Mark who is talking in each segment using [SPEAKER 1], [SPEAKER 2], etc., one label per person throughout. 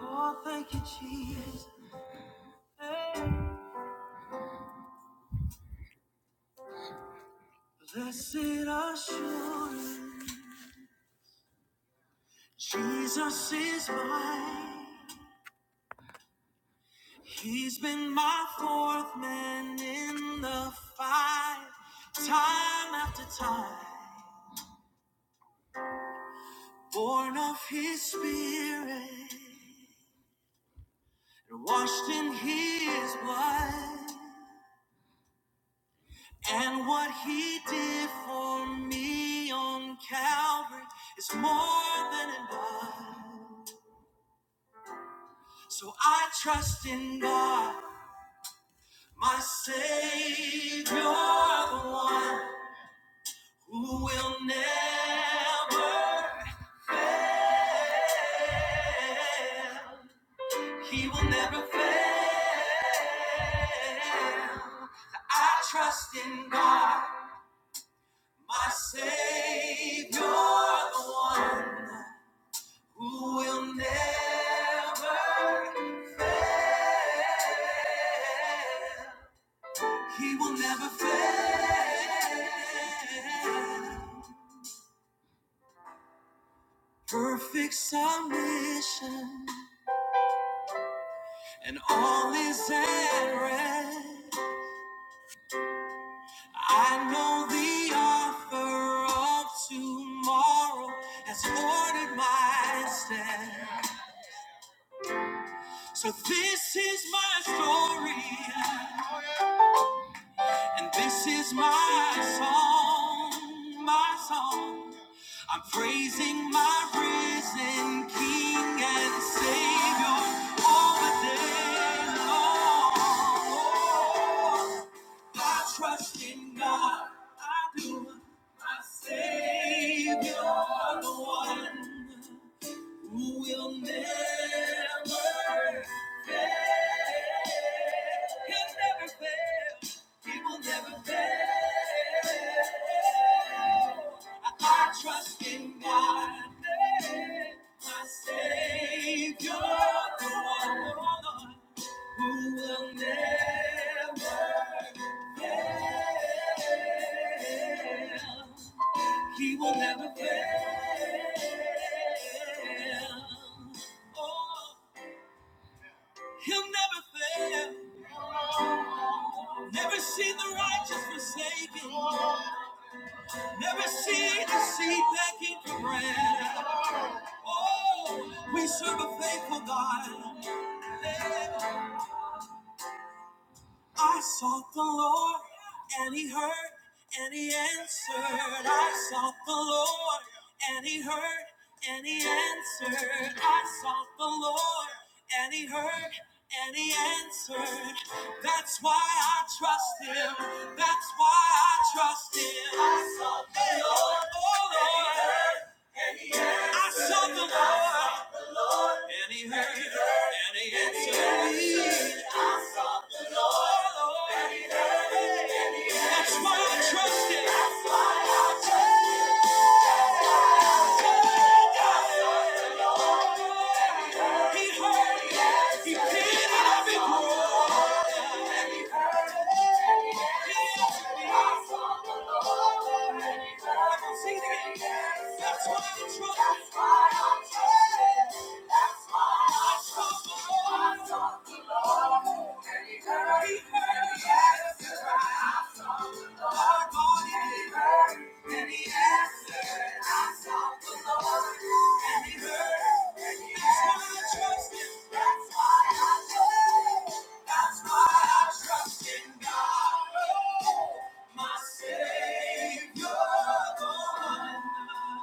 [SPEAKER 1] Oh, thank you, Jesus. Hey. Blessed assurance, Jesus is mine. He's been my fourth man in the fight, time after time. Born of His Spirit, and washed in His blood, and what He did for me on Calvary is more than enough. So I trust in God, my Savior, the one who will never fail. He will never fail. I trust in God, my Savior, the one who will never fail. He will never fail. Perfect submission and all is at rest. I know the offer of tomorrow has ordered my steps. So this is my story and this is my song, my song. I'm praising my risen King and Savior all the day long. I trust in God, I do, my Savior, the one who will never fail. He'll never fail. He will never fail. I trust in God, my Savior, the one who will never fail. He will never fail. Oh. He'll never fail. Never see the righteous forsaken. Never see the seed begging for bread. Oh, we serve a faithful God. I sought the Lord, and He heard, and He answered. I sought the Lord, and He heard, and He answered. I sought the Lord, and He heard, and He answered. That's why I trust Him. That's why I trust Him. I sought the Lord, oh Lord, I sought the Lord, and He heard, and He answered me. Oh Lord, and He heard. That's why I trust That's why I trust He heard He did it. I've been growing. He answered I can sing it the Lord. And he heard He heard me. That's why I sought the Lord. My Savior, the one.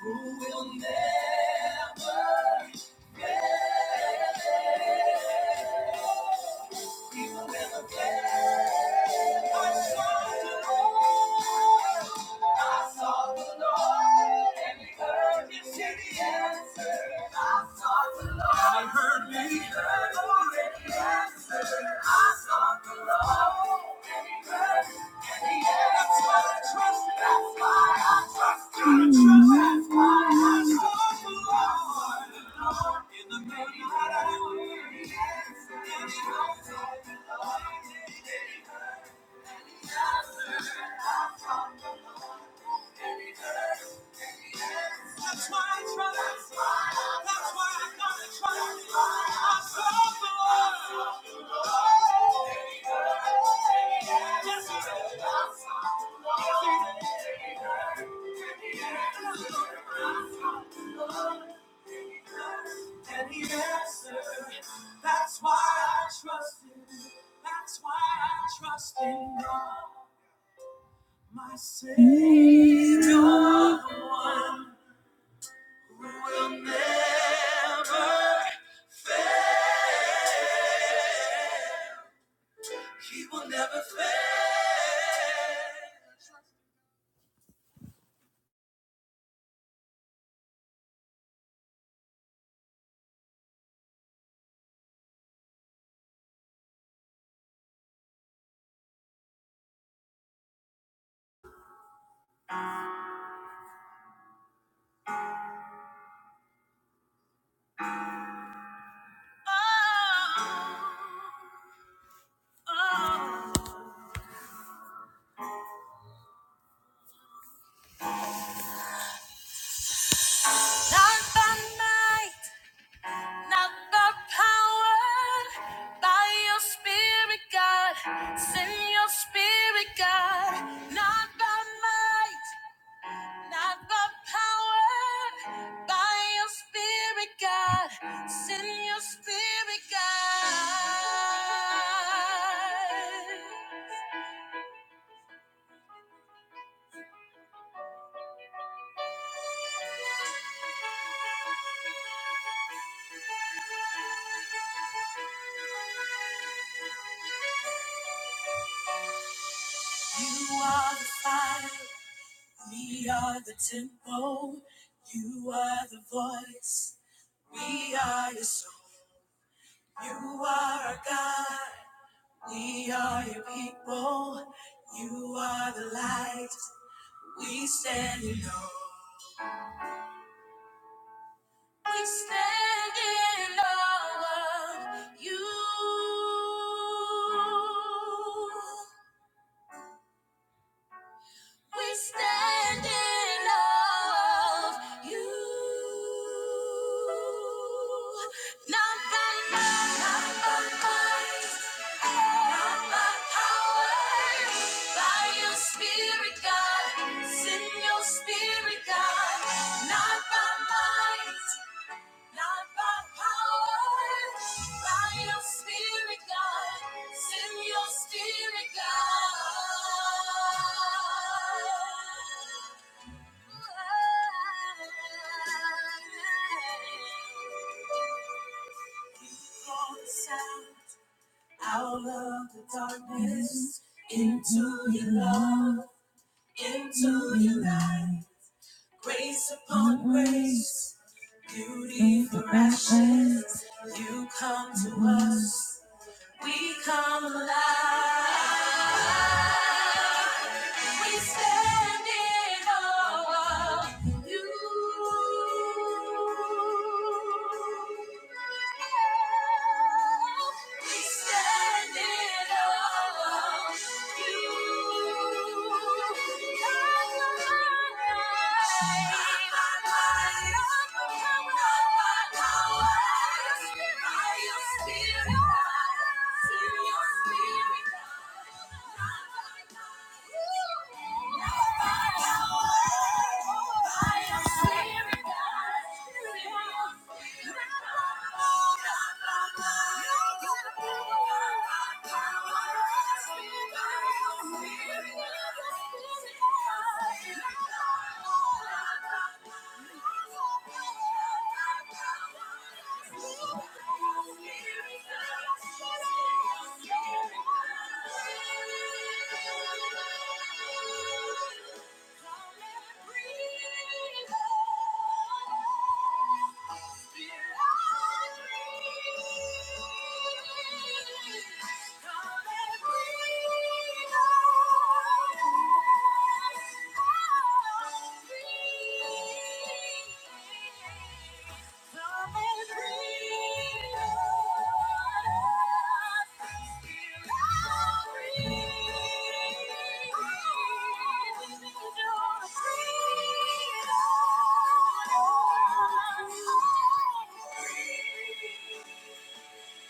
[SPEAKER 1] Who will never, he will never fail. I saw the Lord. I saw the Lord, and He heard me. See the answer. I saw the Lord, and He heard me. See the answer. I saw the Lord, and He heard me. That's why I trust. That's why I trust. That's why I gotta trust. I serve the Lord. Yes, He did. Yes, He did. And He answered. That's why I trust Him. That's why I trust in God. My Savior, the one who will never, he will never fail. Oh, oh. Not by might, not by power, by your spirit, God. Send your spirit, God. Not by might. Not the power by your spirit, God. Send your spirit, God. You are the fire, we are the temple. You are the voice, we are your soul. You are our God, we are your people. You are the light, we stand alone. We stand in awe of you. We stand in awe of you. Not by might, not by might, not by power. By your spirit, God. Send your spirit, God. Not by might. Not by power, by your spirit, God. Send your spirit, God. You call us out of the darkness into your love, into your light. Grace upon grace. Beauty for ashes, you come to us, we come alive. We stand in awe of you. We stand in awe of you. Not By might, not by power, not by power, but by Your spirit, Send your spirit. Thank you. Come and breathe. Thank you.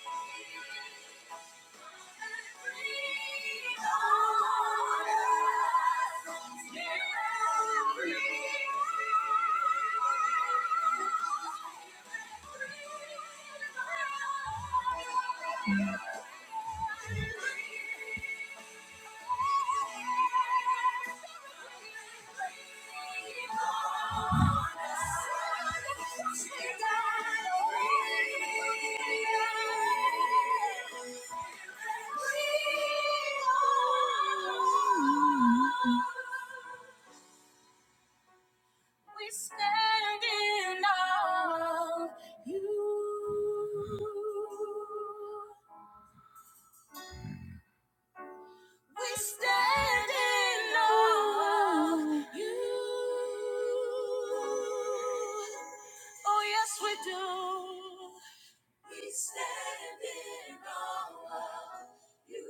[SPEAKER 1] Thank you. We stand in awe of you. We stand in awe of you. Oh, yes, we do. We stand in awe of you.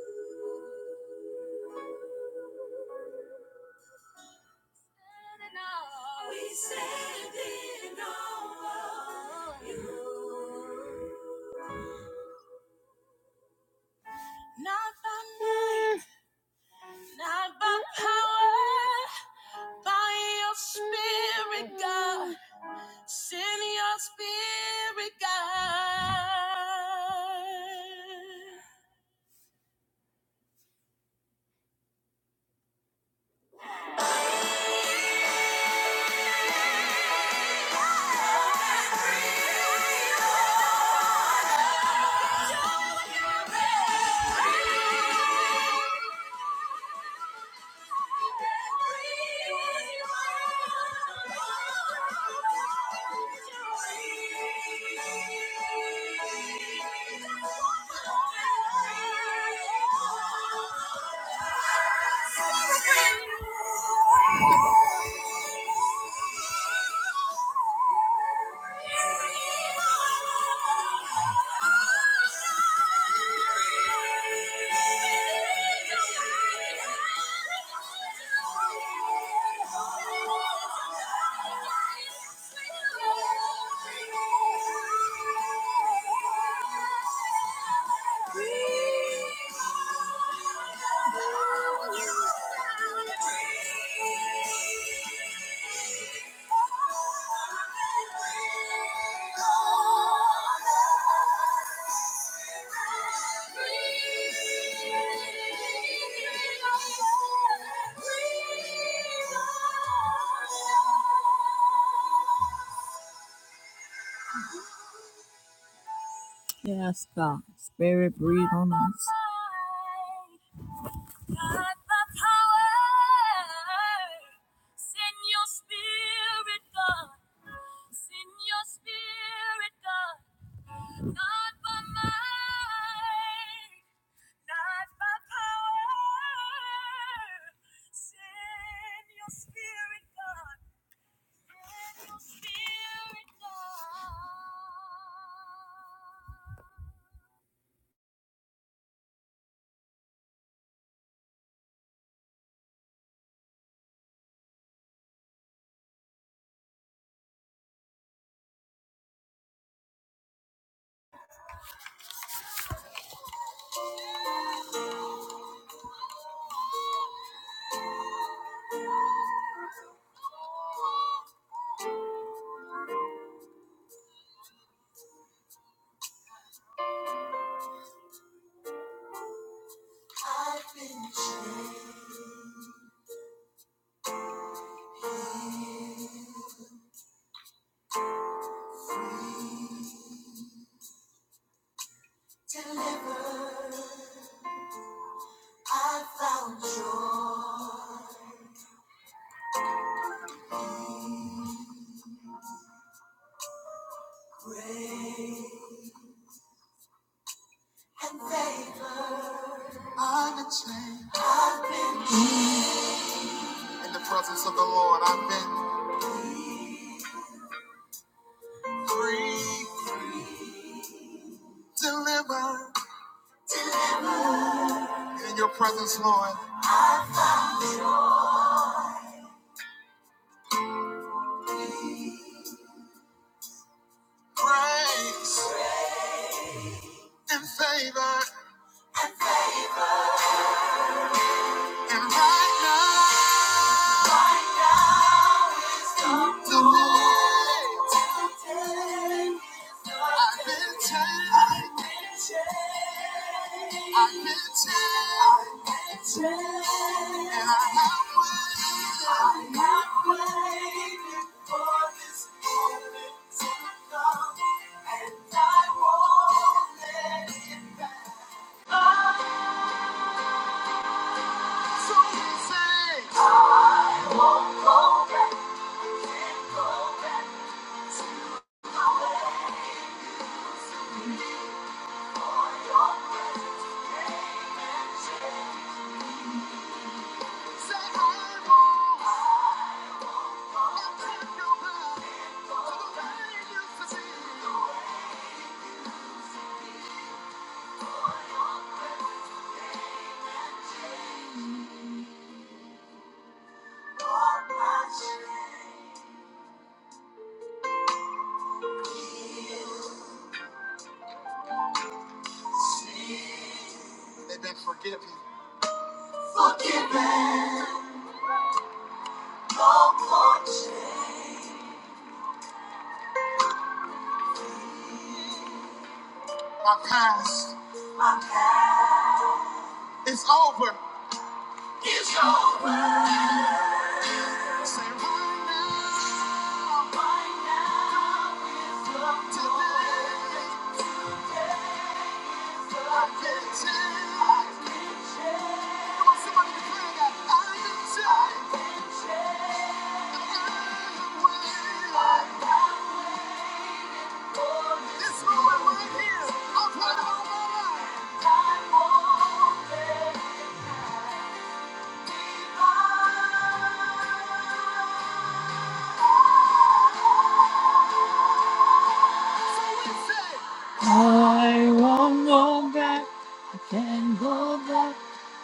[SPEAKER 1] We stand in awe of you. Not by might, Not by power, by your spirit, God. Send your spirit, God. Thank you. Thank you. Yes, God. Spirit, breathe on us. God, the power. Send your spirit, God. Send your spirit, God. Not by might, not by power. Send your spirit, God. Send your spirit, God. I've been found in the presence of the Lord. I've been. free, delivered in your presence, Lord. Grace and favor. And right now, right now is the today. Today. I've been changed. I've been changed. And I have waited. I have waited for this moment to come. And I won't let it pass. They've been forgiven. Forgiven. My past is over. Say right now, today, I can change. Come on, somebody declare that. I can change. I am well. This moment right here, I'm proud of my life. Back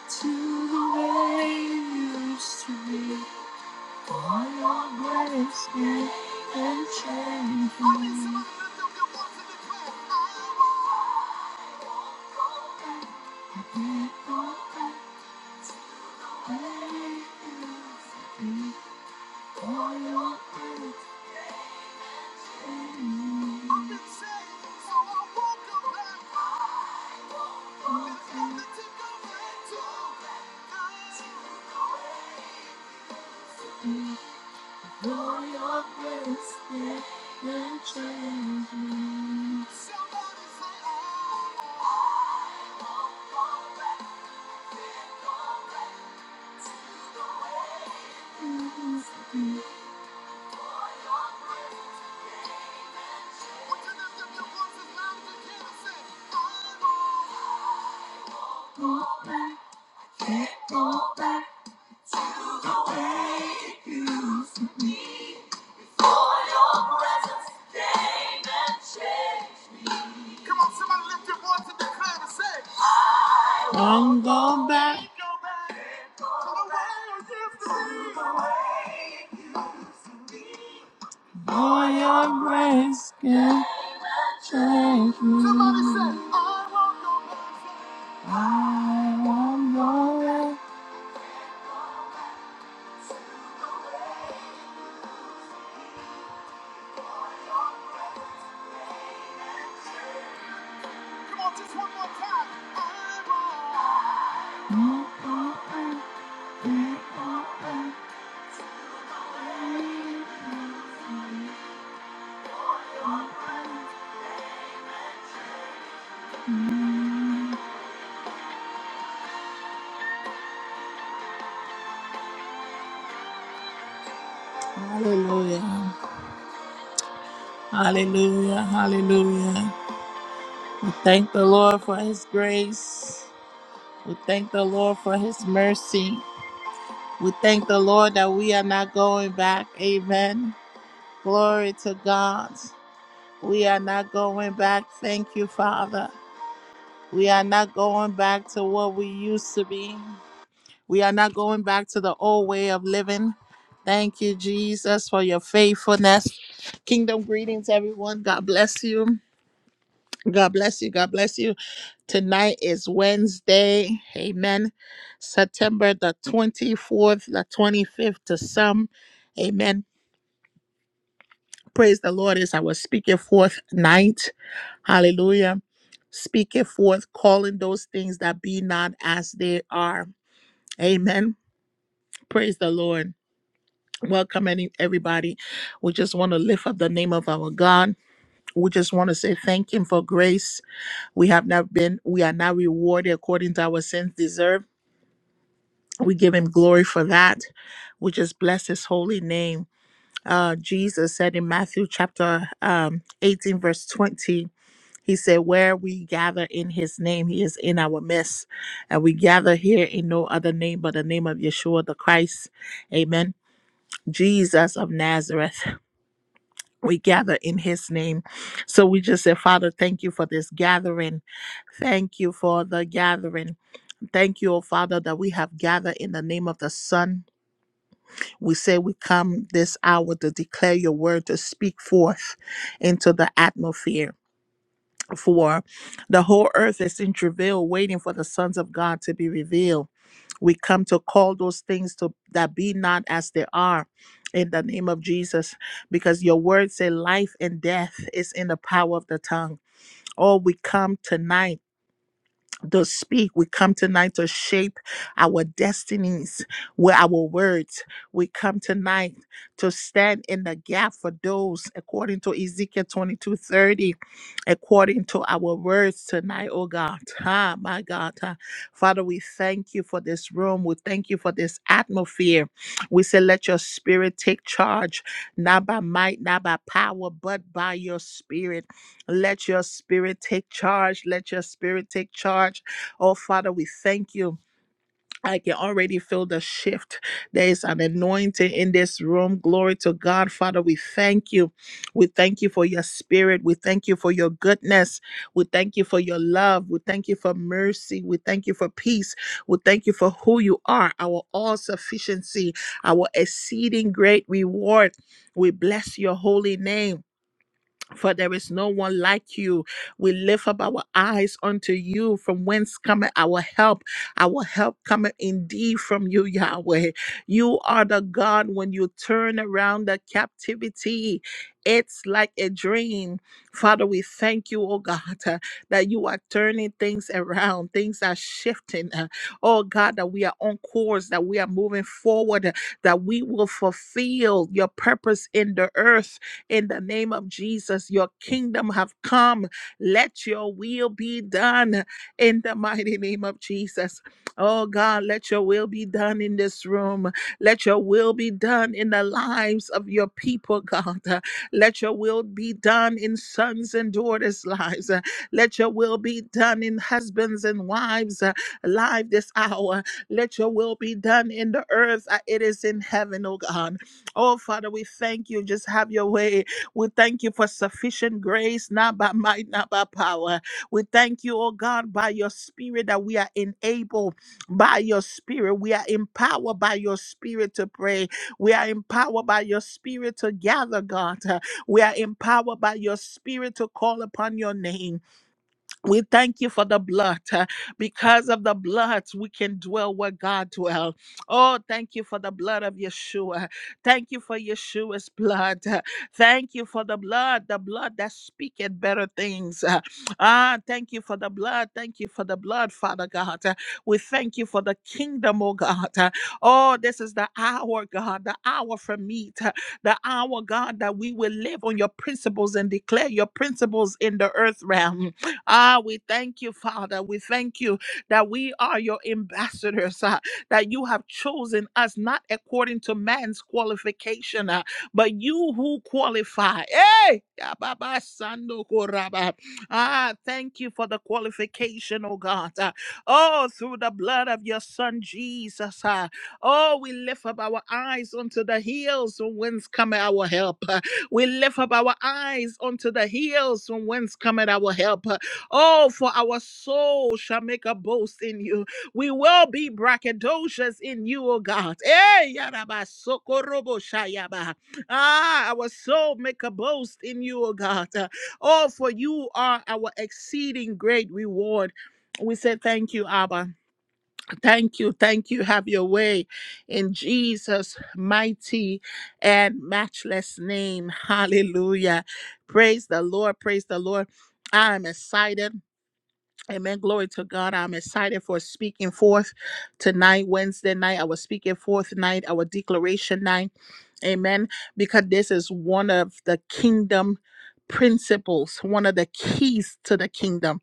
[SPEAKER 1] to the way it used to be. I can't change I want more. Hallelujah. Hallelujah. Hallelujah. We thank the Lord for his grace. We thank the Lord for his mercy. We thank the Lord that we are not going back. Amen. Glory to God. We are not going back. Thank you, Father. We are not going back to what we used to be. We are not going back to the old way of living. Thank you, Jesus, for your faithfulness. Kingdom greetings, everyone. God bless you. God bless you. God bless you. Tonight is Wednesday. Amen. September the 24th, the 25th to some. Amen. Praise the Lord as I was speaking forth night. Hallelujah. Speaking forth, calling those things that be not as they are. Amen. Praise the Lord. Welcome, any everybody. We just want to lift up the name of our God. We just want to say thank Him for grace. We have not been, we are not rewarded according to our sins deserve. We give Him glory for that. We just bless His holy name. Uh, Jesus said in Matthew chapter um, 18, verse 20, He said, Where we gather in His name, He is in our midst. And we gather here in no other name but the name of Yeshua the Christ. Amen. Jesus of Nazareth. we gather in his name. So we just say, Father, thank you for this gathering. Thank you for the gathering. Thank you, oh Father, that we have gathered in the name of the Son. We say we come this hour to declare your word, to speak forth into the atmosphere. For the whole earth is in travail, waiting for the sons of God to be revealed. We come to call those things to that be not as they are in the name of Jesus, because your word say life and death is in the power of the tongue. Oh, we come tonight to speak. We come tonight to shape our destinies with our words. We come tonight to stand in the gap for those, according to Ezekiel 22 30, according to our words tonight, oh God. Ah, my God. ah. Father, we thank you for this room. We thank you for this atmosphere. We say, let your spirit take charge, not by might, not by power, but by your spirit. Let your spirit take charge. Let your spirit take charge. Oh, Father, we thank you. I can already feel the shift. There is an anointing in this room. Glory to God. Father, we thank you. We thank you for your spirit. We thank you for your goodness. We thank you for your love. We thank you for mercy. We thank you for peace. We thank you for who you are, our all sufficiency, our exceeding great reward. We bless your holy name for there is no one like you. We lift up our eyes unto you, from whence cometh our help. Our help cometh indeed from you, Yahweh. You are the God when you turn around the captivity. It's like a dream. Father, we thank you, oh God, uh, that you are turning things around. Things are shifting. uh, Oh God, that we are on course, that we are moving forward, uh, that we will fulfill your purpose in the earth in the name of Jesus, your kingdom have come. Let your will be done in the mighty name of Jesus. Oh God, let your will be done in this room. Let your will be done in the lives of your people, God. Uh, Let your will be done in sons and daughters' lives. Uh, Let your will be done in husbands and wives' uh, life this hour. Let your will be done in the earth. uh, It is in heaven, oh God. Oh, Father, we thank you. Just have your way. We thank you for sufficient grace, not by might, not by power. We thank you, oh God, by your spirit that we are enabled by your spirit. We are empowered by your spirit to pray. We are empowered by your spirit to gather, God. Uh, We are empowered by your spirit to call upon your name. We thank you for the blood. uh, Because of the blood, we can dwell where God dwells. Oh, thank you for the blood of Yeshua. Thank you for Yeshua's blood. uh, Thank you for the blood, the blood that speaketh better things. uh, Ah, thank you for the blood. Thank you for the blood, Father God. uh, We thank you for the kingdom, oh God. uh, Oh, this is the hour, God, the hour for meat, uh, the hour, God, that we will live on your principles and declare your principles in the earth realm. Ah, we thank you, Father. We thank you that we are your ambassadors, ah, that you have chosen us not according to man's qualification, ah, but you who qualify. Hey! Ya ba sando ko Ah, thank you for the qualification, oh God. ah. Oh, through the blood of your son Jesus. ah. Oh, we lift up our eyes unto the hills from whence cometh our help. ah. We lift up our eyes unto the hills from whence cometh our help. ah. Oh, for our soul shall make a boast in you. We will be braggadocious in you, O God. Eh, yaraba, sokorobo, shayaba. Ah, our soul make a boast in you, O God. Uh, Oh, for you are our exceeding great reward. We say thank you, Abba. Thank you, thank you. Have your way in Jesus' mighty and matchless name. Hallelujah. Praise the Lord, praise the Lord. I am excited Amen. Glory to God. I'm excited for speaking forth tonight, Wednesday night. Our speaking forth night, our declaration night. Amen. Because this is one of the kingdom principles, one of the keys to the kingdom.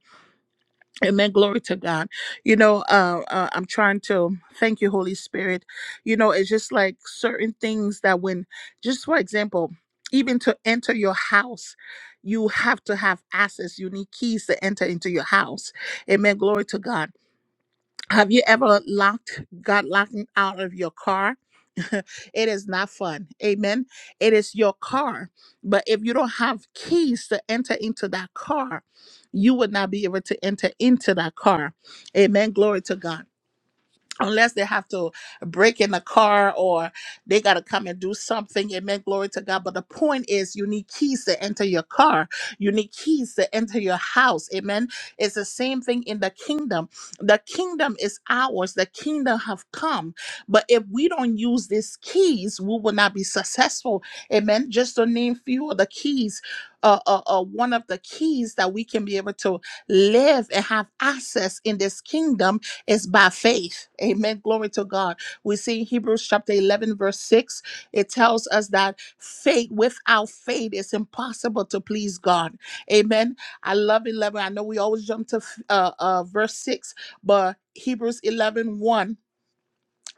[SPEAKER 1] Amen. Glory to God. You know, uh, uh, I'm trying to thank you, Holy Spirit. You know, it's just like certain things that when, just for example, even to enter your house, you have to have access. You need keys to enter into your house. Amen. Glory to God have you ever locked, got locked out of your car? it is not fun. Amen. It is your car. But if you don't have keys to enter into that car, you would not be able to enter into that car. Amen. Glory to God unless they have to break in the car or they got to come and do something amen glory to god but the point is you need keys to enter your car you need keys to enter your house amen it's the same thing in the kingdom the kingdom is ours the kingdom have come but if we don't use these keys we will not be successful amen just to name few of the keys uh, uh, uh, one of the keys that we can be able to live and have access in this kingdom is by faith. Amen. Glory to God. We see in Hebrews chapter 11, verse 6, it tells us that faith, without faith, it's impossible to please God. Amen. I love 11. I know we always jump to uh, uh, verse 6, but Hebrews eleven one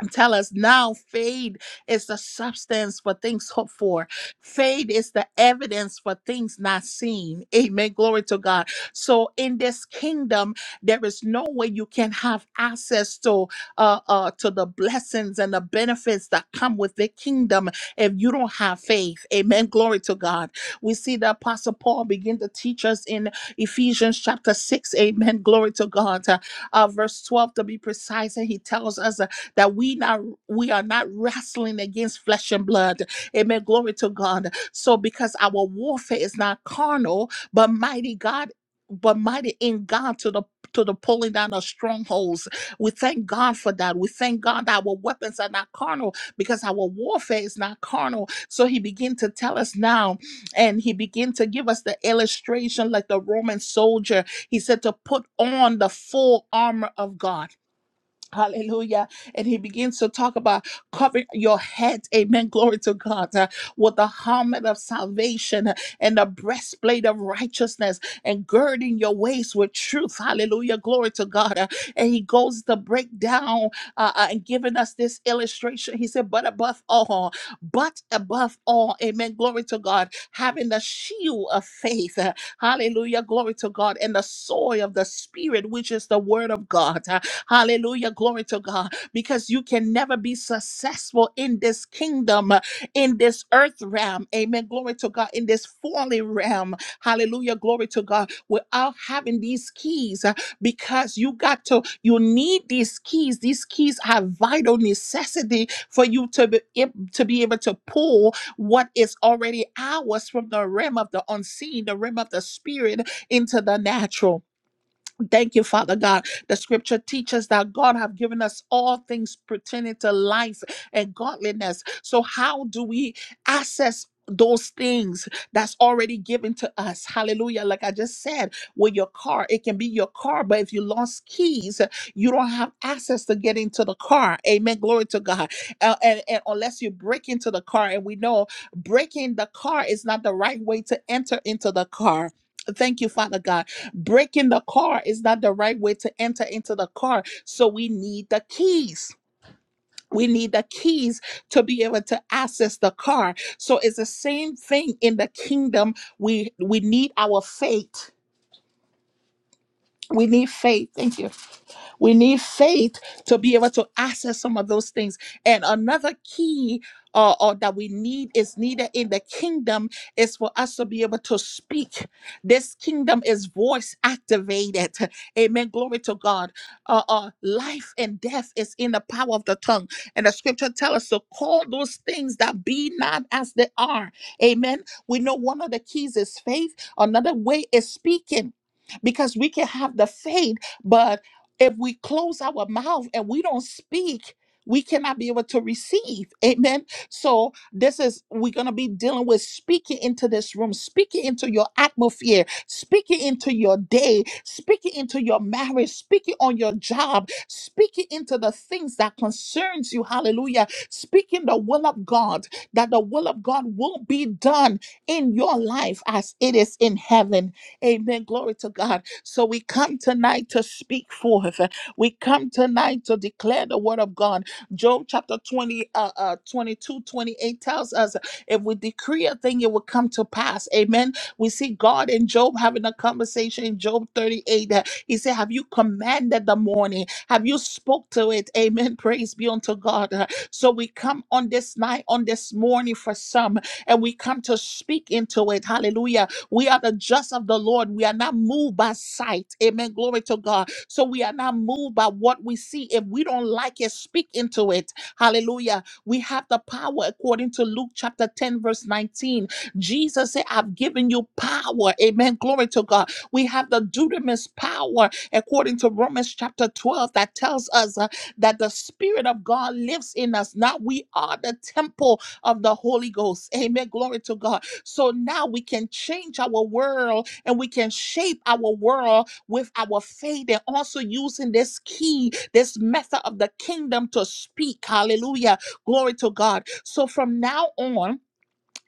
[SPEAKER 1] tell us now faith is the substance for things hoped for faith is the evidence for things not seen amen glory to god so in this kingdom there is no way you can have access to uh, uh to the blessings and the benefits that come with the kingdom if you don't have faith amen glory to god we see the apostle paul begin to teach us in ephesians chapter 6 amen glory to god uh, uh, verse 12 to be precise and he tells us that we not we are not wrestling against flesh and blood. Amen. Glory to God. So because our warfare is not carnal, but mighty God, but mighty in God to the to the pulling down of strongholds. We thank God for that. We thank God that our weapons are not carnal because our warfare is not carnal. So he began to tell us now, and he began to give us the illustration like the Roman soldier. He said to put on the full armor of God. Hallelujah. And he begins to talk about covering your head. Amen. Glory to God. uh, with the helmet of salvation uh, and the breastplate of righteousness and girding your waist with truth. Hallelujah. Glory to God. uh, and he goes to break down uh, uh, and giving us this illustration. He said, but above all, but above all, amen. Glory to God. Having the shield of faith. Hallelujah. Glory to God. And the soil of the Spirit, which is the Word of God. Uh, Hallelujah. Glory to God. Because you can never be successful in this kingdom, uh, in this earth realm. Amen. Glory to God. In this fallen realm. Hallelujah. Glory to God. Without having these keys, uh, because you got to, you need these keys. These keys are vital necessity for you to be, ab- to be able to pull what is already ours from the realm of the unseen, the realm of the spirit into the natural. Thank you, Father God. The scripture teaches that God have given us all things pertaining to life and godliness. So how do we access those things that's already given to us? Hallelujah. Like I just said, with your car, it can be your car, but if you lost keys, you don't have access to get into the car. Amen. Glory to God. Uh, and, and unless you break into the car, and we know breaking the car is not the right way to enter into the car. Thank you, Father God. Breaking the car is not the right way to enter into the car. So we need the keys. We need the keys to be able to access the car. So it's the same thing in the kingdom. We we need our faith. We need faith. Thank you we need faith to be able to access some of those things. And another key uh, or that we need is needed in the kingdom is for us to be able to speak. This kingdom is voice activated. Amen. Glory to God. Uh, uh, life and death is in the power of the tongue. And the scripture tells us to call those things that be not as they are. Amen. We know one of the keys is faith, another way is speaking. Because we can have the faith, but if we close our mouth and we don't speak we cannot be able to receive amen so this is we're going to be dealing with speaking into this room speaking into your atmosphere speaking into your day speaking into your marriage speaking on your job speaking into the things that concerns you hallelujah speaking the will of god that the will of god will be done in your life as it is in heaven amen glory to god so we come tonight to speak forth. We come tonight to declare the word of God. Job chapter 20, uh, uh, 22, twenty-eight tells us if we decree a thing, it will come to pass. Amen. We see God and Job having a conversation in Job 38. Uh, He said, Have you commanded the morning? Have you spoke to it? Amen. Praise be unto God. Uh, So we come on this night, on this morning for some, and we come to speak into it. Hallelujah we are the just of the Lord. We are not moved by sight. Amen. Glory to God. So we are not moved by what we see. If we don't like it, speak into it. Hallelujah. We have the power according to Luke chapter 10, verse 19. Jesus said, I've given you power. Amen. Glory to God. We have the dunamis power according to Romans chapter 12 that tells us uh, that the Spirit of God lives in us. Now we are the temple of the Holy Ghost. Amen. Glory to God so now we can change our world and we can shape our world with our faith and also using this key, this method of the kingdom to speak. Hallelujah. Glory to God. So from now on,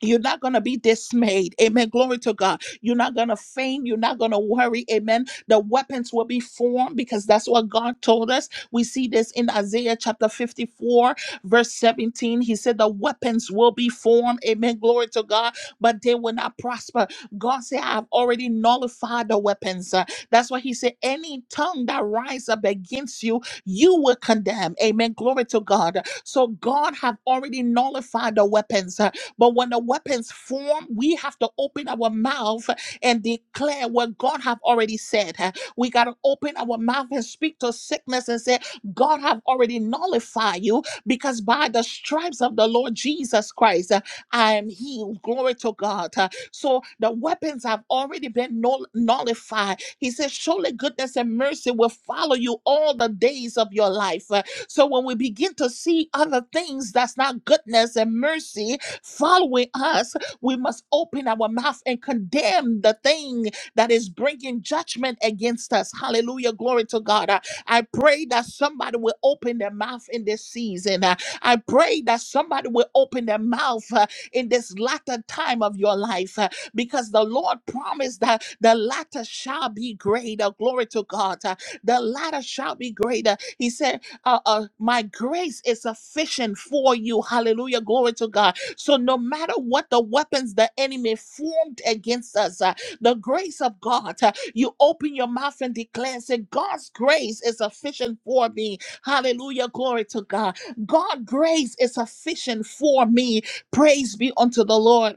[SPEAKER 1] you're not going to be dismayed. Amen. Glory to God. You're not going to faint. You're not going to worry. Amen. The weapons will be formed because that's what God told us. We see this in Isaiah chapter 54, verse 17. He said, The weapons will be formed. Amen. Glory to God. But they will not prosper. God said, I've already nullified the weapons. Uh, that's why He said, Any tongue that rise up against you, you will condemn. Amen. Glory to God. So God have already nullified the weapons. Uh, but when the weapons form, we have to open our mouth and declare what God have already said. We got to open our mouth and speak to sickness and say, God have already nullified you because by the stripes of the Lord Jesus Christ, uh, I am healed. Glory to God. Uh, So the weapons have already been null- nullified. He says, Surely goodness and mercy will follow you all the days of your life. Uh, So when we begin to see other things that's not goodness and mercy, following us, we must open our mouth and condemn the thing that is bringing judgment against us. Hallelujah. Glory to God. Uh, I pray that somebody will open their mouth in this season. Uh, I pray that somebody will open their mouth uh, in this latter time of your life uh, because the Lord promised that the latter shall be greater. Glory to God. Uh, The latter shall be greater. He said, uh, uh, My grace is sufficient for you. Hallelujah. Glory to God so, no matter what the weapons the enemy formed against us, uh, the grace of God, uh, you open your mouth and declare, say, God's grace is sufficient for me. Hallelujah. Glory to God. God's grace is sufficient for me. Praise be unto the Lord.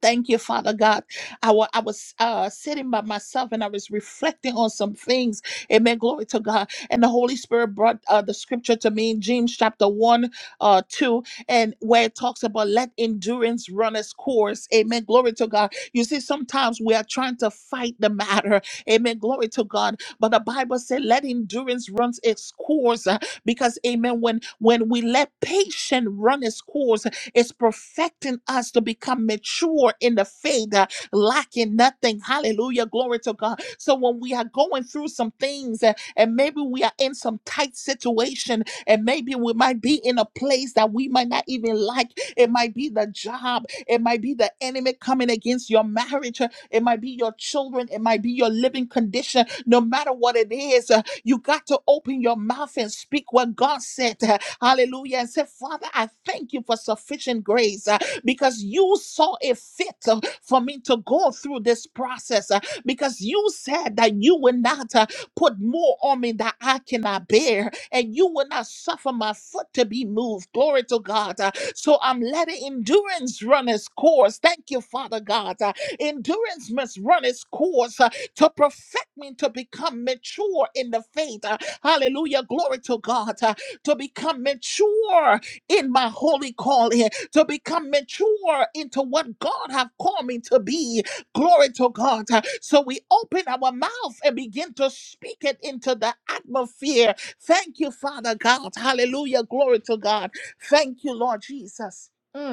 [SPEAKER 1] Thank you, Father God. I wa- I was uh, sitting by myself and I was reflecting on some things. Amen. Glory to God. And the Holy Spirit brought uh, the scripture to me in James chapter 1, uh, 2, and where it talks about let endurance run its course. Amen. Glory to God. You see, sometimes we are trying to fight the matter. Amen. Glory to God. But the Bible said let endurance run its course uh, because, amen, when, when we let patience run its course, is perfecting us to become mature in the faith, uh, lacking nothing. Hallelujah. Glory to God. So when we are going through some things uh, and maybe we are in some tight situation and maybe we might be in a place that we might not even like, it might be the job, it might be the enemy coming against your marriage, uh, it might be your children, it might be your living condition, no matter what it is. uh, you got to open your mouth and speak what God said. Hallelujah. And say, Father, I thank you for sufficient grace uh, because you saw it fit uh, for me to go through this process uh, because you said that you will not uh, put more on me that I cannot bear and you will not suffer my foot to be moved. Glory to God. Uh, So I'm letting endurance run its course. Thank you, Father God. Uh, Endurance must run its course. Uh, to perfect me, to become mature in the faith. Uh, hallelujah. Glory to God. Uh, to become mature in my holy calling, to become mature into what God have called me to be. Glory to God. Uh, So we open our mouth and begin to speak it into the atmosphere. Thank you, Father God. Hallelujah. Glory to God. Thank you, Lord Jesus. Mm.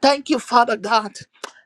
[SPEAKER 1] Thank you, Father God.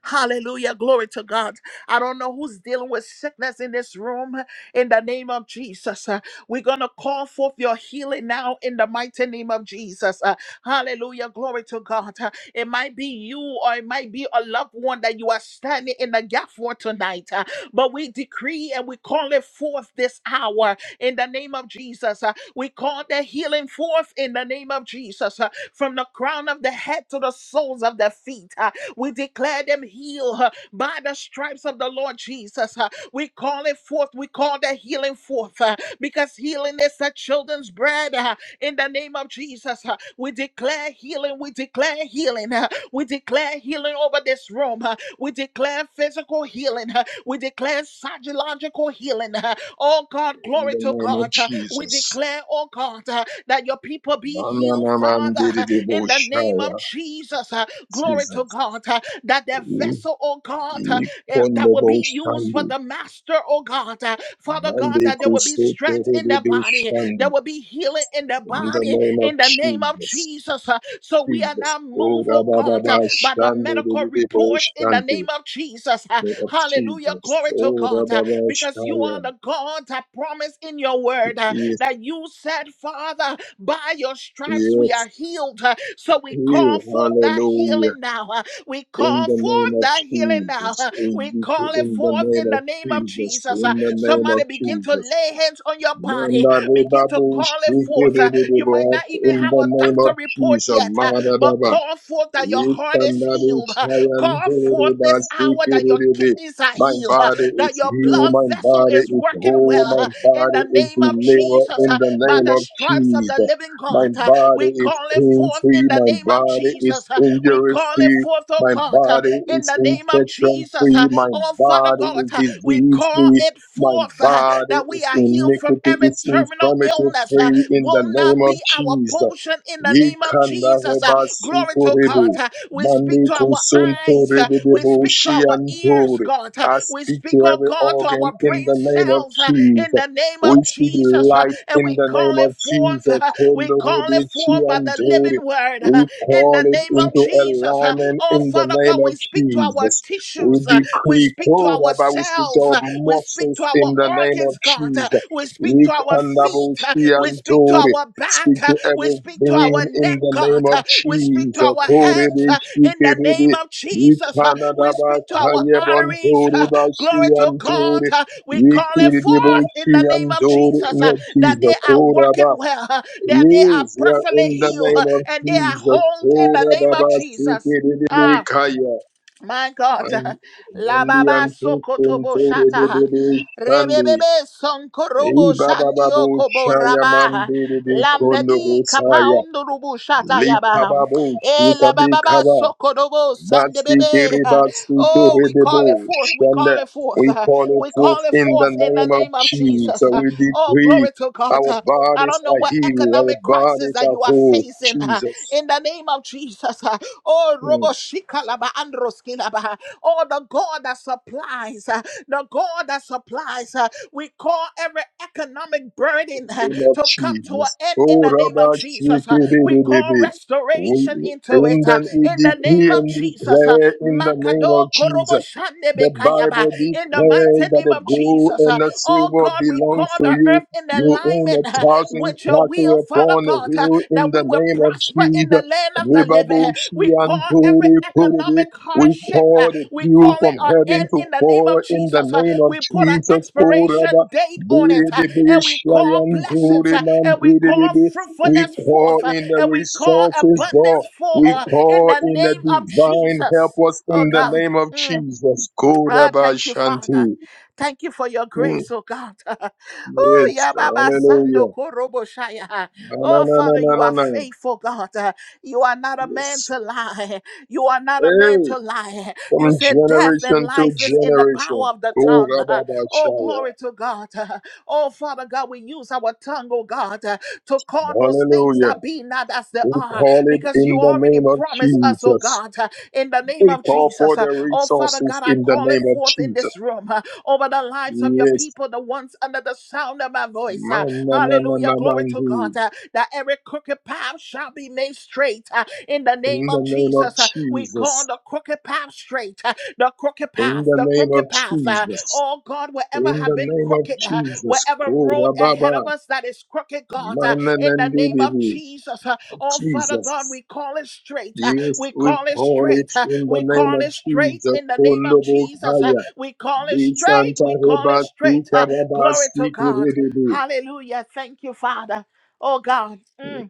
[SPEAKER 1] Hallelujah. Glory to God. I don't know who's dealing with sickness in this room. In the name of Jesus, uh, we're going to call forth your healing now in the mighty name of Jesus. Uh, hallelujah. Glory to God. Uh, it might be you or it might be a loved one that you are standing in the gap for tonight. Uh, but we decree and we call it forth this hour in the name of Jesus. Uh, we call the healing forth in the name of Jesus uh, from the crown of the head to the soles of the feet. uh, we declare them healed uh, by the stripes of the Lord Jesus. uh, we call it forth. We call the healing forth uh, because healing is the children's bread. uh, in the name of Jesus, uh, we declare healing. We declare healing. uh, we declare healing over this room. uh, we declare physical healing. Uh, we declare psychological healing. uh, Oh God,
[SPEAKER 2] In
[SPEAKER 1] glory
[SPEAKER 2] the
[SPEAKER 1] to
[SPEAKER 2] name of
[SPEAKER 1] God. Uh, We
[SPEAKER 2] Jesus.
[SPEAKER 1] declare, oh God, uh, that your people be healed, Father, uh, in the name
[SPEAKER 2] Mananamandiridiboshaya.
[SPEAKER 1] of Jesus. Uh, Glory to
[SPEAKER 2] Jesus.
[SPEAKER 1] God. uh, That their
[SPEAKER 2] I-
[SPEAKER 1] vessel, oh God, uh, eh, that will be used for
[SPEAKER 2] Ikondoboshandi.
[SPEAKER 1] the master, oh God. uh, Father God, that there will be strength in their body there
[SPEAKER 2] Mandekusotorobeshandi.
[SPEAKER 1] will be healing in the
[SPEAKER 2] In the
[SPEAKER 1] body
[SPEAKER 2] name of
[SPEAKER 1] in the name of
[SPEAKER 2] Jesus.
[SPEAKER 1] Jesus. Uh, So we are
[SPEAKER 2] Jesus.
[SPEAKER 1] not
[SPEAKER 2] Oh,
[SPEAKER 1] moved, oh God,
[SPEAKER 2] Rababa
[SPEAKER 1] uh, by the medical
[SPEAKER 2] Shandi,
[SPEAKER 1] reports in the name
[SPEAKER 2] Boshandi.
[SPEAKER 1] of Jesus. Uh,
[SPEAKER 2] Of
[SPEAKER 1] Hallelujah.
[SPEAKER 2] Jesus.
[SPEAKER 1] Glory to
[SPEAKER 2] Oh,
[SPEAKER 1] God. uh,
[SPEAKER 2] Rababa
[SPEAKER 1] Because you are the God that promised in your word uh,
[SPEAKER 2] Yes,
[SPEAKER 1] that you said, Father, by your stripes we
[SPEAKER 2] yes,
[SPEAKER 1] are healed. Uh, So we
[SPEAKER 2] you.
[SPEAKER 1] call forth that
[SPEAKER 2] Hallelujah.
[SPEAKER 1] healing now. Uh, We
[SPEAKER 2] In
[SPEAKER 1] call
[SPEAKER 2] the name
[SPEAKER 1] forth
[SPEAKER 2] of
[SPEAKER 1] that healing now.
[SPEAKER 2] Jesus.
[SPEAKER 1] Uh,
[SPEAKER 2] In
[SPEAKER 1] We
[SPEAKER 2] the
[SPEAKER 1] call it
[SPEAKER 2] in the
[SPEAKER 1] forth
[SPEAKER 2] name
[SPEAKER 1] in the
[SPEAKER 2] of
[SPEAKER 1] name of
[SPEAKER 2] Jesus.
[SPEAKER 1] Jesus. Uh,
[SPEAKER 2] In the name of
[SPEAKER 1] Somebody begin to
[SPEAKER 2] Jesus.
[SPEAKER 1] lay hands on your body
[SPEAKER 2] Manda reba
[SPEAKER 1] Begin to
[SPEAKER 2] bo
[SPEAKER 1] call it
[SPEAKER 2] shiki
[SPEAKER 1] forth. Uh,
[SPEAKER 2] rebe
[SPEAKER 1] You might
[SPEAKER 2] rebo.
[SPEAKER 1] not even
[SPEAKER 2] In
[SPEAKER 1] have
[SPEAKER 2] the
[SPEAKER 1] a
[SPEAKER 2] name
[SPEAKER 1] doctor
[SPEAKER 2] of
[SPEAKER 1] report
[SPEAKER 2] Jesus.
[SPEAKER 1] yet, uh,
[SPEAKER 2] Manda
[SPEAKER 1] but
[SPEAKER 2] Daba,
[SPEAKER 1] call forth
[SPEAKER 2] my
[SPEAKER 1] that
[SPEAKER 2] body
[SPEAKER 1] your heart is
[SPEAKER 2] is
[SPEAKER 1] healed. uh,
[SPEAKER 2] healed,
[SPEAKER 1] Call forth this hour that your kidneys are healed, uh, that your blood
[SPEAKER 2] my
[SPEAKER 1] vessel
[SPEAKER 2] body
[SPEAKER 1] is
[SPEAKER 2] is
[SPEAKER 1] working
[SPEAKER 2] whole,
[SPEAKER 1] well.
[SPEAKER 2] my
[SPEAKER 1] uh, In
[SPEAKER 2] body
[SPEAKER 1] the
[SPEAKER 2] is
[SPEAKER 1] name of
[SPEAKER 2] delivered
[SPEAKER 1] Jesus,
[SPEAKER 2] in
[SPEAKER 1] uh,
[SPEAKER 2] the
[SPEAKER 1] by
[SPEAKER 2] name
[SPEAKER 1] the
[SPEAKER 2] of
[SPEAKER 1] stripes of the
[SPEAKER 2] Jesus.
[SPEAKER 1] living
[SPEAKER 2] My
[SPEAKER 1] God, uh,
[SPEAKER 2] body
[SPEAKER 1] we
[SPEAKER 2] is
[SPEAKER 1] call it
[SPEAKER 2] pain
[SPEAKER 1] forth in
[SPEAKER 2] free,
[SPEAKER 1] the
[SPEAKER 2] my
[SPEAKER 1] name of
[SPEAKER 2] body is
[SPEAKER 1] Jesus. uh, We
[SPEAKER 2] injury
[SPEAKER 1] call it
[SPEAKER 2] free,
[SPEAKER 1] forth, oh
[SPEAKER 2] my
[SPEAKER 1] God, uh,
[SPEAKER 2] body
[SPEAKER 1] in
[SPEAKER 2] is
[SPEAKER 1] the name of
[SPEAKER 2] infection
[SPEAKER 1] Jesus.
[SPEAKER 2] free,
[SPEAKER 1] uh,
[SPEAKER 2] my
[SPEAKER 1] Oh Father
[SPEAKER 2] body
[SPEAKER 1] God,
[SPEAKER 2] is
[SPEAKER 1] uh, we
[SPEAKER 2] disease
[SPEAKER 1] call
[SPEAKER 2] free,
[SPEAKER 1] it
[SPEAKER 2] my
[SPEAKER 1] forth uh,
[SPEAKER 2] body
[SPEAKER 1] that we
[SPEAKER 2] is
[SPEAKER 1] are healed from
[SPEAKER 2] iniquity,
[SPEAKER 1] every
[SPEAKER 2] is
[SPEAKER 1] terminal
[SPEAKER 2] infirmity
[SPEAKER 1] illness uh,
[SPEAKER 2] free in the
[SPEAKER 1] will
[SPEAKER 2] name
[SPEAKER 1] not
[SPEAKER 2] of
[SPEAKER 1] be our
[SPEAKER 2] Jesus.
[SPEAKER 1] portion in the name of
[SPEAKER 2] Yikanda
[SPEAKER 1] Jesus. uh,
[SPEAKER 2] reba
[SPEAKER 1] Glory to
[SPEAKER 2] sukorebo.
[SPEAKER 1] God. uh, We
[SPEAKER 2] Mande
[SPEAKER 1] speak to our
[SPEAKER 2] kusonto
[SPEAKER 1] eyes. uh, We
[SPEAKER 2] rebebo
[SPEAKER 1] speak to our ears,
[SPEAKER 2] shiantore.
[SPEAKER 1] God. uh,
[SPEAKER 2] I
[SPEAKER 1] We
[SPEAKER 2] speak to
[SPEAKER 1] speak, oh
[SPEAKER 2] every
[SPEAKER 1] God, to
[SPEAKER 2] organ
[SPEAKER 1] our
[SPEAKER 2] in
[SPEAKER 1] brain
[SPEAKER 2] the name of
[SPEAKER 1] cells uh, in
[SPEAKER 2] Jesus.
[SPEAKER 1] the name
[SPEAKER 2] We
[SPEAKER 1] of
[SPEAKER 2] speak
[SPEAKER 1] Jesus. uh,
[SPEAKER 2] life
[SPEAKER 1] And
[SPEAKER 2] in
[SPEAKER 1] we
[SPEAKER 2] the
[SPEAKER 1] call
[SPEAKER 2] name of
[SPEAKER 1] it forth.
[SPEAKER 2] Jesus.
[SPEAKER 1] uh, We
[SPEAKER 2] Kondo
[SPEAKER 1] call
[SPEAKER 2] rebe
[SPEAKER 1] it forth by the
[SPEAKER 2] shiantore.
[SPEAKER 1] living word uh,
[SPEAKER 2] We
[SPEAKER 1] in
[SPEAKER 2] call
[SPEAKER 1] the
[SPEAKER 2] it
[SPEAKER 1] name of
[SPEAKER 2] into
[SPEAKER 1] Jesus. uh,
[SPEAKER 2] alignment
[SPEAKER 1] Oh,
[SPEAKER 2] in the
[SPEAKER 1] Father
[SPEAKER 2] name
[SPEAKER 1] God,
[SPEAKER 2] of
[SPEAKER 1] we speak to our
[SPEAKER 2] Jesus. We
[SPEAKER 1] tissues. uh, We
[SPEAKER 2] decree,
[SPEAKER 1] speak to
[SPEAKER 2] Koraba,
[SPEAKER 1] ourselves
[SPEAKER 2] we speak to
[SPEAKER 1] mouths.
[SPEAKER 2] our
[SPEAKER 1] uh, We speak
[SPEAKER 2] muscles
[SPEAKER 1] to our
[SPEAKER 2] in the name of
[SPEAKER 1] organs, God. uh,
[SPEAKER 2] Jesus.
[SPEAKER 1] We speak to our
[SPEAKER 2] Yikanda
[SPEAKER 1] feet.
[SPEAKER 2] bo
[SPEAKER 1] uh, We speak to
[SPEAKER 2] shiantore.
[SPEAKER 1] our back.
[SPEAKER 2] Speak
[SPEAKER 1] uh,
[SPEAKER 2] to
[SPEAKER 1] We
[SPEAKER 2] every
[SPEAKER 1] speak to our
[SPEAKER 2] vein in
[SPEAKER 1] neck,
[SPEAKER 2] the
[SPEAKER 1] God.
[SPEAKER 2] name of
[SPEAKER 1] uh, We speak to
[SPEAKER 2] Jesus.
[SPEAKER 1] our hands.
[SPEAKER 2] Korebe
[SPEAKER 1] uh, In the name
[SPEAKER 2] shikerebe.
[SPEAKER 1] of Jesus, uh, we
[SPEAKER 2] Ikanadaba
[SPEAKER 1] speak to our arteries.
[SPEAKER 2] kayebantore
[SPEAKER 1] uh, Glory to God.
[SPEAKER 2] bashiyantore.
[SPEAKER 1] uh, We call it
[SPEAKER 2] Ikiridebo
[SPEAKER 1] forth in the name of
[SPEAKER 2] shiyantore.
[SPEAKER 1] Jesus uh,
[SPEAKER 2] In
[SPEAKER 1] that
[SPEAKER 2] Jesus.
[SPEAKER 1] they are working
[SPEAKER 2] Koraba.
[SPEAKER 1] well, uh, that they are
[SPEAKER 2] Yes, we are
[SPEAKER 1] perfectly
[SPEAKER 2] in the
[SPEAKER 1] healed, uh,
[SPEAKER 2] name of
[SPEAKER 1] and they are whole
[SPEAKER 2] Jesus.
[SPEAKER 1] in the name of
[SPEAKER 2] Koraba
[SPEAKER 1] Jesus. Ah.
[SPEAKER 2] shikerebe kaya.
[SPEAKER 1] My God,
[SPEAKER 2] Man-
[SPEAKER 1] la
[SPEAKER 2] Mandi
[SPEAKER 1] baba sokotobo
[SPEAKER 2] antukuntore
[SPEAKER 1] shata,
[SPEAKER 2] dedebe shandi.
[SPEAKER 1] rebebebe sonkorobo
[SPEAKER 2] Ibaba
[SPEAKER 1] shandio
[SPEAKER 2] babu
[SPEAKER 1] kobo
[SPEAKER 2] shaya
[SPEAKER 1] raba,
[SPEAKER 2] mandere de kondo
[SPEAKER 1] lamedi
[SPEAKER 2] busaya.
[SPEAKER 1] kapaundo rubu shata yaba,
[SPEAKER 2] Likababo,
[SPEAKER 1] e la baba
[SPEAKER 2] Shukabikaba,
[SPEAKER 1] sokodobo
[SPEAKER 2] Batsi
[SPEAKER 1] sandebebe.
[SPEAKER 2] Kiribatsu
[SPEAKER 1] Oh, we call it
[SPEAKER 2] Turidebo,
[SPEAKER 1] forth, we
[SPEAKER 2] Shanda.
[SPEAKER 1] call it forth,
[SPEAKER 2] We call it
[SPEAKER 1] we
[SPEAKER 2] forth
[SPEAKER 1] call it
[SPEAKER 2] in the
[SPEAKER 1] forth in the
[SPEAKER 2] name of
[SPEAKER 1] name of
[SPEAKER 2] Jesus.
[SPEAKER 1] Jesus.
[SPEAKER 2] We
[SPEAKER 1] Oh,
[SPEAKER 2] decree
[SPEAKER 1] glory to God.
[SPEAKER 2] our
[SPEAKER 1] I
[SPEAKER 2] bodies
[SPEAKER 1] don't know
[SPEAKER 2] are
[SPEAKER 1] what
[SPEAKER 2] healed, our
[SPEAKER 1] economic crisis
[SPEAKER 2] bodies
[SPEAKER 1] that
[SPEAKER 2] are
[SPEAKER 1] you you are
[SPEAKER 2] whole.
[SPEAKER 1] facing uh,
[SPEAKER 2] Jesus.
[SPEAKER 1] in the name of Jesus. uh, Oh, Roboshikalaba Androskilaba. Oh, the God that supplies, uh, the God that supplies. uh, We call every economic burden uh,
[SPEAKER 2] name of
[SPEAKER 1] to come to an
[SPEAKER 2] Jesus.
[SPEAKER 1] end in
[SPEAKER 2] Oh,
[SPEAKER 1] the name of
[SPEAKER 2] Rabbi
[SPEAKER 1] Jesus. uh, We call
[SPEAKER 2] Shikiribi.
[SPEAKER 1] restoration
[SPEAKER 2] We
[SPEAKER 1] into it
[SPEAKER 2] and
[SPEAKER 1] uh,
[SPEAKER 2] then we
[SPEAKER 1] in the name
[SPEAKER 2] decree
[SPEAKER 1] of
[SPEAKER 2] and
[SPEAKER 1] Jesus. uh,
[SPEAKER 2] declare in the name
[SPEAKER 1] Makado
[SPEAKER 2] of Jesus. The
[SPEAKER 1] Koroboshandebekayaba.
[SPEAKER 2] Bible
[SPEAKER 1] In the mighty
[SPEAKER 2] declares that
[SPEAKER 1] name
[SPEAKER 2] the
[SPEAKER 1] of
[SPEAKER 2] gold
[SPEAKER 1] Jesus.
[SPEAKER 2] and
[SPEAKER 1] uh,
[SPEAKER 2] the
[SPEAKER 1] Oh
[SPEAKER 2] silver
[SPEAKER 1] God, we call
[SPEAKER 2] belongs to
[SPEAKER 1] the
[SPEAKER 2] you.
[SPEAKER 1] earth in
[SPEAKER 2] You own a
[SPEAKER 1] alignment uh,
[SPEAKER 2] thousand
[SPEAKER 1] with your
[SPEAKER 2] cattle
[SPEAKER 1] will, Father
[SPEAKER 2] upon a
[SPEAKER 1] God, uh,
[SPEAKER 2] hill in
[SPEAKER 1] that we
[SPEAKER 2] the
[SPEAKER 1] will
[SPEAKER 2] name of
[SPEAKER 1] prosper in the
[SPEAKER 2] Jesus.
[SPEAKER 1] land of the living. huh. We
[SPEAKER 2] Ribabushi
[SPEAKER 1] call
[SPEAKER 2] and
[SPEAKER 1] every economic
[SPEAKER 2] We
[SPEAKER 1] hardship, uh,
[SPEAKER 2] call the
[SPEAKER 1] we call
[SPEAKER 2] dew
[SPEAKER 1] it
[SPEAKER 2] from
[SPEAKER 1] an
[SPEAKER 2] heaven
[SPEAKER 1] end
[SPEAKER 2] to
[SPEAKER 1] in the name
[SPEAKER 2] fall
[SPEAKER 1] of
[SPEAKER 2] in the
[SPEAKER 1] Jesus. uh,
[SPEAKER 2] name of
[SPEAKER 1] We put an
[SPEAKER 2] Jesus.
[SPEAKER 1] expiration date
[SPEAKER 2] We pour
[SPEAKER 1] on it,
[SPEAKER 2] in
[SPEAKER 1] uh, and we call blessings, uh, and we call fruitfulness forth, uh,
[SPEAKER 2] the
[SPEAKER 1] and we call
[SPEAKER 2] resources, God.
[SPEAKER 1] abundance forth
[SPEAKER 2] We
[SPEAKER 1] uh, in
[SPEAKER 2] pour
[SPEAKER 1] the
[SPEAKER 2] in the
[SPEAKER 1] name of
[SPEAKER 2] divine help
[SPEAKER 1] Jesus.
[SPEAKER 2] us
[SPEAKER 1] Oh
[SPEAKER 2] in the
[SPEAKER 1] God.
[SPEAKER 2] name of
[SPEAKER 1] Mm.
[SPEAKER 2] Jesus.
[SPEAKER 1] Ah, thank you, Father.
[SPEAKER 2] Korabashanti.
[SPEAKER 1] Thank you for your
[SPEAKER 2] Mm,
[SPEAKER 1] grace, oh God. oh,
[SPEAKER 2] Yes,
[SPEAKER 1] Yababa Sando
[SPEAKER 2] hallelujah.
[SPEAKER 1] Korobo Shaya.
[SPEAKER 2] Na, na,
[SPEAKER 1] Oh,
[SPEAKER 2] na, na,
[SPEAKER 1] Father,
[SPEAKER 2] na,
[SPEAKER 1] you are
[SPEAKER 2] na, na.
[SPEAKER 1] faithful, God. Uh, You are not a man
[SPEAKER 2] Yes.
[SPEAKER 1] to lie. You are not a man
[SPEAKER 2] Hey,
[SPEAKER 1] to lie. You
[SPEAKER 2] from
[SPEAKER 1] said death and
[SPEAKER 2] generation to
[SPEAKER 1] life is in the
[SPEAKER 2] generation.
[SPEAKER 1] power of the tongue. Oh,
[SPEAKER 2] Korababashaya.
[SPEAKER 1] glory to God. Oh, Father God, we use our tongue, oh God, to call those things
[SPEAKER 2] Hallelujah.
[SPEAKER 1] that be not as they
[SPEAKER 2] We
[SPEAKER 1] are,
[SPEAKER 2] call it
[SPEAKER 1] because
[SPEAKER 2] in
[SPEAKER 1] you
[SPEAKER 2] the
[SPEAKER 1] already
[SPEAKER 2] name of
[SPEAKER 1] promised us, oh
[SPEAKER 2] Jesus.
[SPEAKER 1] God, in the name
[SPEAKER 2] We
[SPEAKER 1] of
[SPEAKER 2] call for
[SPEAKER 1] Jesus.
[SPEAKER 2] the
[SPEAKER 1] Oh, Father
[SPEAKER 2] resources
[SPEAKER 1] God, I
[SPEAKER 2] in the
[SPEAKER 1] call it
[SPEAKER 2] name of
[SPEAKER 1] forth in
[SPEAKER 2] Jesus.
[SPEAKER 1] this room uh, over the lives of your
[SPEAKER 2] Yes.
[SPEAKER 1] people, the ones under the sound of my voice. Hallelujah. Glory to
[SPEAKER 2] Mananananabandu.
[SPEAKER 1] God. uh, that every crooked path shall be made straight uh, in the name
[SPEAKER 2] In the
[SPEAKER 1] of
[SPEAKER 2] name of
[SPEAKER 1] Jesus. uh, we call
[SPEAKER 2] Jesus.
[SPEAKER 1] the crooked path straight. uh, the crooked
[SPEAKER 2] In
[SPEAKER 1] path,
[SPEAKER 2] the
[SPEAKER 1] the
[SPEAKER 2] name of
[SPEAKER 1] crooked path. uh,
[SPEAKER 2] Jesus.
[SPEAKER 1] oh God, wherever
[SPEAKER 2] In
[SPEAKER 1] have
[SPEAKER 2] the
[SPEAKER 1] been
[SPEAKER 2] name of
[SPEAKER 1] crooked, uh,
[SPEAKER 2] Jesus.
[SPEAKER 1] wherever road
[SPEAKER 2] Korababa.
[SPEAKER 1] ahead of us that is crooked, God, uh, in the name of
[SPEAKER 2] Mananandibibi.
[SPEAKER 1] Jesus. uh, oh Father God, we
[SPEAKER 2] Jesus.
[SPEAKER 1] call it straight. uh,
[SPEAKER 2] Yes,
[SPEAKER 1] we
[SPEAKER 2] we
[SPEAKER 1] call it
[SPEAKER 2] call
[SPEAKER 1] straight.
[SPEAKER 2] it
[SPEAKER 1] uh,
[SPEAKER 2] in the
[SPEAKER 1] we
[SPEAKER 2] name
[SPEAKER 1] call
[SPEAKER 2] of
[SPEAKER 1] it straight
[SPEAKER 2] Jesus.
[SPEAKER 1] in the name of Jesus. uh,
[SPEAKER 2] Kondobokaya.
[SPEAKER 1] we call it straight.
[SPEAKER 2] Bisanta
[SPEAKER 1] We call it straight. uh,
[SPEAKER 2] Rebasuka
[SPEAKER 1] glory to
[SPEAKER 2] Rabasiki
[SPEAKER 1] God. Hallelujah. Thank you, Father. Oh God. Mm.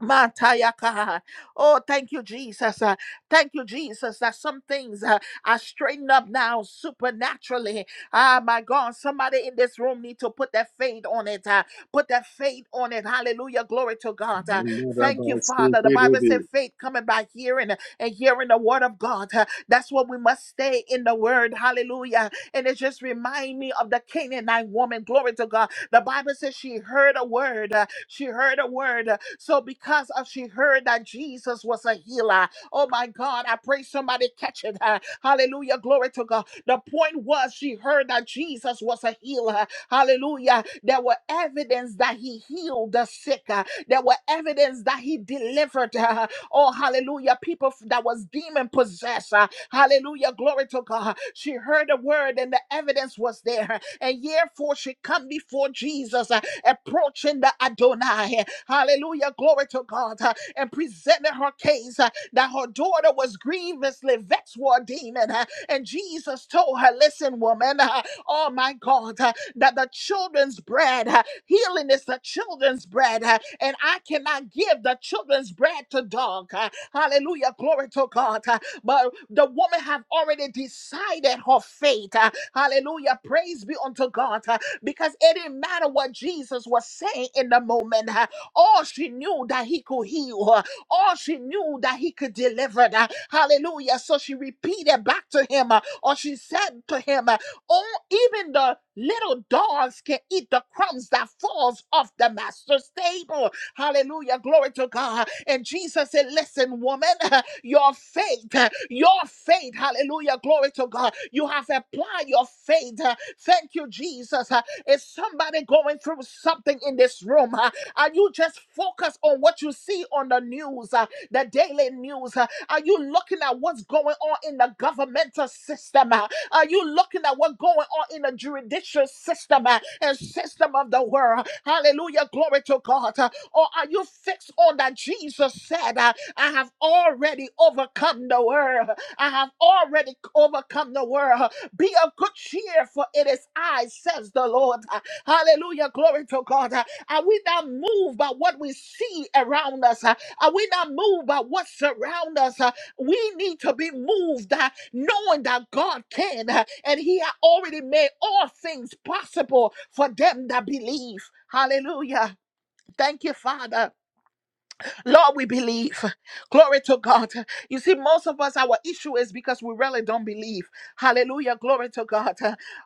[SPEAKER 1] Matayaka. Oh, thank you, Jesus. Uh, thank you, Jesus, that some things uh, are straightened up now supernaturally. Ah, my God, somebody in this room need to put their faith on it. uh, put their faith on it. Hallelujah. Glory to God. Uh, thank you, Father. The Bible
[SPEAKER 2] Ridibi.
[SPEAKER 1] said faith coming by hearing and hearing the word of God. Uh, that's what we must stay in the word. Hallelujah. And it just remind me of the Canaanite woman. Glory to God. The Bible says she heard a word. uh, She heard a word. uh, So because of she heard that Jesus was a healer, oh my God, I pray somebody catch it. uh, Hallelujah. Glory to God. The point was she heard that Jesus was a healer. Hallelujah. There were evidence that he healed the sick. uh, There were evidence that he delivered. Oh, hallelujah. People that was demon possessed. uh, hallelujah. Glory to God. She heard the word and the evidence was there. And therefore she come before Jesus, uh, approaching the Adonai. Hallelujah. Glory to God. uh, and presented her case uh, that her daughter was grievously vexed with a demon. uh, And Jesus told her, Listen, woman, uh, oh my God, uh, that the children's bread, uh, healing is the children's bread, uh, and I cannot give the children's bread to dog. uh, Hallelujah, glory to God. uh, But the woman have already decided her fate. uh, Hallelujah, praise be unto God. uh, Because it didn't matter what Jesus was saying in the moment. uh, all she knew that he could heal her all she knew that he could deliver. uh, Hallelujah. So she repeated back to him, uh, or she said to him, uh, Oh, even the little dogs can eat the crumbs that falls off the master's table. Hallelujah. Glory to God. And Jesus said, Listen, woman, your faith, uh, your faith, hallelujah, glory to God. You have applied your faith. uh, Thank you, Jesus. Uh, Is somebody going through something in this room? uh, are you just focused on what you see on the news, uh, the daily news? uh? Are you looking at what's going on in the governmental system? uh? Are you looking at what's going on in the judicial system uh, and system of the world? Hallelujah, glory to God. uh, Or are you fixed on that Jesus said, uh, I have already overcome the world. I have already overcome the world. Be of good cheer, for it is I, says the Lord. Uh, Hallelujah. Glory to God. Are we not moved by what we see around us? Uh, Are we not moved by what surrounds us? Uh, We need to be moved uh, knowing that God can uh, and He had already made all things possible for them that believe. Hallelujah. Thank you, Father. Lord, we believe. Glory to God. You see, most of us, our issue is because we really don't believe. Hallelujah. Glory to God.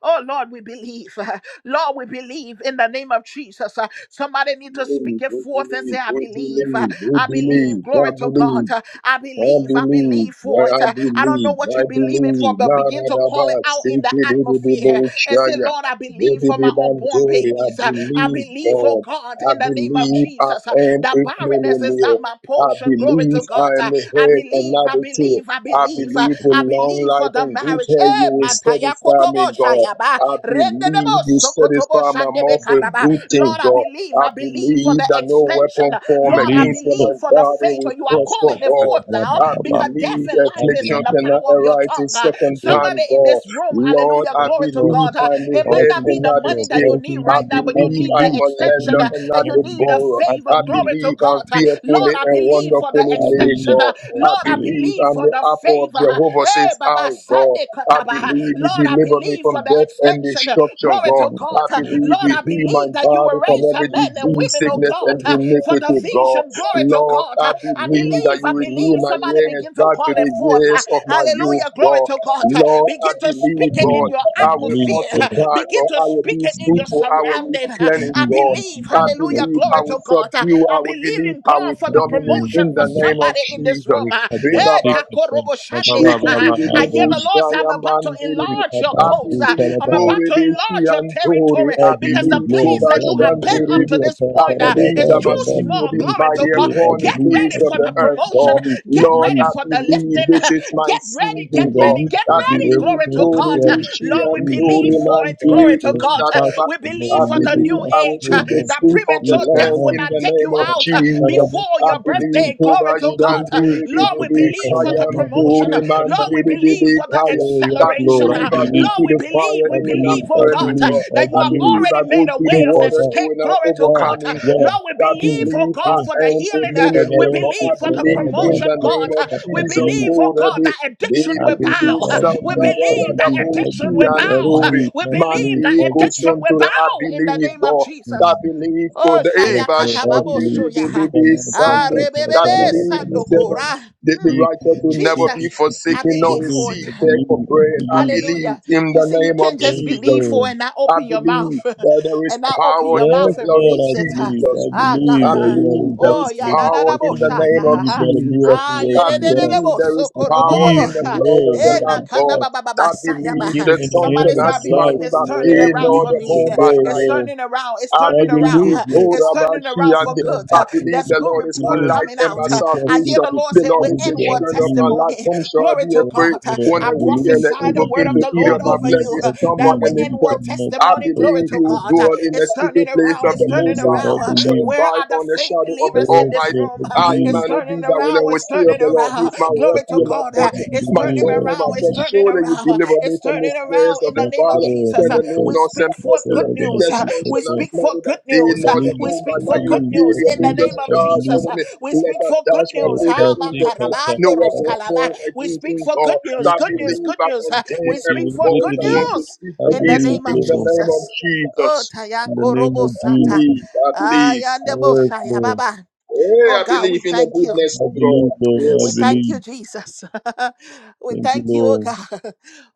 [SPEAKER 1] Oh, Lord, we believe. Lord, we believe in the name of Jesus. Uh, Somebody need to speak
[SPEAKER 2] believe?
[SPEAKER 1] it
[SPEAKER 2] We
[SPEAKER 1] forth and
[SPEAKER 2] believe?
[SPEAKER 1] say, I
[SPEAKER 2] We
[SPEAKER 1] believe. Uh,
[SPEAKER 2] believe? We
[SPEAKER 1] I believe.
[SPEAKER 2] believe?
[SPEAKER 1] Glory
[SPEAKER 2] God
[SPEAKER 1] to God.
[SPEAKER 2] believe.
[SPEAKER 1] Uh, I believe. I
[SPEAKER 2] Unbelief,
[SPEAKER 1] believe
[SPEAKER 2] why
[SPEAKER 1] for it. Uh, I don't know
[SPEAKER 2] unbelief,
[SPEAKER 1] what
[SPEAKER 2] why
[SPEAKER 1] you're believing
[SPEAKER 2] believe?
[SPEAKER 1] for, but begin to call it
[SPEAKER 2] Naradabat,
[SPEAKER 1] out in the atmosphere and say,
[SPEAKER 2] Sinkiridibushaya,
[SPEAKER 1] Lord, I believe for my unborn
[SPEAKER 2] Rebibibandori, I
[SPEAKER 1] babies. Uh, I
[SPEAKER 2] believe
[SPEAKER 1] believe, oh
[SPEAKER 2] God.
[SPEAKER 1] God,
[SPEAKER 2] I
[SPEAKER 1] in the name of
[SPEAKER 2] believe I
[SPEAKER 1] Jesus. Uh,
[SPEAKER 2] am
[SPEAKER 1] that
[SPEAKER 2] a
[SPEAKER 1] by barrenness is
[SPEAKER 2] millionaire.
[SPEAKER 1] not my
[SPEAKER 2] I
[SPEAKER 1] portion. Glory
[SPEAKER 2] believe
[SPEAKER 1] to
[SPEAKER 2] I
[SPEAKER 1] God.
[SPEAKER 2] am
[SPEAKER 1] Uh,
[SPEAKER 2] the
[SPEAKER 1] I
[SPEAKER 2] head and
[SPEAKER 1] believe,
[SPEAKER 2] not
[SPEAKER 1] I
[SPEAKER 2] the tail.
[SPEAKER 1] believe, I
[SPEAKER 2] I
[SPEAKER 1] believe, uh,
[SPEAKER 2] believe
[SPEAKER 1] I
[SPEAKER 2] in long
[SPEAKER 1] believe for
[SPEAKER 2] life
[SPEAKER 1] the
[SPEAKER 2] and good
[SPEAKER 1] marriage.
[SPEAKER 2] hair you
[SPEAKER 1] Eh,
[SPEAKER 2] will
[SPEAKER 1] Mataya
[SPEAKER 2] satisfy me,
[SPEAKER 1] Kotobo
[SPEAKER 2] God.
[SPEAKER 1] Shayaba.
[SPEAKER 2] I believe
[SPEAKER 1] Rendebo
[SPEAKER 2] you
[SPEAKER 1] Sokotobo
[SPEAKER 2] satisfy my
[SPEAKER 1] Shandebe
[SPEAKER 2] mouth
[SPEAKER 3] believe
[SPEAKER 2] with
[SPEAKER 1] Karaba.
[SPEAKER 2] good things,
[SPEAKER 1] Lord, I
[SPEAKER 2] God.
[SPEAKER 1] believe,
[SPEAKER 2] I
[SPEAKER 1] I believe for
[SPEAKER 2] believe
[SPEAKER 1] the
[SPEAKER 2] that no
[SPEAKER 1] extension.
[SPEAKER 2] weapon formed
[SPEAKER 1] Lord, I
[SPEAKER 2] against my
[SPEAKER 3] it.
[SPEAKER 1] believe for the
[SPEAKER 2] body
[SPEAKER 1] favor.
[SPEAKER 2] will
[SPEAKER 1] You are
[SPEAKER 2] prosper,
[SPEAKER 1] calling it
[SPEAKER 3] I
[SPEAKER 2] God.
[SPEAKER 1] forth now
[SPEAKER 3] can
[SPEAKER 2] I
[SPEAKER 3] about.
[SPEAKER 1] because death
[SPEAKER 2] believe
[SPEAKER 1] and
[SPEAKER 3] I
[SPEAKER 1] life is
[SPEAKER 2] affliction
[SPEAKER 1] in
[SPEAKER 3] believe
[SPEAKER 1] the
[SPEAKER 2] cannot
[SPEAKER 1] power of your
[SPEAKER 2] arise a
[SPEAKER 1] tongue. Uh,
[SPEAKER 2] second
[SPEAKER 3] it.
[SPEAKER 2] time,
[SPEAKER 1] Somebody in
[SPEAKER 2] God.
[SPEAKER 1] this room,
[SPEAKER 2] Lord,
[SPEAKER 1] hallelujah,
[SPEAKER 2] I
[SPEAKER 1] glory to
[SPEAKER 3] No,
[SPEAKER 2] believe
[SPEAKER 1] God. uh,
[SPEAKER 2] I'm the
[SPEAKER 1] It
[SPEAKER 3] I
[SPEAKER 1] might
[SPEAKER 2] head
[SPEAKER 1] not be
[SPEAKER 2] and
[SPEAKER 3] believe
[SPEAKER 1] the
[SPEAKER 2] not the
[SPEAKER 1] money
[SPEAKER 3] so.
[SPEAKER 1] that
[SPEAKER 3] I
[SPEAKER 1] you
[SPEAKER 2] tail.
[SPEAKER 1] need
[SPEAKER 3] believe.
[SPEAKER 2] I
[SPEAKER 1] right now, but
[SPEAKER 3] I
[SPEAKER 1] you
[SPEAKER 2] believe
[SPEAKER 1] need the
[SPEAKER 2] I'm
[SPEAKER 3] believe.
[SPEAKER 2] a
[SPEAKER 3] I
[SPEAKER 1] extension
[SPEAKER 2] lender
[SPEAKER 1] uh,
[SPEAKER 3] believe.
[SPEAKER 2] and not
[SPEAKER 1] and
[SPEAKER 3] I
[SPEAKER 1] you
[SPEAKER 2] a
[SPEAKER 1] need
[SPEAKER 3] believe.
[SPEAKER 1] the
[SPEAKER 2] borrower.
[SPEAKER 3] I believe. I
[SPEAKER 1] favor.
[SPEAKER 2] I
[SPEAKER 1] Oh,
[SPEAKER 3] believe.
[SPEAKER 1] glory to
[SPEAKER 2] believe I'm
[SPEAKER 1] God. Uh,
[SPEAKER 3] I
[SPEAKER 1] Lord,
[SPEAKER 2] fearfully
[SPEAKER 1] I
[SPEAKER 2] and
[SPEAKER 1] believe for the
[SPEAKER 2] wonderfully made,
[SPEAKER 1] extension.
[SPEAKER 3] believe.
[SPEAKER 1] Uh,
[SPEAKER 2] God.
[SPEAKER 3] I
[SPEAKER 2] I
[SPEAKER 1] Lord, I
[SPEAKER 2] believe
[SPEAKER 1] believe
[SPEAKER 2] I'm
[SPEAKER 1] for
[SPEAKER 2] the
[SPEAKER 1] the
[SPEAKER 2] apple of
[SPEAKER 1] favor.
[SPEAKER 2] Jehovah, says
[SPEAKER 1] Hey, Baba
[SPEAKER 2] I, God.
[SPEAKER 1] Sunday
[SPEAKER 2] I
[SPEAKER 1] Kataba.
[SPEAKER 2] believe you
[SPEAKER 1] Lord, I
[SPEAKER 2] deliver me
[SPEAKER 1] believe
[SPEAKER 2] from
[SPEAKER 1] for the
[SPEAKER 2] death and
[SPEAKER 1] extension. Uh,
[SPEAKER 2] destruction,
[SPEAKER 1] Glory
[SPEAKER 2] God.
[SPEAKER 1] to God.
[SPEAKER 2] I
[SPEAKER 1] Uh,
[SPEAKER 2] believe
[SPEAKER 1] Lord,
[SPEAKER 2] you
[SPEAKER 1] I
[SPEAKER 2] heal my
[SPEAKER 1] believe that you will
[SPEAKER 2] body from
[SPEAKER 1] raise up
[SPEAKER 2] every
[SPEAKER 1] men and
[SPEAKER 2] disease,
[SPEAKER 1] women, oh
[SPEAKER 2] sickness, and
[SPEAKER 1] God, uh, for the
[SPEAKER 2] iniquity, God.
[SPEAKER 1] vision. Glory to
[SPEAKER 2] Lord,
[SPEAKER 1] God.
[SPEAKER 2] I
[SPEAKER 1] Uh, I
[SPEAKER 2] believe that
[SPEAKER 1] believe,
[SPEAKER 2] you
[SPEAKER 1] I
[SPEAKER 2] renew
[SPEAKER 1] believe.
[SPEAKER 2] my
[SPEAKER 1] Somebody
[SPEAKER 2] years
[SPEAKER 1] begin to
[SPEAKER 2] back to
[SPEAKER 1] call it
[SPEAKER 2] the
[SPEAKER 1] forth.
[SPEAKER 2] years
[SPEAKER 1] Uh,
[SPEAKER 2] of my youth,
[SPEAKER 1] Hallelujah. Glory
[SPEAKER 2] God.
[SPEAKER 1] to God. Uh,
[SPEAKER 2] Lord, I
[SPEAKER 1] Begin to speak
[SPEAKER 2] believe,
[SPEAKER 1] it in
[SPEAKER 2] God,
[SPEAKER 1] your
[SPEAKER 2] I will
[SPEAKER 1] atmosphere.
[SPEAKER 2] multiply,
[SPEAKER 1] Begin
[SPEAKER 2] God.
[SPEAKER 1] to
[SPEAKER 2] I will
[SPEAKER 1] speak
[SPEAKER 2] be
[SPEAKER 1] it in your
[SPEAKER 2] fruitful. I will
[SPEAKER 1] surrounding.
[SPEAKER 2] replenish,
[SPEAKER 1] I
[SPEAKER 2] God.
[SPEAKER 1] believe.
[SPEAKER 2] I
[SPEAKER 1] Hallelujah.
[SPEAKER 2] believe I
[SPEAKER 1] Glory
[SPEAKER 2] will
[SPEAKER 1] oh God. Uh,
[SPEAKER 2] subdue. I
[SPEAKER 1] I'm
[SPEAKER 2] will believe
[SPEAKER 1] believing
[SPEAKER 2] I
[SPEAKER 1] God
[SPEAKER 2] will
[SPEAKER 1] for the
[SPEAKER 2] dominate
[SPEAKER 1] promotion
[SPEAKER 2] in
[SPEAKER 1] for
[SPEAKER 2] the name of
[SPEAKER 1] somebody in this
[SPEAKER 2] Jesus.
[SPEAKER 1] room. Uh, eh,
[SPEAKER 3] believe. I believe.
[SPEAKER 1] takorobo shande ya.
[SPEAKER 3] I
[SPEAKER 1] I hear
[SPEAKER 3] believe.
[SPEAKER 1] the Lord say, I'm about to enlarge your
[SPEAKER 2] I
[SPEAKER 3] Nikaba,
[SPEAKER 1] coats. Uh,
[SPEAKER 2] believe
[SPEAKER 1] I'm
[SPEAKER 3] Nikalaba,
[SPEAKER 1] about to enlarge your
[SPEAKER 2] Korebeshiantori.
[SPEAKER 1] territory
[SPEAKER 3] I
[SPEAKER 2] I
[SPEAKER 1] because the
[SPEAKER 3] believe,
[SPEAKER 2] believe
[SPEAKER 3] Lord.
[SPEAKER 1] place that
[SPEAKER 3] No,
[SPEAKER 1] you
[SPEAKER 3] no,
[SPEAKER 1] have been
[SPEAKER 3] no,
[SPEAKER 1] up
[SPEAKER 3] two,
[SPEAKER 1] to
[SPEAKER 2] Kobashanteribu.
[SPEAKER 3] four,
[SPEAKER 1] this
[SPEAKER 3] five,
[SPEAKER 2] I
[SPEAKER 3] five,
[SPEAKER 1] point
[SPEAKER 3] five,
[SPEAKER 1] uh,
[SPEAKER 3] five,
[SPEAKER 2] believe
[SPEAKER 1] is
[SPEAKER 2] that
[SPEAKER 1] too
[SPEAKER 2] my
[SPEAKER 3] five, and
[SPEAKER 2] seed
[SPEAKER 3] then
[SPEAKER 2] will
[SPEAKER 1] small.
[SPEAKER 2] be
[SPEAKER 3] you
[SPEAKER 1] Glory
[SPEAKER 3] say,
[SPEAKER 1] to
[SPEAKER 2] mighty
[SPEAKER 1] God.
[SPEAKER 3] yeah, I
[SPEAKER 2] upon the
[SPEAKER 1] Get
[SPEAKER 3] believe,
[SPEAKER 2] face
[SPEAKER 3] I
[SPEAKER 1] ready
[SPEAKER 2] of
[SPEAKER 1] for
[SPEAKER 2] the
[SPEAKER 1] the
[SPEAKER 3] believe,
[SPEAKER 2] earth,
[SPEAKER 1] promotion.
[SPEAKER 2] God.
[SPEAKER 3] believe,
[SPEAKER 1] Get
[SPEAKER 2] Lord,
[SPEAKER 1] ready
[SPEAKER 3] believe.
[SPEAKER 2] I
[SPEAKER 1] for the
[SPEAKER 2] believe
[SPEAKER 3] You
[SPEAKER 1] lifting.
[SPEAKER 2] this is my
[SPEAKER 1] Get ready, get
[SPEAKER 3] believe
[SPEAKER 2] season,
[SPEAKER 3] that
[SPEAKER 2] God.
[SPEAKER 1] ready,
[SPEAKER 3] you
[SPEAKER 1] get
[SPEAKER 2] I
[SPEAKER 3] can do
[SPEAKER 1] ready.
[SPEAKER 2] believe
[SPEAKER 1] Glory to
[SPEAKER 3] everything you
[SPEAKER 1] God.
[SPEAKER 3] are you
[SPEAKER 2] Korebeshi
[SPEAKER 1] Lord,
[SPEAKER 3] can
[SPEAKER 1] we
[SPEAKER 2] and
[SPEAKER 3] do
[SPEAKER 1] believe
[SPEAKER 3] from
[SPEAKER 2] Korebeshiantori
[SPEAKER 1] for it. Glory
[SPEAKER 2] Mandiri
[SPEAKER 3] time so
[SPEAKER 1] to
[SPEAKER 3] we
[SPEAKER 1] God.
[SPEAKER 3] can pass
[SPEAKER 2] Kandaraba.
[SPEAKER 1] We
[SPEAKER 3] and then
[SPEAKER 2] I
[SPEAKER 1] believe
[SPEAKER 3] we
[SPEAKER 1] for
[SPEAKER 3] make
[SPEAKER 1] the
[SPEAKER 3] it
[SPEAKER 1] new
[SPEAKER 2] believe
[SPEAKER 3] pass
[SPEAKER 2] I will
[SPEAKER 1] age. uh,
[SPEAKER 3] through
[SPEAKER 2] eat the
[SPEAKER 3] Lord.
[SPEAKER 1] The
[SPEAKER 2] fruit of the
[SPEAKER 1] premature
[SPEAKER 3] You
[SPEAKER 1] death
[SPEAKER 2] land
[SPEAKER 1] will
[SPEAKER 3] command
[SPEAKER 2] in
[SPEAKER 1] not
[SPEAKER 2] the
[SPEAKER 3] you
[SPEAKER 1] take you
[SPEAKER 2] name of
[SPEAKER 3] can
[SPEAKER 1] out uh,
[SPEAKER 2] Jesus.
[SPEAKER 1] before
[SPEAKER 3] terrible
[SPEAKER 1] your
[SPEAKER 3] people to
[SPEAKER 1] birthday.
[SPEAKER 2] Abilipo
[SPEAKER 1] Glory to
[SPEAKER 3] be
[SPEAKER 1] God.
[SPEAKER 3] able
[SPEAKER 2] Bashanti
[SPEAKER 1] Uh,
[SPEAKER 3] do it. You
[SPEAKER 1] Lord, we
[SPEAKER 3] can
[SPEAKER 2] Bibi
[SPEAKER 3] talk
[SPEAKER 1] believe for
[SPEAKER 3] about
[SPEAKER 1] the
[SPEAKER 2] Kayam
[SPEAKER 3] man.
[SPEAKER 1] promotion.
[SPEAKER 2] Puri
[SPEAKER 1] Uh, Lord,
[SPEAKER 2] Mantri
[SPEAKER 1] we
[SPEAKER 2] Bibi
[SPEAKER 1] believe for the
[SPEAKER 2] Kaya.
[SPEAKER 3] Oh yes,
[SPEAKER 2] I
[SPEAKER 1] acceleration.
[SPEAKER 3] Lord, I
[SPEAKER 2] believe
[SPEAKER 1] Uh,
[SPEAKER 2] I
[SPEAKER 1] Lord,
[SPEAKER 2] go
[SPEAKER 3] believe,
[SPEAKER 2] to
[SPEAKER 1] we
[SPEAKER 2] the
[SPEAKER 1] believe,
[SPEAKER 2] fire,
[SPEAKER 1] we
[SPEAKER 3] I
[SPEAKER 2] it will not
[SPEAKER 3] believe,
[SPEAKER 1] believe, oh
[SPEAKER 3] I
[SPEAKER 2] burning
[SPEAKER 1] God, uh,
[SPEAKER 2] God.
[SPEAKER 3] believe, I
[SPEAKER 1] that you
[SPEAKER 2] I
[SPEAKER 1] have
[SPEAKER 3] believe.
[SPEAKER 2] believe
[SPEAKER 1] already
[SPEAKER 2] I go
[SPEAKER 1] made a
[SPEAKER 2] to
[SPEAKER 1] way
[SPEAKER 2] the
[SPEAKER 3] Иди
[SPEAKER 1] of
[SPEAKER 2] water,
[SPEAKER 3] тогда.
[SPEAKER 2] it
[SPEAKER 1] escape.
[SPEAKER 2] will not
[SPEAKER 1] Glory to
[SPEAKER 3] А,
[SPEAKER 1] God. Uh,
[SPEAKER 3] я.
[SPEAKER 2] overcoming
[SPEAKER 3] Ну,
[SPEAKER 2] God.
[SPEAKER 1] Lord, we
[SPEAKER 2] I
[SPEAKER 1] believe, oh
[SPEAKER 2] believe I
[SPEAKER 1] God,
[SPEAKER 3] ты.
[SPEAKER 1] for the
[SPEAKER 2] am a
[SPEAKER 1] healing.
[SPEAKER 3] Иди
[SPEAKER 1] Uh,
[SPEAKER 3] тогда.
[SPEAKER 1] We
[SPEAKER 2] millionaire, for
[SPEAKER 3] Ты
[SPEAKER 2] I
[SPEAKER 1] believe for the
[SPEAKER 2] believe in
[SPEAKER 3] тогда.
[SPEAKER 2] the
[SPEAKER 1] promotion,
[SPEAKER 3] Ты
[SPEAKER 2] name
[SPEAKER 1] God. Uh,
[SPEAKER 2] of
[SPEAKER 3] тогда.
[SPEAKER 1] We
[SPEAKER 2] Jesus.
[SPEAKER 3] believe.
[SPEAKER 1] believe, oh God,
[SPEAKER 2] Korabi,
[SPEAKER 1] that addiction
[SPEAKER 2] Baby,
[SPEAKER 3] I
[SPEAKER 1] will
[SPEAKER 2] baby,
[SPEAKER 1] bow.
[SPEAKER 3] believe,
[SPEAKER 1] Uh,
[SPEAKER 3] I
[SPEAKER 1] We
[SPEAKER 2] Santa,
[SPEAKER 3] believe, I
[SPEAKER 2] brother,
[SPEAKER 1] believe that
[SPEAKER 2] the
[SPEAKER 3] believe, I
[SPEAKER 1] addiction
[SPEAKER 2] Dabushi,
[SPEAKER 1] will
[SPEAKER 3] believe,
[SPEAKER 2] and
[SPEAKER 3] I
[SPEAKER 1] bow. Uh,
[SPEAKER 2] Tori,
[SPEAKER 3] believe,
[SPEAKER 1] We
[SPEAKER 3] I
[SPEAKER 1] believe
[SPEAKER 3] believe,
[SPEAKER 1] that
[SPEAKER 2] Mandi,
[SPEAKER 3] I
[SPEAKER 2] goes
[SPEAKER 1] addiction
[SPEAKER 3] believe.
[SPEAKER 2] on to
[SPEAKER 1] will
[SPEAKER 2] the. I
[SPEAKER 1] bow in the
[SPEAKER 2] believe,
[SPEAKER 1] name of
[SPEAKER 2] God
[SPEAKER 1] Jesus.
[SPEAKER 2] that
[SPEAKER 3] Mm.
[SPEAKER 2] believe
[SPEAKER 1] Oh,
[SPEAKER 2] could
[SPEAKER 3] Yes,
[SPEAKER 1] Shaya
[SPEAKER 2] Eva
[SPEAKER 3] Lord, I
[SPEAKER 1] Katababo
[SPEAKER 2] Shandi
[SPEAKER 3] believe. Please
[SPEAKER 1] Soya.
[SPEAKER 3] come
[SPEAKER 2] Bibi
[SPEAKER 3] on, and please
[SPEAKER 1] Ah,
[SPEAKER 2] Sunday
[SPEAKER 3] touch my
[SPEAKER 2] that
[SPEAKER 3] side. I
[SPEAKER 1] Rebebebe
[SPEAKER 3] don't know,
[SPEAKER 2] believe
[SPEAKER 3] I
[SPEAKER 2] he said
[SPEAKER 3] don't know.
[SPEAKER 2] that
[SPEAKER 1] Sandokora.
[SPEAKER 2] the, the
[SPEAKER 1] Mm,
[SPEAKER 3] If you
[SPEAKER 2] righteous
[SPEAKER 3] will
[SPEAKER 2] will never
[SPEAKER 3] take
[SPEAKER 2] be
[SPEAKER 1] Jesus,
[SPEAKER 3] it, you give
[SPEAKER 1] I
[SPEAKER 2] forsaken
[SPEAKER 3] it to
[SPEAKER 2] nor
[SPEAKER 1] believe
[SPEAKER 2] his
[SPEAKER 1] for
[SPEAKER 3] me.
[SPEAKER 1] it.
[SPEAKER 2] seed
[SPEAKER 3] I
[SPEAKER 2] beg for
[SPEAKER 3] believe, I
[SPEAKER 2] bread. I
[SPEAKER 3] believe.
[SPEAKER 2] believe
[SPEAKER 1] Hallelujah.
[SPEAKER 2] in
[SPEAKER 1] You
[SPEAKER 2] the
[SPEAKER 1] see, you
[SPEAKER 2] name of
[SPEAKER 1] can't just
[SPEAKER 3] Yes,
[SPEAKER 2] Jesus.
[SPEAKER 1] believe
[SPEAKER 3] Lord.
[SPEAKER 1] for and not
[SPEAKER 2] I
[SPEAKER 1] open your mouth
[SPEAKER 2] believe that there is
[SPEAKER 1] and not open
[SPEAKER 2] power
[SPEAKER 1] your
[SPEAKER 2] in the
[SPEAKER 3] Yes,
[SPEAKER 1] mouth and
[SPEAKER 2] blood of
[SPEAKER 1] release
[SPEAKER 3] Lord, I
[SPEAKER 1] it.
[SPEAKER 3] believe.
[SPEAKER 2] Jesus.
[SPEAKER 3] I
[SPEAKER 1] Ah,
[SPEAKER 3] believe
[SPEAKER 2] I
[SPEAKER 3] that you
[SPEAKER 1] God.
[SPEAKER 3] are
[SPEAKER 2] believe
[SPEAKER 3] an
[SPEAKER 2] there
[SPEAKER 1] Oh,
[SPEAKER 2] is
[SPEAKER 1] yeah, da
[SPEAKER 3] impossibility
[SPEAKER 1] da
[SPEAKER 2] power
[SPEAKER 1] da bo
[SPEAKER 2] in the
[SPEAKER 3] person. I
[SPEAKER 1] shaya.
[SPEAKER 2] name
[SPEAKER 1] ha,
[SPEAKER 2] of
[SPEAKER 3] believe you
[SPEAKER 1] ha.
[SPEAKER 3] are a
[SPEAKER 2] Jesus.
[SPEAKER 3] miracle
[SPEAKER 1] Ah, yeah,
[SPEAKER 2] I
[SPEAKER 1] da
[SPEAKER 3] working
[SPEAKER 1] da da
[SPEAKER 3] God.
[SPEAKER 1] da
[SPEAKER 2] believe
[SPEAKER 1] bo
[SPEAKER 2] there is
[SPEAKER 3] I
[SPEAKER 1] sokoro bo
[SPEAKER 2] power
[SPEAKER 1] bo
[SPEAKER 3] believe,
[SPEAKER 1] bo.
[SPEAKER 2] in the
[SPEAKER 3] the
[SPEAKER 1] ha.
[SPEAKER 2] blood of
[SPEAKER 3] Lord, you
[SPEAKER 2] the
[SPEAKER 1] Eh,
[SPEAKER 3] are the,
[SPEAKER 1] na
[SPEAKER 2] Lamb
[SPEAKER 1] kanda
[SPEAKER 3] at
[SPEAKER 2] God.
[SPEAKER 1] ba ba ba ba
[SPEAKER 2] I
[SPEAKER 3] the
[SPEAKER 1] saya ba.
[SPEAKER 2] believe the
[SPEAKER 3] beginning and the
[SPEAKER 2] sun
[SPEAKER 3] end
[SPEAKER 2] shall
[SPEAKER 1] Somebody
[SPEAKER 3] of
[SPEAKER 1] say,
[SPEAKER 2] not
[SPEAKER 1] I
[SPEAKER 3] my
[SPEAKER 2] smite
[SPEAKER 1] believe
[SPEAKER 3] life,
[SPEAKER 2] me
[SPEAKER 3] the
[SPEAKER 2] by
[SPEAKER 1] it's turning
[SPEAKER 3] Lord. I
[SPEAKER 2] day
[SPEAKER 1] around
[SPEAKER 3] believe
[SPEAKER 2] nor
[SPEAKER 1] for
[SPEAKER 2] the
[SPEAKER 3] in
[SPEAKER 1] me.
[SPEAKER 3] your
[SPEAKER 2] moon by
[SPEAKER 3] word,
[SPEAKER 2] night.
[SPEAKER 1] It's
[SPEAKER 3] Lord.
[SPEAKER 1] turning around. It's
[SPEAKER 2] I
[SPEAKER 3] I
[SPEAKER 1] turning
[SPEAKER 2] believe
[SPEAKER 3] believe,
[SPEAKER 2] it.
[SPEAKER 1] around.
[SPEAKER 3] Lord.
[SPEAKER 1] It's turning
[SPEAKER 2] Korabashi and
[SPEAKER 1] around
[SPEAKER 3] You
[SPEAKER 1] for
[SPEAKER 3] come
[SPEAKER 1] good.
[SPEAKER 2] I
[SPEAKER 3] and
[SPEAKER 1] Uh,
[SPEAKER 3] sit
[SPEAKER 2] believe
[SPEAKER 1] There's
[SPEAKER 3] with
[SPEAKER 2] the
[SPEAKER 1] good
[SPEAKER 3] me
[SPEAKER 2] Lord is my
[SPEAKER 1] report
[SPEAKER 3] today.
[SPEAKER 2] light
[SPEAKER 1] coming
[SPEAKER 2] and my
[SPEAKER 1] out. Uh,
[SPEAKER 3] You come
[SPEAKER 1] I hear
[SPEAKER 3] and
[SPEAKER 2] salvation.
[SPEAKER 1] the
[SPEAKER 3] sit
[SPEAKER 1] Lord
[SPEAKER 2] The
[SPEAKER 1] say,
[SPEAKER 3] with
[SPEAKER 2] Lord
[SPEAKER 3] me
[SPEAKER 1] with
[SPEAKER 2] is the
[SPEAKER 3] today. I
[SPEAKER 1] inward
[SPEAKER 2] strength of my
[SPEAKER 3] believe.
[SPEAKER 2] life.
[SPEAKER 1] testimony.
[SPEAKER 2] Whom shall I
[SPEAKER 1] Glory
[SPEAKER 2] be
[SPEAKER 1] to
[SPEAKER 3] Yes,
[SPEAKER 2] afraid?
[SPEAKER 1] God. Uh,
[SPEAKER 3] Lord,
[SPEAKER 2] When
[SPEAKER 3] I
[SPEAKER 1] I
[SPEAKER 2] the wicked
[SPEAKER 3] believe,
[SPEAKER 2] and the
[SPEAKER 1] prophesy
[SPEAKER 3] I
[SPEAKER 1] the
[SPEAKER 2] evil
[SPEAKER 1] word
[SPEAKER 2] came
[SPEAKER 1] of
[SPEAKER 2] to
[SPEAKER 3] believe,
[SPEAKER 1] the
[SPEAKER 2] eat
[SPEAKER 3] I
[SPEAKER 1] Lord
[SPEAKER 2] up my
[SPEAKER 1] over
[SPEAKER 3] believe,
[SPEAKER 2] flesh,
[SPEAKER 1] you.
[SPEAKER 2] they
[SPEAKER 3] I
[SPEAKER 1] uh, That
[SPEAKER 2] stumbled
[SPEAKER 3] believe.
[SPEAKER 1] with
[SPEAKER 2] and they
[SPEAKER 3] You
[SPEAKER 2] fell.
[SPEAKER 1] inward
[SPEAKER 3] come up
[SPEAKER 2] I
[SPEAKER 1] testimony,
[SPEAKER 3] to us,
[SPEAKER 1] glory
[SPEAKER 2] believe he
[SPEAKER 1] to
[SPEAKER 2] will
[SPEAKER 1] God. Uh,
[SPEAKER 2] dwell
[SPEAKER 3] I
[SPEAKER 2] in the
[SPEAKER 1] It's turning
[SPEAKER 2] secret place
[SPEAKER 1] around.
[SPEAKER 2] of
[SPEAKER 1] It's
[SPEAKER 2] the
[SPEAKER 3] believe,
[SPEAKER 1] turning
[SPEAKER 2] Most
[SPEAKER 3] Lord, I
[SPEAKER 1] around. Uh,
[SPEAKER 2] High, shall
[SPEAKER 3] believe.
[SPEAKER 1] Where
[SPEAKER 2] abide
[SPEAKER 1] are the
[SPEAKER 2] on the
[SPEAKER 1] faith
[SPEAKER 2] shadow of the
[SPEAKER 1] believers in this
[SPEAKER 2] Almighty.
[SPEAKER 3] Okay,
[SPEAKER 1] room? Uh,
[SPEAKER 2] I,
[SPEAKER 3] agree.
[SPEAKER 1] It's
[SPEAKER 2] Emmanuel,
[SPEAKER 1] turning
[SPEAKER 2] these I will
[SPEAKER 1] around.
[SPEAKER 2] and will
[SPEAKER 1] It's
[SPEAKER 2] say of
[SPEAKER 1] turning
[SPEAKER 2] the Lord.
[SPEAKER 1] around.
[SPEAKER 2] He is my
[SPEAKER 3] Agree.
[SPEAKER 1] Glory to
[SPEAKER 2] refuge
[SPEAKER 1] God.
[SPEAKER 3] Okay,
[SPEAKER 2] and my
[SPEAKER 1] God. uh,
[SPEAKER 2] fortress,
[SPEAKER 1] It's
[SPEAKER 2] my
[SPEAKER 1] turning
[SPEAKER 2] God, whom I
[SPEAKER 1] around. It's
[SPEAKER 2] trust.
[SPEAKER 3] me
[SPEAKER 1] turning
[SPEAKER 2] Surely you
[SPEAKER 1] around. uh,
[SPEAKER 2] deliver me
[SPEAKER 1] It's
[SPEAKER 2] from the
[SPEAKER 1] turning
[SPEAKER 2] snares
[SPEAKER 1] around
[SPEAKER 2] of
[SPEAKER 1] in
[SPEAKER 2] the
[SPEAKER 1] the
[SPEAKER 3] take
[SPEAKER 1] name of
[SPEAKER 3] it,
[SPEAKER 2] Father,
[SPEAKER 1] Jesus.
[SPEAKER 2] and
[SPEAKER 1] uh,
[SPEAKER 2] the no
[SPEAKER 1] We speak
[SPEAKER 2] nonsense
[SPEAKER 1] forth
[SPEAKER 3] okay,
[SPEAKER 1] good
[SPEAKER 2] pestilence.
[SPEAKER 3] okay,
[SPEAKER 2] The
[SPEAKER 1] news. uh,
[SPEAKER 3] keep
[SPEAKER 2] sun
[SPEAKER 3] it,
[SPEAKER 1] We
[SPEAKER 2] shall not
[SPEAKER 3] okay.
[SPEAKER 1] speak for
[SPEAKER 2] smite me by
[SPEAKER 1] good
[SPEAKER 2] day,
[SPEAKER 3] I
[SPEAKER 1] news. uh,
[SPEAKER 2] nor the
[SPEAKER 3] believe,
[SPEAKER 1] We
[SPEAKER 2] moon
[SPEAKER 3] I
[SPEAKER 1] speak
[SPEAKER 2] by night.
[SPEAKER 1] for
[SPEAKER 2] You
[SPEAKER 1] good
[SPEAKER 2] will
[SPEAKER 3] believe,
[SPEAKER 2] give
[SPEAKER 3] I
[SPEAKER 1] news
[SPEAKER 2] your
[SPEAKER 1] in the
[SPEAKER 3] believe,
[SPEAKER 2] angels
[SPEAKER 1] name of
[SPEAKER 3] I
[SPEAKER 2] charge
[SPEAKER 1] Jesus.
[SPEAKER 3] believe.
[SPEAKER 2] over
[SPEAKER 1] uh,
[SPEAKER 2] me.
[SPEAKER 1] We
[SPEAKER 2] Let
[SPEAKER 1] speak
[SPEAKER 2] us
[SPEAKER 1] for good
[SPEAKER 2] dash my
[SPEAKER 3] The
[SPEAKER 1] news.
[SPEAKER 2] foot
[SPEAKER 1] Ha, ma,
[SPEAKER 2] against the
[SPEAKER 3] classic
[SPEAKER 2] foot.
[SPEAKER 3] attack,
[SPEAKER 2] No
[SPEAKER 1] karabando, ros,
[SPEAKER 2] weapon
[SPEAKER 3] Father,
[SPEAKER 2] formed
[SPEAKER 1] We
[SPEAKER 2] against
[SPEAKER 1] speak
[SPEAKER 2] me,
[SPEAKER 1] for
[SPEAKER 2] God.
[SPEAKER 1] good news.
[SPEAKER 3] keep,
[SPEAKER 2] I
[SPEAKER 1] Good
[SPEAKER 3] Father,
[SPEAKER 1] news.
[SPEAKER 2] believe
[SPEAKER 1] Good
[SPEAKER 2] I
[SPEAKER 1] news. uh,
[SPEAKER 2] condemn
[SPEAKER 3] keep,
[SPEAKER 1] We
[SPEAKER 3] keep
[SPEAKER 2] every
[SPEAKER 1] speak
[SPEAKER 3] it,
[SPEAKER 1] for
[SPEAKER 3] keep
[SPEAKER 2] voice
[SPEAKER 1] good
[SPEAKER 3] it,
[SPEAKER 2] I
[SPEAKER 3] keep
[SPEAKER 2] want to
[SPEAKER 1] news
[SPEAKER 2] speak
[SPEAKER 3] it. I
[SPEAKER 1] in the
[SPEAKER 2] against me
[SPEAKER 3] believe,
[SPEAKER 1] name
[SPEAKER 2] in
[SPEAKER 1] of
[SPEAKER 2] the
[SPEAKER 3] Lord,
[SPEAKER 2] name of
[SPEAKER 1] Jesus. Oh,
[SPEAKER 2] Jesus.
[SPEAKER 3] in the
[SPEAKER 1] Tayanko
[SPEAKER 3] name
[SPEAKER 1] Robo
[SPEAKER 3] of
[SPEAKER 2] I
[SPEAKER 1] Sata.
[SPEAKER 2] believe,
[SPEAKER 3] Jesus.
[SPEAKER 2] I believe.
[SPEAKER 1] Ayandebo
[SPEAKER 3] Yes,
[SPEAKER 1] Shaya
[SPEAKER 3] Lord.
[SPEAKER 1] Baba.
[SPEAKER 2] Hey,
[SPEAKER 1] Oh
[SPEAKER 2] I
[SPEAKER 1] God, we
[SPEAKER 2] believe in the
[SPEAKER 1] thank you.
[SPEAKER 2] goodness
[SPEAKER 3] I
[SPEAKER 2] of God.
[SPEAKER 3] believe, Lord.
[SPEAKER 2] Yes,
[SPEAKER 1] We
[SPEAKER 3] I
[SPEAKER 1] thank you,
[SPEAKER 3] believe.
[SPEAKER 1] Jesus. we
[SPEAKER 3] Thank you,
[SPEAKER 1] thank you, oh
[SPEAKER 3] Lord.
[SPEAKER 1] God.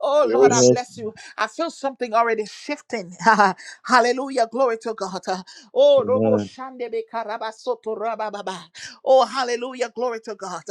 [SPEAKER 1] Oh Lord, I
[SPEAKER 2] yes,
[SPEAKER 3] Yes,
[SPEAKER 1] bless you. I feel something already shifting. Hallelujah. Glory to God. Oh, Robo
[SPEAKER 3] Lord.
[SPEAKER 1] Shande be karaba soto raba baba. Oh, hallelujah. Glory to God.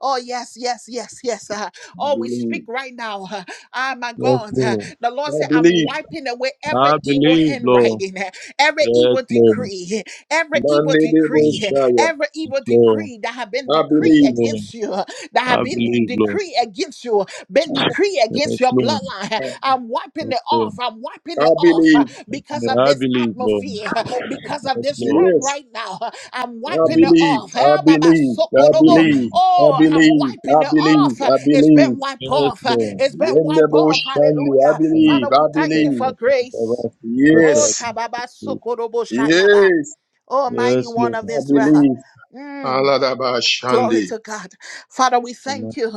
[SPEAKER 1] Oh, yes, yes, yes, yes.
[SPEAKER 2] I
[SPEAKER 1] Oh, we speak
[SPEAKER 2] believe.
[SPEAKER 1] right now. Ah, my
[SPEAKER 3] Yes,
[SPEAKER 1] God.
[SPEAKER 3] Lord.
[SPEAKER 1] The Lord
[SPEAKER 2] I
[SPEAKER 1] said, I'm
[SPEAKER 2] believe.
[SPEAKER 1] wiping away every
[SPEAKER 3] I
[SPEAKER 1] evil
[SPEAKER 3] believe, Lord.
[SPEAKER 1] handwriting, every
[SPEAKER 3] Yes,
[SPEAKER 1] evil
[SPEAKER 3] Lord.
[SPEAKER 1] decree, every evil
[SPEAKER 2] Mandy
[SPEAKER 1] decree.
[SPEAKER 2] Shire.
[SPEAKER 1] Every evil
[SPEAKER 3] Lord.
[SPEAKER 1] decree that have been
[SPEAKER 2] I
[SPEAKER 3] Yes,
[SPEAKER 1] decreed
[SPEAKER 2] believe.
[SPEAKER 3] Lord.
[SPEAKER 1] against you, that have
[SPEAKER 3] I
[SPEAKER 1] been de-
[SPEAKER 3] believe, Lord.
[SPEAKER 1] decreed against you, been decreed
[SPEAKER 3] Yes,
[SPEAKER 1] against your
[SPEAKER 3] Lord.
[SPEAKER 1] bloodline,
[SPEAKER 2] I
[SPEAKER 1] I'm wiping
[SPEAKER 3] Yes,
[SPEAKER 1] it
[SPEAKER 3] Lord.
[SPEAKER 1] off. I'm wiping
[SPEAKER 2] I
[SPEAKER 1] it off uh,
[SPEAKER 2] believe.
[SPEAKER 1] because
[SPEAKER 3] Yeah,
[SPEAKER 1] of
[SPEAKER 3] I
[SPEAKER 1] this
[SPEAKER 3] believe, Lord.
[SPEAKER 1] atmosphere, uh, because of
[SPEAKER 3] Yes,
[SPEAKER 1] this
[SPEAKER 3] Lord.
[SPEAKER 1] room
[SPEAKER 2] Yes.
[SPEAKER 1] right now. uh, I'm
[SPEAKER 2] I
[SPEAKER 1] wiping it
[SPEAKER 3] Mm.
[SPEAKER 2] believe,
[SPEAKER 1] off. Eh,
[SPEAKER 2] I
[SPEAKER 1] Baba
[SPEAKER 2] believe,
[SPEAKER 3] I
[SPEAKER 2] I
[SPEAKER 3] believe,
[SPEAKER 1] Sokorobo.
[SPEAKER 2] believe,
[SPEAKER 3] Lord.
[SPEAKER 2] I
[SPEAKER 1] Oh, I'm
[SPEAKER 2] believe, I
[SPEAKER 1] wiping it
[SPEAKER 2] believe,
[SPEAKER 1] off. Uh,
[SPEAKER 2] I
[SPEAKER 1] It's
[SPEAKER 2] believe.
[SPEAKER 1] been wiped
[SPEAKER 3] Yes,
[SPEAKER 1] off. Uh,
[SPEAKER 3] Lord.
[SPEAKER 1] It's been
[SPEAKER 2] In the
[SPEAKER 1] wiped
[SPEAKER 2] bush,
[SPEAKER 1] off.
[SPEAKER 2] Sunday, I
[SPEAKER 1] Hallelujah.
[SPEAKER 3] Mm.
[SPEAKER 2] believe,
[SPEAKER 1] Father, we
[SPEAKER 2] I
[SPEAKER 1] thank
[SPEAKER 3] Yes,
[SPEAKER 1] you
[SPEAKER 2] believe.
[SPEAKER 1] for
[SPEAKER 3] Lord. I
[SPEAKER 1] grace.
[SPEAKER 3] ask you, God, to
[SPEAKER 1] Oh,
[SPEAKER 2] Yes,
[SPEAKER 3] give me the
[SPEAKER 1] Tababa
[SPEAKER 3] truth.
[SPEAKER 1] Sokorobo Shayaba.
[SPEAKER 2] yes,
[SPEAKER 1] Oh, mighty
[SPEAKER 3] Yes,
[SPEAKER 1] one of
[SPEAKER 3] Lord.
[SPEAKER 2] I
[SPEAKER 1] Israel.
[SPEAKER 2] believe.
[SPEAKER 1] Mm,
[SPEAKER 2] Allah
[SPEAKER 1] glory
[SPEAKER 2] Shandi.
[SPEAKER 1] to God. Father, we thank
[SPEAKER 3] Amen.
[SPEAKER 1] you.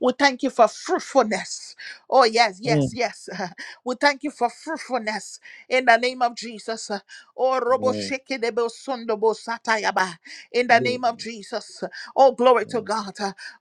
[SPEAKER 1] We thank you for fruitfulness. Oh, yes, yes,
[SPEAKER 3] Mm.
[SPEAKER 1] yes. We thank you for fruitfulness in the name of Jesus. Oh, robo
[SPEAKER 3] Lord. Yes,
[SPEAKER 1] sheke debo sondo bo satayaba. In the name
[SPEAKER 3] Lord. Yes,
[SPEAKER 1] of
[SPEAKER 3] Lord.
[SPEAKER 1] Jesus. Oh, glory to
[SPEAKER 3] God,
[SPEAKER 1] God.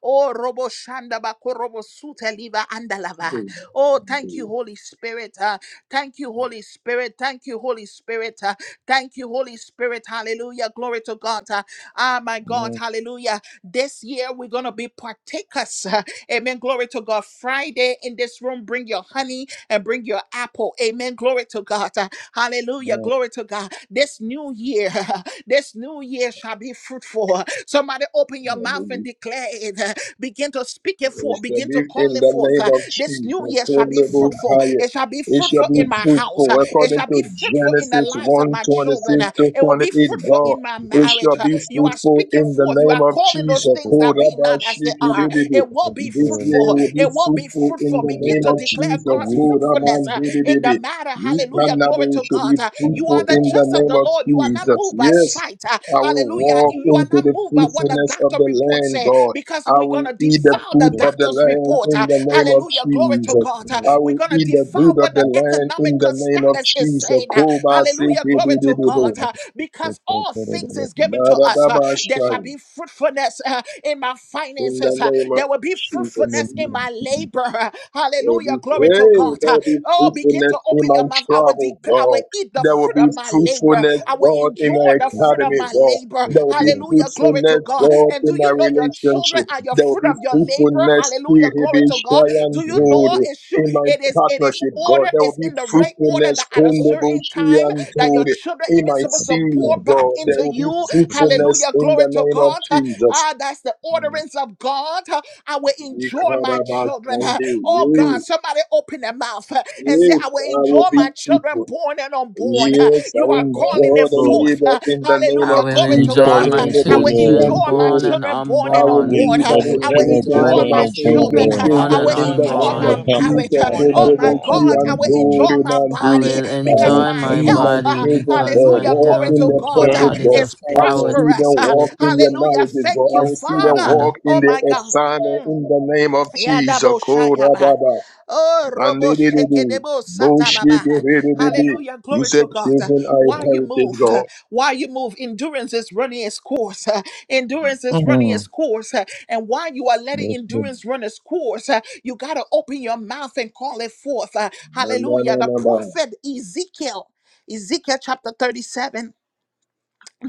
[SPEAKER 1] Oh, robo shanda ba korobo sute liva andalava. Oh, thank you, Holy Spirit. Uh, Thank you, Holy Spirit. Thank you, Holy Spirit. Uh, Thank you, Holy Spirit. Hallelujah. Glory to God. Uh, Ah, my God. Hallelujah. This year we're going to be partakers. uh, Amen. Glory to God. Friday in this this room, bring your honey and bring your apple. Amen. Glory to God. Uh, Hallelujah. Glory to God. This new year, this new year shall be fruitful. Somebody open your mouth and declare it. Uh, Begin to speak it
[SPEAKER 2] It
[SPEAKER 1] forth.
[SPEAKER 2] shall
[SPEAKER 1] Begin
[SPEAKER 2] be
[SPEAKER 1] to call
[SPEAKER 2] in
[SPEAKER 1] it
[SPEAKER 2] the
[SPEAKER 1] forth.
[SPEAKER 2] name
[SPEAKER 1] Uh,
[SPEAKER 2] of
[SPEAKER 1] This new
[SPEAKER 2] Jesus.
[SPEAKER 1] year shall be fruitful.
[SPEAKER 2] Kolebukaya.
[SPEAKER 1] It shall be
[SPEAKER 2] It shall
[SPEAKER 1] fruitful
[SPEAKER 2] be
[SPEAKER 3] yes,
[SPEAKER 1] in my house.
[SPEAKER 2] fruitful
[SPEAKER 1] Uh, It
[SPEAKER 2] according
[SPEAKER 1] shall be
[SPEAKER 2] to
[SPEAKER 1] fruitful in the
[SPEAKER 2] Genesis
[SPEAKER 1] lives of
[SPEAKER 2] one
[SPEAKER 1] my
[SPEAKER 2] twenty
[SPEAKER 1] children. Uh,
[SPEAKER 2] six to
[SPEAKER 1] It will be
[SPEAKER 2] 28.
[SPEAKER 1] fruitful
[SPEAKER 2] God,
[SPEAKER 1] in my
[SPEAKER 2] it
[SPEAKER 1] marriage.
[SPEAKER 2] shall
[SPEAKER 1] Uh,
[SPEAKER 2] be
[SPEAKER 1] You are
[SPEAKER 2] fruitful
[SPEAKER 1] speaking
[SPEAKER 2] in the
[SPEAKER 1] forth. You are
[SPEAKER 2] name
[SPEAKER 1] are
[SPEAKER 2] of
[SPEAKER 1] calling those
[SPEAKER 2] Jesus.
[SPEAKER 1] things
[SPEAKER 3] Lord.
[SPEAKER 1] that be not as they are.
[SPEAKER 2] Korabashikiribibi.
[SPEAKER 1] It
[SPEAKER 3] Yes,
[SPEAKER 1] will
[SPEAKER 3] Lord.
[SPEAKER 1] be
[SPEAKER 2] This year
[SPEAKER 1] fruitful.
[SPEAKER 2] will be
[SPEAKER 1] It will be
[SPEAKER 2] fruitful in
[SPEAKER 1] fruitful.
[SPEAKER 2] the
[SPEAKER 3] Yes, Lord. Yes, Lord. Yes,
[SPEAKER 1] Begin
[SPEAKER 2] name
[SPEAKER 1] to
[SPEAKER 2] of
[SPEAKER 1] declare
[SPEAKER 2] Jesus.
[SPEAKER 1] God's
[SPEAKER 3] Lord.
[SPEAKER 1] fruitfulness uh, in the
[SPEAKER 2] Koramandididibi.
[SPEAKER 1] matter.
[SPEAKER 2] You
[SPEAKER 1] Hallelujah. Glory to
[SPEAKER 2] cannabis shall
[SPEAKER 1] God.
[SPEAKER 2] be
[SPEAKER 1] Uh, you
[SPEAKER 2] fruitful
[SPEAKER 1] are the
[SPEAKER 2] in the
[SPEAKER 1] just of
[SPEAKER 2] name
[SPEAKER 1] the
[SPEAKER 2] of
[SPEAKER 1] Lord. You are not
[SPEAKER 2] Jesus.
[SPEAKER 1] moved by
[SPEAKER 2] Yes,
[SPEAKER 1] sight. Uh,
[SPEAKER 2] I will
[SPEAKER 1] hallelujah.
[SPEAKER 2] walk
[SPEAKER 1] You are
[SPEAKER 2] into
[SPEAKER 1] not
[SPEAKER 2] the
[SPEAKER 1] moved by what the
[SPEAKER 2] fruitfulness of
[SPEAKER 1] doctor
[SPEAKER 2] the
[SPEAKER 1] report
[SPEAKER 2] land,
[SPEAKER 1] say
[SPEAKER 2] God.
[SPEAKER 1] because
[SPEAKER 2] I
[SPEAKER 1] we're going
[SPEAKER 2] will
[SPEAKER 1] to
[SPEAKER 2] eat the
[SPEAKER 1] defile
[SPEAKER 3] Yes, Lord. Yes, Lord. Yes, Lord. Yes, Lord. Yes,
[SPEAKER 1] the
[SPEAKER 2] food of the
[SPEAKER 1] doctor's
[SPEAKER 2] land
[SPEAKER 1] report.
[SPEAKER 2] in
[SPEAKER 1] Uh,
[SPEAKER 2] the name of
[SPEAKER 1] hallelujah. Glory to
[SPEAKER 2] Jesus.
[SPEAKER 1] God. Uh,
[SPEAKER 2] I
[SPEAKER 1] we're
[SPEAKER 2] will
[SPEAKER 1] going to
[SPEAKER 2] eat the
[SPEAKER 1] defile
[SPEAKER 2] food of
[SPEAKER 1] what the
[SPEAKER 2] the land in the
[SPEAKER 1] economical
[SPEAKER 2] name of
[SPEAKER 1] status is
[SPEAKER 2] Jesus.
[SPEAKER 1] saying. Uh,
[SPEAKER 2] Koba
[SPEAKER 1] Hallelujah.
[SPEAKER 2] seke de
[SPEAKER 1] Glory
[SPEAKER 2] de
[SPEAKER 1] to
[SPEAKER 2] de de.
[SPEAKER 1] God. Uh, Because all things is given to us. Uh,
[SPEAKER 2] Maradaba
[SPEAKER 1] There shall
[SPEAKER 2] shai.
[SPEAKER 1] be fruitfulness uh, in my
[SPEAKER 2] In the
[SPEAKER 1] finances. Uh,
[SPEAKER 2] name of
[SPEAKER 1] There will be
[SPEAKER 2] Jesus.
[SPEAKER 1] fruitfulness in my labor. Uh,
[SPEAKER 2] That will be,
[SPEAKER 1] Hallelujah. Glory
[SPEAKER 3] Lord.
[SPEAKER 1] to God.
[SPEAKER 2] hey, that
[SPEAKER 1] Uh,
[SPEAKER 2] would be
[SPEAKER 1] Oh, begin
[SPEAKER 2] fruitfulness
[SPEAKER 1] to
[SPEAKER 2] in
[SPEAKER 1] open
[SPEAKER 2] my
[SPEAKER 1] your mouth. I will, dec
[SPEAKER 2] travel,
[SPEAKER 1] I will
[SPEAKER 2] God.
[SPEAKER 1] eat the
[SPEAKER 2] There will
[SPEAKER 1] fruit
[SPEAKER 2] be
[SPEAKER 1] of my labor.
[SPEAKER 2] fruitfulness,
[SPEAKER 1] I will
[SPEAKER 2] God,
[SPEAKER 1] enjoy
[SPEAKER 2] in my
[SPEAKER 1] the fruit of
[SPEAKER 2] academy,
[SPEAKER 1] my
[SPEAKER 2] God.
[SPEAKER 1] labor.
[SPEAKER 3] Yes,
[SPEAKER 2] There will be
[SPEAKER 3] Lord. Yes,
[SPEAKER 1] Hallelujah. Glory to
[SPEAKER 2] fruitfulness,
[SPEAKER 1] God.
[SPEAKER 2] God,
[SPEAKER 1] And
[SPEAKER 2] in
[SPEAKER 1] do
[SPEAKER 2] my
[SPEAKER 1] you know your children
[SPEAKER 2] relationship.
[SPEAKER 1] are your
[SPEAKER 2] There will
[SPEAKER 1] fruit
[SPEAKER 2] be
[SPEAKER 1] of your labor?
[SPEAKER 2] fruitfulness,
[SPEAKER 1] Hallelujah.
[SPEAKER 2] Kiribi
[SPEAKER 1] Glory to God. Do
[SPEAKER 3] Lord.
[SPEAKER 1] you know
[SPEAKER 2] Shayantori,
[SPEAKER 1] it should
[SPEAKER 2] in my
[SPEAKER 1] it is it is
[SPEAKER 2] partnership,
[SPEAKER 1] order
[SPEAKER 2] God. There will
[SPEAKER 1] is
[SPEAKER 2] be
[SPEAKER 1] in the right order
[SPEAKER 2] fruitfulness,
[SPEAKER 1] that at a
[SPEAKER 2] Kundobo
[SPEAKER 1] certain time that your
[SPEAKER 2] Shayantori,
[SPEAKER 1] children
[SPEAKER 2] in
[SPEAKER 1] even
[SPEAKER 2] my
[SPEAKER 1] supposed to
[SPEAKER 3] Uh,
[SPEAKER 1] pour
[SPEAKER 2] seed,
[SPEAKER 1] back
[SPEAKER 2] God.
[SPEAKER 3] I'm
[SPEAKER 2] There
[SPEAKER 1] into
[SPEAKER 2] will be
[SPEAKER 1] you.
[SPEAKER 2] fruitfulness
[SPEAKER 1] Hallelujah.
[SPEAKER 2] in
[SPEAKER 1] Glory
[SPEAKER 2] the
[SPEAKER 1] to
[SPEAKER 2] name of
[SPEAKER 1] God.
[SPEAKER 2] Jesus.
[SPEAKER 1] Ah, that's the orderance of God. I will enjoy my children.
[SPEAKER 2] Ikarabasante,
[SPEAKER 1] Oh God, somebody open their mouth and
[SPEAKER 2] Yes,
[SPEAKER 1] say,
[SPEAKER 2] yes,
[SPEAKER 1] I will
[SPEAKER 2] I will
[SPEAKER 1] enjoy
[SPEAKER 2] be
[SPEAKER 1] my
[SPEAKER 2] fruitful.
[SPEAKER 1] children born and unborn.
[SPEAKER 2] Yes, I
[SPEAKER 1] You
[SPEAKER 2] will
[SPEAKER 1] are calling
[SPEAKER 2] enjoy
[SPEAKER 1] it
[SPEAKER 2] the
[SPEAKER 1] forth.
[SPEAKER 2] labor in the name
[SPEAKER 4] I
[SPEAKER 1] Hallelujah.
[SPEAKER 2] of
[SPEAKER 4] will
[SPEAKER 1] Glory glory to
[SPEAKER 2] Jesus.
[SPEAKER 4] enjoy
[SPEAKER 1] God.
[SPEAKER 3] calling
[SPEAKER 1] Uh,
[SPEAKER 4] my
[SPEAKER 3] them
[SPEAKER 1] I
[SPEAKER 3] for
[SPEAKER 1] will
[SPEAKER 3] the
[SPEAKER 4] children
[SPEAKER 1] enjoy my
[SPEAKER 4] born
[SPEAKER 2] Kondoboshiyantori.
[SPEAKER 4] and
[SPEAKER 1] children born
[SPEAKER 2] I
[SPEAKER 1] and
[SPEAKER 3] I
[SPEAKER 2] will
[SPEAKER 4] unborn.
[SPEAKER 3] went
[SPEAKER 1] unborn.
[SPEAKER 2] leave
[SPEAKER 1] Uh,
[SPEAKER 3] to
[SPEAKER 2] an
[SPEAKER 4] I
[SPEAKER 3] my
[SPEAKER 1] I
[SPEAKER 4] will
[SPEAKER 1] will
[SPEAKER 3] children
[SPEAKER 1] enjoy
[SPEAKER 2] inheritance
[SPEAKER 4] enjoy
[SPEAKER 3] born
[SPEAKER 2] for
[SPEAKER 3] and
[SPEAKER 4] my
[SPEAKER 2] my
[SPEAKER 1] my
[SPEAKER 3] I'm born
[SPEAKER 1] children.
[SPEAKER 2] children,
[SPEAKER 4] children
[SPEAKER 1] Uh,
[SPEAKER 3] um
[SPEAKER 5] I
[SPEAKER 4] born
[SPEAKER 1] I
[SPEAKER 5] will
[SPEAKER 2] children
[SPEAKER 4] and
[SPEAKER 1] will
[SPEAKER 2] in
[SPEAKER 5] enjoy
[SPEAKER 2] the
[SPEAKER 5] my
[SPEAKER 1] enjoy
[SPEAKER 2] name
[SPEAKER 3] I
[SPEAKER 1] my
[SPEAKER 2] of
[SPEAKER 4] unborn.
[SPEAKER 5] children,
[SPEAKER 3] come on
[SPEAKER 1] marriage.
[SPEAKER 2] Jesus.
[SPEAKER 1] Uh,
[SPEAKER 3] come
[SPEAKER 5] born and
[SPEAKER 3] on
[SPEAKER 1] Oh my
[SPEAKER 3] come on
[SPEAKER 5] unborn.
[SPEAKER 3] come
[SPEAKER 1] God, I
[SPEAKER 3] on
[SPEAKER 1] will
[SPEAKER 3] come on
[SPEAKER 1] enjoy
[SPEAKER 2] Kondoboshiyantori,
[SPEAKER 1] my
[SPEAKER 4] I
[SPEAKER 2] Mandi.
[SPEAKER 1] body
[SPEAKER 4] will
[SPEAKER 2] I
[SPEAKER 3] come
[SPEAKER 1] because
[SPEAKER 3] on
[SPEAKER 2] will
[SPEAKER 4] enjoy
[SPEAKER 1] my
[SPEAKER 3] come
[SPEAKER 4] my
[SPEAKER 2] see my
[SPEAKER 1] health,
[SPEAKER 4] body
[SPEAKER 1] uh,
[SPEAKER 2] children,
[SPEAKER 4] because
[SPEAKER 2] God,
[SPEAKER 4] my
[SPEAKER 1] hallelujah,
[SPEAKER 2] walk
[SPEAKER 1] glory
[SPEAKER 4] health,
[SPEAKER 2] in
[SPEAKER 1] to
[SPEAKER 3] on
[SPEAKER 2] their
[SPEAKER 4] oh
[SPEAKER 1] God,
[SPEAKER 3] care
[SPEAKER 1] uh,
[SPEAKER 2] purpose,
[SPEAKER 4] God,
[SPEAKER 3] about
[SPEAKER 4] is
[SPEAKER 2] God.
[SPEAKER 4] a
[SPEAKER 1] is
[SPEAKER 2] I
[SPEAKER 3] children
[SPEAKER 2] will
[SPEAKER 3] for
[SPEAKER 2] see
[SPEAKER 4] priority
[SPEAKER 1] prosperous.
[SPEAKER 4] to
[SPEAKER 2] them
[SPEAKER 1] Uh,
[SPEAKER 4] you.
[SPEAKER 2] walk in their
[SPEAKER 1] Hallelujah.
[SPEAKER 2] marriages, God.
[SPEAKER 1] Thank
[SPEAKER 2] I
[SPEAKER 1] you,
[SPEAKER 2] will
[SPEAKER 4] Yes,
[SPEAKER 2] see them
[SPEAKER 1] Father.
[SPEAKER 2] walk
[SPEAKER 4] God.
[SPEAKER 2] in
[SPEAKER 1] Oh
[SPEAKER 2] their
[SPEAKER 1] my God.
[SPEAKER 2] assignment
[SPEAKER 1] Mm.
[SPEAKER 2] in the name of Jesus.
[SPEAKER 1] Yadabo Shayaba.
[SPEAKER 2] Korababa.
[SPEAKER 1] Oh, Robo
[SPEAKER 2] Mandididi,
[SPEAKER 1] Shekedebo Satababa.
[SPEAKER 2] bullshitidididi.
[SPEAKER 1] Hallelujah.
[SPEAKER 2] You
[SPEAKER 1] Glory
[SPEAKER 2] said
[SPEAKER 1] to God. Uh,
[SPEAKER 2] children are a
[SPEAKER 1] Why you
[SPEAKER 2] heritage,
[SPEAKER 1] move? uh,
[SPEAKER 2] God.
[SPEAKER 1] Why you move? Endurance is running its course. uh, Endurance is running
[SPEAKER 3] mm
[SPEAKER 1] its course. uh, And while you are letting
[SPEAKER 3] yes ma'am.
[SPEAKER 1] endurance run its course, uh, you got to open your mouth and call it forth. uh,
[SPEAKER 2] Na, na, na,
[SPEAKER 1] Hallelujah. The
[SPEAKER 2] na, na.
[SPEAKER 1] prophet Ezekiel, Ezekiel chapter 37.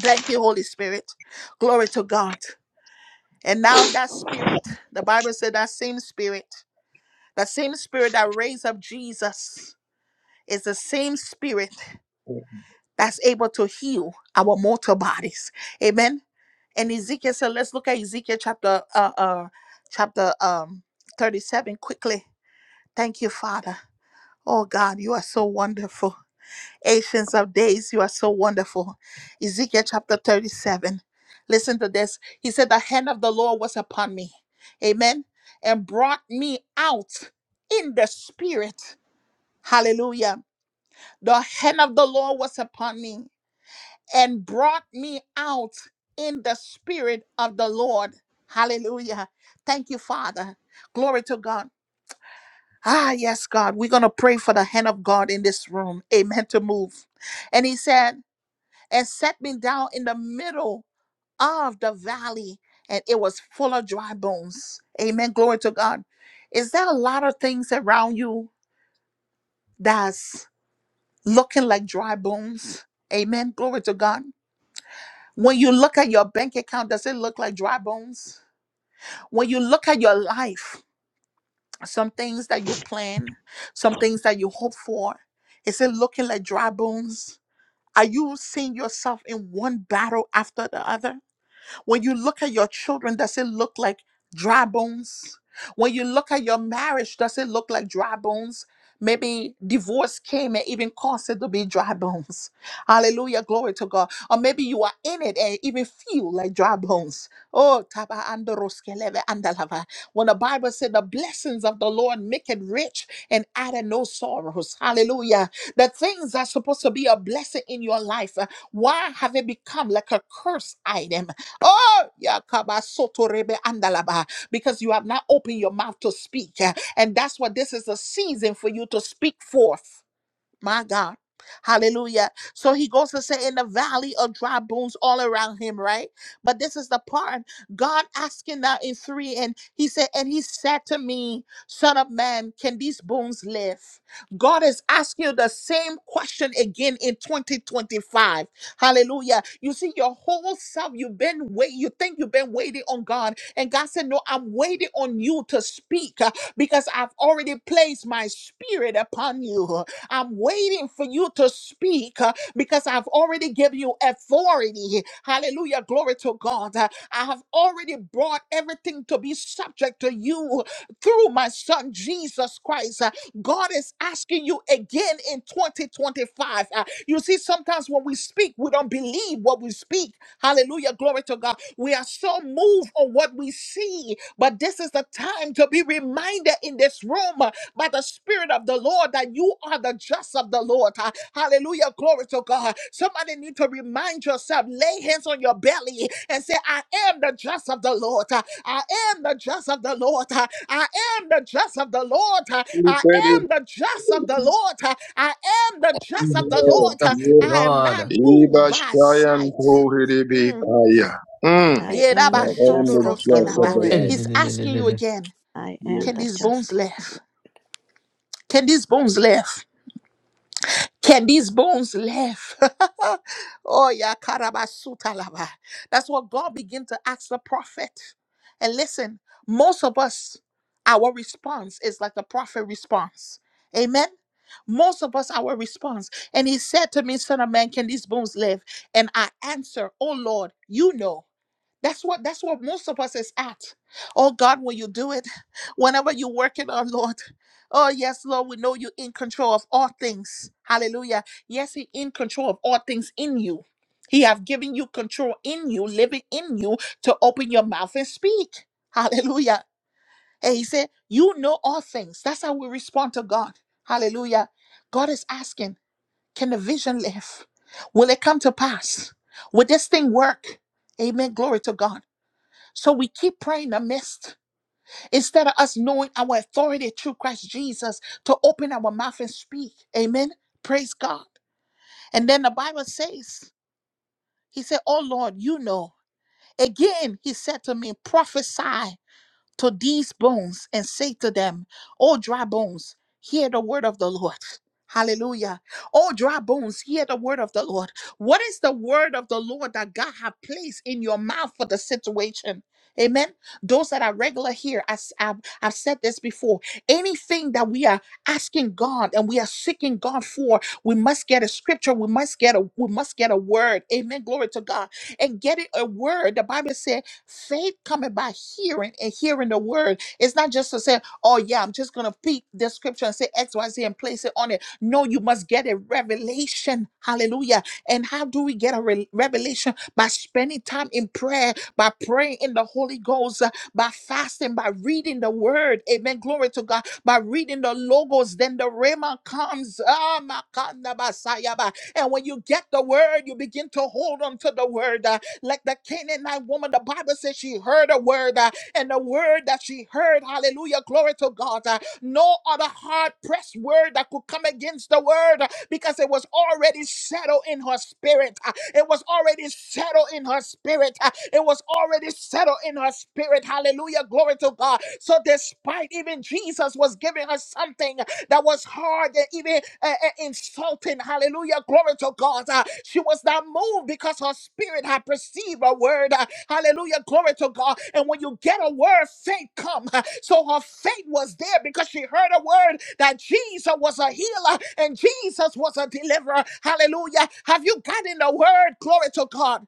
[SPEAKER 1] Thank you, Holy Spirit. Glory to God. And now that spirit, the Bible said that same spirit. The same spirit that raised up Jesus is the same spirit that's able to heal our mortal bodies. Amen. And Ezekiel said, let's look at Ezekiel chapter uh uh chapter um 37 quickly. Thank you, Father. Oh God, you are so wonderful. Ancients of days, you are so wonderful. Ezekiel chapter 37. Listen to this. He said, The hand of the Lord was upon me. Amen. And brought me out in the spirit Hallelujah. The hand of the Lord was upon me and brought me out in the spirit of the Lord. Hallelujah. Thank you, Father. Glory to God. Ah, yes, God. We're going to pray for the hand of God in this room. Amen. To move. And he said, and set me down in the middle of the valley, and it was full of dry bones. Amen. Glory to God. Is there a lot of things around you that's looking like dry bones. Amen. Glory to God. When you look at your bank account, does it look like dry bones? When you look at your life, some things that you plan, some things that you hope for, is it looking like dry bones? Are you seeing yourself in one battle after the other? When you look at your children, does it look like dry bones? When you look at your marriage, does it look like dry bones? Maybe divorce came and even caused it to be dry bones. Hallelujah, glory to God. Or maybe you are in it and even feel like dry bones. Oh, taba andoroskeleve andalava. When the Bible said the blessings of the Lord make it rich and add no sorrows. Hallelujah. The things that's supposed to be a blessing in your life, uh, why have it become like a curse item? Oh, yakaba soto rebe andalaba, because you have not opened your mouth to speak. And that's what this is a season for you to speak forth. My God. Hallelujah. So he goes to say in the valley of dry bones all around him, right? But this is the part God asking now in three. And he said, and he said to me, Son of man, can these bones live? God is asking you the same question again in 2025. Hallelujah. You see, your whole self, you've been waiting, you think you've been waiting on God. And God said, No, I'm waiting on you to speak uh, because I've already placed my spirit upon you. I'm waiting for you to speak uh, because I've already given you authority. Hallelujah. Glory to God. Uh, I have already brought everything to be subject to you through my son Jesus Christ. Uh, God is asking you again in 2025. Uh, You see, sometimes when we speak, we don't believe what we speak. Hallelujah. Glory to God. We are so moved on what we see, but this is the time to be reminded in this room uh, by the Spirit of the Lord that you are the just of the Lord. Uh, Hallelujah. Glory to God. Somebody need to remind yourself, lay hands on your belly and say, I am the just of the Lord. Uh, I am the just of the Lord. Uh, I am the just of the Lord. Uh,
[SPEAKER 2] You
[SPEAKER 1] I
[SPEAKER 2] said it,
[SPEAKER 1] am the just of the Lord. Uh, I am the just
[SPEAKER 4] I'm the
[SPEAKER 1] of the
[SPEAKER 4] just
[SPEAKER 2] Lord.
[SPEAKER 1] Lord. Uh,
[SPEAKER 4] of the
[SPEAKER 2] Yes.
[SPEAKER 1] I am not
[SPEAKER 4] Lord.
[SPEAKER 1] moved
[SPEAKER 2] Iba
[SPEAKER 1] by
[SPEAKER 2] shayan
[SPEAKER 1] sight.
[SPEAKER 2] tohidibi
[SPEAKER 1] Mm.
[SPEAKER 2] kaya. Mm.
[SPEAKER 6] I am
[SPEAKER 1] Yeraba
[SPEAKER 6] the
[SPEAKER 2] And I am
[SPEAKER 1] shondo
[SPEAKER 6] just
[SPEAKER 2] the
[SPEAKER 6] of
[SPEAKER 1] roski
[SPEAKER 6] the
[SPEAKER 2] just of
[SPEAKER 1] laba.
[SPEAKER 2] the
[SPEAKER 6] Lord.
[SPEAKER 2] Lamb.
[SPEAKER 1] He's asking you again,
[SPEAKER 6] I am
[SPEAKER 1] can
[SPEAKER 6] the
[SPEAKER 1] these
[SPEAKER 2] Yes.
[SPEAKER 1] bones
[SPEAKER 6] just.
[SPEAKER 1] live? Can these bones live? Can these bones live? oh yeah, karabasuta laba. That's what God began to ask the prophet. And listen, most of us, our response is like the prophet response. Amen. Most of us, our response. And he said to me, Son of man, can these bones live? And I answer, Oh Lord, you know. That's what that's what most of us is at. Oh God, will you do it? Whenever you work it on, Lord. Oh yes, Lord, we know you in control of all things. Hallelujah. Yes, He in control of all things in you. He have given you control in you, living in you, to open your mouth and speak. Hallelujah. And he said, You know all things. That's how we respond to God. Hallelujah. God is asking, Can the vision live? Will it come to pass? Will this thing work? Amen. Glory to God. So we keep praying the mist instead of us knowing our authority through Christ Jesus to open our mouth and speak. Amen. Praise God. And then the Bible says, He said, Oh Lord, you know. Again, He said to me, prophesy to these bones and say to them, O dry bones, hear the word of the Lord. Hallelujah. O dry bones, hear the word of the Lord. What is the word of the Lord that God have placed in your mouth for the situation? Amen. Those that are regular here, as I've, I've said this before, anything that we are asking God and we are seeking God for, we must get a scripture. We must get a we must get a word. Amen. Glory to God. And getting a word, the Bible said. Faith coming by hearing and hearing the word. It's not just to say, oh, yeah, I'm just going to pick the scripture and say X, Y, Z and place it on it. No, you must get a revelation. Hallelujah. And how do we get a re- revelation? By spending time in prayer, by praying in the Holy Ghost, uh, by fasting, by reading the word. Amen. Glory to God. By reading the logos, then the Rhema comes. Ah, makanda basayaba. And when you get the word, you begin to hold on to the word. Like the Canaanite woman, the Bible says she heard a word, uh, and the word that she heard, hallelujah, glory to God. uh, no other hard pressed word that could come against the word uh, because it was already settled in her spirit. uh, It was already settled in her spirit. uh, It was already settled in her spirit. Hallelujah. Glory to God. So, despite even Jesus was giving her something, that was hard and even uh, uh, insulting. Hallelujah. Glory to God. Uh, she was not moved because her spirit had perceived a word. Uh, hallelujah. Glory to God. And when you get a word, faith come. Uh, so her faith was there because she heard a word that Jesus was a healer and Jesus was a deliverer. Hallelujah. Have you gotten the word? Glory to God.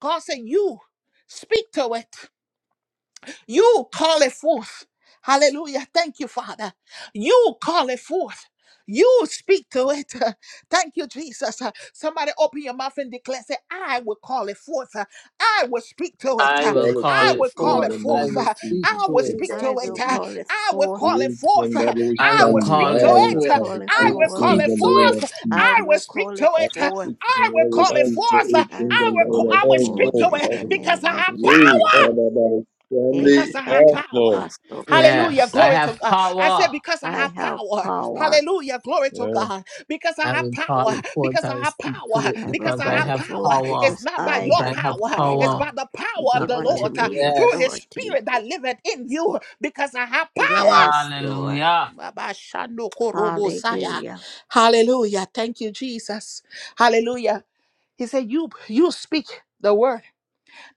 [SPEAKER 1] God said, You speak to it. You call it forth. Hallelujah. Thank you, Father. You call it forth. You speak to it. Thank you, Jesus. Uh, Somebody open your mouth and declare, say, I will call it forth. Uh, I will speak to it.
[SPEAKER 4] I
[SPEAKER 1] Uh,
[SPEAKER 4] will
[SPEAKER 2] Call it
[SPEAKER 4] call
[SPEAKER 1] I
[SPEAKER 2] forth
[SPEAKER 4] it
[SPEAKER 1] will call
[SPEAKER 2] in
[SPEAKER 1] it
[SPEAKER 2] the
[SPEAKER 4] forth. I
[SPEAKER 2] name
[SPEAKER 1] forth.
[SPEAKER 2] of
[SPEAKER 4] will
[SPEAKER 1] Uh,
[SPEAKER 4] speak
[SPEAKER 2] Jesus.
[SPEAKER 1] I
[SPEAKER 4] to
[SPEAKER 1] will
[SPEAKER 4] it.
[SPEAKER 2] Iba
[SPEAKER 1] speak to
[SPEAKER 6] I
[SPEAKER 1] it.
[SPEAKER 6] will
[SPEAKER 1] Uh,
[SPEAKER 2] shayan.
[SPEAKER 6] call it
[SPEAKER 1] I will
[SPEAKER 2] The
[SPEAKER 6] forth.
[SPEAKER 1] call it forth.
[SPEAKER 2] wisdom
[SPEAKER 1] Uh,
[SPEAKER 2] that will
[SPEAKER 4] I
[SPEAKER 1] I
[SPEAKER 4] will
[SPEAKER 1] will
[SPEAKER 2] shine you.
[SPEAKER 1] speak
[SPEAKER 4] call
[SPEAKER 1] to
[SPEAKER 2] I
[SPEAKER 4] it
[SPEAKER 6] I
[SPEAKER 2] will
[SPEAKER 6] will
[SPEAKER 1] it. Uh,
[SPEAKER 4] forth.
[SPEAKER 2] call
[SPEAKER 6] call
[SPEAKER 2] it
[SPEAKER 6] it
[SPEAKER 4] I
[SPEAKER 1] I
[SPEAKER 2] forth
[SPEAKER 4] will
[SPEAKER 1] will
[SPEAKER 6] forth.
[SPEAKER 1] call
[SPEAKER 3] I
[SPEAKER 2] in
[SPEAKER 4] speak
[SPEAKER 1] it
[SPEAKER 2] the
[SPEAKER 4] to
[SPEAKER 2] name of
[SPEAKER 1] forth.
[SPEAKER 4] it.
[SPEAKER 6] I
[SPEAKER 1] I
[SPEAKER 2] Jesus.
[SPEAKER 1] will
[SPEAKER 6] will
[SPEAKER 1] speak
[SPEAKER 6] call
[SPEAKER 1] to
[SPEAKER 6] it
[SPEAKER 3] I
[SPEAKER 1] it.
[SPEAKER 3] can
[SPEAKER 1] Uh,
[SPEAKER 6] forth.
[SPEAKER 3] speak
[SPEAKER 1] I
[SPEAKER 2] And
[SPEAKER 1] will
[SPEAKER 2] I will
[SPEAKER 1] call it
[SPEAKER 3] yes
[SPEAKER 2] speak to
[SPEAKER 1] forth. Uh,
[SPEAKER 2] it
[SPEAKER 6] I
[SPEAKER 2] in
[SPEAKER 6] will
[SPEAKER 2] the
[SPEAKER 1] I will,
[SPEAKER 3] I
[SPEAKER 6] call
[SPEAKER 1] co-
[SPEAKER 2] name
[SPEAKER 6] it
[SPEAKER 2] of
[SPEAKER 1] I will
[SPEAKER 3] tell
[SPEAKER 6] forth
[SPEAKER 1] speak
[SPEAKER 2] Jesus.
[SPEAKER 1] to
[SPEAKER 3] them
[SPEAKER 6] in
[SPEAKER 1] it
[SPEAKER 3] I
[SPEAKER 6] the
[SPEAKER 3] can
[SPEAKER 1] because
[SPEAKER 6] name
[SPEAKER 1] I
[SPEAKER 6] of
[SPEAKER 1] have
[SPEAKER 3] speak
[SPEAKER 6] Jesus.
[SPEAKER 1] power
[SPEAKER 2] We
[SPEAKER 3] yes
[SPEAKER 2] come
[SPEAKER 3] yes
[SPEAKER 2] about Sunday.
[SPEAKER 1] because of her
[SPEAKER 3] yes Lord
[SPEAKER 1] power. Hallelujah.
[SPEAKER 4] Yes, I
[SPEAKER 6] Ekiatarabastokobaraba.
[SPEAKER 1] Glory to
[SPEAKER 4] have
[SPEAKER 1] God. I
[SPEAKER 4] power.
[SPEAKER 1] said, because of
[SPEAKER 6] I
[SPEAKER 1] her
[SPEAKER 6] have
[SPEAKER 1] power.
[SPEAKER 6] power.
[SPEAKER 1] Hallelujah. Glory to
[SPEAKER 3] yes
[SPEAKER 1] God. Because of
[SPEAKER 4] I
[SPEAKER 1] her
[SPEAKER 4] will call
[SPEAKER 1] power.
[SPEAKER 4] it forth.
[SPEAKER 1] Because of
[SPEAKER 4] I will
[SPEAKER 1] her
[SPEAKER 4] speak to
[SPEAKER 1] power.
[SPEAKER 4] it
[SPEAKER 6] I will
[SPEAKER 1] Because
[SPEAKER 4] because
[SPEAKER 1] of
[SPEAKER 4] I
[SPEAKER 6] call
[SPEAKER 1] her
[SPEAKER 6] it
[SPEAKER 4] have
[SPEAKER 6] forth
[SPEAKER 1] power.
[SPEAKER 4] power.
[SPEAKER 1] It's
[SPEAKER 6] because
[SPEAKER 1] not by
[SPEAKER 6] I
[SPEAKER 4] Because
[SPEAKER 1] your
[SPEAKER 4] I
[SPEAKER 6] have the
[SPEAKER 4] have
[SPEAKER 1] power. It's
[SPEAKER 6] power.
[SPEAKER 4] power.
[SPEAKER 1] by the
[SPEAKER 6] You
[SPEAKER 1] power of
[SPEAKER 4] Not
[SPEAKER 6] give
[SPEAKER 1] the
[SPEAKER 4] my,
[SPEAKER 6] unto
[SPEAKER 1] Lord uh,
[SPEAKER 6] me
[SPEAKER 1] through
[SPEAKER 4] yes.
[SPEAKER 1] his
[SPEAKER 6] authority.
[SPEAKER 1] spirit that liveth in you. Because of her power.
[SPEAKER 6] Yes, Lord.
[SPEAKER 4] Hallelujah.
[SPEAKER 1] Baba Shando Korobo Saya.
[SPEAKER 6] Hallelujah.
[SPEAKER 1] Hallelujah. Thank you, Jesus. Hallelujah. He said, You you speak the word.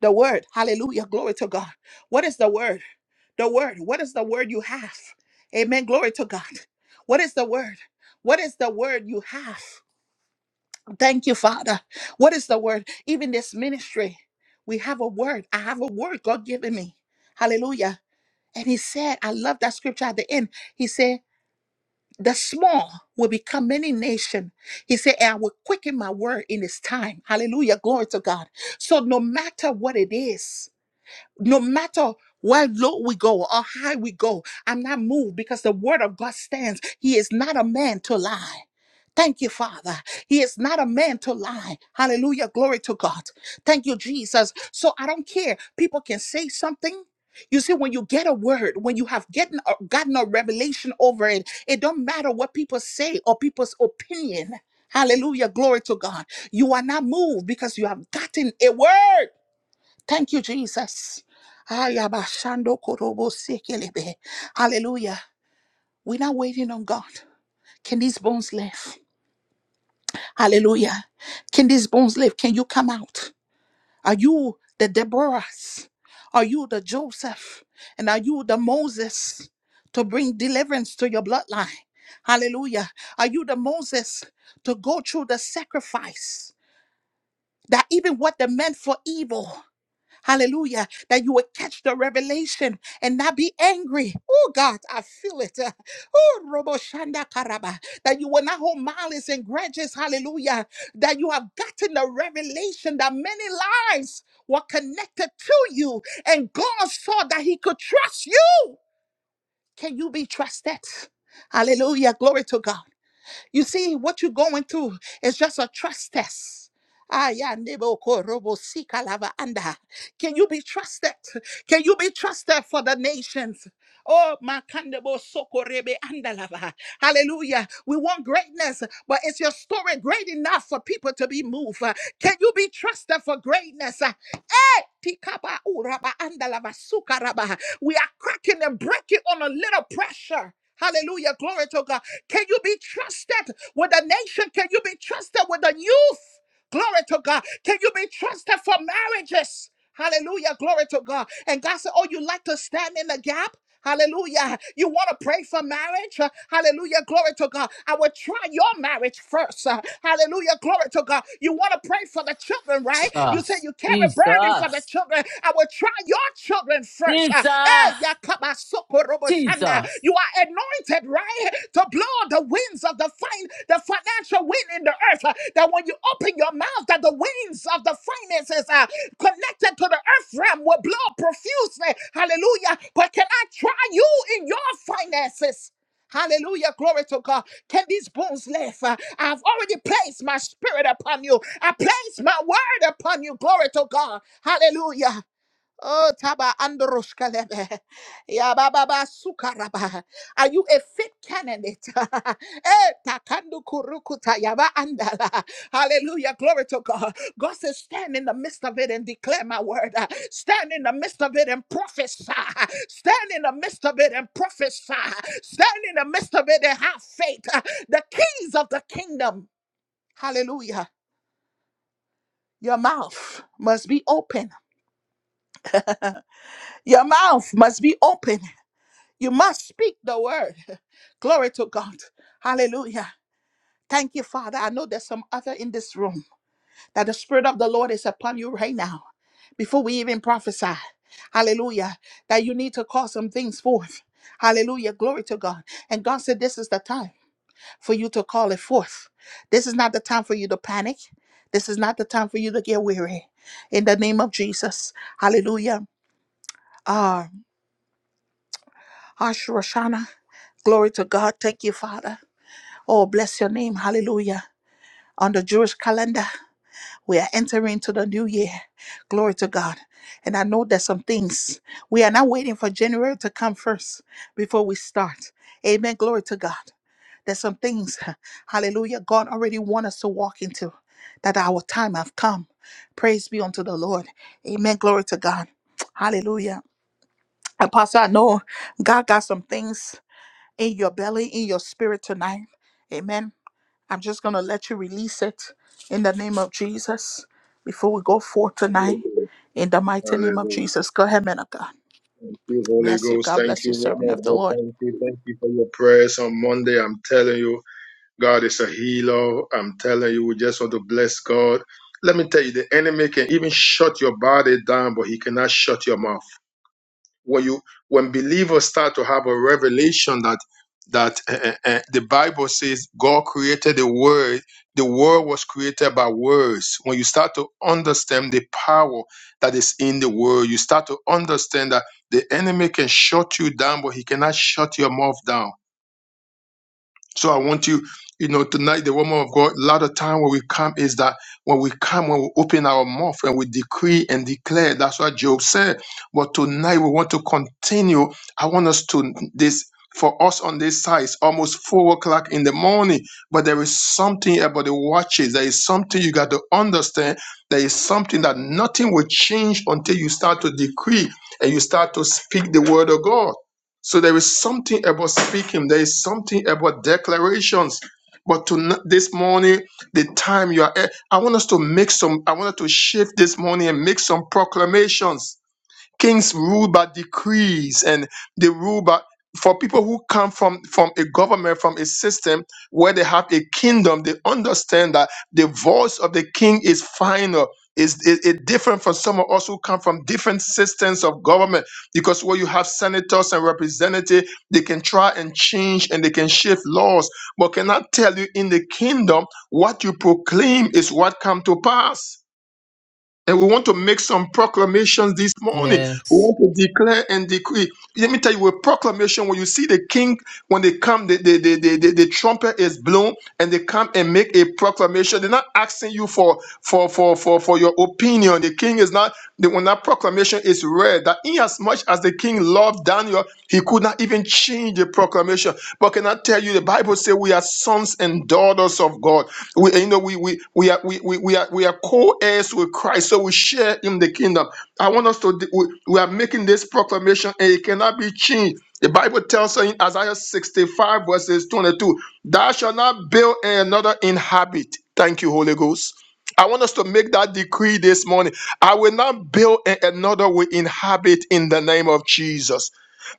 [SPEAKER 1] The word. Hallelujah. Glory to God. What is the word? The word. What is the word you have? Amen. Glory to God. What is the word? What is the word you have? Thank you, Father. What is the word? Even this ministry, we have a word. I have a word God given me. Hallelujah. And he said, I love that scripture at the end. He said, the small will become many nation. He said, and I will quicken my word in this time. Hallelujah. Glory to God. So no matter what it is, no matter where low we go or high we go, I'm not moved because the word of God stands. He is not a man to lie. Thank you, Father. He is not a man to lie. Hallelujah. Glory to God. Thank you, Jesus. So I don't care. People can say something. You see, when you get a word, when you have gotten a, gotten a revelation over it, it don't matter what people say or people's opinion. Hallelujah. Glory to God. You are not moved because you have gotten a word. Thank you, Jesus. Ayabashando korobo sekelebe. Hallelujah. We're not waiting on God. Can these bones live? Hallelujah. Can these bones live? Can you come out? Are you the Deborahs? Are you the Joseph? And are you the Moses to bring deliverance to your bloodline? Hallelujah. Are you the Moses to go through the sacrifice that even what they meant for evil? Hallelujah. That you will catch the revelation and not be angry. Oh God, I feel it. Uh, Oh Robo Shanda Karaba. That you will not hold malice and grudges. Hallelujah. That you have gotten the revelation that many lives were connected to you. And God saw that He could trust you. Can you be trusted? Hallelujah. Glory to God. You see, what you're going through is just a trust test. Ah, yeah, nebo ko robo si kalava anda. Can you be trusted? Can you be trusted for the nations? Oh, makandebo sokorebe andalava. Hallelujah. We want greatness, but is your story great enough for people to be moved? Uh, Can you be trusted for greatness? Uh, eh, tikaba uraba andalava sukaraba. We are cracking and breaking on a little pressure. Hallelujah. Glory to God. Can you be trusted with the nation? Can you be trusted with the youth? Glory to God. Can you be trusted for marriages? Hallelujah. Glory to God. And God said, Oh, you like to stand in the gap? Hallelujah. You want to pray for marriage? Uh, Hallelujah. Glory to God. I will try your marriage first. Uh, Hallelujah. Glory to God. You want to pray for the children, right? You say
[SPEAKER 4] Jesus.
[SPEAKER 1] you carry burden for the
[SPEAKER 4] Jesus.
[SPEAKER 1] children. I will try your your children first. Uh, eh,
[SPEAKER 4] Jesus.
[SPEAKER 1] yakabasokorobosanda.
[SPEAKER 4] Jesus.
[SPEAKER 1] You are anointed, right? To blow on the winds of the fine, the financial wind in the earth. uh, That when you open your mouth, that the winds of the finances are connected to the earth realm will blow profusely. Hallelujah. But can I try you in your finances? Hallelujah. Glory to God. Can these bones live? Uh, I've already placed my spirit upon you. I place my word upon you. Glory to God. Hallelujah. Oh, taba androshkalebe. Ya baba ba sukaraba. Are you a fit candidate? Eh, takandu kurukuta yaba andala. Hallelujah. Glory to God. God says, stand in the midst of it and declare my word. Uh, Stand in the midst of it and prophesy. Stand in the midst of it and prophesy. Stand in the midst of it and have faith. Uh, The keys of the kingdom. Hallelujah. Your mouth must be open. Your mouth must be open. You must speak the word. Glory to God. Hallelujah. Thank you, Father. I know there's some other in this room that the Spirit of the Lord is upon you right now before we even prophesy. Hallelujah. That you need to call some things forth. Hallelujah. Glory to God. And God said, This is the time for you to call it forth. This is not the time for you to panic. This is not the time for you to get weary. In the name of Jesus. Hallelujah. Uh, Ash Roshana. Glory to God. Thank you, Father. Oh, bless your name. Hallelujah. On the Jewish calendar, we are entering to the new year. Glory to God. And I know there's some things we are not waiting for January to come first before we start. Amen. Glory to God. There's some things, hallelujah, God already wants us to walk into that our time have come. Praise be unto the Lord. Amen. Glory to God. Hallelujah. Apostle, I know God got some things in your belly, in your spirit tonight. Amen. I'm just going to let you release it in the name of Jesus before we go forth tonight.
[SPEAKER 2] Hallelujah.
[SPEAKER 1] In the mighty name of
[SPEAKER 2] Hallelujah.
[SPEAKER 1] Jesus. Go ahead, man of God.
[SPEAKER 2] Thank you, Holy
[SPEAKER 1] Bless you.
[SPEAKER 2] Ghost.
[SPEAKER 1] God
[SPEAKER 2] Thank
[SPEAKER 1] bless you,
[SPEAKER 2] you,
[SPEAKER 1] sir.
[SPEAKER 2] Lord. my God. Thank you. Thank you for your prayers on Monday. I'm telling you, God is a healer. I'm telling you, we just want to bless God. Let me tell you, the enemy can even shut your body down, but he cannot shut your mouth. when you when believers start to have a revelation that that uh, uh, the bible says god created the world the world was created by words when you start to understand the power that is in the word, you start to understand that the enemy can shut you down but he cannot shut your mouth down so I want you, you know, tonight, the woman of God, a lot of time when we come is that when we come, when we open our mouth and we decree and declare, that's what Job said. But tonight we want to continue. I want us to this for us on this side, it's almost four o'clock in the morning. But there is something about the watches. There is something you got to understand. There is something that nothing will change until you start to decree and you start to speak the word of God. So there is something about speaking, there is something about declarations. But to this morning, the time you are at, I want us to make some, I want us to shift this morning and make some proclamations Kings rule by decrees and they rule by for people who come from from a government from a system where they have a kingdom they understand that the voice of the king is final is it, it different from some of us who come from different systems of government because where you have senators and representatives they can try and change and they can shift laws but cannot tell you in the kingdom what you proclaim is what come to pass and we want to make some proclamations this morning. We
[SPEAKER 4] Yes.
[SPEAKER 2] want to declare and decree. Let me tell you, a proclamation when you see the king, when they come, the, the, the, the, the, the trumpet is blown and they come and make a proclamation. They're not asking you for, for, for, for, for your opinion. The king is not, the, when that proclamation is read, that inasmuch as the king loved Daniel, he could not even change the proclamation. But can I tell you, the Bible says we are sons and daughters of God. We, you know, we we we are we, we, we are we are co-heirs with Christ, so we share in the kingdom. I want us to. We, we are making this proclamation, and it cannot be changed. The Bible tells us in Isaiah 65 verses 22, "Thou shalt not build and another inhabit." Thank you, Holy Ghost. I want us to make that decree this morning. I will not build and another will inhabit in the name of Jesus.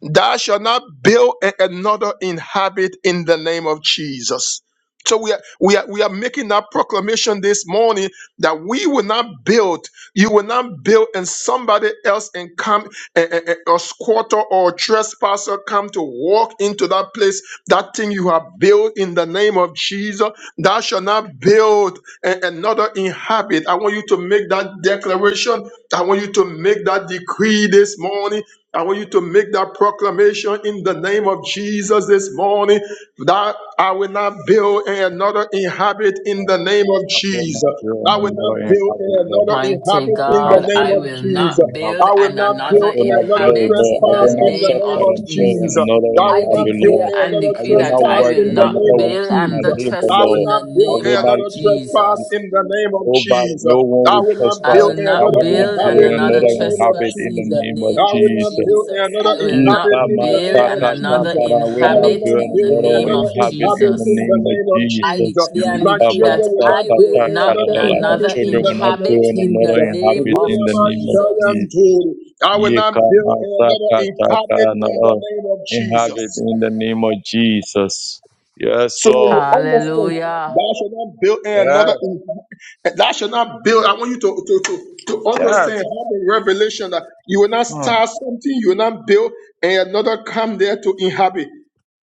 [SPEAKER 2] Thou shall not build and another inhabit in the name of Jesus. So we are, we are we are making that proclamation this morning that we will not build, you will not build, and somebody else and come and, and, and a squatter or trespasser come to walk into that place, that thing you have built in the name of Jesus, thou shall not build and another inhabit. I want you to make that declaration. I want you to make that decree this morning. I want you to make that proclamation in the name of Jesus this morning that I will not build and another inhabit in
[SPEAKER 3] I
[SPEAKER 2] the name of
[SPEAKER 3] I told my
[SPEAKER 2] Jesus.
[SPEAKER 3] girl
[SPEAKER 2] I
[SPEAKER 3] no,
[SPEAKER 2] will
[SPEAKER 3] I'm
[SPEAKER 2] not
[SPEAKER 3] not in
[SPEAKER 2] build and
[SPEAKER 3] habit there
[SPEAKER 2] another
[SPEAKER 4] Mighty
[SPEAKER 3] you
[SPEAKER 2] inhabit
[SPEAKER 3] will
[SPEAKER 2] in
[SPEAKER 3] not
[SPEAKER 2] the
[SPEAKER 4] God,
[SPEAKER 2] name
[SPEAKER 4] I
[SPEAKER 3] blame
[SPEAKER 2] of
[SPEAKER 4] will
[SPEAKER 2] Jesus.
[SPEAKER 4] not
[SPEAKER 3] me
[SPEAKER 4] build
[SPEAKER 2] I will
[SPEAKER 4] and
[SPEAKER 2] not
[SPEAKER 3] I
[SPEAKER 4] another
[SPEAKER 2] build
[SPEAKER 3] will
[SPEAKER 2] and
[SPEAKER 3] not
[SPEAKER 2] another
[SPEAKER 3] glow,
[SPEAKER 4] inhabit
[SPEAKER 3] Lord.
[SPEAKER 4] in
[SPEAKER 3] I
[SPEAKER 4] the
[SPEAKER 2] trespass
[SPEAKER 3] will not
[SPEAKER 2] in the
[SPEAKER 4] name
[SPEAKER 2] name
[SPEAKER 3] suffer
[SPEAKER 4] of
[SPEAKER 2] of
[SPEAKER 3] and grow in
[SPEAKER 2] Jesus.
[SPEAKER 4] Jesus.
[SPEAKER 3] another
[SPEAKER 2] I
[SPEAKER 4] I
[SPEAKER 2] will not
[SPEAKER 3] inhabit habit,
[SPEAKER 2] build
[SPEAKER 4] declare
[SPEAKER 3] Lord.
[SPEAKER 2] and
[SPEAKER 4] and
[SPEAKER 2] another
[SPEAKER 3] I
[SPEAKER 4] decree
[SPEAKER 3] will
[SPEAKER 4] that
[SPEAKER 3] not
[SPEAKER 4] I
[SPEAKER 2] trespass
[SPEAKER 3] work
[SPEAKER 4] will
[SPEAKER 2] in
[SPEAKER 3] and
[SPEAKER 2] the
[SPEAKER 3] another
[SPEAKER 4] not
[SPEAKER 2] name of
[SPEAKER 3] one
[SPEAKER 4] build
[SPEAKER 3] eat my
[SPEAKER 4] another
[SPEAKER 2] Jesus.
[SPEAKER 3] labor,
[SPEAKER 4] trust
[SPEAKER 2] I will
[SPEAKER 4] in
[SPEAKER 3] Lord.
[SPEAKER 4] the
[SPEAKER 2] not
[SPEAKER 3] I
[SPEAKER 2] build
[SPEAKER 4] name
[SPEAKER 3] will
[SPEAKER 2] and
[SPEAKER 4] of
[SPEAKER 3] not
[SPEAKER 2] another
[SPEAKER 3] eat.
[SPEAKER 2] trespass
[SPEAKER 4] Jesus.
[SPEAKER 2] in the name of
[SPEAKER 3] Nobody,
[SPEAKER 2] Jesus.
[SPEAKER 3] no one
[SPEAKER 2] I
[SPEAKER 3] will
[SPEAKER 2] will not
[SPEAKER 4] I
[SPEAKER 2] build
[SPEAKER 4] will
[SPEAKER 3] trespass.
[SPEAKER 2] and
[SPEAKER 3] I
[SPEAKER 4] not
[SPEAKER 2] another
[SPEAKER 3] will not
[SPEAKER 4] build
[SPEAKER 3] blow
[SPEAKER 4] on
[SPEAKER 2] inhabit in
[SPEAKER 4] another
[SPEAKER 2] the
[SPEAKER 3] another
[SPEAKER 2] name of
[SPEAKER 3] inhabit
[SPEAKER 4] trespass
[SPEAKER 3] in
[SPEAKER 4] in
[SPEAKER 3] the
[SPEAKER 2] Jesus.
[SPEAKER 4] the
[SPEAKER 3] name of
[SPEAKER 4] name
[SPEAKER 2] I
[SPEAKER 4] of
[SPEAKER 2] will not
[SPEAKER 3] Jesus.
[SPEAKER 2] build and
[SPEAKER 4] Jesus.
[SPEAKER 2] another
[SPEAKER 4] I will
[SPEAKER 2] inhabit
[SPEAKER 4] not
[SPEAKER 2] in the
[SPEAKER 4] build
[SPEAKER 2] name of
[SPEAKER 4] on another
[SPEAKER 2] Jesus.
[SPEAKER 3] Ikamasakatakara
[SPEAKER 2] I
[SPEAKER 3] will
[SPEAKER 2] will
[SPEAKER 3] not
[SPEAKER 4] inhabit
[SPEAKER 3] build
[SPEAKER 2] not
[SPEAKER 4] in the
[SPEAKER 2] build
[SPEAKER 3] nor
[SPEAKER 4] name
[SPEAKER 2] another
[SPEAKER 4] of
[SPEAKER 3] inhabit in
[SPEAKER 2] inhabit
[SPEAKER 3] the
[SPEAKER 2] in
[SPEAKER 4] Jesus.
[SPEAKER 2] the
[SPEAKER 3] name of
[SPEAKER 2] name of
[SPEAKER 4] I
[SPEAKER 2] Jesus.
[SPEAKER 3] Jesus.
[SPEAKER 4] declare and
[SPEAKER 2] My
[SPEAKER 4] decree that
[SPEAKER 2] children will not
[SPEAKER 4] I
[SPEAKER 2] build
[SPEAKER 4] will
[SPEAKER 3] Ikabasakatakara,
[SPEAKER 4] not on
[SPEAKER 2] another
[SPEAKER 3] Lord, my
[SPEAKER 2] inhabit
[SPEAKER 4] another
[SPEAKER 2] in
[SPEAKER 3] children
[SPEAKER 2] the
[SPEAKER 3] will not
[SPEAKER 2] name of
[SPEAKER 4] inhabit
[SPEAKER 3] build
[SPEAKER 4] in the
[SPEAKER 3] nor
[SPEAKER 2] Jesus.
[SPEAKER 4] name
[SPEAKER 3] inhabit
[SPEAKER 4] of
[SPEAKER 3] in the name of
[SPEAKER 4] Jesus.
[SPEAKER 3] Jesus.
[SPEAKER 2] Ribabashayanturi. I will not build another inhabit
[SPEAKER 3] Ikamasakatakara,
[SPEAKER 2] in the
[SPEAKER 3] Lord,
[SPEAKER 2] name of Jesus.
[SPEAKER 3] inhabit in the name of Jesus. Yes,
[SPEAKER 2] So when you
[SPEAKER 3] Lord.
[SPEAKER 2] understand,
[SPEAKER 4] Hallelujah.
[SPEAKER 2] thou shall not build another,
[SPEAKER 3] Yes,
[SPEAKER 2] in- thou shall not build. I want you to, to, to, to understand Have
[SPEAKER 3] yes.
[SPEAKER 2] the revelation that you will not
[SPEAKER 3] Mm.
[SPEAKER 2] start something, you will not build, and another come there to inhabit.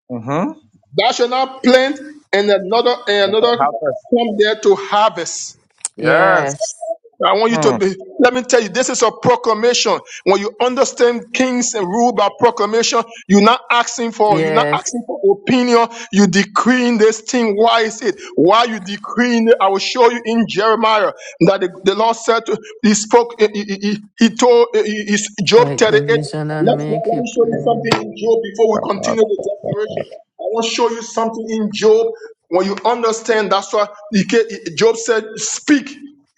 [SPEAKER 3] Mm-hmm.
[SPEAKER 2] Thou shalt not plant and another and another come there to harvest.
[SPEAKER 3] Yes.
[SPEAKER 4] Yes.
[SPEAKER 2] I want you to
[SPEAKER 3] Mm.
[SPEAKER 2] be, let me tell you, this is a proclamation. When you understand kings and rule by proclamation, you're not asking for, you're not
[SPEAKER 4] Yes.
[SPEAKER 2] asking for opinion. You decreeing this thing. Why is it? Why you decreeing it? I will show you in Jeremiah that the, the Lord said, to, he spoke, he, he, he he told he, he, Job
[SPEAKER 4] Write
[SPEAKER 2] 38.
[SPEAKER 4] the
[SPEAKER 2] Let's, let,
[SPEAKER 4] vision and make
[SPEAKER 2] let
[SPEAKER 4] it
[SPEAKER 2] me show you
[SPEAKER 4] plain.
[SPEAKER 2] something in Job before we continue the
[SPEAKER 3] Kamasaka.
[SPEAKER 2] declaration. I want to show you something in Job when you understand that's why he ca- Job said, Speak.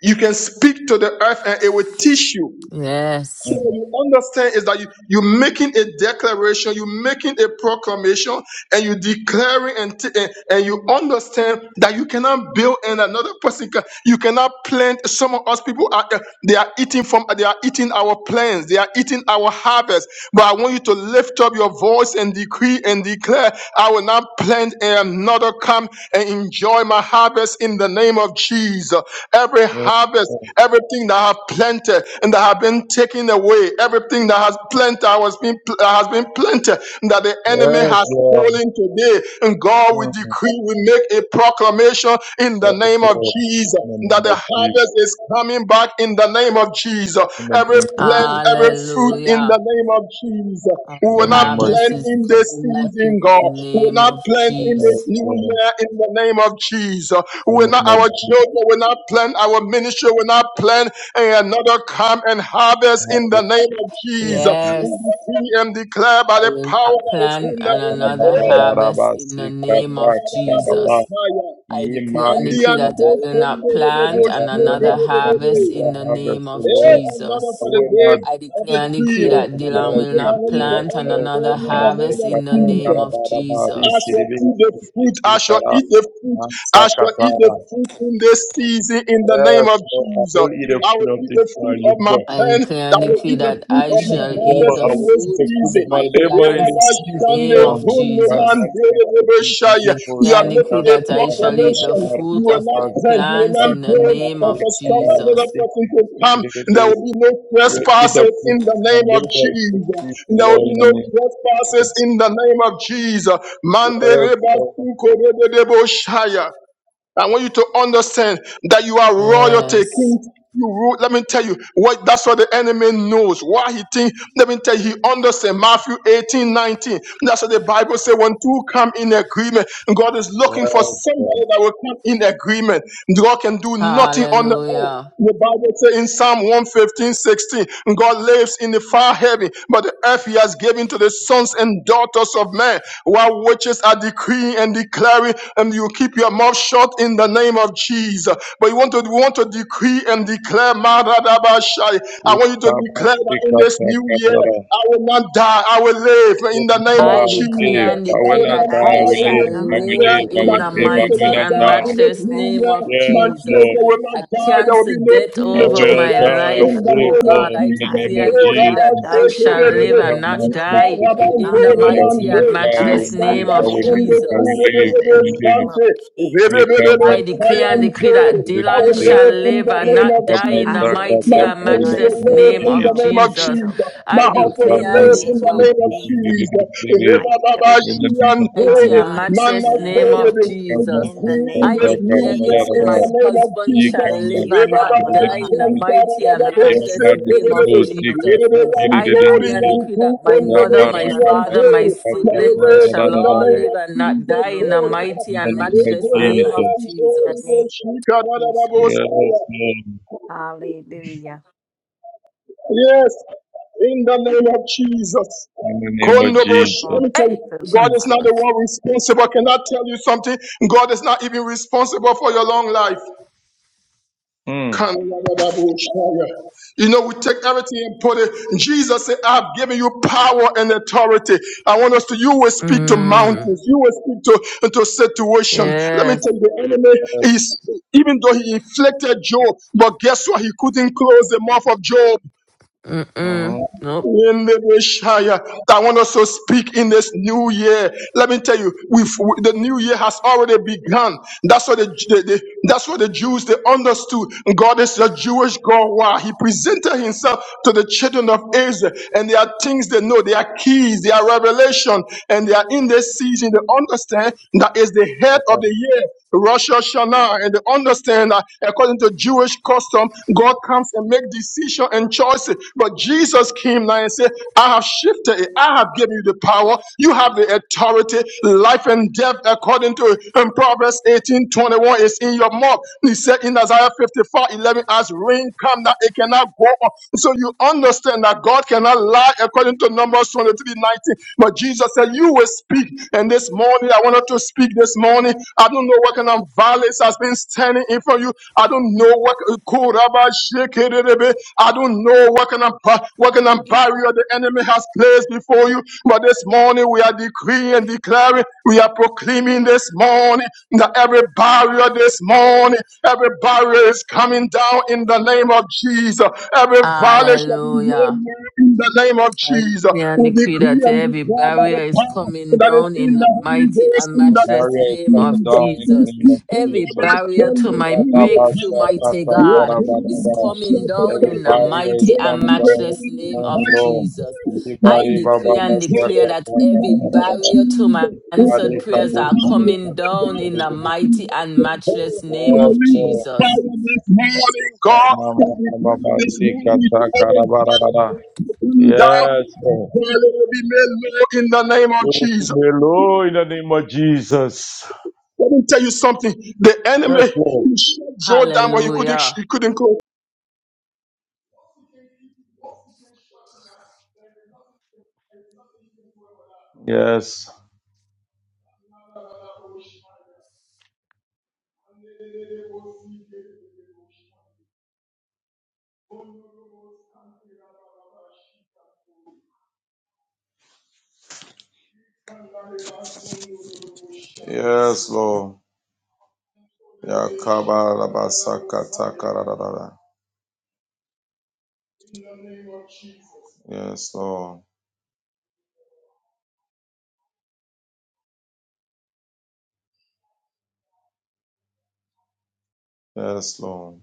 [SPEAKER 2] You can speak to the earth and it will teach you. So
[SPEAKER 4] Yes.
[SPEAKER 2] what
[SPEAKER 3] Mm.
[SPEAKER 2] you understand is that you, you're making a declaration, you're making a proclamation, and you're declaring and, t- and, and you understand that you cannot build and another person can, you cannot plant. Some of us people are, uh, they are eating from, they are eating our plants, they are eating our harvest. But I want you to lift up your voice and decree and declare, I will not plant and another come and enjoy my harvest in the name of Jesus. Every
[SPEAKER 3] mm,
[SPEAKER 2] harvest
[SPEAKER 3] mm.
[SPEAKER 2] everything that have planted and that have been taken away, everything that has planted has been has been planted and that the enemy
[SPEAKER 3] Yes,
[SPEAKER 2] has
[SPEAKER 3] Lord.
[SPEAKER 2] stolen today. And God, we
[SPEAKER 3] Mm,
[SPEAKER 2] decree, we make a proclamation in the
[SPEAKER 3] Yes,
[SPEAKER 2] name of
[SPEAKER 3] Lord.
[SPEAKER 2] Jesus
[SPEAKER 3] In the name
[SPEAKER 2] that the
[SPEAKER 3] of Jesus.
[SPEAKER 2] harvest is coming back in the name of Jesus.
[SPEAKER 3] In the
[SPEAKER 2] Every
[SPEAKER 3] name of
[SPEAKER 2] plant, every
[SPEAKER 3] Jesus.
[SPEAKER 2] fruit in
[SPEAKER 4] Hallelujah.
[SPEAKER 2] the name of Jesus.
[SPEAKER 4] Our
[SPEAKER 2] We
[SPEAKER 3] In
[SPEAKER 2] will
[SPEAKER 3] the
[SPEAKER 2] not
[SPEAKER 3] name of
[SPEAKER 4] harvest
[SPEAKER 2] plant
[SPEAKER 4] is
[SPEAKER 2] in this
[SPEAKER 3] Jesus.
[SPEAKER 4] coming back in
[SPEAKER 2] season,
[SPEAKER 4] the
[SPEAKER 2] God. We will
[SPEAKER 4] name
[SPEAKER 2] not
[SPEAKER 4] of
[SPEAKER 2] plant
[SPEAKER 3] Yes,
[SPEAKER 2] in
[SPEAKER 3] Lord.
[SPEAKER 2] this
[SPEAKER 4] Jesus.
[SPEAKER 2] new year in the name of Jesus.
[SPEAKER 3] In
[SPEAKER 2] We're
[SPEAKER 3] the
[SPEAKER 2] not
[SPEAKER 3] name of
[SPEAKER 2] our children, we're not plan our ministry, we're not plan another come and harvest in the name of Jesus. We
[SPEAKER 4] Yes,
[SPEAKER 3] Jesus.
[SPEAKER 2] decree and declare by
[SPEAKER 4] I
[SPEAKER 2] the
[SPEAKER 4] will
[SPEAKER 2] power
[SPEAKER 4] not
[SPEAKER 2] that is in
[SPEAKER 4] plant
[SPEAKER 2] the
[SPEAKER 4] and
[SPEAKER 3] Hallelujah.
[SPEAKER 2] Holy
[SPEAKER 4] another
[SPEAKER 2] Ghost.
[SPEAKER 4] harvest in the name of
[SPEAKER 3] Ba-ba-ba-ba-ba-ba-ba-ba-ba-ba.
[SPEAKER 4] Jesus. I
[SPEAKER 3] Ye
[SPEAKER 4] declare and
[SPEAKER 2] And
[SPEAKER 3] Maria,
[SPEAKER 2] the
[SPEAKER 4] decree that
[SPEAKER 3] Abba,
[SPEAKER 4] I
[SPEAKER 2] uncle's
[SPEAKER 4] will not
[SPEAKER 3] I
[SPEAKER 4] plant and
[SPEAKER 3] will
[SPEAKER 4] another
[SPEAKER 3] not plant
[SPEAKER 4] harvest in
[SPEAKER 3] another
[SPEAKER 4] the
[SPEAKER 3] harvest,
[SPEAKER 4] name
[SPEAKER 3] O
[SPEAKER 4] of
[SPEAKER 2] Eh,
[SPEAKER 3] Lord.
[SPEAKER 2] another
[SPEAKER 3] I
[SPEAKER 4] Jesus.
[SPEAKER 2] for the
[SPEAKER 3] will not
[SPEAKER 2] days
[SPEAKER 4] I
[SPEAKER 2] of the
[SPEAKER 4] declare and
[SPEAKER 2] tree.
[SPEAKER 4] decree
[SPEAKER 3] build
[SPEAKER 4] that
[SPEAKER 2] The
[SPEAKER 4] Dylan
[SPEAKER 3] another
[SPEAKER 4] will
[SPEAKER 2] people
[SPEAKER 3] weep,
[SPEAKER 2] are
[SPEAKER 4] not
[SPEAKER 3] O
[SPEAKER 2] ready to
[SPEAKER 3] Lord.
[SPEAKER 4] plant and
[SPEAKER 3] Oh,
[SPEAKER 4] another
[SPEAKER 2] understand in the
[SPEAKER 3] Mama,
[SPEAKER 2] name
[SPEAKER 4] harvest
[SPEAKER 2] of
[SPEAKER 4] in the
[SPEAKER 3] Sikata,
[SPEAKER 2] Jesus.
[SPEAKER 4] name of
[SPEAKER 3] Karabara,
[SPEAKER 2] I
[SPEAKER 3] Mari,
[SPEAKER 4] Jesus.
[SPEAKER 2] shall
[SPEAKER 3] Kiribi,
[SPEAKER 2] eat the fruit. I
[SPEAKER 3] Sikiti,
[SPEAKER 2] shall
[SPEAKER 3] Kara,
[SPEAKER 2] eat the fruit. I shall eat the
[SPEAKER 3] Masakata.
[SPEAKER 2] fruit in this season in the name
[SPEAKER 3] Yes,
[SPEAKER 2] of
[SPEAKER 3] Lord, I
[SPEAKER 2] Jesus.
[SPEAKER 3] will eat the
[SPEAKER 2] I
[SPEAKER 3] fruit
[SPEAKER 2] will
[SPEAKER 3] of
[SPEAKER 2] eat the
[SPEAKER 3] this my
[SPEAKER 2] fruit of my
[SPEAKER 3] labor.
[SPEAKER 4] I
[SPEAKER 2] pen.
[SPEAKER 4] declare
[SPEAKER 2] I
[SPEAKER 4] and
[SPEAKER 2] will
[SPEAKER 4] decree
[SPEAKER 2] eat the
[SPEAKER 4] that
[SPEAKER 2] fruit
[SPEAKER 4] I
[SPEAKER 2] of my
[SPEAKER 4] shall
[SPEAKER 3] Seriously, Lord,
[SPEAKER 4] eat
[SPEAKER 2] harvest
[SPEAKER 4] the
[SPEAKER 3] I
[SPEAKER 2] in
[SPEAKER 3] will
[SPEAKER 2] this
[SPEAKER 3] eat
[SPEAKER 4] fruit
[SPEAKER 3] the
[SPEAKER 4] of
[SPEAKER 3] fruit of
[SPEAKER 2] season.
[SPEAKER 3] my
[SPEAKER 4] my
[SPEAKER 2] You are
[SPEAKER 3] labor
[SPEAKER 2] making
[SPEAKER 3] in
[SPEAKER 4] plants
[SPEAKER 3] the
[SPEAKER 4] in the
[SPEAKER 3] season,
[SPEAKER 4] name
[SPEAKER 3] Lord.
[SPEAKER 4] of
[SPEAKER 3] You are my
[SPEAKER 4] Jesus.
[SPEAKER 3] sister, to be
[SPEAKER 4] I
[SPEAKER 3] the first,
[SPEAKER 4] declare and
[SPEAKER 3] that-
[SPEAKER 4] decree
[SPEAKER 3] that-
[SPEAKER 2] a
[SPEAKER 4] that
[SPEAKER 3] that-
[SPEAKER 4] I shall
[SPEAKER 3] that-
[SPEAKER 4] eat
[SPEAKER 3] that-
[SPEAKER 4] the
[SPEAKER 2] proclamation.
[SPEAKER 3] that-
[SPEAKER 2] You
[SPEAKER 4] fruit
[SPEAKER 2] will
[SPEAKER 4] of
[SPEAKER 3] that-
[SPEAKER 2] not
[SPEAKER 4] my
[SPEAKER 3] that-
[SPEAKER 2] plan. You
[SPEAKER 3] that-
[SPEAKER 2] will
[SPEAKER 4] plants
[SPEAKER 2] not
[SPEAKER 3] that-
[SPEAKER 4] in the
[SPEAKER 3] that- that- that- that- that-
[SPEAKER 2] build
[SPEAKER 4] name
[SPEAKER 2] and
[SPEAKER 4] of
[SPEAKER 3] that- that-
[SPEAKER 2] construct
[SPEAKER 3] that-
[SPEAKER 2] another
[SPEAKER 4] Jesus.
[SPEAKER 2] person to come.
[SPEAKER 3] that- that-
[SPEAKER 2] And there will
[SPEAKER 3] that-
[SPEAKER 2] be no
[SPEAKER 3] I will eat the
[SPEAKER 2] trespasses
[SPEAKER 3] fruit
[SPEAKER 2] in the
[SPEAKER 3] of my
[SPEAKER 2] name of
[SPEAKER 3] labor in the
[SPEAKER 2] Jesus. And
[SPEAKER 3] season,
[SPEAKER 2] there will
[SPEAKER 3] Lord, in
[SPEAKER 2] be
[SPEAKER 3] the
[SPEAKER 2] no
[SPEAKER 3] name of
[SPEAKER 2] trespasses
[SPEAKER 3] Jesus.
[SPEAKER 2] in the name of Jesus. Mande
[SPEAKER 3] Yes,
[SPEAKER 2] reba
[SPEAKER 3] Lord. Yes,
[SPEAKER 2] suko rebe debo shaya. I want you to understand that you are royalty,
[SPEAKER 4] Yes.
[SPEAKER 2] kings. You rule. Let me tell you what. That's what the enemy knows. Why he think? Let me tell you. He understands Matthew 18:19. That's what the Bible says. When two come in agreement, God is looking for somebody
[SPEAKER 3] Lord.
[SPEAKER 2] that will come in agreement. God can do nothing on the earth.
[SPEAKER 4] Hallelujah.
[SPEAKER 2] The Bible says in Psalm 115, 16, God lives in the far heaven, but the earth he has given to the sons and daughters of men, while witches are decreeing and declaring and you keep your mouth shut in the name of Jesus. But you want to we want to decree and declare Maradabashai. I
[SPEAKER 3] Yes,
[SPEAKER 2] want you to declare that in
[SPEAKER 3] Lord.
[SPEAKER 2] this new
[SPEAKER 3] Yes,
[SPEAKER 2] year
[SPEAKER 3] Lord.
[SPEAKER 2] I will not die, I will live in
[SPEAKER 3] will
[SPEAKER 2] the
[SPEAKER 3] not die,
[SPEAKER 2] name of
[SPEAKER 4] I
[SPEAKER 3] I will
[SPEAKER 4] declare
[SPEAKER 3] live.
[SPEAKER 2] Jesus.
[SPEAKER 4] and
[SPEAKER 3] I
[SPEAKER 2] I
[SPEAKER 3] will
[SPEAKER 4] decree
[SPEAKER 2] will
[SPEAKER 3] not
[SPEAKER 4] that
[SPEAKER 2] not
[SPEAKER 3] die,
[SPEAKER 6] I
[SPEAKER 4] I
[SPEAKER 3] I
[SPEAKER 2] die
[SPEAKER 6] will
[SPEAKER 3] will
[SPEAKER 2] in
[SPEAKER 6] not
[SPEAKER 4] shall
[SPEAKER 2] this
[SPEAKER 3] live. I
[SPEAKER 2] new
[SPEAKER 6] die.
[SPEAKER 3] will
[SPEAKER 6] I
[SPEAKER 2] year.
[SPEAKER 4] live
[SPEAKER 3] live, I
[SPEAKER 6] will
[SPEAKER 4] in
[SPEAKER 2] My
[SPEAKER 3] will
[SPEAKER 4] the
[SPEAKER 3] live.
[SPEAKER 2] dreams
[SPEAKER 3] I
[SPEAKER 6] live
[SPEAKER 2] will
[SPEAKER 3] will
[SPEAKER 4] mighty
[SPEAKER 2] not
[SPEAKER 3] not
[SPEAKER 6] in
[SPEAKER 4] and
[SPEAKER 6] the
[SPEAKER 2] die in
[SPEAKER 3] die.
[SPEAKER 2] this
[SPEAKER 6] mighty
[SPEAKER 4] matchless
[SPEAKER 2] new
[SPEAKER 4] name
[SPEAKER 6] matchless
[SPEAKER 2] year.
[SPEAKER 4] of
[SPEAKER 6] name
[SPEAKER 2] My
[SPEAKER 3] Yes,
[SPEAKER 6] of
[SPEAKER 4] Jesus.
[SPEAKER 3] Lord.
[SPEAKER 2] children will not
[SPEAKER 4] I
[SPEAKER 6] Jesus.
[SPEAKER 2] die. There will
[SPEAKER 4] cancel
[SPEAKER 2] be no
[SPEAKER 4] death
[SPEAKER 6] I
[SPEAKER 3] I
[SPEAKER 4] over
[SPEAKER 2] premature
[SPEAKER 3] will
[SPEAKER 4] my
[SPEAKER 6] thank
[SPEAKER 2] death
[SPEAKER 3] not
[SPEAKER 6] you,
[SPEAKER 3] die, I
[SPEAKER 6] Father
[SPEAKER 2] in
[SPEAKER 4] life.
[SPEAKER 3] will
[SPEAKER 2] the
[SPEAKER 3] live,
[SPEAKER 4] Oh
[SPEAKER 6] God.
[SPEAKER 2] name of
[SPEAKER 4] God,
[SPEAKER 3] Lord,
[SPEAKER 4] I
[SPEAKER 3] in the
[SPEAKER 6] I
[SPEAKER 2] Jesus,
[SPEAKER 4] declare
[SPEAKER 3] name
[SPEAKER 6] will
[SPEAKER 3] of
[SPEAKER 4] and
[SPEAKER 2] Lord,
[SPEAKER 4] decree
[SPEAKER 6] not
[SPEAKER 2] about
[SPEAKER 4] that
[SPEAKER 3] Jesus.
[SPEAKER 6] die
[SPEAKER 4] I
[SPEAKER 6] but
[SPEAKER 4] shall
[SPEAKER 3] You
[SPEAKER 6] live.
[SPEAKER 4] live
[SPEAKER 2] Sekerebe,
[SPEAKER 4] and
[SPEAKER 6] My
[SPEAKER 3] come
[SPEAKER 4] not
[SPEAKER 3] and seek
[SPEAKER 6] children
[SPEAKER 4] die
[SPEAKER 3] the
[SPEAKER 6] will
[SPEAKER 4] in
[SPEAKER 6] not
[SPEAKER 4] the
[SPEAKER 3] testimony. I will
[SPEAKER 4] mighty
[SPEAKER 3] not
[SPEAKER 2] Ikarabantoremante,
[SPEAKER 4] and
[SPEAKER 3] die, I will
[SPEAKER 4] matchless
[SPEAKER 6] die but
[SPEAKER 4] name
[SPEAKER 3] live,
[SPEAKER 2] Isanta
[SPEAKER 3] I
[SPEAKER 4] of
[SPEAKER 3] will
[SPEAKER 6] live.
[SPEAKER 2] the
[SPEAKER 3] live, I will
[SPEAKER 4] Jesus.
[SPEAKER 3] live,
[SPEAKER 6] In
[SPEAKER 3] I
[SPEAKER 2] Kurebebe
[SPEAKER 6] the
[SPEAKER 3] will
[SPEAKER 6] name
[SPEAKER 3] live.
[SPEAKER 6] of
[SPEAKER 2] Sante,
[SPEAKER 6] Jesus,
[SPEAKER 3] You come
[SPEAKER 2] Rebebebe
[SPEAKER 4] I
[SPEAKER 3] and seek
[SPEAKER 4] declare and
[SPEAKER 3] the
[SPEAKER 4] decree
[SPEAKER 2] Kayantor,
[SPEAKER 4] that
[SPEAKER 2] I
[SPEAKER 4] Dylan
[SPEAKER 2] will
[SPEAKER 6] decree
[SPEAKER 3] testimony.
[SPEAKER 4] shall
[SPEAKER 6] and
[SPEAKER 2] live in
[SPEAKER 4] live
[SPEAKER 2] the
[SPEAKER 4] and
[SPEAKER 6] declare.
[SPEAKER 2] name
[SPEAKER 3] You
[SPEAKER 2] of
[SPEAKER 4] not
[SPEAKER 3] come
[SPEAKER 4] die
[SPEAKER 3] and
[SPEAKER 4] in the
[SPEAKER 6] I
[SPEAKER 2] Jesus.
[SPEAKER 6] will
[SPEAKER 2] My
[SPEAKER 4] mighty
[SPEAKER 3] sakataka
[SPEAKER 6] not
[SPEAKER 4] and
[SPEAKER 3] in
[SPEAKER 2] things
[SPEAKER 3] the
[SPEAKER 6] die
[SPEAKER 2] will
[SPEAKER 4] matchless
[SPEAKER 3] name of
[SPEAKER 2] live
[SPEAKER 6] but
[SPEAKER 4] name
[SPEAKER 2] in the
[SPEAKER 4] of
[SPEAKER 3] Jesus.
[SPEAKER 6] live,
[SPEAKER 2] name of
[SPEAKER 4] Jesus.
[SPEAKER 6] live,
[SPEAKER 2] Jesus. My
[SPEAKER 4] I
[SPEAKER 6] live.
[SPEAKER 2] house
[SPEAKER 3] You
[SPEAKER 2] will
[SPEAKER 3] come
[SPEAKER 6] In
[SPEAKER 4] declare
[SPEAKER 6] the
[SPEAKER 3] and
[SPEAKER 4] and
[SPEAKER 2] live
[SPEAKER 3] seek
[SPEAKER 2] in
[SPEAKER 6] name
[SPEAKER 2] the
[SPEAKER 6] of
[SPEAKER 3] the
[SPEAKER 4] decree
[SPEAKER 2] name of
[SPEAKER 6] Jesus,
[SPEAKER 2] Jesus.
[SPEAKER 6] my
[SPEAKER 3] testimony.
[SPEAKER 2] Rebababa
[SPEAKER 3] In
[SPEAKER 6] children
[SPEAKER 3] the
[SPEAKER 6] shall
[SPEAKER 3] name of
[SPEAKER 6] not
[SPEAKER 4] mighty
[SPEAKER 2] Shiantore,
[SPEAKER 4] and
[SPEAKER 3] Jesus.
[SPEAKER 6] die but
[SPEAKER 4] matchless name
[SPEAKER 2] Manatore, we
[SPEAKER 6] live.
[SPEAKER 4] of
[SPEAKER 3] In the
[SPEAKER 4] Jesus.
[SPEAKER 6] In the
[SPEAKER 3] name
[SPEAKER 2] decree in
[SPEAKER 6] name
[SPEAKER 4] I
[SPEAKER 2] this
[SPEAKER 6] of
[SPEAKER 2] new
[SPEAKER 4] declare,
[SPEAKER 2] year
[SPEAKER 4] Nikki,
[SPEAKER 2] in
[SPEAKER 4] my
[SPEAKER 6] Jesus.
[SPEAKER 2] the name of
[SPEAKER 4] husband
[SPEAKER 6] I
[SPEAKER 2] Jesus.
[SPEAKER 4] shall
[SPEAKER 2] I
[SPEAKER 6] thank
[SPEAKER 2] live
[SPEAKER 4] live
[SPEAKER 6] you,
[SPEAKER 2] in
[SPEAKER 4] and not
[SPEAKER 6] Father
[SPEAKER 4] die
[SPEAKER 6] God,
[SPEAKER 4] in the mighty
[SPEAKER 6] in
[SPEAKER 4] and
[SPEAKER 6] the mighty
[SPEAKER 4] matchless name
[SPEAKER 6] matchless
[SPEAKER 4] of
[SPEAKER 6] name of
[SPEAKER 4] Jesus.
[SPEAKER 6] Jesus.
[SPEAKER 4] I declare and decree that my
[SPEAKER 6] Be
[SPEAKER 4] mother,
[SPEAKER 6] your
[SPEAKER 4] my
[SPEAKER 6] word
[SPEAKER 4] father, my
[SPEAKER 6] on your
[SPEAKER 4] siblings, they
[SPEAKER 6] word,
[SPEAKER 4] shall
[SPEAKER 2] the
[SPEAKER 4] all
[SPEAKER 2] name
[SPEAKER 6] word,
[SPEAKER 4] live
[SPEAKER 2] of
[SPEAKER 4] and not
[SPEAKER 2] Jesus.
[SPEAKER 4] die
[SPEAKER 6] oh
[SPEAKER 4] in the
[SPEAKER 6] God.
[SPEAKER 4] mighty and
[SPEAKER 6] Thank you,
[SPEAKER 3] of
[SPEAKER 4] matchless name
[SPEAKER 6] Father,
[SPEAKER 4] of
[SPEAKER 3] Jesus.
[SPEAKER 6] in the name
[SPEAKER 4] Jesus.
[SPEAKER 6] of Jesus.
[SPEAKER 3] Yes, Lord.
[SPEAKER 6] Hallelujah.
[SPEAKER 2] Yes, in the name of Jesus.
[SPEAKER 3] In
[SPEAKER 6] I
[SPEAKER 3] the name of
[SPEAKER 6] Thank you for
[SPEAKER 2] Kondobosh.
[SPEAKER 3] Jesus.
[SPEAKER 2] Let
[SPEAKER 6] long
[SPEAKER 2] me tell you,
[SPEAKER 4] Hey,
[SPEAKER 6] life, oh
[SPEAKER 2] God is
[SPEAKER 6] God.
[SPEAKER 2] not the
[SPEAKER 4] Jesus.
[SPEAKER 2] one responsible. Can I tell you something? God is not even responsible for your long life. You
[SPEAKER 3] Mm.
[SPEAKER 2] know, we
[SPEAKER 6] Mhm.
[SPEAKER 2] take everything and put it. Jesus said, I've given you power and authority. I want us to, you will speak to
[SPEAKER 4] Mm,
[SPEAKER 2] mountains, you will speak to, to situation. Let me
[SPEAKER 4] yes.
[SPEAKER 2] tell you, the enemy is,
[SPEAKER 3] Yes.
[SPEAKER 2] even though he inflicted Job, but guess what? He couldn't close the mouth of Job.
[SPEAKER 4] Mm-mm.
[SPEAKER 3] Uh-huh.
[SPEAKER 4] Nope.
[SPEAKER 2] In the Messiah. I want us to speak in this new year. Let me tell you, we've, the new year has already begun. That's what the, the, the- that's what the Jews they understood. God is a Jewish God. Why? He presented Himself to the children of Israel, and there are things they know. There are keys. there are revelation, and they are in this season. They understand that is the head of the
[SPEAKER 3] The
[SPEAKER 2] year. Rosh Hashanah, and they understand that according to Jewish custom, God comes and make decision and choices. But Jesus came now and said, I have shifted it. I have given you the power. You have the authority. Life and death, according to in Proverbs eighteen twenty one. 21, is in your mouth. He said in Isaiah 54 11, as rain come, that it cannot go on. So you understand that God cannot lie, according to Numbers 23 19. But Jesus said, You will speak. And this morning, I wanted to speak this morning. I don't know what kind of violence has been standing in front of you. I don't know what Kuraba Shekerebe. I don't know what kind of ba- what kind of barrier the enemy has placed before you. But this morning we are decreeing and declaring, we are proclaiming this morning that every barrier this morning, every barrier is coming down in the name of Jesus. Every valley shall be made
[SPEAKER 4] Hallelujah.
[SPEAKER 2] low in the name of
[SPEAKER 4] I
[SPEAKER 2] Jesus.
[SPEAKER 4] declare and
[SPEAKER 2] We
[SPEAKER 4] decree
[SPEAKER 2] decree
[SPEAKER 4] that
[SPEAKER 2] and
[SPEAKER 4] every
[SPEAKER 2] declare by
[SPEAKER 4] barrier
[SPEAKER 2] the
[SPEAKER 4] is
[SPEAKER 2] power
[SPEAKER 4] coming
[SPEAKER 2] that is
[SPEAKER 4] down
[SPEAKER 2] in
[SPEAKER 4] in
[SPEAKER 2] the
[SPEAKER 4] the
[SPEAKER 2] Holy
[SPEAKER 4] mighty
[SPEAKER 2] Ghost
[SPEAKER 4] and
[SPEAKER 2] in the name
[SPEAKER 4] matchless
[SPEAKER 3] barrier is
[SPEAKER 4] name
[SPEAKER 3] coming
[SPEAKER 4] of
[SPEAKER 2] Jesus.
[SPEAKER 3] down
[SPEAKER 2] if
[SPEAKER 3] in the
[SPEAKER 4] Jesus.
[SPEAKER 3] name
[SPEAKER 2] you,
[SPEAKER 3] of
[SPEAKER 2] could
[SPEAKER 4] Every
[SPEAKER 2] have a
[SPEAKER 3] Jesus.
[SPEAKER 4] barrier
[SPEAKER 2] son
[SPEAKER 4] to
[SPEAKER 2] of
[SPEAKER 4] my
[SPEAKER 2] whom you
[SPEAKER 4] breakthrough,
[SPEAKER 2] can
[SPEAKER 4] mighty
[SPEAKER 2] love, you
[SPEAKER 4] God,
[SPEAKER 2] could
[SPEAKER 4] is
[SPEAKER 3] Rababasakatakarabaraba.
[SPEAKER 2] be
[SPEAKER 4] coming
[SPEAKER 2] shut the
[SPEAKER 4] down
[SPEAKER 2] back
[SPEAKER 4] in the
[SPEAKER 2] of it.
[SPEAKER 3] Everybody that is
[SPEAKER 4] mighty and
[SPEAKER 3] coming down this
[SPEAKER 4] matchless name of
[SPEAKER 2] I
[SPEAKER 3] morning,
[SPEAKER 2] am
[SPEAKER 3] Lord.
[SPEAKER 4] Jesus. I
[SPEAKER 3] Everybody,
[SPEAKER 4] decree
[SPEAKER 2] loving
[SPEAKER 4] and declare
[SPEAKER 2] God
[SPEAKER 4] that
[SPEAKER 2] in
[SPEAKER 4] every
[SPEAKER 3] Bababasakatakarabaraba.
[SPEAKER 4] barrier to
[SPEAKER 2] the of
[SPEAKER 4] my
[SPEAKER 2] of Jesus. If
[SPEAKER 3] Body
[SPEAKER 4] answered
[SPEAKER 2] there ever
[SPEAKER 4] prayers are
[SPEAKER 3] kaboots,
[SPEAKER 2] died,
[SPEAKER 3] we
[SPEAKER 2] ever
[SPEAKER 3] can
[SPEAKER 4] coming
[SPEAKER 3] see the
[SPEAKER 4] down
[SPEAKER 2] died,
[SPEAKER 4] in the
[SPEAKER 2] ever have
[SPEAKER 3] little-
[SPEAKER 4] mighty
[SPEAKER 2] been
[SPEAKER 4] and
[SPEAKER 2] elected for,
[SPEAKER 4] matchless
[SPEAKER 2] to
[SPEAKER 4] name
[SPEAKER 3] Yes,
[SPEAKER 4] of
[SPEAKER 2] release the
[SPEAKER 3] Lord.
[SPEAKER 2] fire
[SPEAKER 4] Jesus.
[SPEAKER 2] this morning, God, and we pray this morning
[SPEAKER 3] Amamamamamasikatakarabarabaraba.
[SPEAKER 2] in that
[SPEAKER 3] Yes, Lord.
[SPEAKER 2] valley will be made low in the name of
[SPEAKER 3] Praise
[SPEAKER 2] Jesus.
[SPEAKER 3] the Lord in the name of Jesus.
[SPEAKER 2] Let me tell you something. The enemy
[SPEAKER 3] Yes, Lord.
[SPEAKER 2] he shut Joe down, but he couldn't.
[SPEAKER 4] Hallelujah.
[SPEAKER 2] He couldn't. close
[SPEAKER 3] Yes. Yes, Lord. Yakabarabasakatakarabara. Yes, Lord. Yes, Lord.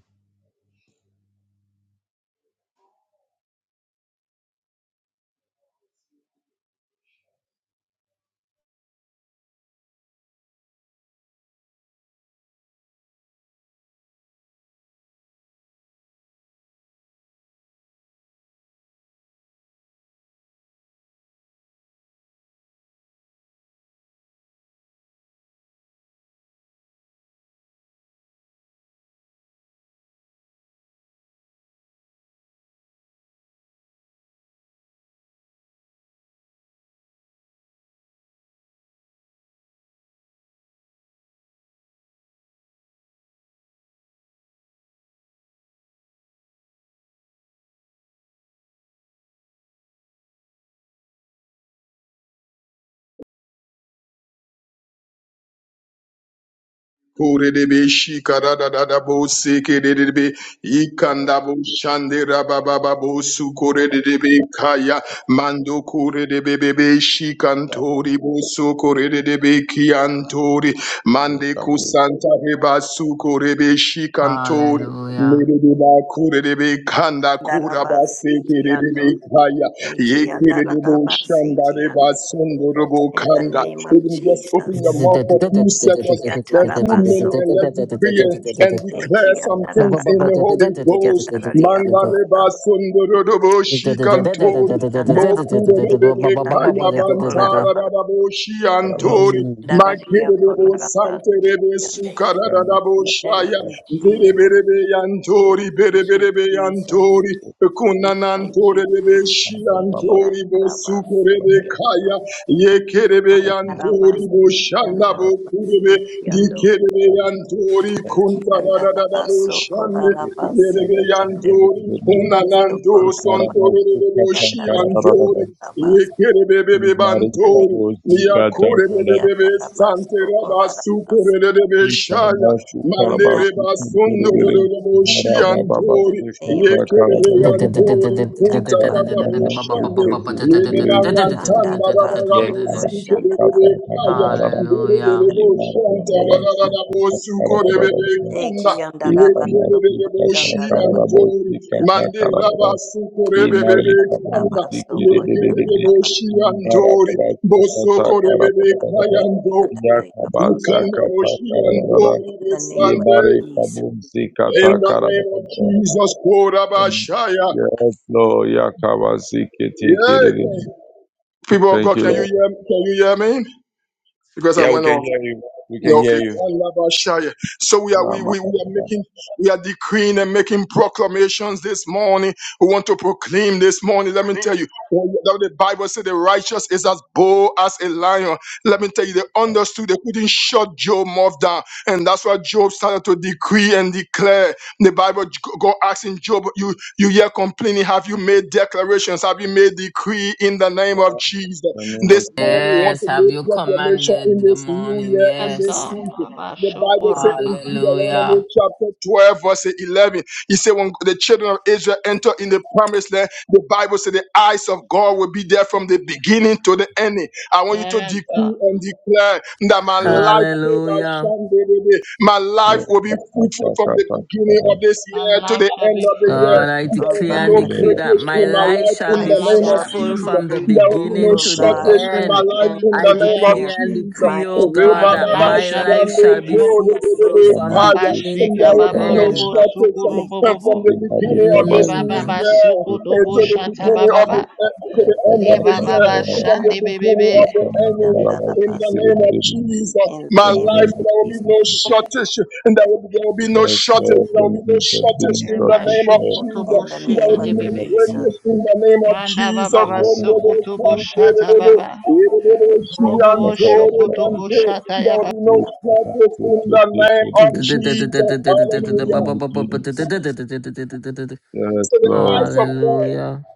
[SPEAKER 2] Kurebe shikara da da da bo seke de de be ikanda bo shande raba bo su kore de de be kaya mando kore de be be be shikantori bo su kore de de be kiantori mande
[SPEAKER 3] Kabu,
[SPEAKER 2] kusanta be su kore be shikantori
[SPEAKER 4] Hallelujah.
[SPEAKER 2] Lede kure de be kanda kura ba seke de de be
[SPEAKER 6] Darabasikiando,
[SPEAKER 2] kaya ye de bo shanda re
[SPEAKER 6] ekiandarabasikiande.
[SPEAKER 2] sundoro bo
[SPEAKER 6] In the
[SPEAKER 2] kanda
[SPEAKER 6] name of
[SPEAKER 2] even just open your
[SPEAKER 6] Jesus.
[SPEAKER 2] mouth
[SPEAKER 4] Hallelujah.
[SPEAKER 2] for a few seconds there are too many,
[SPEAKER 6] Ikiatarabaso,
[SPEAKER 2] and let's decree and declare some
[SPEAKER 3] Karabas,
[SPEAKER 2] things in the
[SPEAKER 6] ekiandarabasiandararia,
[SPEAKER 2] Holy Ghost. Manda reba sundo rodobo shikantori,
[SPEAKER 6] Eki andaraba,
[SPEAKER 2] bokuro
[SPEAKER 6] eki
[SPEAKER 2] rebebe kaya
[SPEAKER 6] andararia
[SPEAKER 2] bantara
[SPEAKER 6] kolaraba,
[SPEAKER 2] radabo
[SPEAKER 3] Karabas,
[SPEAKER 6] eki
[SPEAKER 2] shiantori,
[SPEAKER 6] andararia
[SPEAKER 2] makere rebo
[SPEAKER 6] kolaraba.
[SPEAKER 2] sante rebe sukara radabo
[SPEAKER 6] We
[SPEAKER 2] shaya,
[SPEAKER 6] thank you,
[SPEAKER 2] berebe
[SPEAKER 6] Jesus.
[SPEAKER 2] rebe
[SPEAKER 6] We
[SPEAKER 2] yantori,
[SPEAKER 6] thank
[SPEAKER 2] berebe
[SPEAKER 6] you,
[SPEAKER 2] rebe
[SPEAKER 6] Jesus.
[SPEAKER 2] yantori,
[SPEAKER 6] We thank you,
[SPEAKER 2] kunanantore rebe
[SPEAKER 6] Jesus. Eki
[SPEAKER 3] Babas,
[SPEAKER 2] shiantori,
[SPEAKER 6] andaraba,
[SPEAKER 2] bosuko rebe
[SPEAKER 6] eki
[SPEAKER 3] Karabas,
[SPEAKER 2] kaya, yekerebe
[SPEAKER 6] andaraba,
[SPEAKER 2] yantori,
[SPEAKER 6] eki
[SPEAKER 2] boshanda
[SPEAKER 6] andaraba,
[SPEAKER 2] bokurebe,
[SPEAKER 6] eki ando,
[SPEAKER 2] Dikere
[SPEAKER 3] Karabas,
[SPEAKER 2] yantori
[SPEAKER 6] eki
[SPEAKER 2] kunta
[SPEAKER 3] Karabas,
[SPEAKER 2] da da da da
[SPEAKER 6] andaraba, so
[SPEAKER 2] boşandı.
[SPEAKER 6] kolaraba, eki
[SPEAKER 2] Yerebe
[SPEAKER 6] ando,
[SPEAKER 2] yantori
[SPEAKER 6] so
[SPEAKER 2] kunalanto
[SPEAKER 6] kolaraba,
[SPEAKER 2] sontori de de
[SPEAKER 6] eki
[SPEAKER 2] boşi
[SPEAKER 6] andararia
[SPEAKER 2] yantori.
[SPEAKER 6] kolaraba.
[SPEAKER 2] Yekere bebe be
[SPEAKER 6] In the name
[SPEAKER 2] bantori.
[SPEAKER 6] of Jesus.
[SPEAKER 2] Yakure bebe
[SPEAKER 3] Karabas,
[SPEAKER 2] bebe sante
[SPEAKER 6] Yatarabaso
[SPEAKER 2] raba
[SPEAKER 6] kolarabas.
[SPEAKER 2] supere de de shaya, Mandere basundoro
[SPEAKER 6] Andarabasikia in
[SPEAKER 2] de de boşi
[SPEAKER 6] the
[SPEAKER 2] yantori.
[SPEAKER 6] name of
[SPEAKER 2] Yekere be
[SPEAKER 6] Jesus.
[SPEAKER 2] yantori kunta da da boşandı.
[SPEAKER 6] Yatarabasikiando.
[SPEAKER 2] Yene mangan tanda da da da
[SPEAKER 6] Andarabaso
[SPEAKER 2] boşi kere
[SPEAKER 6] koshandarabasi
[SPEAKER 2] kaya.
[SPEAKER 3] Yes,
[SPEAKER 2] Mandera
[SPEAKER 6] in the
[SPEAKER 3] Yes,
[SPEAKER 6] name of Jesus. Eki and Ekiandarabaso koshandarabasiande. Sikiyatarabaso koshandarabasi. Ekiandarabasikiandarayakora. In the name of
[SPEAKER 2] In the name of Jesus, Korabashaya.
[SPEAKER 3] Lord. Yakabazike, take
[SPEAKER 2] Yeah.
[SPEAKER 3] it.
[SPEAKER 2] People of
[SPEAKER 3] Thank
[SPEAKER 2] God,
[SPEAKER 3] you,
[SPEAKER 2] can you
[SPEAKER 3] Lord.
[SPEAKER 2] hear, can you hear me? Because I
[SPEAKER 3] Yeah, we
[SPEAKER 2] went off.
[SPEAKER 3] can hear you. We can hear
[SPEAKER 2] Okay,
[SPEAKER 3] you.
[SPEAKER 2] Kalabashaya. so we are
[SPEAKER 3] Yeah,
[SPEAKER 2] we, we, we are making we are decreeing and making proclamations this morning. We want to proclaim this morning. Let me tell you, when the the Bible says the righteous is as bold as a lion. Let me tell you, they understood they couldn't shut Job mouth down, and that's why Job started to decree and declare. The Bible God asking Job, you you hear complaining, have you made declarations? Have you made decree in the name
[SPEAKER 3] man.
[SPEAKER 2] of Jesus?
[SPEAKER 3] the name
[SPEAKER 2] This
[SPEAKER 3] of
[SPEAKER 2] morning, we want
[SPEAKER 3] Jesus.
[SPEAKER 4] Yes,
[SPEAKER 2] to
[SPEAKER 4] have
[SPEAKER 2] make
[SPEAKER 4] you
[SPEAKER 2] proclamation in
[SPEAKER 4] commanded the
[SPEAKER 2] this new
[SPEAKER 4] morning?
[SPEAKER 2] year, in
[SPEAKER 1] Yes,
[SPEAKER 2] this
[SPEAKER 4] Yes.
[SPEAKER 2] season.
[SPEAKER 1] God. Baba
[SPEAKER 2] The Bible says
[SPEAKER 1] Shukura
[SPEAKER 2] in
[SPEAKER 1] Baba.
[SPEAKER 2] Deuteronomy
[SPEAKER 4] Hallelujah.
[SPEAKER 2] chapter 12, verse 11, he said, When the children of Israel enter in the promised land, the Bible said, The eyes of God will be there from the beginning to the ending. I want you to
[SPEAKER 1] Yes,
[SPEAKER 2] decree
[SPEAKER 1] God.
[SPEAKER 2] and declare that my
[SPEAKER 3] Yes,
[SPEAKER 2] life,
[SPEAKER 4] Hallelujah.
[SPEAKER 2] my life
[SPEAKER 3] Lord,
[SPEAKER 2] will be
[SPEAKER 3] I
[SPEAKER 2] fruitful from
[SPEAKER 3] sacrifice
[SPEAKER 2] the
[SPEAKER 3] to
[SPEAKER 2] beginning of
[SPEAKER 3] God.
[SPEAKER 2] this
[SPEAKER 1] Our
[SPEAKER 2] year to
[SPEAKER 1] life
[SPEAKER 2] the
[SPEAKER 1] shall
[SPEAKER 2] end
[SPEAKER 1] be
[SPEAKER 2] of the
[SPEAKER 3] The
[SPEAKER 2] year.
[SPEAKER 1] fruitful.
[SPEAKER 3] name
[SPEAKER 4] God, I
[SPEAKER 2] There will
[SPEAKER 4] decree
[SPEAKER 2] be
[SPEAKER 3] of
[SPEAKER 4] and
[SPEAKER 2] no
[SPEAKER 3] the
[SPEAKER 6] Jesus.
[SPEAKER 4] decree
[SPEAKER 3] Lord,
[SPEAKER 4] that
[SPEAKER 2] breakage
[SPEAKER 4] my
[SPEAKER 2] in my
[SPEAKER 6] My
[SPEAKER 4] life
[SPEAKER 2] life
[SPEAKER 4] shall
[SPEAKER 2] in
[SPEAKER 1] Our
[SPEAKER 2] the
[SPEAKER 4] be
[SPEAKER 6] life
[SPEAKER 1] life
[SPEAKER 2] name of
[SPEAKER 6] shall
[SPEAKER 1] shall be
[SPEAKER 4] fruitful
[SPEAKER 6] be
[SPEAKER 2] Jesus.
[SPEAKER 4] from the
[SPEAKER 1] fruitful.
[SPEAKER 2] There will be
[SPEAKER 6] fruitful,
[SPEAKER 2] no
[SPEAKER 4] beginning
[SPEAKER 6] O
[SPEAKER 4] to the
[SPEAKER 3] Lord.
[SPEAKER 6] God,
[SPEAKER 2] shortage
[SPEAKER 1] From
[SPEAKER 2] in
[SPEAKER 1] the
[SPEAKER 2] my
[SPEAKER 4] end.
[SPEAKER 2] life
[SPEAKER 6] and
[SPEAKER 1] beginning
[SPEAKER 2] in
[SPEAKER 1] to
[SPEAKER 2] the
[SPEAKER 4] I
[SPEAKER 1] the
[SPEAKER 2] name of
[SPEAKER 1] end,
[SPEAKER 6] dear.
[SPEAKER 4] declare and
[SPEAKER 2] Jesus.
[SPEAKER 6] My
[SPEAKER 4] decree, oh
[SPEAKER 6] children,
[SPEAKER 4] God,
[SPEAKER 1] my
[SPEAKER 4] that
[SPEAKER 3] the
[SPEAKER 2] Re-ba-ba-ba,
[SPEAKER 3] name
[SPEAKER 1] life
[SPEAKER 6] I
[SPEAKER 4] my
[SPEAKER 6] shall
[SPEAKER 1] shall be
[SPEAKER 4] life
[SPEAKER 2] shande,
[SPEAKER 4] shall be
[SPEAKER 6] be
[SPEAKER 1] fruitful.
[SPEAKER 2] kore,
[SPEAKER 6] fruitful,
[SPEAKER 4] fruitful
[SPEAKER 3] of
[SPEAKER 2] re-re-re,
[SPEAKER 6] O
[SPEAKER 3] the
[SPEAKER 4] from
[SPEAKER 3] man,
[SPEAKER 6] God,
[SPEAKER 2] kaya.
[SPEAKER 1] Baba
[SPEAKER 3] the
[SPEAKER 4] beginning
[SPEAKER 2] And
[SPEAKER 4] to
[SPEAKER 1] Shika
[SPEAKER 2] there
[SPEAKER 6] in
[SPEAKER 4] the
[SPEAKER 2] will be
[SPEAKER 1] Baba
[SPEAKER 3] Lord,
[SPEAKER 2] no
[SPEAKER 6] the name
[SPEAKER 4] end.
[SPEAKER 1] Lobo
[SPEAKER 6] of
[SPEAKER 2] shortage and
[SPEAKER 1] Sukuru
[SPEAKER 2] and
[SPEAKER 6] Jesus.
[SPEAKER 2] from
[SPEAKER 1] Bobo.
[SPEAKER 2] the
[SPEAKER 3] the public
[SPEAKER 2] beginning of
[SPEAKER 1] Ye
[SPEAKER 2] this
[SPEAKER 3] about
[SPEAKER 2] new
[SPEAKER 3] the
[SPEAKER 1] Baba
[SPEAKER 4] Mm.
[SPEAKER 6] Thank you.
[SPEAKER 2] year
[SPEAKER 1] Suku
[SPEAKER 2] eh, to
[SPEAKER 1] Dobo
[SPEAKER 6] for
[SPEAKER 3] Lord,
[SPEAKER 2] the
[SPEAKER 1] Shata
[SPEAKER 2] beginning
[SPEAKER 6] Yatato,
[SPEAKER 2] of the
[SPEAKER 3] the
[SPEAKER 1] Baba.
[SPEAKER 2] eh, to the end of
[SPEAKER 3] sacrifice
[SPEAKER 2] the
[SPEAKER 1] Leba
[SPEAKER 3] to the
[SPEAKER 2] year
[SPEAKER 1] baba
[SPEAKER 6] Eki
[SPEAKER 2] and
[SPEAKER 3] Lord,
[SPEAKER 2] from the
[SPEAKER 1] shandi
[SPEAKER 2] beginning
[SPEAKER 3] the
[SPEAKER 6] Atarabaso,
[SPEAKER 1] bebebe.
[SPEAKER 2] of the
[SPEAKER 3] name of the
[SPEAKER 2] ending
[SPEAKER 3] Lord,
[SPEAKER 2] in
[SPEAKER 3] the
[SPEAKER 2] the
[SPEAKER 6] Yatarabasi.
[SPEAKER 2] name of
[SPEAKER 3] name
[SPEAKER 2] Jesus.
[SPEAKER 6] In
[SPEAKER 2] My
[SPEAKER 6] the
[SPEAKER 3] in
[SPEAKER 6] name of
[SPEAKER 3] the
[SPEAKER 2] life
[SPEAKER 3] name of
[SPEAKER 2] there will
[SPEAKER 6] Jesus.
[SPEAKER 2] be no
[SPEAKER 3] Jesus,
[SPEAKER 2] shortage and there will be, there will
[SPEAKER 3] the
[SPEAKER 2] be no
[SPEAKER 3] best
[SPEAKER 2] shortage.
[SPEAKER 3] Lord, the
[SPEAKER 2] There will
[SPEAKER 3] name
[SPEAKER 2] be no
[SPEAKER 3] of the
[SPEAKER 2] shortage
[SPEAKER 3] being
[SPEAKER 2] in the
[SPEAKER 1] Eba
[SPEAKER 3] trusted
[SPEAKER 2] name of
[SPEAKER 3] Lord,
[SPEAKER 1] shoko
[SPEAKER 2] Jesus
[SPEAKER 1] tobo
[SPEAKER 6] In the
[SPEAKER 2] that
[SPEAKER 6] name
[SPEAKER 1] sheke
[SPEAKER 3] in
[SPEAKER 6] of
[SPEAKER 2] will be
[SPEAKER 3] the name
[SPEAKER 2] made
[SPEAKER 1] debebe.
[SPEAKER 3] of
[SPEAKER 6] Jesus.
[SPEAKER 3] Jesus,
[SPEAKER 2] greatest in
[SPEAKER 3] in
[SPEAKER 2] the name of
[SPEAKER 1] Manda
[SPEAKER 2] Jesus.
[SPEAKER 1] baba
[SPEAKER 2] There
[SPEAKER 3] the
[SPEAKER 2] will
[SPEAKER 3] name
[SPEAKER 2] be
[SPEAKER 3] of
[SPEAKER 2] no
[SPEAKER 1] basoko tobo
[SPEAKER 3] Jesus,
[SPEAKER 1] baba.
[SPEAKER 3] thank
[SPEAKER 1] Robo
[SPEAKER 3] the
[SPEAKER 1] bo
[SPEAKER 3] God of
[SPEAKER 1] shoko
[SPEAKER 3] God,
[SPEAKER 1] tobo
[SPEAKER 6] I'm
[SPEAKER 3] you
[SPEAKER 6] happy.
[SPEAKER 3] are the
[SPEAKER 2] shortage
[SPEAKER 3] Lord,
[SPEAKER 2] in the name of
[SPEAKER 3] the
[SPEAKER 2] Jesus.
[SPEAKER 6] In the name
[SPEAKER 3] name
[SPEAKER 2] Hallelujah.
[SPEAKER 6] of
[SPEAKER 3] of Jesus.
[SPEAKER 6] Jesus.
[SPEAKER 3] Yes, Lord.
[SPEAKER 2] Eyes of God
[SPEAKER 4] Hallelujah.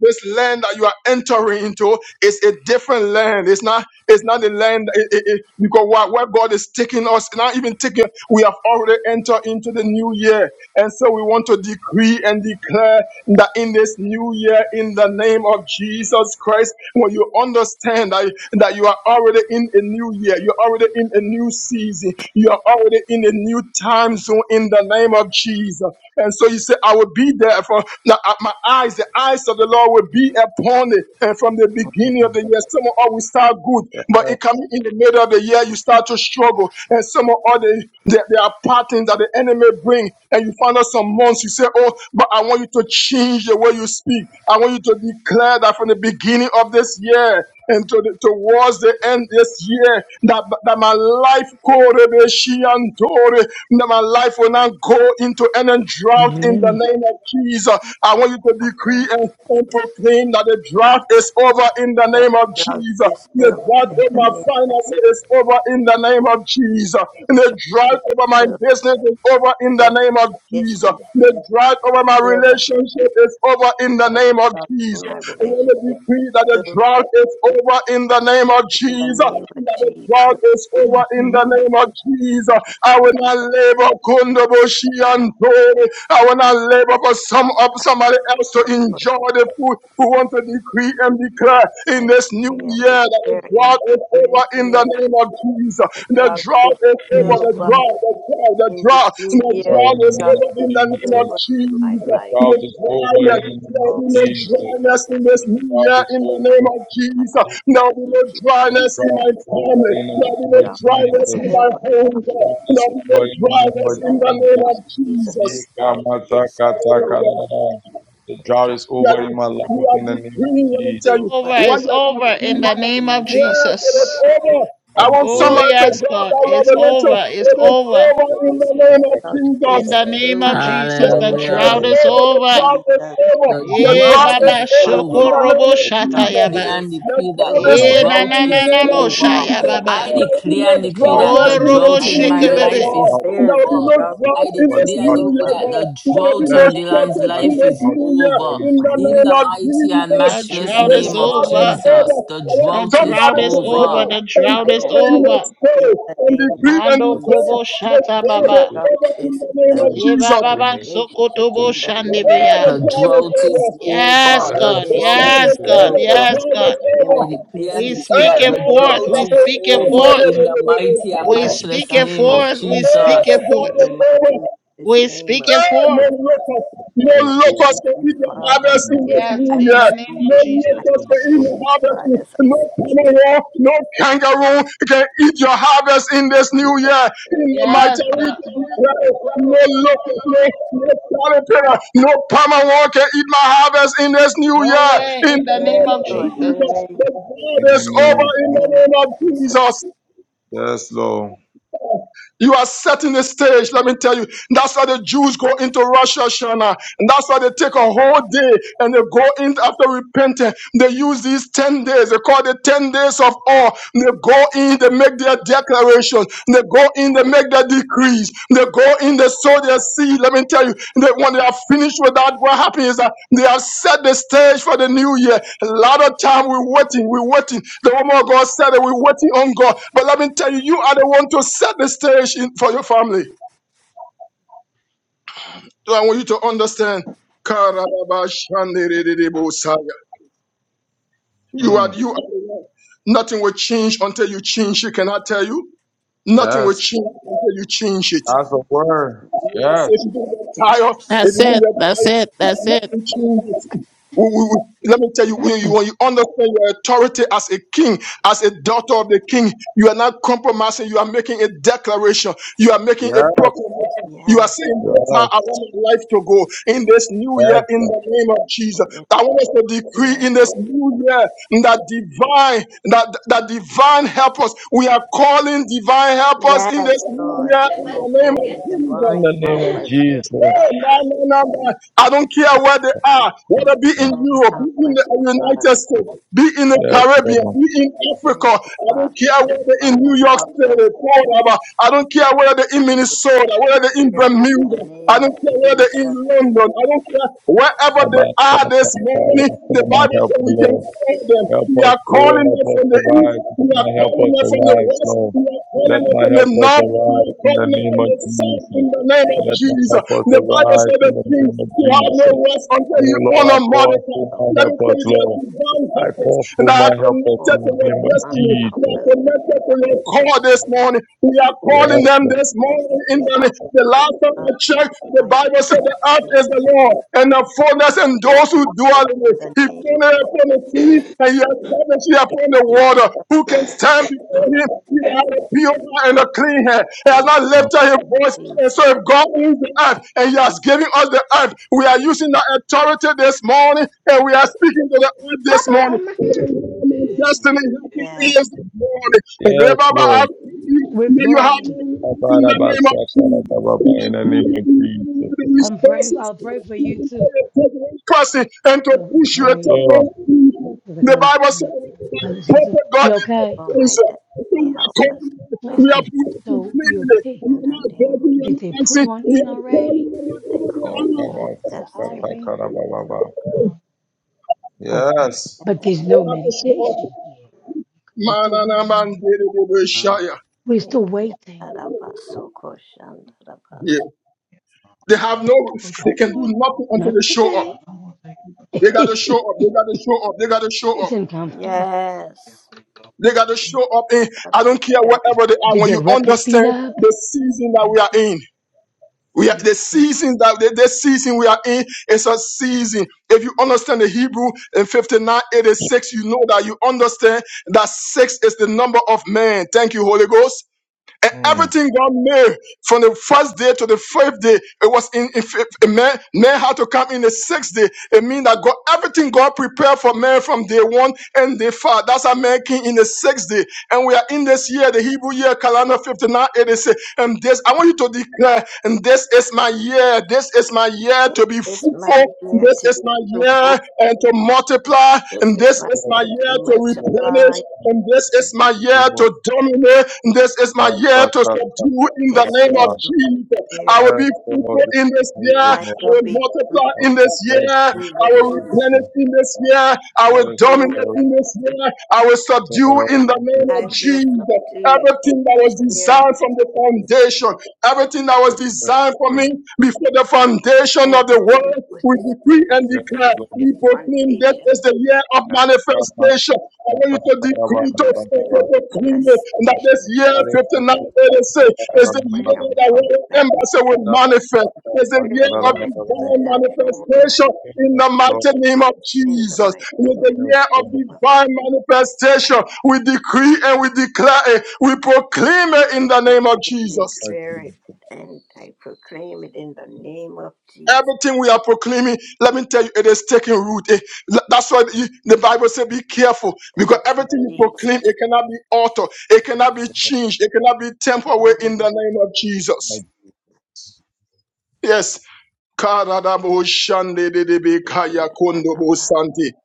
[SPEAKER 2] This land that you are entering into is a different land. It's not. It's not the land it, it, it- because where, where God is taking us, not even taking. We have already entered into the new year, and so we want to decree and declare that in this new year, in the name of Jesus Christ, when you understand that, that you are already in a new year, you're already in a new season, you are already in a new time zone in the name of Jesus. And so you say, I will be there for now, uh, my eyes, the eyes of the Lord will be upon it. And from the beginning of the year, some of all we start good,
[SPEAKER 3] Yes,
[SPEAKER 2] but it come in the middle of the year, you start to struggle. And some of all the, the- there are patterns that the enemy bring, and you find out some months, you say, Oh, but I want you to change the way you speak. I want you to declare that from the beginning of this year and to the, towards the end this year, that, that my life, Korebeshiantore, that my life will not go into any drought in the
[SPEAKER 7] Amen.
[SPEAKER 2] name of Jesus.
[SPEAKER 6] I'm
[SPEAKER 2] I want you to
[SPEAKER 6] happy.
[SPEAKER 2] decree and, and proclaim that the drought is over in the
[SPEAKER 6] The
[SPEAKER 2] name of
[SPEAKER 6] drug
[SPEAKER 2] Jesus.
[SPEAKER 6] is
[SPEAKER 2] The
[SPEAKER 6] over
[SPEAKER 2] drought
[SPEAKER 6] in
[SPEAKER 2] over
[SPEAKER 7] Mm-hmm.
[SPEAKER 2] my
[SPEAKER 6] the name
[SPEAKER 2] finances is over in the name of Jesus.
[SPEAKER 6] of
[SPEAKER 2] The drought over my
[SPEAKER 6] Jesus.
[SPEAKER 2] business is over in the name of Jesus.
[SPEAKER 6] business,
[SPEAKER 2] The drought over my
[SPEAKER 6] silver,
[SPEAKER 2] relationship is over in the
[SPEAKER 6] God,
[SPEAKER 2] name of
[SPEAKER 6] God, in
[SPEAKER 2] Jesus.
[SPEAKER 6] my
[SPEAKER 2] I want to
[SPEAKER 6] relationship,
[SPEAKER 2] decree that the drought
[SPEAKER 6] silver,
[SPEAKER 2] is over in the name of
[SPEAKER 6] in the
[SPEAKER 2] Jesus.
[SPEAKER 6] name of
[SPEAKER 2] That the
[SPEAKER 6] Jesus,
[SPEAKER 2] drought is over
[SPEAKER 7] Yes,
[SPEAKER 2] in the
[SPEAKER 7] Lord.
[SPEAKER 2] name of Jesus.
[SPEAKER 6] trust
[SPEAKER 2] I
[SPEAKER 6] this
[SPEAKER 2] will not labor Kundoboshi and
[SPEAKER 6] silver,
[SPEAKER 2] Kundaboshi I will not labor for some of
[SPEAKER 6] I
[SPEAKER 2] somebody else to
[SPEAKER 6] first
[SPEAKER 2] enjoy the food who want to decree and declare in
[SPEAKER 6] I
[SPEAKER 2] this new
[SPEAKER 6] decree and
[SPEAKER 2] year that the
[SPEAKER 6] declare
[SPEAKER 2] drought
[SPEAKER 6] in
[SPEAKER 2] is over
[SPEAKER 6] New
[SPEAKER 2] in the
[SPEAKER 6] Year,
[SPEAKER 2] name of Jesus.
[SPEAKER 6] the
[SPEAKER 2] The
[SPEAKER 6] drought is
[SPEAKER 2] drought is over,
[SPEAKER 7] Yes,
[SPEAKER 2] the
[SPEAKER 6] silver,
[SPEAKER 7] Lord.
[SPEAKER 2] drought, the drought, the
[SPEAKER 6] in this
[SPEAKER 2] drought,
[SPEAKER 6] new
[SPEAKER 2] the
[SPEAKER 3] over
[SPEAKER 6] year,
[SPEAKER 2] drought
[SPEAKER 3] in
[SPEAKER 6] the
[SPEAKER 3] the
[SPEAKER 2] is
[SPEAKER 3] name
[SPEAKER 6] drought
[SPEAKER 2] over
[SPEAKER 3] of
[SPEAKER 6] is
[SPEAKER 2] in the name of
[SPEAKER 3] Jesus.
[SPEAKER 6] silver in my
[SPEAKER 3] The
[SPEAKER 2] Jesus.
[SPEAKER 6] life,
[SPEAKER 3] doubt
[SPEAKER 2] The
[SPEAKER 3] is
[SPEAKER 6] in
[SPEAKER 3] over
[SPEAKER 6] the
[SPEAKER 3] in
[SPEAKER 2] dryness,
[SPEAKER 6] name
[SPEAKER 3] the
[SPEAKER 2] there
[SPEAKER 3] name of
[SPEAKER 6] of
[SPEAKER 2] will be no
[SPEAKER 3] Jesus.
[SPEAKER 6] Jesus,
[SPEAKER 2] dryness in this new
[SPEAKER 3] Doubt
[SPEAKER 2] year
[SPEAKER 3] is
[SPEAKER 2] in the
[SPEAKER 3] over
[SPEAKER 2] name
[SPEAKER 3] in
[SPEAKER 2] of
[SPEAKER 3] the name of
[SPEAKER 2] Jesus.
[SPEAKER 3] Jesus.
[SPEAKER 2] There will be no
[SPEAKER 6] Tarabasiki,
[SPEAKER 3] The
[SPEAKER 2] dryness in
[SPEAKER 3] doubt
[SPEAKER 2] my
[SPEAKER 3] is
[SPEAKER 2] family.
[SPEAKER 3] over in the
[SPEAKER 2] There
[SPEAKER 6] the
[SPEAKER 2] will be
[SPEAKER 3] name
[SPEAKER 2] no
[SPEAKER 3] of
[SPEAKER 6] drought is
[SPEAKER 2] dryness
[SPEAKER 3] Jesus.
[SPEAKER 2] in my
[SPEAKER 6] silver,
[SPEAKER 2] home.
[SPEAKER 6] in
[SPEAKER 2] God.
[SPEAKER 6] my
[SPEAKER 3] Doubt
[SPEAKER 2] There
[SPEAKER 3] is
[SPEAKER 6] life,
[SPEAKER 2] will be no
[SPEAKER 3] over in the name
[SPEAKER 2] dryness
[SPEAKER 6] in
[SPEAKER 3] of
[SPEAKER 6] the
[SPEAKER 2] in the
[SPEAKER 6] name
[SPEAKER 2] name
[SPEAKER 6] of
[SPEAKER 2] of
[SPEAKER 3] Jesus.
[SPEAKER 6] Jesus,
[SPEAKER 2] Jesus.
[SPEAKER 6] the drought is over.
[SPEAKER 2] You
[SPEAKER 3] Yekamazakatakararam. The
[SPEAKER 6] the
[SPEAKER 3] drought
[SPEAKER 6] job
[SPEAKER 3] is
[SPEAKER 6] in
[SPEAKER 3] over
[SPEAKER 6] our
[SPEAKER 2] are,
[SPEAKER 3] in my life
[SPEAKER 2] you are
[SPEAKER 6] finances
[SPEAKER 3] in the name of
[SPEAKER 6] to
[SPEAKER 2] decreeing, let me
[SPEAKER 3] Jesus.
[SPEAKER 2] tell you,
[SPEAKER 6] do, but
[SPEAKER 1] Over
[SPEAKER 6] in
[SPEAKER 2] what
[SPEAKER 1] is
[SPEAKER 2] you are
[SPEAKER 1] over
[SPEAKER 6] the name of
[SPEAKER 1] in
[SPEAKER 2] decreeing,
[SPEAKER 1] the name of
[SPEAKER 6] Jesus,
[SPEAKER 2] yes,
[SPEAKER 1] Jesus.
[SPEAKER 2] it is over.
[SPEAKER 3] The
[SPEAKER 6] I
[SPEAKER 2] I
[SPEAKER 6] thank you.
[SPEAKER 2] want
[SPEAKER 1] Oh
[SPEAKER 2] somebody
[SPEAKER 3] Drought is over in
[SPEAKER 2] to
[SPEAKER 1] yes,
[SPEAKER 2] grab
[SPEAKER 1] God,
[SPEAKER 2] that
[SPEAKER 1] it's
[SPEAKER 2] revelation.
[SPEAKER 1] over, it's
[SPEAKER 2] It is
[SPEAKER 1] over.
[SPEAKER 3] my life.
[SPEAKER 2] over in the
[SPEAKER 6] The
[SPEAKER 2] name of
[SPEAKER 6] drought
[SPEAKER 2] Jesus.
[SPEAKER 1] In
[SPEAKER 6] is
[SPEAKER 1] the name of
[SPEAKER 6] over
[SPEAKER 3] The
[SPEAKER 2] The
[SPEAKER 1] Jesus,
[SPEAKER 3] drought is
[SPEAKER 1] the
[SPEAKER 6] in the
[SPEAKER 2] drought
[SPEAKER 3] over
[SPEAKER 2] is
[SPEAKER 3] in
[SPEAKER 1] drought
[SPEAKER 4] Hallelujah.
[SPEAKER 6] name
[SPEAKER 1] is
[SPEAKER 6] of
[SPEAKER 2] over. The
[SPEAKER 1] over.
[SPEAKER 2] drought is
[SPEAKER 6] Jesus.
[SPEAKER 2] over.
[SPEAKER 4] The
[SPEAKER 2] The
[SPEAKER 6] I
[SPEAKER 1] Eh
[SPEAKER 3] The
[SPEAKER 4] drought
[SPEAKER 6] thank
[SPEAKER 2] drought
[SPEAKER 3] God
[SPEAKER 2] is
[SPEAKER 1] baba
[SPEAKER 6] you,
[SPEAKER 4] is
[SPEAKER 2] over
[SPEAKER 6] Father.
[SPEAKER 2] in
[SPEAKER 1] shoko
[SPEAKER 2] the
[SPEAKER 4] over.
[SPEAKER 2] name
[SPEAKER 1] robo
[SPEAKER 2] of
[SPEAKER 3] the
[SPEAKER 1] shata
[SPEAKER 6] Drought
[SPEAKER 2] Jesus.
[SPEAKER 1] yaba.
[SPEAKER 4] declare
[SPEAKER 3] God.
[SPEAKER 4] and
[SPEAKER 6] is
[SPEAKER 2] The
[SPEAKER 4] decree that
[SPEAKER 2] drought
[SPEAKER 4] the
[SPEAKER 2] is
[SPEAKER 6] over
[SPEAKER 1] Eh na
[SPEAKER 2] over
[SPEAKER 4] drought
[SPEAKER 2] in
[SPEAKER 1] na
[SPEAKER 2] the
[SPEAKER 1] na
[SPEAKER 4] is
[SPEAKER 1] na
[SPEAKER 2] name of
[SPEAKER 1] mo
[SPEAKER 6] in
[SPEAKER 4] over.
[SPEAKER 6] the
[SPEAKER 1] shaya
[SPEAKER 2] Jesus.
[SPEAKER 6] name
[SPEAKER 4] I
[SPEAKER 1] baba.
[SPEAKER 2] There will be
[SPEAKER 6] of
[SPEAKER 4] declare
[SPEAKER 2] no
[SPEAKER 6] Jesus.
[SPEAKER 4] and
[SPEAKER 3] The
[SPEAKER 4] decree
[SPEAKER 3] God
[SPEAKER 4] that
[SPEAKER 2] dryness
[SPEAKER 4] the
[SPEAKER 1] Oh
[SPEAKER 2] in this
[SPEAKER 1] robo
[SPEAKER 4] drought
[SPEAKER 6] I
[SPEAKER 4] in my
[SPEAKER 2] new
[SPEAKER 1] sheke
[SPEAKER 2] year,
[SPEAKER 6] pray and
[SPEAKER 1] bebe.
[SPEAKER 3] the
[SPEAKER 4] life
[SPEAKER 2] God.
[SPEAKER 4] is
[SPEAKER 3] God.
[SPEAKER 2] There
[SPEAKER 6] declare
[SPEAKER 2] will
[SPEAKER 6] the
[SPEAKER 2] be
[SPEAKER 4] over.
[SPEAKER 2] no
[SPEAKER 6] drought
[SPEAKER 4] I
[SPEAKER 2] drought in
[SPEAKER 6] is
[SPEAKER 3] Was
[SPEAKER 2] this
[SPEAKER 4] declare and
[SPEAKER 3] not
[SPEAKER 2] new
[SPEAKER 4] decree
[SPEAKER 2] year,
[SPEAKER 6] over
[SPEAKER 3] over.
[SPEAKER 4] that
[SPEAKER 2] God.
[SPEAKER 4] the
[SPEAKER 2] There will be
[SPEAKER 4] drought
[SPEAKER 3] There
[SPEAKER 2] no
[SPEAKER 6] in
[SPEAKER 3] are
[SPEAKER 4] in
[SPEAKER 3] two
[SPEAKER 6] every
[SPEAKER 4] Dylan's
[SPEAKER 2] shortage
[SPEAKER 3] commands
[SPEAKER 2] in
[SPEAKER 4] life
[SPEAKER 3] of
[SPEAKER 2] this
[SPEAKER 4] is
[SPEAKER 3] God.
[SPEAKER 2] new
[SPEAKER 6] area
[SPEAKER 2] year.
[SPEAKER 6] of
[SPEAKER 3] There
[SPEAKER 4] over.
[SPEAKER 3] is
[SPEAKER 2] In the
[SPEAKER 6] my
[SPEAKER 3] no
[SPEAKER 4] In
[SPEAKER 2] name
[SPEAKER 4] the
[SPEAKER 6] life
[SPEAKER 2] of
[SPEAKER 4] mighty and
[SPEAKER 2] Jesus.
[SPEAKER 1] The
[SPEAKER 6] in
[SPEAKER 4] matchless
[SPEAKER 6] the
[SPEAKER 1] drought
[SPEAKER 2] The
[SPEAKER 1] is
[SPEAKER 6] name
[SPEAKER 4] name of
[SPEAKER 2] drought
[SPEAKER 6] of
[SPEAKER 2] is
[SPEAKER 3] the
[SPEAKER 1] over.
[SPEAKER 6] Jesus.
[SPEAKER 2] over.
[SPEAKER 4] Jesus, the
[SPEAKER 6] The
[SPEAKER 2] I want
[SPEAKER 6] drought
[SPEAKER 1] The
[SPEAKER 4] drought
[SPEAKER 6] is
[SPEAKER 4] is
[SPEAKER 1] drought
[SPEAKER 2] somebody
[SPEAKER 3] God is
[SPEAKER 2] to
[SPEAKER 1] is
[SPEAKER 6] over
[SPEAKER 1] over.
[SPEAKER 6] in
[SPEAKER 4] over.
[SPEAKER 2] grab
[SPEAKER 6] my
[SPEAKER 1] The
[SPEAKER 2] and
[SPEAKER 1] drought is
[SPEAKER 2] grab
[SPEAKER 6] life
[SPEAKER 2] it in the
[SPEAKER 1] over.
[SPEAKER 6] in
[SPEAKER 2] spirit
[SPEAKER 6] the
[SPEAKER 2] and
[SPEAKER 6] name of
[SPEAKER 2] decree and
[SPEAKER 1] Mando
[SPEAKER 2] declare
[SPEAKER 6] Jesus.
[SPEAKER 1] kobo
[SPEAKER 2] the
[SPEAKER 1] shata
[SPEAKER 3] the
[SPEAKER 2] drought
[SPEAKER 6] The
[SPEAKER 1] baba.
[SPEAKER 2] is
[SPEAKER 3] God.
[SPEAKER 6] drought
[SPEAKER 2] over in
[SPEAKER 6] is
[SPEAKER 2] the name of
[SPEAKER 6] over
[SPEAKER 3] is
[SPEAKER 1] Leba
[SPEAKER 3] over
[SPEAKER 2] Jesus.
[SPEAKER 6] in my
[SPEAKER 3] the
[SPEAKER 1] baba
[SPEAKER 6] relationship
[SPEAKER 1] sokotobo
[SPEAKER 6] in the
[SPEAKER 3] God.
[SPEAKER 6] name of
[SPEAKER 2] The
[SPEAKER 1] shandebeya.
[SPEAKER 4] The
[SPEAKER 2] joy is
[SPEAKER 6] Jesus.
[SPEAKER 4] drought
[SPEAKER 2] over.
[SPEAKER 4] is
[SPEAKER 6] The
[SPEAKER 3] There
[SPEAKER 1] Yes,
[SPEAKER 4] over.
[SPEAKER 6] drought
[SPEAKER 3] are
[SPEAKER 4] The
[SPEAKER 1] God.
[SPEAKER 6] is
[SPEAKER 4] drought
[SPEAKER 2] Love
[SPEAKER 4] is
[SPEAKER 1] Yes,
[SPEAKER 2] is
[SPEAKER 3] the
[SPEAKER 1] God.
[SPEAKER 2] over. The
[SPEAKER 6] over
[SPEAKER 4] over.
[SPEAKER 1] Yes,
[SPEAKER 2] joy
[SPEAKER 1] God.
[SPEAKER 2] is
[SPEAKER 6] in
[SPEAKER 2] over.
[SPEAKER 4] I
[SPEAKER 6] my
[SPEAKER 4] declare and
[SPEAKER 1] We
[SPEAKER 6] business
[SPEAKER 4] decree
[SPEAKER 6] in
[SPEAKER 1] speak
[SPEAKER 2] Oh,
[SPEAKER 4] that
[SPEAKER 1] it
[SPEAKER 2] my
[SPEAKER 4] the
[SPEAKER 6] the
[SPEAKER 2] God,
[SPEAKER 6] name
[SPEAKER 1] forth.
[SPEAKER 4] drought
[SPEAKER 1] We
[SPEAKER 6] of
[SPEAKER 2] that
[SPEAKER 4] is
[SPEAKER 2] is
[SPEAKER 1] speak
[SPEAKER 2] so
[SPEAKER 1] it
[SPEAKER 4] over
[SPEAKER 6] Jesus.
[SPEAKER 1] forth.
[SPEAKER 4] in the mighty and
[SPEAKER 2] good.
[SPEAKER 1] We
[SPEAKER 6] My
[SPEAKER 3] God is
[SPEAKER 1] speak
[SPEAKER 4] matchless
[SPEAKER 1] it
[SPEAKER 6] drought
[SPEAKER 4] name
[SPEAKER 6] is
[SPEAKER 4] of
[SPEAKER 1] forth. We
[SPEAKER 2] Oh,
[SPEAKER 1] speak
[SPEAKER 2] the
[SPEAKER 4] Jesus.
[SPEAKER 1] it
[SPEAKER 6] over in
[SPEAKER 1] forth.
[SPEAKER 2] joy
[SPEAKER 6] the
[SPEAKER 2] is over.
[SPEAKER 6] mighty matchless
[SPEAKER 1] We
[SPEAKER 6] name
[SPEAKER 1] speak
[SPEAKER 6] of
[SPEAKER 2] Oh,
[SPEAKER 1] it
[SPEAKER 2] no
[SPEAKER 1] forth.
[SPEAKER 3] The
[SPEAKER 6] Jesus.
[SPEAKER 2] locust, no
[SPEAKER 3] God
[SPEAKER 6] I
[SPEAKER 3] is over the
[SPEAKER 2] locust
[SPEAKER 6] thank
[SPEAKER 2] can
[SPEAKER 6] you,
[SPEAKER 2] eat the
[SPEAKER 6] Father.
[SPEAKER 2] harvest
[SPEAKER 3] God.
[SPEAKER 2] in this
[SPEAKER 1] Yes,
[SPEAKER 2] new
[SPEAKER 6] I
[SPEAKER 1] in
[SPEAKER 2] year.
[SPEAKER 1] the name
[SPEAKER 6] receive
[SPEAKER 2] No
[SPEAKER 1] of
[SPEAKER 6] it. I
[SPEAKER 1] Jesus.
[SPEAKER 2] locust can
[SPEAKER 6] thank
[SPEAKER 2] eat the
[SPEAKER 6] you,
[SPEAKER 2] harvest.
[SPEAKER 6] God, as I
[SPEAKER 2] No
[SPEAKER 6] speak it.
[SPEAKER 2] carnivore, no kangaroo can eat your harvest in this new
[SPEAKER 3] The
[SPEAKER 2] year. In the
[SPEAKER 1] Yes,
[SPEAKER 2] mighty week,
[SPEAKER 1] God.
[SPEAKER 2] no locust, no, no caterpillar, no pomerore can eat my harvest in this new
[SPEAKER 1] No
[SPEAKER 2] year.
[SPEAKER 1] way
[SPEAKER 2] In
[SPEAKER 1] in
[SPEAKER 2] the
[SPEAKER 1] the name
[SPEAKER 6] Yes,
[SPEAKER 2] name
[SPEAKER 1] of
[SPEAKER 2] of
[SPEAKER 6] Lord, no
[SPEAKER 1] Jesus.
[SPEAKER 6] way
[SPEAKER 2] Jesus, the God
[SPEAKER 3] In the
[SPEAKER 2] is
[SPEAKER 6] in
[SPEAKER 3] name
[SPEAKER 2] over
[SPEAKER 3] of
[SPEAKER 2] in
[SPEAKER 6] the
[SPEAKER 3] Jesus.
[SPEAKER 2] the
[SPEAKER 6] name of
[SPEAKER 2] name of
[SPEAKER 6] Jesus.
[SPEAKER 2] Jesus.
[SPEAKER 3] Yes, Lord.
[SPEAKER 2] You are setting the stage, let me tell you. That's why the Jews go into Rosh Hashanah. And that's why they take a whole day and they go in after repenting. They use these 10 days. They call the 10 days of awe. They go in, they make their declarations. They go in, they make their decrees. They go in, they sow their seed. Let me tell you, they, when they are finished with that, what happens is that they have set the stage for the new year. A lot of time we're waiting, we're waiting. The woman of God said that we're waiting on God. But let me tell you, you are the one to set the stage in, for your family. So I want you to understand. Karabashanderedebosaya. You are
[SPEAKER 3] Mm.
[SPEAKER 2] you are the one. Nothing will change until you change it. Can I tell you? Nothing will
[SPEAKER 3] Yes.
[SPEAKER 2] change until you change it.
[SPEAKER 3] That's a word.
[SPEAKER 2] If
[SPEAKER 3] Yes.
[SPEAKER 2] you don't get tired, if
[SPEAKER 1] That's
[SPEAKER 2] you don't
[SPEAKER 1] it.
[SPEAKER 2] get
[SPEAKER 1] That's it.
[SPEAKER 2] tired,
[SPEAKER 1] That's it.
[SPEAKER 2] nothing changes. We- we- we- let me tell you,
[SPEAKER 7] That's
[SPEAKER 2] when you,
[SPEAKER 7] the.
[SPEAKER 2] when you understand your authority as a king, as a daughter of the king, you are not compromising. You are making a declaration. You are making a
[SPEAKER 3] Yes.
[SPEAKER 2] proclamation. You are
[SPEAKER 6] Yes,
[SPEAKER 2] saying, "That's how
[SPEAKER 3] Yes.
[SPEAKER 2] I want my life to go in this new year." In
[SPEAKER 3] Yes.
[SPEAKER 2] the name of Jesus,
[SPEAKER 6] Lord, in
[SPEAKER 2] I
[SPEAKER 6] this
[SPEAKER 2] want us to decree
[SPEAKER 6] Yes,
[SPEAKER 2] in this
[SPEAKER 6] Lord.
[SPEAKER 2] new year that divine, that that divine help us. We are calling divine help us in this
[SPEAKER 6] Yes,
[SPEAKER 2] new
[SPEAKER 6] Lord.
[SPEAKER 2] year in the
[SPEAKER 6] Go
[SPEAKER 7] How
[SPEAKER 2] name
[SPEAKER 6] forth
[SPEAKER 2] of
[SPEAKER 6] to
[SPEAKER 2] Jesus.
[SPEAKER 3] In
[SPEAKER 6] divine
[SPEAKER 3] the name
[SPEAKER 6] help
[SPEAKER 3] of
[SPEAKER 6] us, O
[SPEAKER 3] Jesus.
[SPEAKER 6] God.
[SPEAKER 2] Hey, no, no, no, no. I don't care where they are,
[SPEAKER 6] For
[SPEAKER 2] whether be in
[SPEAKER 6] divine
[SPEAKER 2] Europe, be
[SPEAKER 6] help
[SPEAKER 2] in
[SPEAKER 6] us,
[SPEAKER 2] the
[SPEAKER 6] O God.
[SPEAKER 2] United States, be in the
[SPEAKER 3] Yes,
[SPEAKER 2] Caribbean,
[SPEAKER 3] Lord.
[SPEAKER 2] be in
[SPEAKER 6] Thank
[SPEAKER 2] Africa.
[SPEAKER 6] you,
[SPEAKER 2] I don't
[SPEAKER 6] Father,
[SPEAKER 2] care
[SPEAKER 6] for
[SPEAKER 2] whether they're in New
[SPEAKER 6] divine
[SPEAKER 2] York
[SPEAKER 6] help us.
[SPEAKER 2] City, Florida. I don't care whether they're in
[SPEAKER 6] Let
[SPEAKER 2] Minnesota, whether they're in
[SPEAKER 6] Here in
[SPEAKER 2] Bermuda.
[SPEAKER 6] the
[SPEAKER 2] I
[SPEAKER 6] name of
[SPEAKER 2] don't care where they're
[SPEAKER 6] Jesus,
[SPEAKER 2] in London. I don't care wherever they
[SPEAKER 3] About
[SPEAKER 2] are this
[SPEAKER 3] for
[SPEAKER 2] morning. The
[SPEAKER 3] my
[SPEAKER 2] Bible
[SPEAKER 3] help,
[SPEAKER 2] says we can
[SPEAKER 3] Lord.
[SPEAKER 2] call them.
[SPEAKER 3] Help
[SPEAKER 2] We
[SPEAKER 3] us,
[SPEAKER 2] are
[SPEAKER 3] oh,
[SPEAKER 2] calling
[SPEAKER 3] help
[SPEAKER 2] them
[SPEAKER 3] us
[SPEAKER 2] from the east.
[SPEAKER 3] arise. Let
[SPEAKER 2] We are
[SPEAKER 3] my help
[SPEAKER 2] calling
[SPEAKER 3] us
[SPEAKER 2] them from the
[SPEAKER 3] arise,
[SPEAKER 2] west.
[SPEAKER 3] Lord.
[SPEAKER 2] We are calling
[SPEAKER 3] Let
[SPEAKER 2] them
[SPEAKER 3] my
[SPEAKER 2] from the
[SPEAKER 3] help us
[SPEAKER 2] north. We
[SPEAKER 3] arise
[SPEAKER 2] are
[SPEAKER 3] in the
[SPEAKER 2] calling them
[SPEAKER 3] name
[SPEAKER 2] from
[SPEAKER 3] of
[SPEAKER 2] the south in
[SPEAKER 3] Jesus.
[SPEAKER 2] the name of
[SPEAKER 3] Let my
[SPEAKER 2] Jesus.
[SPEAKER 3] help us
[SPEAKER 2] The Bible
[SPEAKER 3] arise
[SPEAKER 2] says the
[SPEAKER 3] in the
[SPEAKER 2] king
[SPEAKER 3] name of
[SPEAKER 2] who have no
[SPEAKER 3] Jesus.
[SPEAKER 2] rest until
[SPEAKER 3] Oh
[SPEAKER 2] you
[SPEAKER 6] the
[SPEAKER 3] Lord, I
[SPEAKER 2] honor
[SPEAKER 3] call
[SPEAKER 2] Mordecai.
[SPEAKER 3] for
[SPEAKER 6] Lord
[SPEAKER 3] my
[SPEAKER 2] Let
[SPEAKER 6] for
[SPEAKER 3] help
[SPEAKER 2] me tell you,
[SPEAKER 3] us,
[SPEAKER 2] there are
[SPEAKER 3] Lord.
[SPEAKER 2] divine
[SPEAKER 3] I
[SPEAKER 2] helpers
[SPEAKER 3] call
[SPEAKER 2] and
[SPEAKER 3] for
[SPEAKER 6] I
[SPEAKER 2] I are
[SPEAKER 3] my
[SPEAKER 6] go
[SPEAKER 3] help
[SPEAKER 2] connected
[SPEAKER 6] forth
[SPEAKER 3] in
[SPEAKER 2] to
[SPEAKER 3] the
[SPEAKER 2] your
[SPEAKER 6] my
[SPEAKER 3] name of
[SPEAKER 6] divine
[SPEAKER 2] destiny.
[SPEAKER 6] help
[SPEAKER 2] They are
[SPEAKER 6] us,
[SPEAKER 3] Jesus.
[SPEAKER 6] O
[SPEAKER 2] connected to
[SPEAKER 6] God.
[SPEAKER 2] your call
[SPEAKER 6] Make
[SPEAKER 2] this morning. We
[SPEAKER 6] us
[SPEAKER 2] are calling
[SPEAKER 3] Yes,
[SPEAKER 2] them them
[SPEAKER 3] Lord.
[SPEAKER 2] this morning in
[SPEAKER 6] destiny
[SPEAKER 2] the,
[SPEAKER 6] help
[SPEAKER 2] the
[SPEAKER 6] us,
[SPEAKER 2] last of
[SPEAKER 6] O God.
[SPEAKER 2] the
[SPEAKER 6] In
[SPEAKER 2] church. The
[SPEAKER 6] my
[SPEAKER 2] Bible said the earth
[SPEAKER 6] name,
[SPEAKER 2] is the Lord and the fullness and
[SPEAKER 6] forth
[SPEAKER 2] those who dwell
[SPEAKER 6] help
[SPEAKER 2] in
[SPEAKER 6] in
[SPEAKER 2] it.
[SPEAKER 6] the
[SPEAKER 2] He
[SPEAKER 6] name
[SPEAKER 2] planted
[SPEAKER 6] of
[SPEAKER 2] upon the sea
[SPEAKER 6] Jesus.
[SPEAKER 2] and he established it upon the water. Who can stand before him? He has a pure and a clean hand. He has not lifted his voice. And
[SPEAKER 6] Jesus.
[SPEAKER 2] so if God owns the earth and he has given us the earth, we are using the authority this morning and we are speaking to the earth this
[SPEAKER 7] about
[SPEAKER 2] morning.
[SPEAKER 7] I'm right here?
[SPEAKER 2] Destiny help me
[SPEAKER 6] Yes.
[SPEAKER 2] is this morning.
[SPEAKER 3] Yes,
[SPEAKER 2] Rebaba,
[SPEAKER 3] Lord.
[SPEAKER 7] We're
[SPEAKER 2] may you have
[SPEAKER 7] praying.
[SPEAKER 3] abba
[SPEAKER 2] in the
[SPEAKER 3] dabba
[SPEAKER 2] name of
[SPEAKER 3] sa ka
[SPEAKER 2] Jesus
[SPEAKER 3] da ba In the name of Jesus.
[SPEAKER 7] I'm praying.
[SPEAKER 2] resources
[SPEAKER 7] I'll pray for you too.
[SPEAKER 2] person and to
[SPEAKER 7] No, we
[SPEAKER 2] push you
[SPEAKER 3] Yes,
[SPEAKER 2] to
[SPEAKER 7] pray.
[SPEAKER 3] Lord.
[SPEAKER 7] For the
[SPEAKER 2] The
[SPEAKER 7] guy was
[SPEAKER 2] Bible
[SPEAKER 7] praying. I
[SPEAKER 2] says,
[SPEAKER 7] listen to.
[SPEAKER 2] perfect
[SPEAKER 6] Thank
[SPEAKER 2] God
[SPEAKER 7] You okay?
[SPEAKER 6] for my
[SPEAKER 2] is
[SPEAKER 6] destiny. Help us,
[SPEAKER 2] we are
[SPEAKER 6] God.
[SPEAKER 7] Listen. So
[SPEAKER 2] completely,
[SPEAKER 7] your pick.
[SPEAKER 2] we are
[SPEAKER 6] In the
[SPEAKER 2] not
[SPEAKER 6] name of
[SPEAKER 2] broken
[SPEAKER 7] Did they
[SPEAKER 6] Jesus.
[SPEAKER 2] and
[SPEAKER 7] put
[SPEAKER 2] see,
[SPEAKER 7] one
[SPEAKER 2] we
[SPEAKER 7] in
[SPEAKER 2] are calling
[SPEAKER 7] already?
[SPEAKER 6] I call
[SPEAKER 2] on
[SPEAKER 7] No.
[SPEAKER 6] forth
[SPEAKER 3] Abba, sa
[SPEAKER 7] The
[SPEAKER 3] ka
[SPEAKER 6] destiny
[SPEAKER 3] ta ka
[SPEAKER 7] IV.
[SPEAKER 3] da ba ba ba
[SPEAKER 6] too.
[SPEAKER 7] No. Okay.
[SPEAKER 3] Yes.
[SPEAKER 6] In
[SPEAKER 7] But
[SPEAKER 6] the
[SPEAKER 7] there's
[SPEAKER 6] name
[SPEAKER 2] the
[SPEAKER 7] no
[SPEAKER 2] Lord to
[SPEAKER 6] of
[SPEAKER 2] show
[SPEAKER 6] Jesus.
[SPEAKER 2] up.
[SPEAKER 7] medication yet. We're
[SPEAKER 2] Man
[SPEAKER 7] still
[SPEAKER 2] and a
[SPEAKER 7] waiting. on
[SPEAKER 2] man, they
[SPEAKER 7] that.
[SPEAKER 2] they- they- they
[SPEAKER 7] We're
[SPEAKER 6] Thank
[SPEAKER 7] still
[SPEAKER 6] you.
[SPEAKER 7] waiting.
[SPEAKER 6] Alabaso,
[SPEAKER 2] Yeah.
[SPEAKER 6] koshandarabaso.
[SPEAKER 2] They have no,
[SPEAKER 7] So
[SPEAKER 2] they
[SPEAKER 7] don't
[SPEAKER 2] can do
[SPEAKER 7] do it.
[SPEAKER 2] nothing until
[SPEAKER 7] Not
[SPEAKER 2] they show up.
[SPEAKER 7] today. I don't wanna
[SPEAKER 2] They
[SPEAKER 7] take
[SPEAKER 2] got
[SPEAKER 7] it.
[SPEAKER 2] to show up. They got to show up. They got to show up.
[SPEAKER 7] It's uncomfortable.
[SPEAKER 6] Yes.
[SPEAKER 2] They got to show up. In
[SPEAKER 6] God
[SPEAKER 2] I
[SPEAKER 6] to
[SPEAKER 2] don't care
[SPEAKER 6] show.
[SPEAKER 2] wherever they are.
[SPEAKER 7] Did
[SPEAKER 2] When
[SPEAKER 7] they
[SPEAKER 2] you
[SPEAKER 7] wrap your feet
[SPEAKER 2] understand
[SPEAKER 7] up?
[SPEAKER 2] the season that we are in, we are the season that the, the season we are in is a season. If you understand the Hebrew in 5986, you know that you understand that six is the number of man. Thank you, Holy Ghost. And
[SPEAKER 3] Hmm.
[SPEAKER 2] everything God made from the first day to the fifth day, it was in, if, if a man, man had to come in the sixth day. It means that God, everything God prepared for man from day one and day five. That's how man came in the sixth day. And we are in this year, the Hebrew year, calendar 5986. And this, I want you to declare, and this is my year. This is my year to
[SPEAKER 6] This
[SPEAKER 2] be
[SPEAKER 6] is my
[SPEAKER 2] fruitful.
[SPEAKER 6] year
[SPEAKER 2] This
[SPEAKER 6] to
[SPEAKER 2] is
[SPEAKER 6] be
[SPEAKER 2] my
[SPEAKER 3] Yes,
[SPEAKER 6] fruitful.
[SPEAKER 2] year and to multiply.
[SPEAKER 6] This
[SPEAKER 2] And
[SPEAKER 6] is
[SPEAKER 2] this
[SPEAKER 6] my
[SPEAKER 2] is my
[SPEAKER 6] year to
[SPEAKER 2] year to replenish.
[SPEAKER 6] multiply.
[SPEAKER 3] Yes,
[SPEAKER 2] And this is my year to
[SPEAKER 3] Lord.
[SPEAKER 2] dominate. This is
[SPEAKER 3] I
[SPEAKER 2] my
[SPEAKER 3] will
[SPEAKER 2] year to subdue in the
[SPEAKER 6] This
[SPEAKER 2] name
[SPEAKER 6] is
[SPEAKER 2] of
[SPEAKER 6] my
[SPEAKER 2] Jesus.
[SPEAKER 6] year.
[SPEAKER 2] I will be fruitful in this year. I
[SPEAKER 6] I will
[SPEAKER 2] will
[SPEAKER 6] be
[SPEAKER 2] multiply
[SPEAKER 6] fruitful
[SPEAKER 2] in this
[SPEAKER 3] be
[SPEAKER 2] year.
[SPEAKER 3] blessed in the
[SPEAKER 6] in
[SPEAKER 2] I
[SPEAKER 6] this
[SPEAKER 2] will
[SPEAKER 3] name
[SPEAKER 6] year.
[SPEAKER 2] replenish in this year. I
[SPEAKER 6] I
[SPEAKER 2] will
[SPEAKER 3] Yes,
[SPEAKER 6] will
[SPEAKER 2] dominate
[SPEAKER 6] be.
[SPEAKER 2] in this year. I will subdue
[SPEAKER 3] Lord.
[SPEAKER 2] in the
[SPEAKER 3] Yes,
[SPEAKER 2] name of
[SPEAKER 6] I will
[SPEAKER 2] Jesus.
[SPEAKER 6] subdue and
[SPEAKER 2] Everything that was
[SPEAKER 3] Lord.
[SPEAKER 6] share
[SPEAKER 2] designed from the foundation, everything that was
[SPEAKER 3] Yes, yes,
[SPEAKER 2] designed for
[SPEAKER 3] yes,
[SPEAKER 2] me before the foundation of the
[SPEAKER 6] everything
[SPEAKER 2] world,
[SPEAKER 6] that was
[SPEAKER 2] we
[SPEAKER 6] designed
[SPEAKER 2] decree
[SPEAKER 6] for
[SPEAKER 2] and
[SPEAKER 6] me
[SPEAKER 3] yes,
[SPEAKER 2] declare.
[SPEAKER 3] yes,
[SPEAKER 6] before
[SPEAKER 3] yes.
[SPEAKER 2] We
[SPEAKER 6] the
[SPEAKER 2] proclaim that
[SPEAKER 6] foundation
[SPEAKER 2] is
[SPEAKER 6] of
[SPEAKER 2] the year
[SPEAKER 6] the
[SPEAKER 2] of
[SPEAKER 6] world.
[SPEAKER 3] Karma,
[SPEAKER 2] manifestation I
[SPEAKER 3] sakta,
[SPEAKER 2] want you to
[SPEAKER 3] samsara,
[SPEAKER 6] I
[SPEAKER 2] decree,
[SPEAKER 3] vana,
[SPEAKER 6] will
[SPEAKER 2] just
[SPEAKER 6] see the
[SPEAKER 3] bandhava.
[SPEAKER 2] decree it, and that this
[SPEAKER 6] manifestation
[SPEAKER 2] year
[SPEAKER 6] in
[SPEAKER 3] Kare, kasti, sakta,
[SPEAKER 2] 5986 is
[SPEAKER 3] karara,
[SPEAKER 6] earth
[SPEAKER 2] the year
[SPEAKER 3] mandava.
[SPEAKER 6] realm
[SPEAKER 2] that our
[SPEAKER 6] from
[SPEAKER 2] royal
[SPEAKER 6] that
[SPEAKER 2] embassy will
[SPEAKER 3] Nara,
[SPEAKER 2] manifest.
[SPEAKER 6] from the
[SPEAKER 3] sakta,
[SPEAKER 2] It's the
[SPEAKER 6] spirit
[SPEAKER 2] year
[SPEAKER 3] karara,
[SPEAKER 2] of
[SPEAKER 6] realm into the
[SPEAKER 3] mandava.
[SPEAKER 2] divine
[SPEAKER 6] natural realm
[SPEAKER 2] manifestation
[SPEAKER 3] Yes,
[SPEAKER 2] in
[SPEAKER 3] yes,
[SPEAKER 2] the
[SPEAKER 3] Lord,
[SPEAKER 2] mighty name of
[SPEAKER 6] in the
[SPEAKER 2] Jesus.
[SPEAKER 6] mighty
[SPEAKER 2] It is the
[SPEAKER 6] name
[SPEAKER 3] yes,
[SPEAKER 2] year of
[SPEAKER 3] yes, yes,
[SPEAKER 6] of
[SPEAKER 2] divine
[SPEAKER 6] Jesus.
[SPEAKER 2] manifestation. We decree and we declare it. We proclaim it in the name of
[SPEAKER 6] We can
[SPEAKER 2] Jesus.
[SPEAKER 3] I
[SPEAKER 6] declare
[SPEAKER 3] see.
[SPEAKER 6] it and I proclaim it in the name of Jesus.
[SPEAKER 2] Everything we are proclaiming, let me tell you, it is taking root. Eh, l- That's why you- the Bible says, be careful because
[SPEAKER 6] Thank you,
[SPEAKER 2] everything you proclaim,
[SPEAKER 6] Jesus.
[SPEAKER 2] it cannot be altered, it cannot be
[SPEAKER 3] Yes, yes,
[SPEAKER 2] changed, it cannot be temporary in the name of
[SPEAKER 3] I
[SPEAKER 2] Jesus.
[SPEAKER 3] see.
[SPEAKER 2] Yes. Karadabo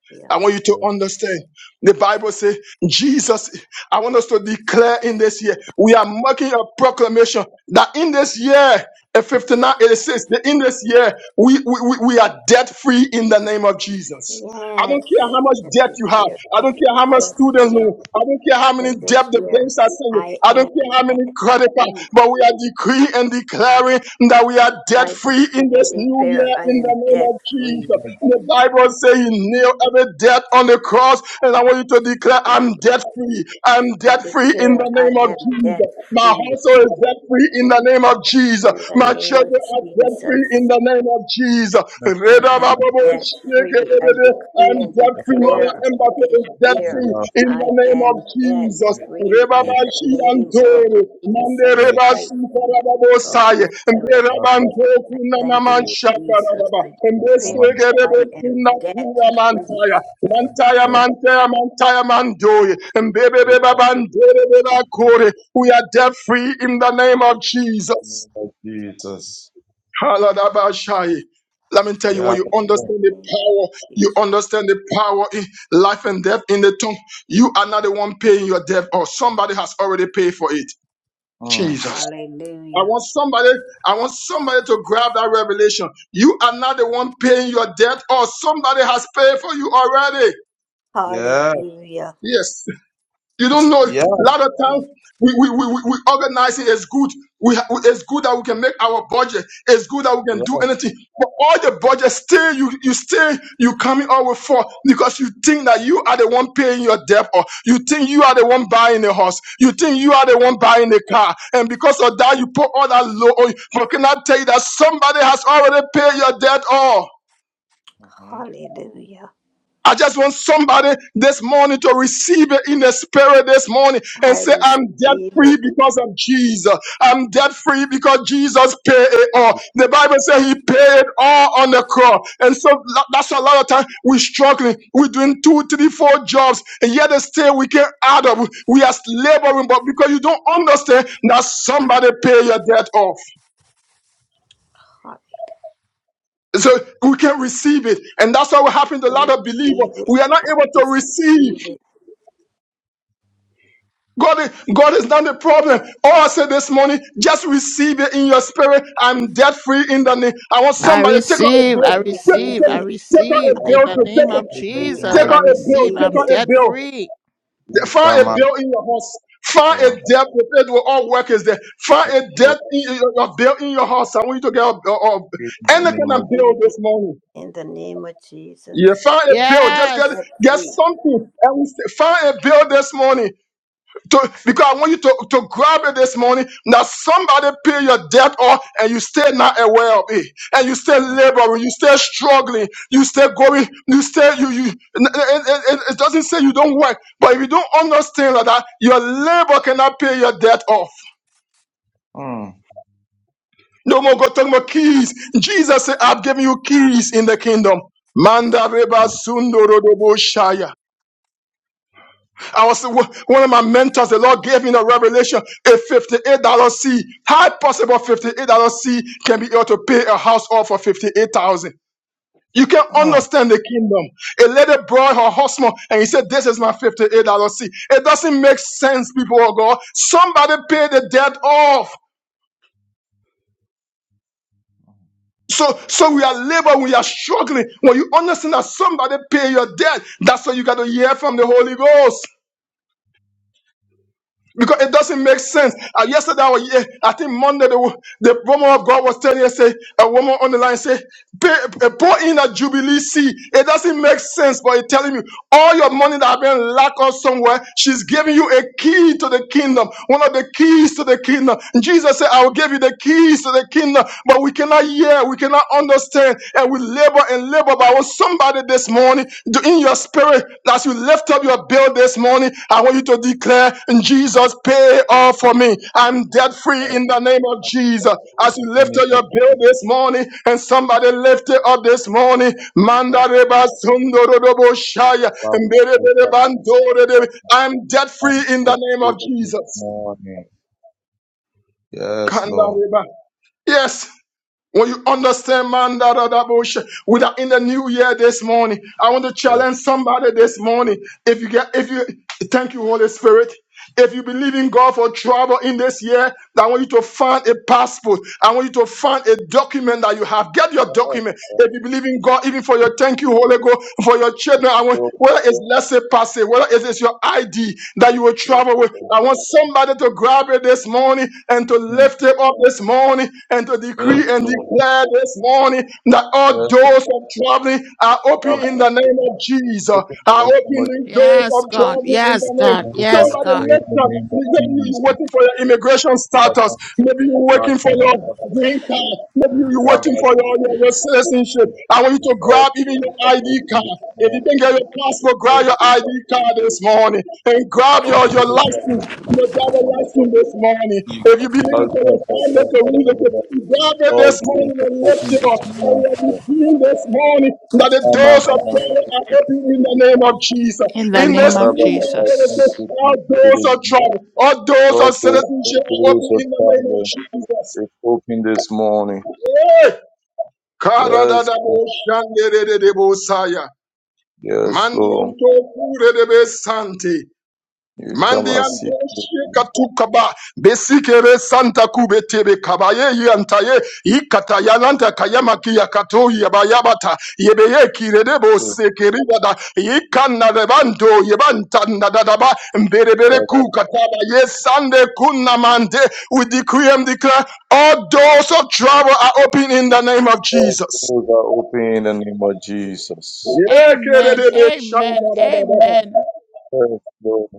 [SPEAKER 6] Mm.
[SPEAKER 2] I want you to
[SPEAKER 3] Yes,
[SPEAKER 2] understand. The Bible says, Jesus, I want us to declare in this year, we are making a proclamation that in this year, in 59, it says that in this year, we, we, we we are debt free in the name of Jesus. I don't
[SPEAKER 6] Yes.
[SPEAKER 2] care how much
[SPEAKER 6] That
[SPEAKER 2] debt
[SPEAKER 6] This
[SPEAKER 2] you have.
[SPEAKER 6] year
[SPEAKER 2] I
[SPEAKER 6] I
[SPEAKER 2] don't care how much
[SPEAKER 6] am debt
[SPEAKER 2] student
[SPEAKER 6] free.
[SPEAKER 2] loan. I don't care how many
[SPEAKER 6] From
[SPEAKER 2] debt
[SPEAKER 6] this
[SPEAKER 2] the
[SPEAKER 6] year
[SPEAKER 2] banks are sending you.
[SPEAKER 6] I
[SPEAKER 2] I don't
[SPEAKER 6] am
[SPEAKER 2] care how
[SPEAKER 6] debt
[SPEAKER 2] many credit cards
[SPEAKER 6] free.
[SPEAKER 2] but we are decreeing and declaring that we are debt
[SPEAKER 6] I
[SPEAKER 2] free
[SPEAKER 6] decree
[SPEAKER 2] in this
[SPEAKER 6] and
[SPEAKER 2] new
[SPEAKER 6] declare
[SPEAKER 2] year
[SPEAKER 6] I
[SPEAKER 2] in the
[SPEAKER 6] am
[SPEAKER 2] name
[SPEAKER 6] debt
[SPEAKER 2] of
[SPEAKER 6] free.
[SPEAKER 3] yes,
[SPEAKER 2] Jesus.
[SPEAKER 3] I
[SPEAKER 2] The Bible says you nailed every debt on the cross, and I want you to declare, I'm debt free. I'm
[SPEAKER 6] I
[SPEAKER 2] debt free in
[SPEAKER 6] declare
[SPEAKER 2] the
[SPEAKER 6] I
[SPEAKER 2] name of
[SPEAKER 6] am debt
[SPEAKER 2] Jesus. My
[SPEAKER 6] free.
[SPEAKER 2] household
[SPEAKER 3] see. Yes, I see. yes, I see.
[SPEAKER 2] is
[SPEAKER 3] Yes,
[SPEAKER 2] debt free in the name of Jesus.
[SPEAKER 6] In the
[SPEAKER 3] Karma, sakta, karara, yes, I see. Yes, Karma, sakta, karara, yes, Karma, sakta,
[SPEAKER 2] My
[SPEAKER 3] karara. Yes, Lord, yes,
[SPEAKER 6] name
[SPEAKER 3] I
[SPEAKER 6] of
[SPEAKER 3] see.
[SPEAKER 2] children are debt free in
[SPEAKER 6] Jesus,
[SPEAKER 2] the name of Jesus.
[SPEAKER 3] Yes, I
[SPEAKER 2] I'm debt
[SPEAKER 6] I am
[SPEAKER 3] see.
[SPEAKER 6] debt free. I decree and
[SPEAKER 2] free. Royal
[SPEAKER 6] declare
[SPEAKER 2] Embassy
[SPEAKER 6] this
[SPEAKER 2] is debt
[SPEAKER 6] year
[SPEAKER 2] free in the
[SPEAKER 6] I
[SPEAKER 2] name of
[SPEAKER 6] am debt
[SPEAKER 2] Jesus.
[SPEAKER 6] free in the
[SPEAKER 2] Rebabashi
[SPEAKER 6] name of
[SPEAKER 2] Andore, Mande
[SPEAKER 6] Jesus Christ
[SPEAKER 2] Rebasi
[SPEAKER 6] of
[SPEAKER 2] Karababosaye, Mbe
[SPEAKER 6] Nazareth.
[SPEAKER 2] Rabanto
[SPEAKER 6] I thank
[SPEAKER 2] Kunanaman
[SPEAKER 6] you, Jesus.
[SPEAKER 2] Shakarababa,
[SPEAKER 6] I
[SPEAKER 2] Mbe
[SPEAKER 6] declare that
[SPEAKER 2] Segerebo
[SPEAKER 6] I am debt
[SPEAKER 2] Kunakura
[SPEAKER 6] free.
[SPEAKER 2] Mantaya, Mantaya Mantaya Mantaya Mandoye, Mbe Bebe Babandere Bela Kore. We are debt free in the name of Jesus.
[SPEAKER 3] Jesus.
[SPEAKER 2] Haladabashai. Let me tell you,
[SPEAKER 3] Yeah.
[SPEAKER 2] when you
[SPEAKER 6] Free in the
[SPEAKER 2] understand the
[SPEAKER 6] name of
[SPEAKER 2] power, you
[SPEAKER 6] Jesus.
[SPEAKER 2] understand the power in life and death in the tongue. You are not the one paying your debt, or somebody has already paid for it.
[SPEAKER 3] Mm.
[SPEAKER 2] Jesus. I
[SPEAKER 6] Hallelujah.
[SPEAKER 2] want somebody, I want somebody to grab that revelation. You are not the one paying your debt, or somebody has paid for you already.
[SPEAKER 3] Yeah.
[SPEAKER 6] Hallelujah.
[SPEAKER 2] Yes. You don't know. A
[SPEAKER 3] Yeah.
[SPEAKER 2] lot of times we we, we, we we organizing is good. We ha- it's good that we can make our budget. It's good that we can do
[SPEAKER 3] Yeah.
[SPEAKER 2] anything. But all the budget still you you still you coming out with for because you think that you are the one paying your debt or you think you are the one buying a house. You think you are the one buying a car. And because of that you put all that low on you. But can I tell you that somebody has already paid your debt all?
[SPEAKER 3] Mm-hmm.
[SPEAKER 6] Hallelujah.
[SPEAKER 2] I just want somebody this morning to receive it in the spirit this morning and
[SPEAKER 6] I
[SPEAKER 2] say, I'm debt
[SPEAKER 6] receive
[SPEAKER 2] free
[SPEAKER 6] it.
[SPEAKER 2] because of Jesus. I'm debt free because Jesus paid it all. The Bible says he paid it all on the cross. And so lo- that's a lot of time we're struggling. We're doing two, three, four jobs, and yet still we can't add up. We are laboring, but because you don't understand that somebody pay your debt off.
[SPEAKER 6] Hall-
[SPEAKER 2] So we can receive it. And that's what will happen to a
[SPEAKER 6] I
[SPEAKER 2] lot of believers.
[SPEAKER 6] receive it.
[SPEAKER 2] We are not
[SPEAKER 6] I
[SPEAKER 2] able to receive.
[SPEAKER 6] receive it.
[SPEAKER 2] God is, God is not the problem. All I said this morning, just receive it in your spirit. I'm debt free in the name. I want
[SPEAKER 1] I
[SPEAKER 2] somebody to take on a
[SPEAKER 1] receive.
[SPEAKER 6] I
[SPEAKER 1] I
[SPEAKER 2] bill. Take,
[SPEAKER 6] receive
[SPEAKER 1] receive.
[SPEAKER 2] take,
[SPEAKER 1] I
[SPEAKER 6] it.
[SPEAKER 2] take on a
[SPEAKER 1] receive.
[SPEAKER 6] I
[SPEAKER 2] bill.
[SPEAKER 3] I'm
[SPEAKER 1] In
[SPEAKER 6] am
[SPEAKER 1] the
[SPEAKER 2] To
[SPEAKER 3] thankful
[SPEAKER 2] take,
[SPEAKER 1] name
[SPEAKER 6] debt
[SPEAKER 1] of
[SPEAKER 3] in the
[SPEAKER 6] free.
[SPEAKER 3] name
[SPEAKER 6] I
[SPEAKER 1] Jesus,
[SPEAKER 2] take
[SPEAKER 3] of
[SPEAKER 1] I
[SPEAKER 2] out a
[SPEAKER 3] Jesus.
[SPEAKER 2] bill.
[SPEAKER 1] receive.
[SPEAKER 6] receive
[SPEAKER 2] Take
[SPEAKER 1] I'm
[SPEAKER 6] it.
[SPEAKER 2] on a
[SPEAKER 1] debt
[SPEAKER 2] bill.
[SPEAKER 1] free.
[SPEAKER 3] We
[SPEAKER 2] Find a
[SPEAKER 3] come out
[SPEAKER 2] bill in your house.
[SPEAKER 3] of the
[SPEAKER 2] Find a debt with it will all work is there. Find a
[SPEAKER 3] Lord.
[SPEAKER 2] debt in your, your bill in your house. I want you to get a, a, a,
[SPEAKER 3] In the
[SPEAKER 6] I
[SPEAKER 2] any kind
[SPEAKER 3] name
[SPEAKER 2] of
[SPEAKER 3] of
[SPEAKER 2] bill
[SPEAKER 6] receive it
[SPEAKER 2] this morning.
[SPEAKER 6] in the name of
[SPEAKER 2] Yeah,
[SPEAKER 6] Jesus.
[SPEAKER 2] find a bill. Just get
[SPEAKER 1] Yes.
[SPEAKER 6] Debt
[SPEAKER 2] get
[SPEAKER 6] free.
[SPEAKER 2] something. And we say, find a bill this morning. to- because I want you to, to grab it this morning that somebody pay your debt off and you stay not aware of it. And you stay
[SPEAKER 3] Jesus.
[SPEAKER 2] laboring, you stay struggling, you stay going, you stay. you, you, it, it, it it doesn't say you don't work, but if you don't understand like that, your labor cannot pay your debt off.
[SPEAKER 3] Mm.
[SPEAKER 2] No more go talking about keys. Jesus said, I've given you keys in the kingdom. Manda reba
[SPEAKER 3] Mm.
[SPEAKER 2] sundo rodobo shaya. I was one of my mentors. The Lord gave me a revelation: a fifty-eight dollar seed. How possible fifty-eight dollar seed can be able to pay a house off for fifty-eight thousand? You can
[SPEAKER 3] Mm.
[SPEAKER 2] understand the kingdom. A lady brought her husband and he said, This is my $58 seed. It doesn't make sense, people of God. Somebody pay the debt off. So, so we are laboring, we are struggling. When you understand that somebody pay your debt, that's what you got to hear from the Holy Ghost. because it doesn't make sense. Uh, yesterday, or yeah, I think Monday, the, wo- the woman of God was telling us, say, a woman on the line say, "Pay- uh, pour in a jubilee seed. It doesn't make sense, but it's telling me all your money that have been locked up somewhere, she's giving you a key to the kingdom, one of the keys to the kingdom. Jesus said, I will give you the keys to the kingdom, but we cannot hear, we cannot understand, and we labor and labor. But I want somebody this morning in your spirit, as you lift up your bill this morning, I want you to declare, Jesus, pay all for me. I'm debt free in the name of Jesus. As
[SPEAKER 3] In
[SPEAKER 2] you
[SPEAKER 3] the
[SPEAKER 2] lift
[SPEAKER 3] name
[SPEAKER 2] up
[SPEAKER 3] of
[SPEAKER 2] your
[SPEAKER 3] Jesus.
[SPEAKER 2] bill this morning, and somebody lift it up this morning, Mandareba Sundorobo Shaya.
[SPEAKER 3] Father,
[SPEAKER 2] I'm debt
[SPEAKER 3] we thank you
[SPEAKER 2] free
[SPEAKER 3] I'm
[SPEAKER 2] in the name of
[SPEAKER 3] thankful this
[SPEAKER 2] Jesus.
[SPEAKER 3] morning. Yes, Lord.
[SPEAKER 2] Kandareba. Yes. When you understand man that other bush, we are in the new year this morning. I want to
[SPEAKER 3] Yes,
[SPEAKER 2] challenge somebody this morning. If you get if you thank you, Holy Spirit. If you believe in God for trouble in this year, I want you to find a passport. I want you to find a document that you have. Get your
[SPEAKER 3] Lord.
[SPEAKER 2] document.
[SPEAKER 3] Yes,
[SPEAKER 2] If you believe in God, even for your thank you, Holy Ghost, for your children, I want
[SPEAKER 3] Lord.
[SPEAKER 2] whether it's let's whether it is your ID that you will
[SPEAKER 3] Yes,
[SPEAKER 2] travel with.
[SPEAKER 3] Lord.
[SPEAKER 2] I want somebody to grab it this morning and to
[SPEAKER 3] Mm.
[SPEAKER 2] lift it up this morning and to
[SPEAKER 3] Yes,
[SPEAKER 2] decree and
[SPEAKER 3] Lord. Yes,
[SPEAKER 2] declare this morning that all
[SPEAKER 3] Lord.
[SPEAKER 2] doors of traveling are open in the
[SPEAKER 3] Father,
[SPEAKER 2] name
[SPEAKER 3] we
[SPEAKER 2] of Jesus.
[SPEAKER 3] thank you in
[SPEAKER 2] Are
[SPEAKER 3] the
[SPEAKER 2] open
[SPEAKER 3] name of
[SPEAKER 2] the doors
[SPEAKER 1] Yes,
[SPEAKER 2] of
[SPEAKER 1] God.
[SPEAKER 2] traveling in
[SPEAKER 1] Yes,
[SPEAKER 2] the name.
[SPEAKER 1] God.
[SPEAKER 3] glorify
[SPEAKER 1] Yes,
[SPEAKER 3] your
[SPEAKER 2] Somebody
[SPEAKER 1] God.
[SPEAKER 3] name in
[SPEAKER 2] lift
[SPEAKER 3] the
[SPEAKER 2] us.
[SPEAKER 3] name of
[SPEAKER 2] Maybe you're
[SPEAKER 3] Jesus.
[SPEAKER 2] waiting for your immigration status. Maybe you're waiting for your green card. Maybe you're waiting for your, your, your citizenship. I want you to
[SPEAKER 3] Oh,
[SPEAKER 2] grab even your
[SPEAKER 3] glory to
[SPEAKER 2] ID
[SPEAKER 3] open
[SPEAKER 2] card.
[SPEAKER 3] this
[SPEAKER 2] If you didn't get
[SPEAKER 3] morning.
[SPEAKER 2] your passport,
[SPEAKER 3] Oh,
[SPEAKER 2] grab your
[SPEAKER 3] glory
[SPEAKER 2] ID
[SPEAKER 3] to open
[SPEAKER 2] card this
[SPEAKER 3] this morning.
[SPEAKER 2] morning. And grab your,
[SPEAKER 3] Oh,
[SPEAKER 2] your
[SPEAKER 3] glory to
[SPEAKER 2] license,
[SPEAKER 3] open this
[SPEAKER 2] your driver
[SPEAKER 3] morning.
[SPEAKER 2] license
[SPEAKER 3] Oh,
[SPEAKER 2] this morning.
[SPEAKER 3] Jesus.
[SPEAKER 2] If you
[SPEAKER 3] Oh,
[SPEAKER 2] believe in
[SPEAKER 3] God,
[SPEAKER 2] for your
[SPEAKER 3] God, God,
[SPEAKER 2] family
[SPEAKER 3] God,
[SPEAKER 2] to
[SPEAKER 3] I don't
[SPEAKER 2] relocate,
[SPEAKER 3] know.
[SPEAKER 2] grab it this
[SPEAKER 3] Oh, glory
[SPEAKER 2] morning
[SPEAKER 3] to
[SPEAKER 2] and lift
[SPEAKER 3] open
[SPEAKER 2] it
[SPEAKER 3] this
[SPEAKER 2] up. And we
[SPEAKER 3] morning.
[SPEAKER 2] are decreeing this morning that the
[SPEAKER 3] Oh, my, my,
[SPEAKER 2] doors of
[SPEAKER 3] my, my,
[SPEAKER 2] heaven
[SPEAKER 3] speak
[SPEAKER 2] are
[SPEAKER 3] to me,
[SPEAKER 2] open in the
[SPEAKER 3] speak to
[SPEAKER 2] name of
[SPEAKER 3] me.
[SPEAKER 2] Jesus.
[SPEAKER 1] In the
[SPEAKER 3] Eh,
[SPEAKER 2] In
[SPEAKER 3] my,
[SPEAKER 1] name
[SPEAKER 2] this
[SPEAKER 3] my,
[SPEAKER 1] of
[SPEAKER 2] new
[SPEAKER 3] my, my,
[SPEAKER 2] year,
[SPEAKER 3] my,
[SPEAKER 2] it is
[SPEAKER 3] speak
[SPEAKER 2] the
[SPEAKER 1] Jesus.
[SPEAKER 3] to
[SPEAKER 2] all
[SPEAKER 3] me, speak to
[SPEAKER 2] doors
[SPEAKER 3] me.
[SPEAKER 2] of trouble. All doors
[SPEAKER 3] Oh,
[SPEAKER 2] of
[SPEAKER 3] glory,
[SPEAKER 2] citizenship
[SPEAKER 3] oh,
[SPEAKER 2] are
[SPEAKER 3] glory
[SPEAKER 2] open
[SPEAKER 3] to
[SPEAKER 2] in the name of
[SPEAKER 3] God.
[SPEAKER 2] Jesus.
[SPEAKER 3] It's open this morning. Yes, Lord.
[SPEAKER 2] Karadadabo shanderedebosaya.
[SPEAKER 3] yes, Lord.
[SPEAKER 2] Mandianto kuredebe sante.
[SPEAKER 3] You cover sick,
[SPEAKER 2] Mandiando Shekatukaba, Besikere Santa Kubetebe Kabaye Yantaye, Ikata Yananta Kayamaki Yakato Yabayabata, Yebeye Kiredebo
[SPEAKER 3] you
[SPEAKER 2] Sekeribada, Yikana Revanto, Yebanta Nadadaba, Berebere
[SPEAKER 3] cover
[SPEAKER 2] Kukataba, Yes, Sunday Kunamante, we decree and declare all doors of travel are open in the name of
[SPEAKER 3] all
[SPEAKER 2] Jesus.
[SPEAKER 3] doors are open in the name of Jesus.
[SPEAKER 1] Amen. Amen. Amen.
[SPEAKER 3] Yes, Lord.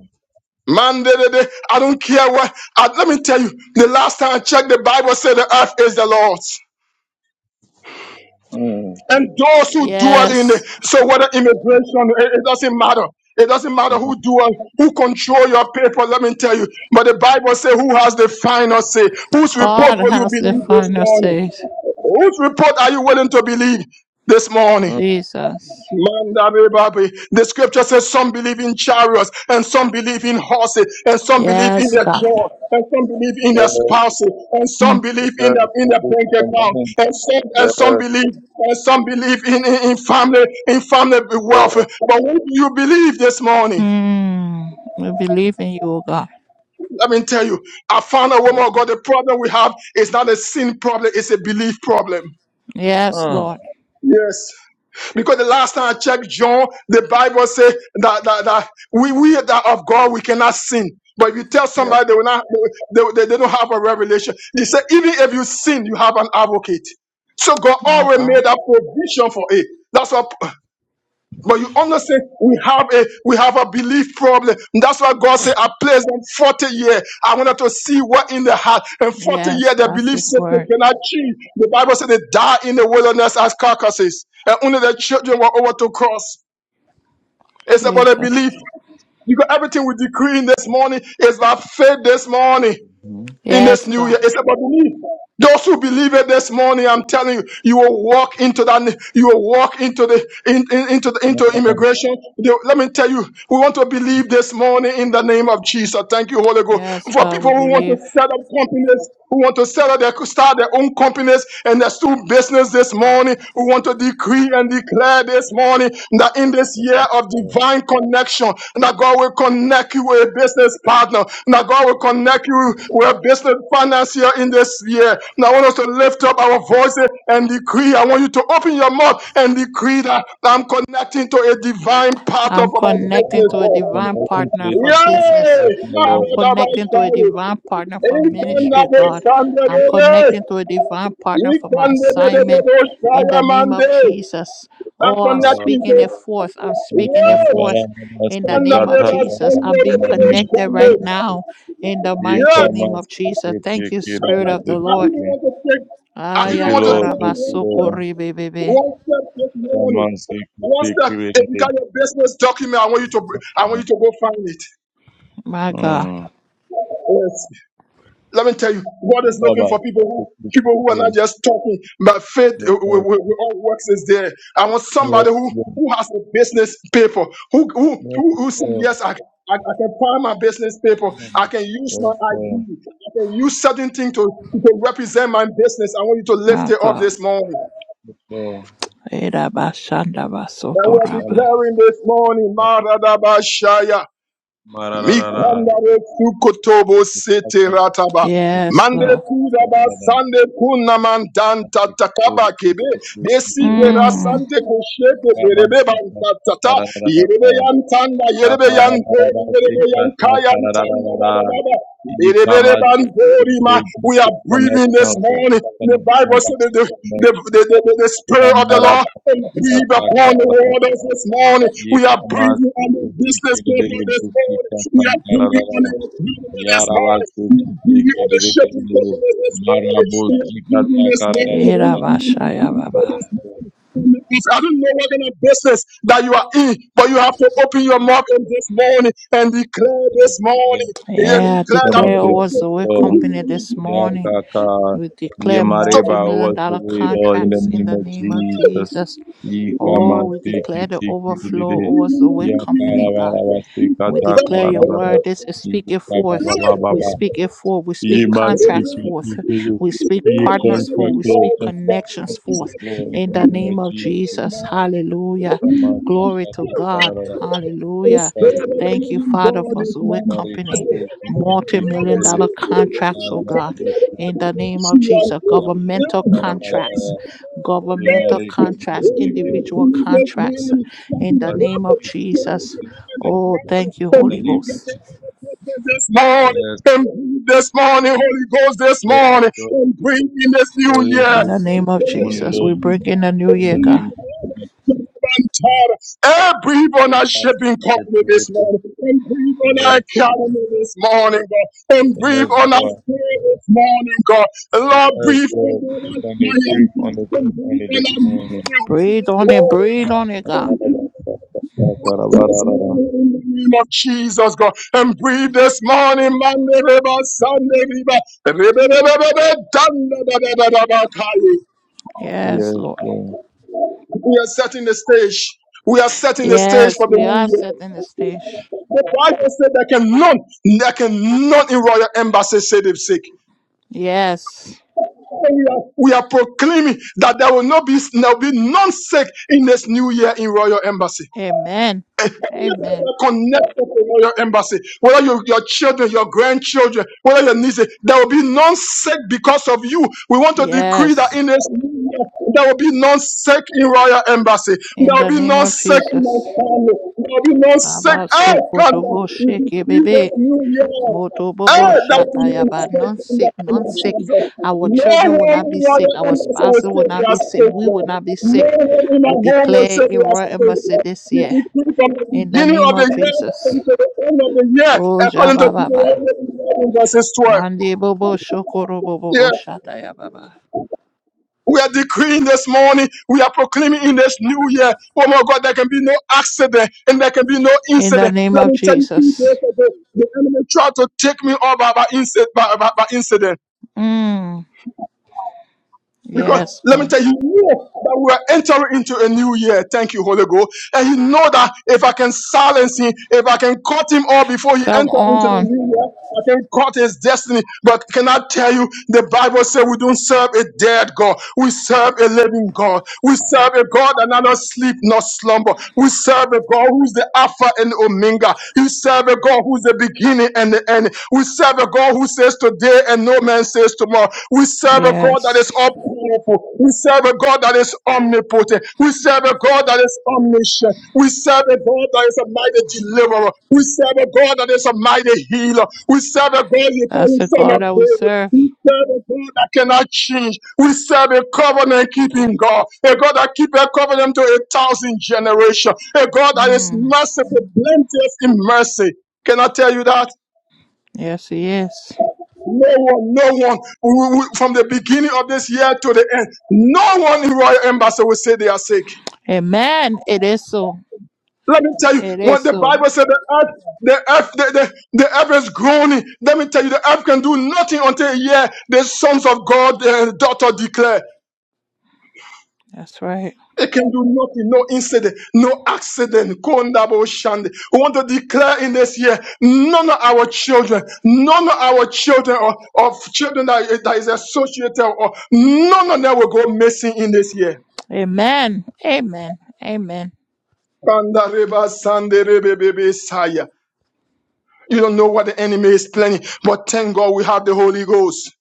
[SPEAKER 2] Man, they, they, they- I don't care what. I, let me tell you, the last time I checked, the Bible said the earth is the Lord's.
[SPEAKER 3] Mm.
[SPEAKER 2] And those who dwell in it,
[SPEAKER 1] Yes.
[SPEAKER 2] so whether immigration, it, it doesn't matter. It doesn't matter who
[SPEAKER 3] Mhm.
[SPEAKER 2] dwell, who control your paper, let me tell you. But the Bible says who has the final say. Whose report
[SPEAKER 1] God
[SPEAKER 2] will you
[SPEAKER 1] has the
[SPEAKER 2] believe this
[SPEAKER 1] final
[SPEAKER 2] morning?
[SPEAKER 1] say.
[SPEAKER 2] Whose report are you willing to believe this morning?
[SPEAKER 3] Mm.
[SPEAKER 1] Jesus.
[SPEAKER 2] Mandarebabe. The scripture says some believe in chariots and some believe in horses and some believe in
[SPEAKER 1] Yes,
[SPEAKER 3] Mhm.
[SPEAKER 2] their
[SPEAKER 1] God.
[SPEAKER 2] job and some believe in their
[SPEAKER 3] Yes,
[SPEAKER 2] spouses and some
[SPEAKER 1] Mm.
[SPEAKER 2] believe in their
[SPEAKER 3] yes,
[SPEAKER 2] in
[SPEAKER 3] thank
[SPEAKER 2] their
[SPEAKER 3] you
[SPEAKER 2] bank
[SPEAKER 3] for the
[SPEAKER 2] account
[SPEAKER 3] morning.
[SPEAKER 2] and some and
[SPEAKER 3] Yes,
[SPEAKER 2] some believe and some believe in, in, in family in family
[SPEAKER 3] yes.
[SPEAKER 2] wealth. But what do you believe this morning?
[SPEAKER 1] Mm. We believe in you, O God.
[SPEAKER 2] Let me tell you, I found a woman
[SPEAKER 3] yes.
[SPEAKER 2] of God. The problem we have is not a sin problem, it's a belief problem.
[SPEAKER 1] Yes,
[SPEAKER 3] Mm.
[SPEAKER 1] Lord.
[SPEAKER 2] Yes. Because the last time I checked John, the Bible says that, that, that we, we that of God, we cannot sin. But if you tell
[SPEAKER 3] Yeah.
[SPEAKER 2] somebody they will not, they, they, they don't have a revelation. He said, even if you sin, you have an advocate. So God
[SPEAKER 1] My
[SPEAKER 2] already made
[SPEAKER 1] God.
[SPEAKER 2] a provision for it. That's what. But you understand, we have a we have a belief problem. And that's why God said, I placed them 40 years. I wanted to see what in the heart. And 40 years
[SPEAKER 1] Yes,
[SPEAKER 2] the
[SPEAKER 1] that's
[SPEAKER 2] belief
[SPEAKER 1] His
[SPEAKER 2] system
[SPEAKER 1] word.
[SPEAKER 2] cannot change. The Bible said they die in the wilderness as carcasses. And only their children were over to cross. It's about a belief.
[SPEAKER 1] Jesus.
[SPEAKER 2] Because everything we decree in this morning is by faith this morning
[SPEAKER 3] Mm-hmm.
[SPEAKER 2] in this
[SPEAKER 1] Yes,
[SPEAKER 2] new year.
[SPEAKER 1] God.
[SPEAKER 2] It's about belief. Those who believe it this morning, I'm telling you, you will walk into that. You will walk into the in, in- into the, into
[SPEAKER 3] Mm.
[SPEAKER 2] immigration. The- let me tell you, we want to believe this morning in the name of Jesus. Thank you, Holy Ghost,
[SPEAKER 1] Yes,
[SPEAKER 2] for
[SPEAKER 1] God, we
[SPEAKER 2] people who want
[SPEAKER 1] believe.
[SPEAKER 2] to set up companies who want to set up their, start their own companies and their do business this morning. We want to decree and declare this morning that in this year of
[SPEAKER 3] Yeah.
[SPEAKER 2] divine connection, that God will connect you with a business partner, that God will connect you with a business financier in this year. Now I want us to lift up our voices and decree. I want you to open your mouth and decree that I'm connecting to a divine partner
[SPEAKER 1] I'm
[SPEAKER 2] for my
[SPEAKER 1] connecting
[SPEAKER 2] business.
[SPEAKER 1] to a
[SPEAKER 2] Lord.
[SPEAKER 1] divine
[SPEAKER 3] Connecting to
[SPEAKER 1] partner
[SPEAKER 3] the
[SPEAKER 1] for business. I'm
[SPEAKER 3] Lord.
[SPEAKER 1] connecting to a
[SPEAKER 2] Yay!
[SPEAKER 1] divine partner for
[SPEAKER 3] I'm
[SPEAKER 2] Ikanda
[SPEAKER 3] connecting,
[SPEAKER 1] ministry, God.
[SPEAKER 2] besanda
[SPEAKER 1] I'm
[SPEAKER 2] dede.
[SPEAKER 1] connecting to a divine partner for my
[SPEAKER 2] Ikanda dede
[SPEAKER 1] assignment
[SPEAKER 2] dede
[SPEAKER 1] in
[SPEAKER 2] shaya
[SPEAKER 1] the name of
[SPEAKER 2] mande.
[SPEAKER 1] Jesus. Oh, I'm
[SPEAKER 2] Akanda
[SPEAKER 3] connecting.
[SPEAKER 1] speaking
[SPEAKER 2] kito.
[SPEAKER 1] it forth. I'm
[SPEAKER 3] We
[SPEAKER 1] speaking it
[SPEAKER 3] come
[SPEAKER 2] Yes.
[SPEAKER 1] forth
[SPEAKER 3] around us,
[SPEAKER 1] in the
[SPEAKER 3] we
[SPEAKER 2] Ikanda
[SPEAKER 1] name
[SPEAKER 3] cut
[SPEAKER 1] of
[SPEAKER 2] dede
[SPEAKER 3] up
[SPEAKER 1] Jesus.
[SPEAKER 3] around
[SPEAKER 1] I'm
[SPEAKER 2] shanda
[SPEAKER 3] in
[SPEAKER 1] being
[SPEAKER 3] the
[SPEAKER 2] dede
[SPEAKER 3] name of
[SPEAKER 1] connected
[SPEAKER 2] shanda.
[SPEAKER 1] right
[SPEAKER 3] Jesus.
[SPEAKER 1] now in the
[SPEAKER 3] We
[SPEAKER 1] mighty
[SPEAKER 2] Yes.
[SPEAKER 3] come
[SPEAKER 1] name
[SPEAKER 3] and
[SPEAKER 1] of
[SPEAKER 3] speak
[SPEAKER 1] Jesus.
[SPEAKER 3] it,
[SPEAKER 1] Thank
[SPEAKER 3] take
[SPEAKER 1] you,
[SPEAKER 3] it,
[SPEAKER 1] Spirit
[SPEAKER 3] put it,
[SPEAKER 1] of
[SPEAKER 3] it,
[SPEAKER 1] the
[SPEAKER 3] it,
[SPEAKER 2] I
[SPEAKER 3] take
[SPEAKER 1] Lord.
[SPEAKER 2] even
[SPEAKER 3] it.
[SPEAKER 2] want to take. I
[SPEAKER 3] Thank
[SPEAKER 2] even
[SPEAKER 1] Aya
[SPEAKER 3] you,
[SPEAKER 2] want to
[SPEAKER 3] Lord.
[SPEAKER 2] take you
[SPEAKER 3] Thank you,
[SPEAKER 2] one step.
[SPEAKER 3] Lord.
[SPEAKER 1] Ayakarabasukuri bebe.
[SPEAKER 2] One step this
[SPEAKER 3] Come
[SPEAKER 2] morning.
[SPEAKER 3] and speak it,
[SPEAKER 2] One
[SPEAKER 3] take
[SPEAKER 2] step.
[SPEAKER 3] it, it,
[SPEAKER 2] If you got
[SPEAKER 3] it,
[SPEAKER 2] your business document, I want you to.
[SPEAKER 3] it.
[SPEAKER 2] br- I want you to go find it.
[SPEAKER 1] My God.
[SPEAKER 3] Mm.
[SPEAKER 2] Yes. Let me tell you, God
[SPEAKER 3] It's
[SPEAKER 2] is looking for
[SPEAKER 3] about
[SPEAKER 2] people who
[SPEAKER 3] to speak it,
[SPEAKER 2] people who are not
[SPEAKER 3] it,
[SPEAKER 2] just talking, but faith
[SPEAKER 3] it. Yes,
[SPEAKER 2] uh, with,
[SPEAKER 3] yes,
[SPEAKER 2] with- with all works is there. I want
[SPEAKER 3] yes,
[SPEAKER 2] somebody who who
[SPEAKER 3] yes,
[SPEAKER 2] has a business paper, who who
[SPEAKER 3] yes,
[SPEAKER 2] who, who said
[SPEAKER 3] yes,
[SPEAKER 2] yes, I, I, I can find my business paper.
[SPEAKER 3] yes,
[SPEAKER 2] I can use my ID.
[SPEAKER 3] yes,
[SPEAKER 2] I can use certain things to, to represent my business. I want you to lift
[SPEAKER 1] My
[SPEAKER 2] it up
[SPEAKER 1] God.
[SPEAKER 2] this morning.
[SPEAKER 3] yes, yes.
[SPEAKER 2] And we're
[SPEAKER 1] Erabashandabasotoraba.
[SPEAKER 3] Um,
[SPEAKER 2] declaring this morning,
[SPEAKER 3] yes.
[SPEAKER 2] Maradabashaya.
[SPEAKER 3] Ma, ra, ra, ra, ra.
[SPEAKER 2] Mikandare sukotobo
[SPEAKER 3] It is about
[SPEAKER 2] sete
[SPEAKER 3] to
[SPEAKER 2] rataba.
[SPEAKER 3] speak it,
[SPEAKER 1] Yes,
[SPEAKER 2] Mande
[SPEAKER 3] but,
[SPEAKER 1] Lord.
[SPEAKER 3] ra,
[SPEAKER 2] kudaba
[SPEAKER 3] ra, ra.
[SPEAKER 2] sande kuna mandanta takaba kebe. Desike
[SPEAKER 1] Mm.
[SPEAKER 2] rasante koshete perebe bantatata. Yerebe yantanda, yerebe yantori, yerebe yankayantanda. da, da, Berebere bantori ma. We are breathing this morning. The Bible said that the, the, the, the, the, the Spirit of the Lord and breathe upon the waters this morning. We are breathing on the business people this morning. We are breathing on the economy this morning. We are breathing on the shipping company this morning.
[SPEAKER 3] Marabosi
[SPEAKER 2] We are
[SPEAKER 3] kata
[SPEAKER 2] breathing this
[SPEAKER 3] kararararara.
[SPEAKER 2] morning. In the name of
[SPEAKER 1] Erabashaya
[SPEAKER 2] Jesus
[SPEAKER 1] Baba.
[SPEAKER 2] this morning. In the- If I don't know what kind of business that you are in, but you have to open your mouth on this morning and declare this morning and
[SPEAKER 1] Yeah,
[SPEAKER 2] declare
[SPEAKER 3] Tena
[SPEAKER 2] I'm a
[SPEAKER 1] declare over
[SPEAKER 3] pesi
[SPEAKER 1] the work
[SPEAKER 3] so
[SPEAKER 1] company this morning.
[SPEAKER 3] yaka ka
[SPEAKER 1] We declare
[SPEAKER 3] yemareba
[SPEAKER 1] multi-million
[SPEAKER 3] was the
[SPEAKER 1] dollar
[SPEAKER 3] way Lord in the
[SPEAKER 1] contracts in
[SPEAKER 3] name
[SPEAKER 1] the
[SPEAKER 3] of
[SPEAKER 1] name of
[SPEAKER 3] Jesus.
[SPEAKER 1] Jesus.
[SPEAKER 3] Ika
[SPEAKER 1] Oh,
[SPEAKER 3] man
[SPEAKER 1] we
[SPEAKER 3] tiki
[SPEAKER 1] declare the
[SPEAKER 3] tiki
[SPEAKER 1] overflow
[SPEAKER 3] didi
[SPEAKER 1] over the work
[SPEAKER 3] yaka
[SPEAKER 1] company, God.
[SPEAKER 3] sika
[SPEAKER 1] We
[SPEAKER 3] taka
[SPEAKER 1] declare
[SPEAKER 3] raba
[SPEAKER 1] your
[SPEAKER 3] raba
[SPEAKER 1] word. This
[SPEAKER 2] business.
[SPEAKER 1] is speak it
[SPEAKER 3] baba
[SPEAKER 1] forth.
[SPEAKER 3] baba
[SPEAKER 1] We
[SPEAKER 3] baba
[SPEAKER 2] So,
[SPEAKER 1] speak it forth. We speak
[SPEAKER 2] God is
[SPEAKER 1] contracts
[SPEAKER 2] man.
[SPEAKER 3] tiki
[SPEAKER 1] forth.
[SPEAKER 3] tiki
[SPEAKER 1] We speak
[SPEAKER 3] ye
[SPEAKER 1] partners forth.
[SPEAKER 3] contract
[SPEAKER 1] We
[SPEAKER 3] law
[SPEAKER 1] speak
[SPEAKER 3] contract
[SPEAKER 1] connections
[SPEAKER 3] contract
[SPEAKER 1] forth.
[SPEAKER 3] law in the
[SPEAKER 1] In the
[SPEAKER 3] name of
[SPEAKER 1] name of
[SPEAKER 3] Jesus.
[SPEAKER 1] Jesus. Hallelujah.
[SPEAKER 3] Kama
[SPEAKER 1] Glory
[SPEAKER 3] saka
[SPEAKER 1] to
[SPEAKER 3] taka
[SPEAKER 1] God.
[SPEAKER 3] raba raba
[SPEAKER 1] Hallelujah.
[SPEAKER 2] As
[SPEAKER 3] sika
[SPEAKER 1] Thank you,
[SPEAKER 3] didi
[SPEAKER 2] the God.
[SPEAKER 1] Father, for Zoe
[SPEAKER 3] yemareba
[SPEAKER 1] Company.
[SPEAKER 3] was tiki
[SPEAKER 1] Multi
[SPEAKER 3] tiki
[SPEAKER 1] million dollar contracts, oh God. In the
[SPEAKER 3] didi
[SPEAKER 1] name of
[SPEAKER 3] We
[SPEAKER 1] Jesus. Governmental contracts. Governmental
[SPEAKER 3] marry The
[SPEAKER 1] contracts. Individual contracts. In the name of Jesus. Oh, thank you, Holy
[SPEAKER 3] name
[SPEAKER 1] Ghost.
[SPEAKER 2] This
[SPEAKER 3] Yes. Jesus.
[SPEAKER 2] morning, this morning, Holy Ghost, this
[SPEAKER 3] Lord, we
[SPEAKER 2] morning,
[SPEAKER 3] go
[SPEAKER 2] and bring in this new
[SPEAKER 3] for you,
[SPEAKER 2] year.
[SPEAKER 1] In
[SPEAKER 3] Holy
[SPEAKER 1] the
[SPEAKER 3] Spirit, this
[SPEAKER 1] name of
[SPEAKER 3] morning,
[SPEAKER 1] Jesus,
[SPEAKER 3] Lord.
[SPEAKER 1] we bring in the new
[SPEAKER 3] In
[SPEAKER 1] year,
[SPEAKER 3] the
[SPEAKER 1] God.
[SPEAKER 3] name of Jesus,
[SPEAKER 2] God. breathe on our
[SPEAKER 3] ask
[SPEAKER 2] shipping
[SPEAKER 3] for
[SPEAKER 2] company this
[SPEAKER 3] provision.
[SPEAKER 2] morning. And breathe on our
[SPEAKER 3] Yes,
[SPEAKER 2] economy this morning, God. And breathe
[SPEAKER 3] yes,
[SPEAKER 2] on our
[SPEAKER 3] Lord.
[SPEAKER 2] spirit this morning, God. Lord,
[SPEAKER 3] Yes,
[SPEAKER 2] breathe on
[SPEAKER 3] Lord. Put
[SPEAKER 2] us,
[SPEAKER 3] on the proof on
[SPEAKER 2] Zion.
[SPEAKER 3] the
[SPEAKER 2] And
[SPEAKER 3] proof
[SPEAKER 2] breathe
[SPEAKER 3] on it
[SPEAKER 2] on
[SPEAKER 3] this
[SPEAKER 2] our mercy
[SPEAKER 3] morning.
[SPEAKER 1] Breathe
[SPEAKER 2] this
[SPEAKER 1] on
[SPEAKER 2] morning.
[SPEAKER 1] it,
[SPEAKER 2] God.
[SPEAKER 1] breathe on it, God.
[SPEAKER 2] This morning, in the name of Jesus, God. And breathe this morning, Monday, River, Sunday, River. River, River, River, Dunda, da, da, da, da, da, Kai.
[SPEAKER 1] Yes,
[SPEAKER 3] Yes,
[SPEAKER 1] Lord.
[SPEAKER 3] Lord.
[SPEAKER 2] We are setting the stage. We are setting the stage
[SPEAKER 1] Yes,
[SPEAKER 2] for the
[SPEAKER 1] we are
[SPEAKER 2] new year.
[SPEAKER 1] setting the stage.
[SPEAKER 2] The Bible said there can none, there can none in royal embassy say they are sick.
[SPEAKER 1] Yes.
[SPEAKER 2] So We are, we are proclaiming that there will not be, there will be none sick in this new year in royal embassy.
[SPEAKER 1] Amen. Amen.
[SPEAKER 2] connected to your embassy, whether you, your children, your grandchildren, whether your nieces, there will be none sick because of you. We want to decree that
[SPEAKER 1] Yes.
[SPEAKER 2] in this new year, there will be none sick in royal embassy.
[SPEAKER 1] In
[SPEAKER 2] There will
[SPEAKER 1] the
[SPEAKER 2] be
[SPEAKER 1] name
[SPEAKER 2] none
[SPEAKER 1] of
[SPEAKER 2] sick in my
[SPEAKER 1] Jesus.
[SPEAKER 2] family. There will be none sick.
[SPEAKER 1] Abba,
[SPEAKER 2] Hey,
[SPEAKER 1] so
[SPEAKER 2] God,
[SPEAKER 1] koto bo
[SPEAKER 2] we
[SPEAKER 1] shake it,
[SPEAKER 2] decree this
[SPEAKER 1] baby.
[SPEAKER 2] new year.
[SPEAKER 1] Moto bobo
[SPEAKER 2] Hey, that will be to
[SPEAKER 1] shatayaba,
[SPEAKER 2] stay
[SPEAKER 1] none
[SPEAKER 2] in
[SPEAKER 1] sick,
[SPEAKER 2] the name
[SPEAKER 1] none
[SPEAKER 2] of
[SPEAKER 1] sick.
[SPEAKER 2] Jesus.
[SPEAKER 1] Our
[SPEAKER 2] No one
[SPEAKER 1] children will not be
[SPEAKER 2] in our
[SPEAKER 1] sick. Our
[SPEAKER 2] embassy will
[SPEAKER 1] spouses
[SPEAKER 2] say
[SPEAKER 1] will
[SPEAKER 2] they
[SPEAKER 1] not
[SPEAKER 2] are
[SPEAKER 1] be sick.
[SPEAKER 2] saved.
[SPEAKER 1] We will not be
[SPEAKER 2] No
[SPEAKER 1] sick.
[SPEAKER 2] one in
[SPEAKER 1] We
[SPEAKER 2] our home will
[SPEAKER 1] declare
[SPEAKER 2] say
[SPEAKER 1] a
[SPEAKER 2] they are
[SPEAKER 1] royal
[SPEAKER 2] saved.
[SPEAKER 1] embassy this
[SPEAKER 2] We
[SPEAKER 1] year
[SPEAKER 2] decree from the
[SPEAKER 1] in the
[SPEAKER 2] Beginning
[SPEAKER 1] name
[SPEAKER 2] of the
[SPEAKER 1] of
[SPEAKER 2] year,
[SPEAKER 1] Jesus.
[SPEAKER 2] according the end of the year,
[SPEAKER 1] Oh,
[SPEAKER 2] according to
[SPEAKER 1] Jabababa.
[SPEAKER 2] Deuteronomy verses 12.
[SPEAKER 1] Mandi bobo shokoro bobo bo
[SPEAKER 2] Yeah.
[SPEAKER 1] shatayababa.
[SPEAKER 2] We are decreeing this morning. We are proclaiming in this new year. Oh my God, there can be no accident and there can be no
[SPEAKER 1] In the
[SPEAKER 2] incident.
[SPEAKER 1] name
[SPEAKER 2] Let
[SPEAKER 1] of
[SPEAKER 2] me tell you, two days
[SPEAKER 1] Jesus.
[SPEAKER 2] ago, the enemy tried to take me all by, by, incident, by, by, by incident.
[SPEAKER 1] Mm,
[SPEAKER 2] Because
[SPEAKER 1] yes,
[SPEAKER 2] let me
[SPEAKER 1] God.
[SPEAKER 2] tell you, you know that we are entering into a new year. Thank you, Holy Ghost. And you know that if I can silence him, if I can cut him off before he
[SPEAKER 1] Come
[SPEAKER 2] enters into the
[SPEAKER 1] on.
[SPEAKER 2] new year, I can cut his destiny. But can I tell you, the Bible says we don't serve a dead God. We serve a living God. We serve a God that neither sleep nor slumber. We serve a God who's the Alpha and Omega. You serve a God who's the beginning and the end. We serve a God who says today and no man says tomorrow. We serve a God that is
[SPEAKER 1] Yes.
[SPEAKER 2] all powerful. We serve a God that is omnipotent. We serve a God that is omniscient. We serve a God that is a mighty deliverer. We serve a God that is a mighty healer. We serve a God you
[SPEAKER 1] That's
[SPEAKER 2] can
[SPEAKER 1] the
[SPEAKER 2] son
[SPEAKER 1] God
[SPEAKER 2] of
[SPEAKER 1] that we
[SPEAKER 2] David.
[SPEAKER 1] serve.
[SPEAKER 2] We serve a God that cannot change. We serve a covenant keeping God, a God that keeps a covenant to a thousand generations, a God that is
[SPEAKER 1] Mm,
[SPEAKER 2] merciful, plenteous in mercy. Can I tell you that?
[SPEAKER 1] yes, He is.
[SPEAKER 2] No one, no one, we- we- from the beginning of this year to the end, no one in Royal Embassy will say they are sick.
[SPEAKER 1] Amen. It is so.
[SPEAKER 2] Let me tell you,
[SPEAKER 1] It is
[SPEAKER 2] when the
[SPEAKER 1] so.
[SPEAKER 2] Bible said the earth, the earth, the, the, the earth is groaning. Let me tell you, the earth can do nothing until a year the sons of God, the daughter declare.
[SPEAKER 1] That's right.
[SPEAKER 2] It can do nothing, no incident, no accident. Kondabo Shande. We want to declare in this year, none of our children, none of our children or, of children that, that is associated or none of them will go missing in this year.
[SPEAKER 1] Amen. Amen. Amen.
[SPEAKER 2] Banda Reba Sande Rebe Bebe Saya. You don't know what the enemy is planning, but thank God we have the Holy Ghost.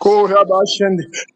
[SPEAKER 2] Go ahead,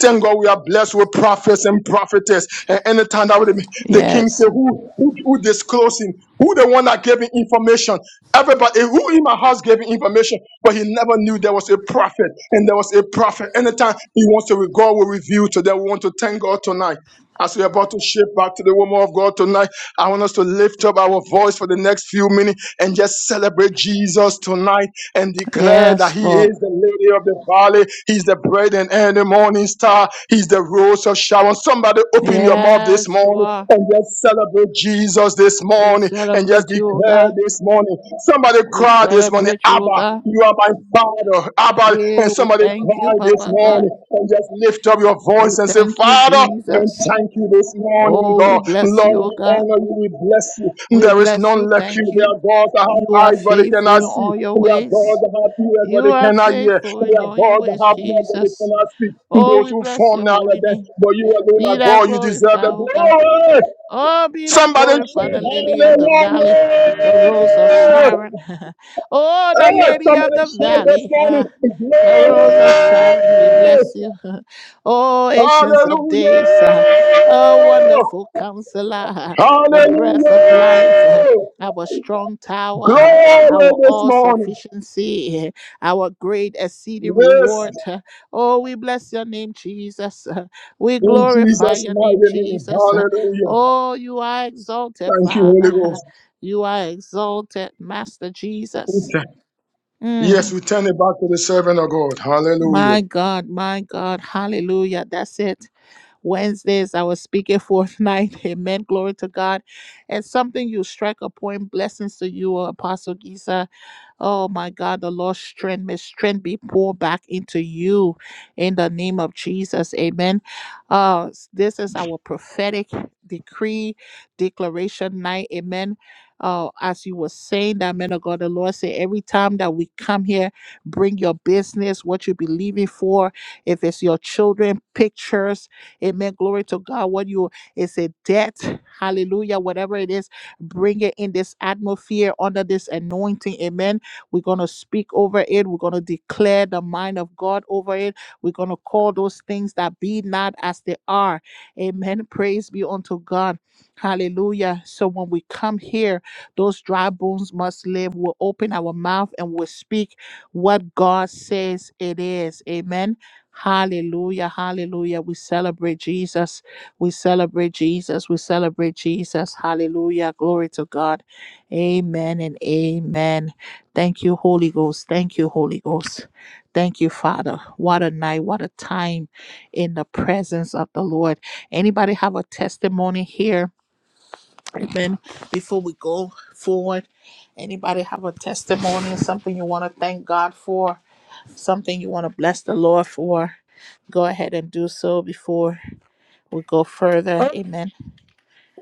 [SPEAKER 2] Thank God we are blessed with prophets and prophetess. And anytime that would be- the king said,
[SPEAKER 1] Yes.
[SPEAKER 2] who, who who disclosing? Who the one that gave him information? Everybody who in my house gave him information, but he never knew there was a prophet and there was a prophet. Anytime he wants to, God will reveal to them. We want to thank God tonight. As we're about to shift back to the woman of God tonight, I want us to lift up our voice for the next few minutes and just celebrate Jesus tonight and declare that
[SPEAKER 1] Yes,
[SPEAKER 2] He
[SPEAKER 1] Lord.
[SPEAKER 2] is the Lady of the Valley. He's the brethren and the morning star. He's the rose of Sharon. Somebody open your mouth this
[SPEAKER 1] Yes, you
[SPEAKER 2] morning
[SPEAKER 1] are.
[SPEAKER 2] and just celebrate Jesus this
[SPEAKER 1] We
[SPEAKER 2] morning and just
[SPEAKER 1] celebrate you, O
[SPEAKER 2] declare
[SPEAKER 1] God.
[SPEAKER 2] this morning. Somebody
[SPEAKER 1] We
[SPEAKER 2] cry this morning,
[SPEAKER 1] celebrate you, O
[SPEAKER 2] Abba,
[SPEAKER 1] God.
[SPEAKER 2] you are my father. Abba,
[SPEAKER 1] Yeah,
[SPEAKER 2] and
[SPEAKER 1] we
[SPEAKER 2] somebody
[SPEAKER 1] thank
[SPEAKER 2] cry
[SPEAKER 1] you,
[SPEAKER 2] this
[SPEAKER 1] Papa God.
[SPEAKER 2] morning and just lift up your voice
[SPEAKER 1] We
[SPEAKER 2] and say,
[SPEAKER 1] thank you,
[SPEAKER 2] Father, and
[SPEAKER 1] Jesus.
[SPEAKER 2] thank you this morning,
[SPEAKER 1] Oh, we
[SPEAKER 2] God.
[SPEAKER 1] bless
[SPEAKER 2] Lord,
[SPEAKER 1] you, O
[SPEAKER 2] we
[SPEAKER 1] God.
[SPEAKER 2] honor you, we bless you.
[SPEAKER 1] We
[SPEAKER 2] There is
[SPEAKER 1] bless
[SPEAKER 2] none
[SPEAKER 1] you.
[SPEAKER 2] like you.
[SPEAKER 1] Thank
[SPEAKER 2] There
[SPEAKER 1] you.
[SPEAKER 2] are gods that have
[SPEAKER 1] You are
[SPEAKER 2] eyes, but they
[SPEAKER 1] faithful
[SPEAKER 2] cannot
[SPEAKER 1] in
[SPEAKER 2] see.
[SPEAKER 1] all your
[SPEAKER 2] There are gods
[SPEAKER 1] ways.
[SPEAKER 2] that have ears, but
[SPEAKER 1] You
[SPEAKER 2] they
[SPEAKER 1] are
[SPEAKER 2] cannot hear.
[SPEAKER 1] faithful in
[SPEAKER 2] There are
[SPEAKER 1] all your
[SPEAKER 2] gods that
[SPEAKER 1] ways,
[SPEAKER 2] have mouth, but they
[SPEAKER 1] Jesus.
[SPEAKER 2] cannot speak.
[SPEAKER 1] Oh,
[SPEAKER 2] Those
[SPEAKER 1] we
[SPEAKER 2] who
[SPEAKER 1] bless
[SPEAKER 2] form
[SPEAKER 1] your
[SPEAKER 2] now,
[SPEAKER 1] holy name.
[SPEAKER 2] but you alone
[SPEAKER 1] Be
[SPEAKER 2] are
[SPEAKER 1] thou
[SPEAKER 2] God. You deserve
[SPEAKER 1] glorified,
[SPEAKER 2] the
[SPEAKER 1] O God.
[SPEAKER 2] glory.
[SPEAKER 1] Oh, be thou
[SPEAKER 2] Somebody
[SPEAKER 1] glorified,
[SPEAKER 2] shout
[SPEAKER 1] the lily of the
[SPEAKER 2] hallelujah.
[SPEAKER 1] valley, the rose of Sharon. oh, the
[SPEAKER 2] Oh,
[SPEAKER 1] lady of
[SPEAKER 2] somebody
[SPEAKER 1] the
[SPEAKER 2] shout this
[SPEAKER 1] valley,
[SPEAKER 2] morning.
[SPEAKER 1] ah, the
[SPEAKER 2] Glory.
[SPEAKER 1] rose of Sharon, we bless you. oh, ancients of
[SPEAKER 2] Hallelujah.
[SPEAKER 1] days, ah, oh, wonderful counselor, ah, the breath of life. ah,
[SPEAKER 2] Hallelujah.
[SPEAKER 1] our strong tower, ah,
[SPEAKER 2] Glory
[SPEAKER 1] our
[SPEAKER 2] this
[SPEAKER 1] all
[SPEAKER 2] morning.
[SPEAKER 1] sufficiency, eh, our great exceeding
[SPEAKER 2] Yes,
[SPEAKER 1] reward. ah. Oh, we bless your name, Jesus. ah. We
[SPEAKER 2] in
[SPEAKER 1] glorify
[SPEAKER 2] Jesus'
[SPEAKER 1] your name,
[SPEAKER 2] mighty name.
[SPEAKER 1] Jesus.
[SPEAKER 2] Hallelujah.
[SPEAKER 1] Oh, you are exalted,
[SPEAKER 2] Thank you, Holy
[SPEAKER 1] Father.
[SPEAKER 2] Ghost.
[SPEAKER 1] You are exalted, Master Jesus.
[SPEAKER 2] Okay. Yes,
[SPEAKER 1] Mm,
[SPEAKER 2] we turn it back to the servant of God. Hallelujah.
[SPEAKER 1] My God, my God. Hallelujah. That's it. Wednesdays, I was speaking fourth night. Amen. Glory to God. And something you strike a point. Blessings to you, Apostle Giza. Oh my God, the Lord's strength, may strength be poured back into you in the name of Jesus. Amen. Uh, this is our prophetic decree, declaration night. Amen. Uh, as you were saying that, man of God, the Lord said, every time that we come here, bring your business, what you believe in for. If it's your children, pictures, Amen. Glory to God. What you is a debt. Hallelujah. Whatever it is, bring it in this atmosphere under this anointing. Amen. We're gonna speak over it. We're gonna declare the mind of God over it. We're gonna call those things that be not as they are. Amen. Praise be unto God. Hallelujah. So when we come here, those dry bones must live. We'll open our mouth and we'll speak what God says it is. Amen. Hallelujah, hallelujah. We celebrate Jesus. We celebrate Jesus. We celebrate Jesus. Hallelujah. Glory to God. Amen and amen. Thank you, Holy Ghost. Thank you, Holy Ghost. Thank you, Father. What a night. What a time in the presence of the Lord. Anybody have a testimony here? Amen. Before we go forward, anybody have a testimony, something you want to thank God for? something you want to bless the Lord for, go ahead and do so before we go further.
[SPEAKER 8] Well,
[SPEAKER 1] Amen.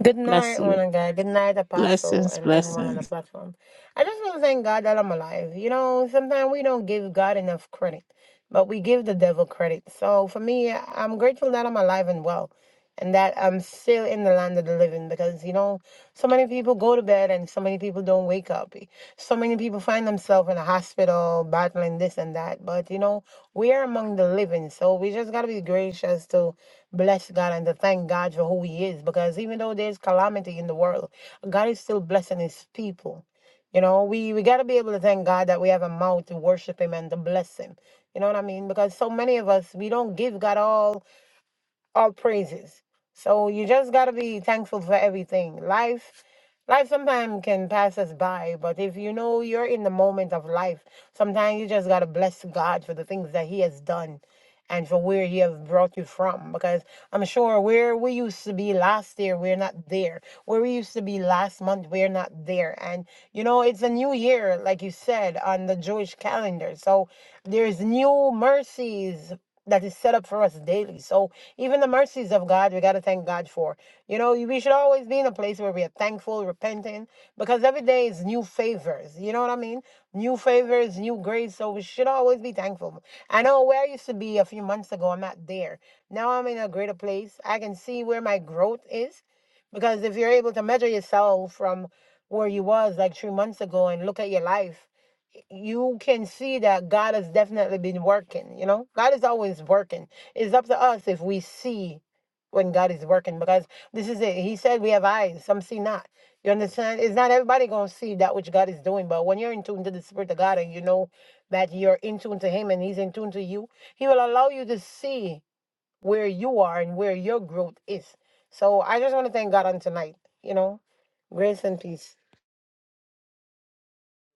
[SPEAKER 8] good
[SPEAKER 1] Bless
[SPEAKER 8] night, one
[SPEAKER 1] you.
[SPEAKER 8] and God. Good night, Apostle,
[SPEAKER 1] Blessings,
[SPEAKER 8] and everyone on the
[SPEAKER 1] blessings.
[SPEAKER 8] platform. I just want to thank God that I'm alive. You know, sometimes we don't give God enough credit, but we give the devil credit. So for me, I'm grateful that I'm alive and well and that I'm still in the land of the living because, you know, so many people go to bed and so many people don't wake up. So many people find themselves in a hospital battling this and that. But, you know, we are among the living. So we just got to be gracious to bless God and to thank God for who He is because even though there's calamity in the world, God is still blessing His people. You know, we, we got to be able to thank God that we have a mouth to worship Him and to bless Him. You know what I mean? Because so many of us, we don't give God all all praises. So you just gotta be thankful for everything. Life, life sometimes can pass us by, but if you know you're in the moment of life, sometimes you just gotta bless God for the things that He has done, and for where He has brought you from. Because I'm sure where we used to be last year, we're not there. Where we used to be last month, we're not there. And you know, it's a new year, like you said, on the Jewish calendar. So there's new mercies that is set up for us daily. So even the mercies of God, we got to thank God for. You know, we should always be in a place where we are thankful, repenting, because every day is new favors. You know what I mean? New favors, new grace. So we should always be thankful. I know where I used to be a few months ago, I'm not there. Now I'm in a greater place. I can see where my growth is, because if you're able to measure yourself from where you was like three months ago and look at your life you can see that God has definitely been working, you know? God is always working. It's up to us if we see when God is working because this is it. He said we have eyes, some see not. You understand? It's not everybody gonna see that which God is doing, but when you're in tune to the Spirit of God and you know that you're in tune to Him and He's in tune to you, He will allow you to see where you are and where your growth is. So I just want to thank God on tonight, you know? Grace and peace.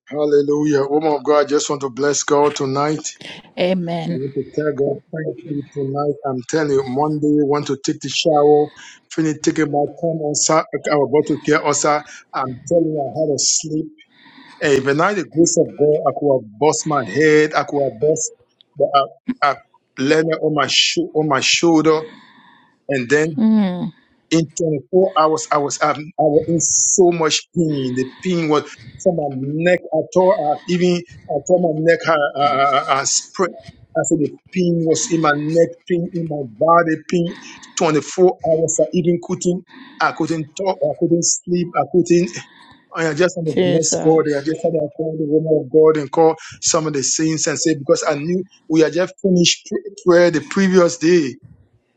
[SPEAKER 2] Hallelujah. Woman of God, I just want to bless God tonight. I
[SPEAKER 1] Amen.
[SPEAKER 2] want to tell God, thank you tonight. I'm telling you, Monday, you want to take the shower, finish taking my time also. I was about to get also. I'm telling you, I had a sleep. Hey, but now the grace of God, I could have bust my head, I could have bust the, I, I landed on my, sho- on my shoulder, and then
[SPEAKER 1] Mm,
[SPEAKER 2] in 24 hours, I was, um, I was in so much pain. The pain was from my neck. I tore, I even, I tore my neck, I, I, I, I spread. I said the pain was in my neck, pain in my body, pain 24 hours. I even couldn't, I couldn't talk, I couldn't sleep, I couldn't. I just had to bless God. I
[SPEAKER 1] Jesus.
[SPEAKER 2] just had to call the woman of God and call some of the saints and say, because I knew we had just finished pr- prayer the previous day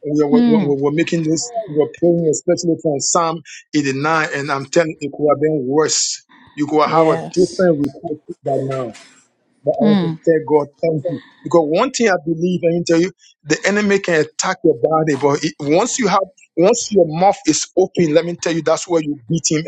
[SPEAKER 2] we are, we
[SPEAKER 1] Mm,
[SPEAKER 2] we- we're making this, we're praying especially from Psalm 89, and I'm telling you, it could have been worse. You could have a
[SPEAKER 1] yes.
[SPEAKER 2] different report by now. But I want to
[SPEAKER 1] Mm,
[SPEAKER 2] tell God, thank you. Because one thing I believe, I can tell you, the enemy can attack your body, but it, once you have, once your mouth is open, let me tell you, that's where you beat him. at.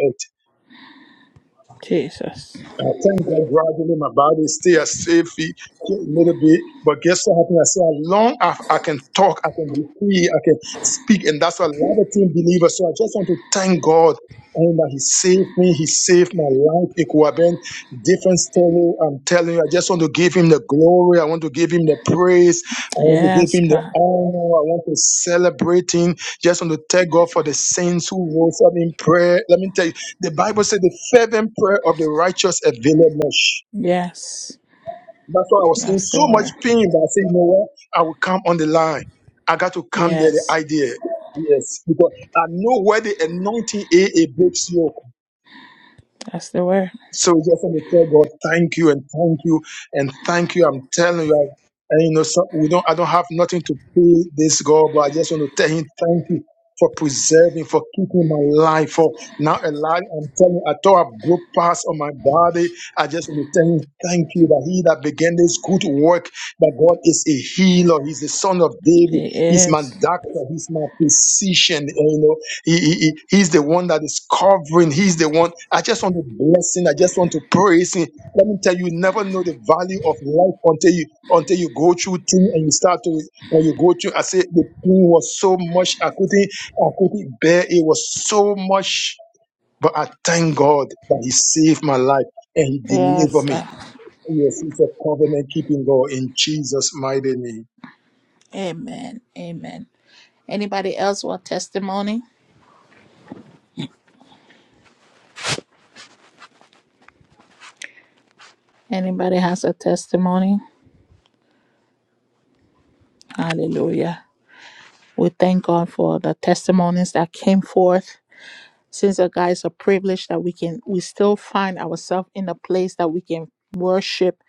[SPEAKER 1] Jesus.
[SPEAKER 2] I thank God gradually my body stay a safety a little bit. But guess what happened? I said, as long as I can talk, I can be free, I can speak. And that's what a lot of team believers. So I just want to thank God. And that he saved me, he saved my life. It could have been different story. I'm telling you, I just want to give him the glory. I want to give him the praise. I want to give
[SPEAKER 1] Yes,
[SPEAKER 2] him the
[SPEAKER 1] God.
[SPEAKER 2] honor. I want to celebrate him. Just want to thank God for the saints who rose up in prayer. Let me tell you. The Bible said the fervent prayer of the righteous availeth much.
[SPEAKER 1] Yes.
[SPEAKER 2] That's why I was in
[SPEAKER 1] That's the
[SPEAKER 2] so much
[SPEAKER 1] word.
[SPEAKER 2] pain, but I said, you know what? I will come on the line. I got to come there, the
[SPEAKER 1] Yes.
[SPEAKER 2] idea. Yes, because I know where the anointing a a breaks you.
[SPEAKER 1] That's the word.
[SPEAKER 2] So we just want to tell God, thank you and thank you and thank you. I'm telling you, I, and you know, so we don't. I don't have nothing to pay this God, but I just want to tell Him thank you for preserving, for keeping my life, for now alive. I'm telling you, I thought I broke past on my body. I just want to tell Him thank you that He that began this good work, that God is a healer. He's the Son of David.
[SPEAKER 1] It
[SPEAKER 2] He's my
[SPEAKER 1] is.
[SPEAKER 2] doctor. He's my physician. You know, he, he, he- he's the one that is covering. He's the one. I just want to bless him. I just want to praise him. Let me tell you, you never know the value of life until you until you go through things and you start to when you go through. I say the pain was so much. I couldn't I couldn't bear. It was so much. But I thank God that He saved my life and He
[SPEAKER 1] Yes.
[SPEAKER 2] delivered me.
[SPEAKER 1] Lord.
[SPEAKER 2] Yes, it's a covenant keeping God in Jesus' mighty name.
[SPEAKER 1] Amen. Amen. Anybody else want testimony? Anybody has a testimony? Hallelujah. We thank God for the testimonies that came forth. Since the God is a privilege that we can we still find ourselves in a place that we can worship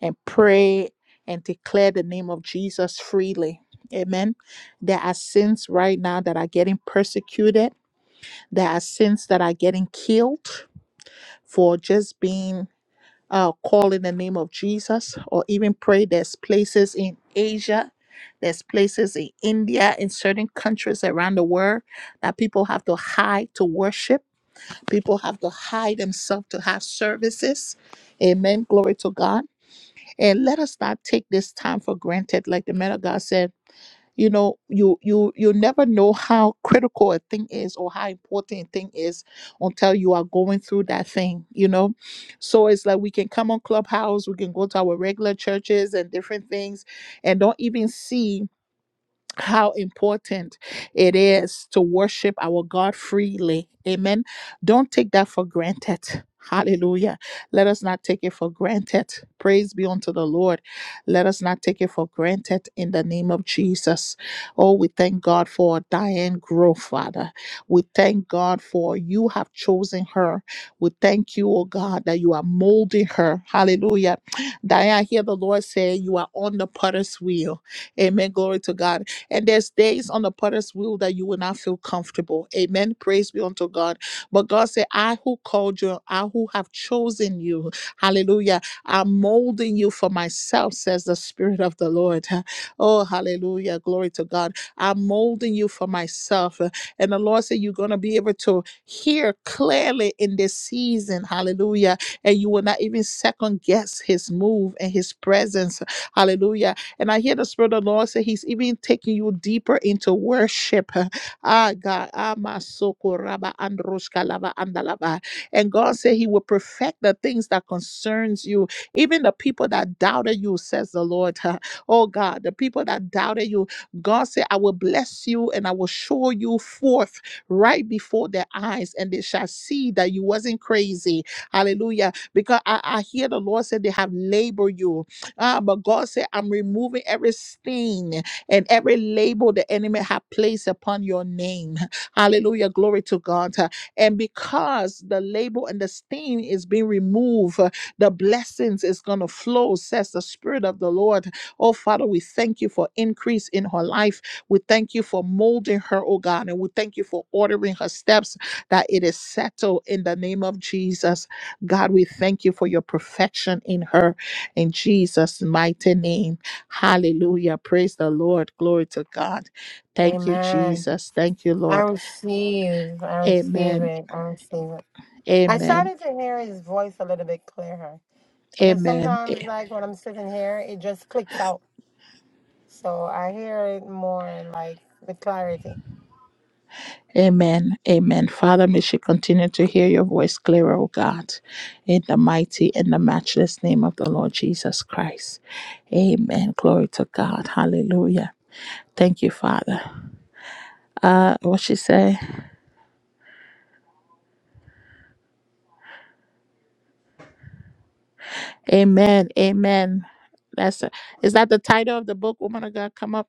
[SPEAKER 1] and pray and declare the name of Jesus freely. Amen. There are sins right now that are getting persecuted. There are sins that are getting killed for just being uh, call in the name of Jesus or even pray. There's places in Asia, there's places in India, in certain countries around the world that people have to hide to worship. People have to hide themselves to have services. Amen. Glory to God. And let us not take this time for granted. Like the man of God said, you know you you you never know how critical a thing is or how important a thing is until you are going through that thing you know so it's like we can come on clubhouse we can go to our regular churches and different things and don't even see how important it is to worship our God freely. Amen. Don't take that for granted. Hallelujah. Let us not take it for granted. Praise be unto the Lord. Let us not take it for granted in the name of Jesus. Oh, we thank God for Diane Grove, Father. We thank God for you have chosen her. We thank you, oh God, that you are molding her. Hallelujah. Diane, I hear the Lord say you are on the potter's wheel. Amen. Glory to God and there's days on the potter's wheel that you will not feel comfortable. Amen. Praise be unto God. But God said, I who called you, I who have chosen you. Hallelujah. I'm molding you for myself, says the Spirit of the Lord. Oh, hallelujah. Glory to God. I'm molding you for myself. And the Lord said, You're going to be able to hear clearly in this season. Hallelujah. And you will not even second guess his move and his presence. Hallelujah and I hear the Spirit of the Lord say He's even taking you deeper into worship. Ah, God. Ah, masoko raba androshka lava andalava. And God said He will perfect the things that concerns you. Even the people that doubted you, says the Lord. Oh, God, the people that doubted you, God said, I will bless you and I will show you forth right before their eyes, and they shall see that you wasn't crazy. Hallelujah. Because I, I hear the Lord said they have labored you. Ah, but God said, I'm removing every stain and every label the enemy have placed upon your name. Hallelujah. Glory to God. And because the label and the stain is being removed, uh, the blessings is going to flow, says the Spirit of the Lord. Oh, Father, we thank you for increase in her life. We thank you for molding her, oh God. And we thank you for ordering her steps that it is settled in the name of Jesus. God, we thank you for your perfection in her in Jesus' mighty name. Hallelujah. Praise the Lord. Glory to God. Thank you,
[SPEAKER 8] Amen.
[SPEAKER 1] Jesus. Thank you,
[SPEAKER 8] I
[SPEAKER 1] Lord.
[SPEAKER 8] receive. I receive
[SPEAKER 1] Amen.
[SPEAKER 8] it. I receive it. I
[SPEAKER 1] Amen.
[SPEAKER 8] started to hear his voice a little bit clearer because
[SPEAKER 1] Amen.
[SPEAKER 8] sometimes,
[SPEAKER 1] A-
[SPEAKER 8] like when I'm sitting here, it just clicks out. So I hear it more like with clarity.
[SPEAKER 1] Amen. Amen. Father, may she continue to hear your voice clearer, O God, in the mighty and the matchless name of the Lord Jesus Christ. Amen. Glory to God. Hallelujah. Thank you, Father. Uh, what she say? Amen. Amen. That's a, is that the title of the book? Woman of God, come up.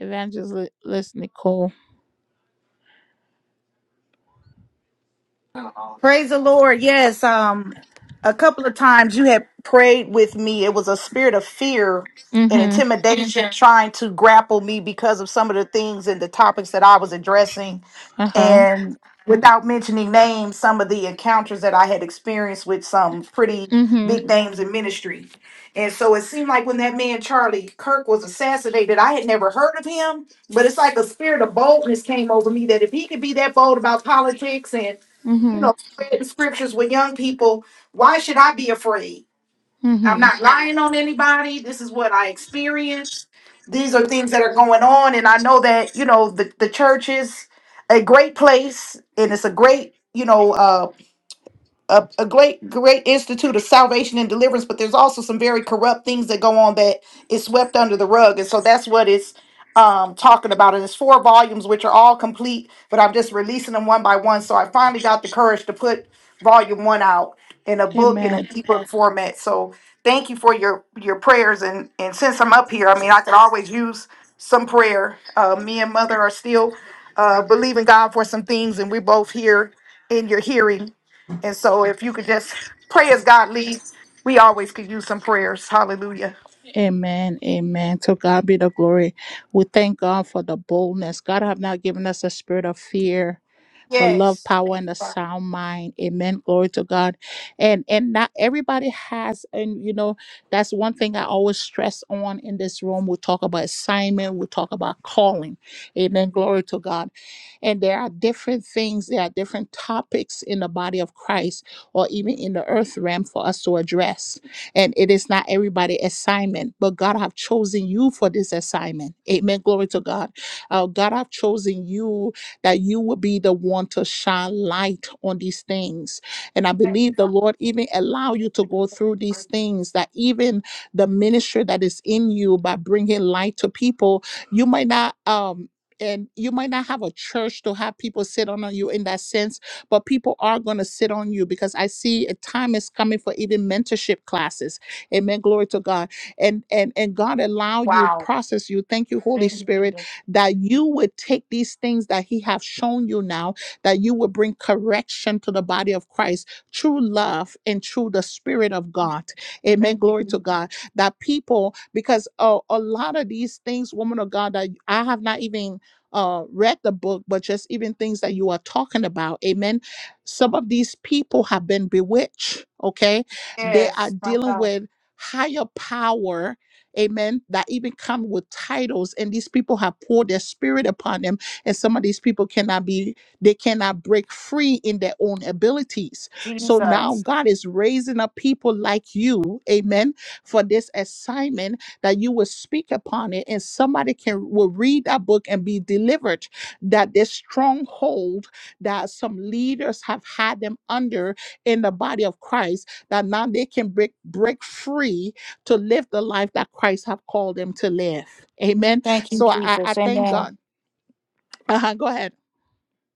[SPEAKER 1] Evangelist Nicole.
[SPEAKER 9] Praise the Lord. Yes, um a couple of times you had prayed with me. It was a spirit of fear and
[SPEAKER 1] Mm-hmm.
[SPEAKER 9] intimidation Mhm. trying to grapple me because of some of the things and the topics that I was addressing
[SPEAKER 1] Uh-huh.
[SPEAKER 9] and without mentioning names, some of the encounters that I had experienced with some pretty
[SPEAKER 1] Mm-hmm.
[SPEAKER 9] big names in ministry. And so it seemed like when that man Charlie Kirk was assassinated, I had never heard of him, but it's like a spirit of boldness came over me that if he could be that bold about politics you
[SPEAKER 1] Mm-hmm.
[SPEAKER 9] know, spread the scriptures with young people. Why should I be afraid? I'm
[SPEAKER 1] Mm-hmm.
[SPEAKER 9] not lying on anybody. This is what I experienced. These are things that are going on. And I know that, you know, the, the church is a great place and it's a great, you know, uh, a, a great great institute of salvation and deliverance but there's also some very corrupt things that go on that is swept under the rug and so that's what it's um talking about and it's four volumes which are all complete but i'm just releasing them one by one so i finally got the courage to put volume one out in a book in an
[SPEAKER 1] Amen.
[SPEAKER 9] ebook format so thank you for your your prayers and and since i'm up here i mean i could always use some prayer uh me and mother are still uh believing god for some things and we're both here in your hearing and so if you could just pray as God leads, we always could use some prayers. Hallelujah.
[SPEAKER 1] Amen. Amen. To God be the glory. We thank God for the boldness. God have not given us a spirit of fear. but love, power, and a sound mind. Amen. Glory to God. And and not everybody has, and you know, that's one thing I always stress on in this room. We talk about assignment, we talk about calling. Amen. Glory to God. And there are different things, there are different topics in the body of Christ or even in the earth realm for us to address. And it is not everybody assignment, but God have chosen you for this assignment. Amen. Glory to God. Uh, God have chosen you that you will be the one to shine light on these things. And I believe the Lord even allow you to go through these things that even the ministry that is in you by bringing light to people, you might not um and you might not have a church to have people sit on you in that sense, but people are going to sit on you because I see a time is coming for even mentorship classes. Amen. Glory to God. And and and God allow you
[SPEAKER 9] Wow.
[SPEAKER 1] process you. Thank you, Holy
[SPEAKER 9] Thank you,
[SPEAKER 1] Spirit
[SPEAKER 9] Jesus.
[SPEAKER 1] that you would take these things that he have shown you now, that you would bring correction to the body of Christ, true love and through the spirit of God. Amen.
[SPEAKER 9] Thank you,
[SPEAKER 1] Glory to God. That people, because uh, a lot of these things, woman of God, that I have not even uh read the book but just even things that you are talking about amen some of these people have been bewitched okay they are
[SPEAKER 9] Yes. my
[SPEAKER 1] dealing
[SPEAKER 9] God.
[SPEAKER 1] with higher power amen, that even come with titles, and these people have poured their spirit upon them, and some of these people cannot be, they cannot break free in their own abilities. So now God is raising up people like you, amen, for this assignment that you will speak upon it, and somebody can will read that book and be delivered. That this stronghold that some leaders have had them under in the body of Christ, that now they can break break free to live the life that Christ have called them to live. Amen. So I, I
[SPEAKER 9] Jesus.
[SPEAKER 1] thank
[SPEAKER 9] Amen.
[SPEAKER 1] God. Uh-huh, go ahead.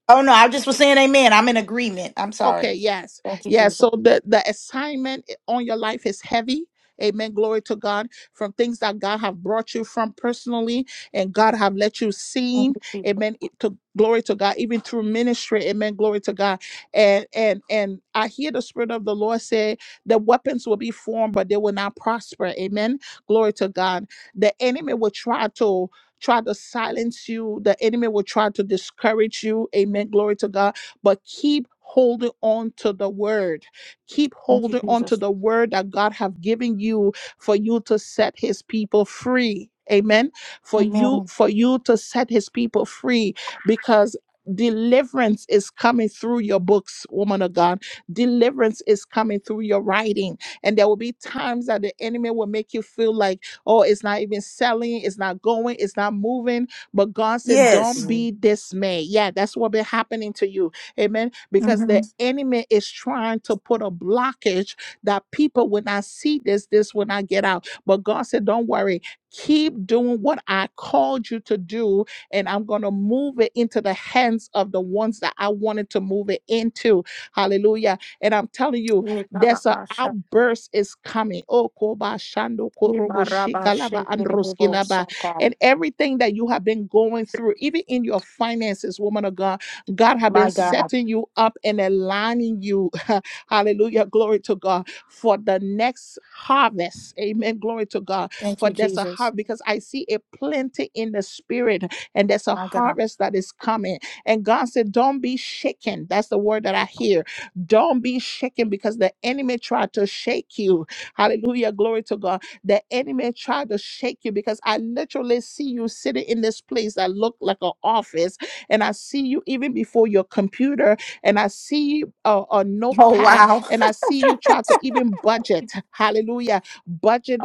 [SPEAKER 9] Oh no, I just was saying amen. I'm in agreement. I'm
[SPEAKER 1] Okay,
[SPEAKER 9] sorry.
[SPEAKER 1] yes.
[SPEAKER 9] Thank you,
[SPEAKER 1] Yes.
[SPEAKER 9] Jesus.
[SPEAKER 1] So the, the assignment i- on your life is heavy. Amen. Glory to God from things that God have brought you from personally and God have let you
[SPEAKER 9] Thank
[SPEAKER 1] seen.
[SPEAKER 9] you, Jesus.
[SPEAKER 1] Amen. it- To glory to God, even through ministry. Amen. Glory to God. And and and I hear the Spirit of the Lord say the weapons will be formed, but they will not prosper. Amen. Glory to God. The enemy will try to try to silence you. The enemy will try to discourage you. Amen. Glory to God but keep holding on to the word keep holding on to the word that god have given you for you to set his people free amen for you for you to set his people free because deliverance is coming through your books woman of god deliverance is coming through your writing and there will be times that the enemy will make you feel like oh it's not even selling it's not going it's not moving but god said
[SPEAKER 9] Yes.
[SPEAKER 1] don't be dismayed yeah that's what been happening to you Amen. Because the enemy is trying to put a blockage that people, when I see this, this when I get out. But God said, don't worry. Keep doing what I called you to do, and I'm going to move it into the hands of the ones that I wanted to move it into. Hallelujah. And I'm telling you, there's an outburst is coming. Oh, koba shando korobo shikalaba androskilaba. And everything that you have been going through, even in your finances, woman of God. God have been setting you up and aligning you. Hallelujah. Glory to God for the next harvest. Amen. Glory to God for there's a harvest because I see a plenty in the spirit and there's a harvest that is coming. And God said, Don't be shaken. That's the word that I hear. Don't be shaken because the enemy tried to shake you. Hallelujah. Glory to God. The enemy tried to shake you because I literally see you sitting in this place that looked like an office and I see you even before your computer, and I see a, a
[SPEAKER 9] Oh
[SPEAKER 1] notepad,
[SPEAKER 9] wow.
[SPEAKER 1] and I see you try to even budget. Hallelujah.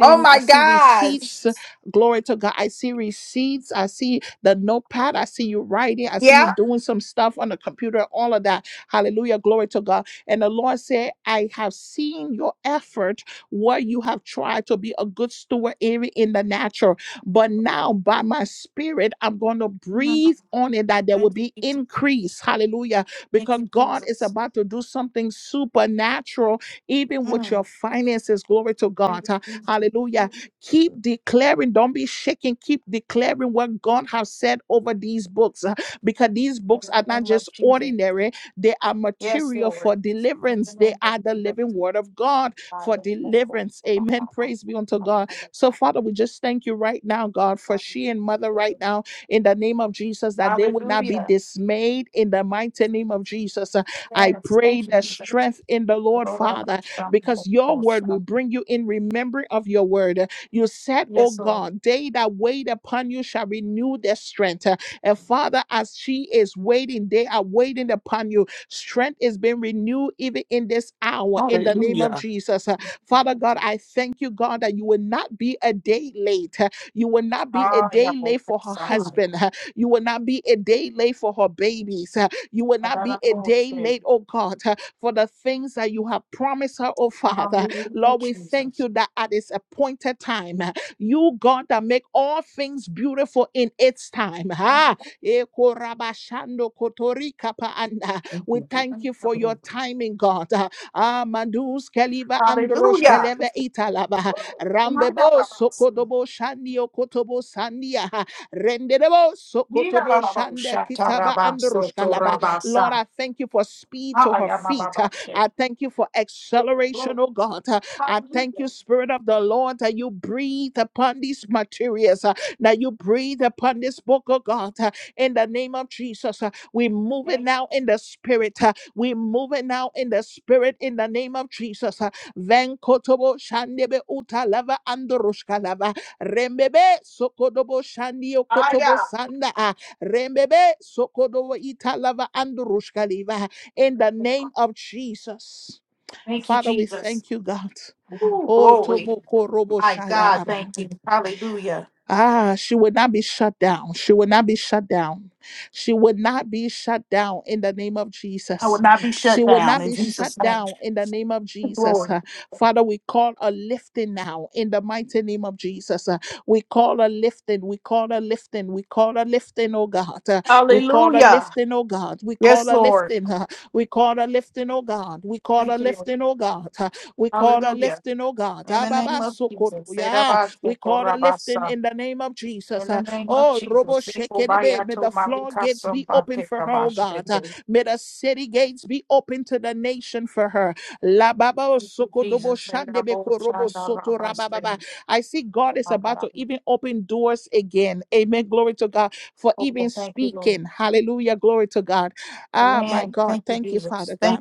[SPEAKER 9] Oh my
[SPEAKER 1] I see
[SPEAKER 9] gosh.
[SPEAKER 1] receipts. Glory to God. I see receipts. I see the notepad. I see you writing. I see you
[SPEAKER 9] Yeah.
[SPEAKER 1] doing some stuff on the computer, all of that. Hallelujah. Glory to God. And the Lord said, I have seen your effort where you have tried to be a good steward even in the natural. But now, by my spirit, I'm going to breathe on it that there will be increase. Hallelujah. Because God is about to do something supernatural, even with your finances. Glory to God. Ha- Hallelujah. Keep declaring. Don't be shaking. Keep declaring what God has said over these books uh, because these books are not just ordinary, they are material for deliverance. They are the living word of God for deliverance. Amen. Praise be unto God. So, Father, we just thank you right now, God, for she and mother right now in the name of Jesus, that they would not be dismayed in the mighty name of Jesus. Uh, I pray that strength in the Lord, Father, because your word will bring you in remembering of your word. Uh, You said, Oh God, they that wait upon you shall renew their strength. Uh, And Father, as she is waiting, they are waiting upon you. Strength is being renewed even in this hour in the name of Jesus. Uh, Father God, I thank you, God, that you will not be a day late. You will not be a day late for her husband. You will not be a day late for her babies. You will not be a day late, oh God, for the things that you have promised her, oh Father. Lord, we thank you that at its appointed time, you, God, that make all things beautiful in its time. Ah, ekorabashando kotorika paanda. We thank you for your timing, God. Amandus Keliva Androsh Keleve Italaba Rambebo Sokodobo Shandio Kotobo Sandia Renderebo Sokotobo Shanda Kitaba Androsh Kalaba. Lord, I thank you for speed to her feet. I thank you for acceleration, oh God. I thank you, Spirit of the Lord, that you breathe upon these materials, that you breathe upon this book, oh God in the name of Jesus. Uh, We move it now in the spirit. uh, We move it now in the spirit in the name of Jesus. Uh, Venkotobo shandebe utalava andoroshkalava. Rembebe sokodobo shandio kotobo sanda. uh, Rembebe sokodobo italava andoroshkaliva. In the name of Jesus. Father, we thank you, God. Oh, tomoko robo shaya baba. Ah, she would not be shut down. She would not be shut down. She would not be shut down in the name of Jesus. She would not be shut down in the name of Jesus. Uh, Father, we call a lifting now in the mighty name of Jesus. We call a lifting. We call a lifting. We call a lifting, oh God. Uh, We call a lifting, oh God. We call a lifting. uh, We call a lifting, oh God. We call a lifting, oh God. Uh, We call a lifting, oh God. Ababa sokoto, yeah. We call a lifting in the name of Jesus. Jesus. Uh, Oh, Robo Shekerebe, may the floor gates be open for her, oh God. Uh, May the city gates be open to the nation for her. La baba o shandebe ko soto rabababa. I see God is about to even open doors again. Amen. Glory to God for even speaking. Hallelujah. Glory to God. Ah, my God. Thank you, Father God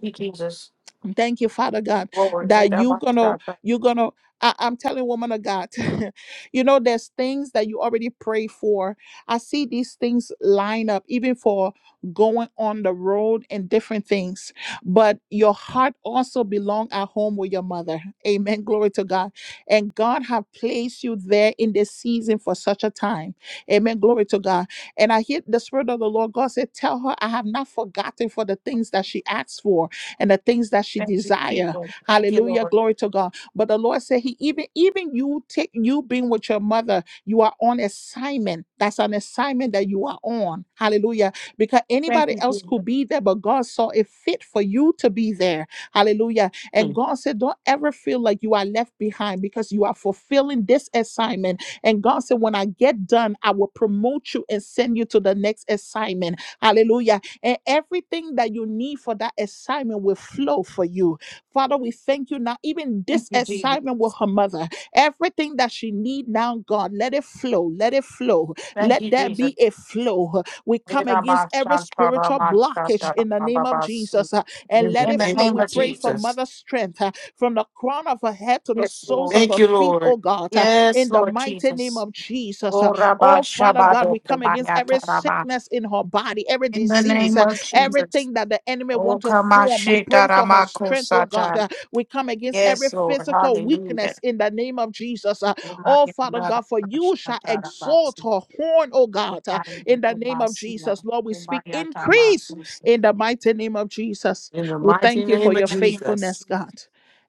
[SPEAKER 1] um, Thank you, Father God, that you gonna, you gonna. I, I'm telling woman of God, you know, there's things that you already pray for. I see these things line up, even for going on the road and different things. But your heart also belong at home with your mother. Amen. Glory to God. And God have placed you there in this season for such a time. Amen. Glory to God. And I hear the spirit of the Lord God said, Tell her I have not forgotten for the things that she asked for and the things that she desire. Hallelujah. Glory to God. But the Lord said, He even even you take you being with your mother, you are on assignment. That's an assignment that you are on. Hallelujah. Because anybody else could be there, but God saw it fit for you to be there. Hallelujah. And God said, Don't ever feel like you are left behind because you are fulfilling this assignment. And God said, When I get done, I will promote you and send you to the next assignment. Hallelujah and everything that you need for that assignment will flow for you. Father, we thank you now. Even this assignment with her mother, everything that she needs now, God, let it flow, let it flow, let there be a flow. We come against every spiritual blockage in the name of Jesus uh, and let it flow. We pray for mother's strength uh, from the crown of her head to the soles of her feet, oh God, uh, in the mighty name of Jesus. uh, Oh, Father God, we come against every sickness in her body, every disease, uh, everything that the enemy wants to form. We pray for her strength, oh God. Uh, We come against every physical weakness in the name of Jesus. Uh, Oh, Father God, for you shall exalt her horn, oh God, uh, in the name of Jesus. Lord, we speak increase in the mighty name of Jesus. We thank you for your faithfulness, God.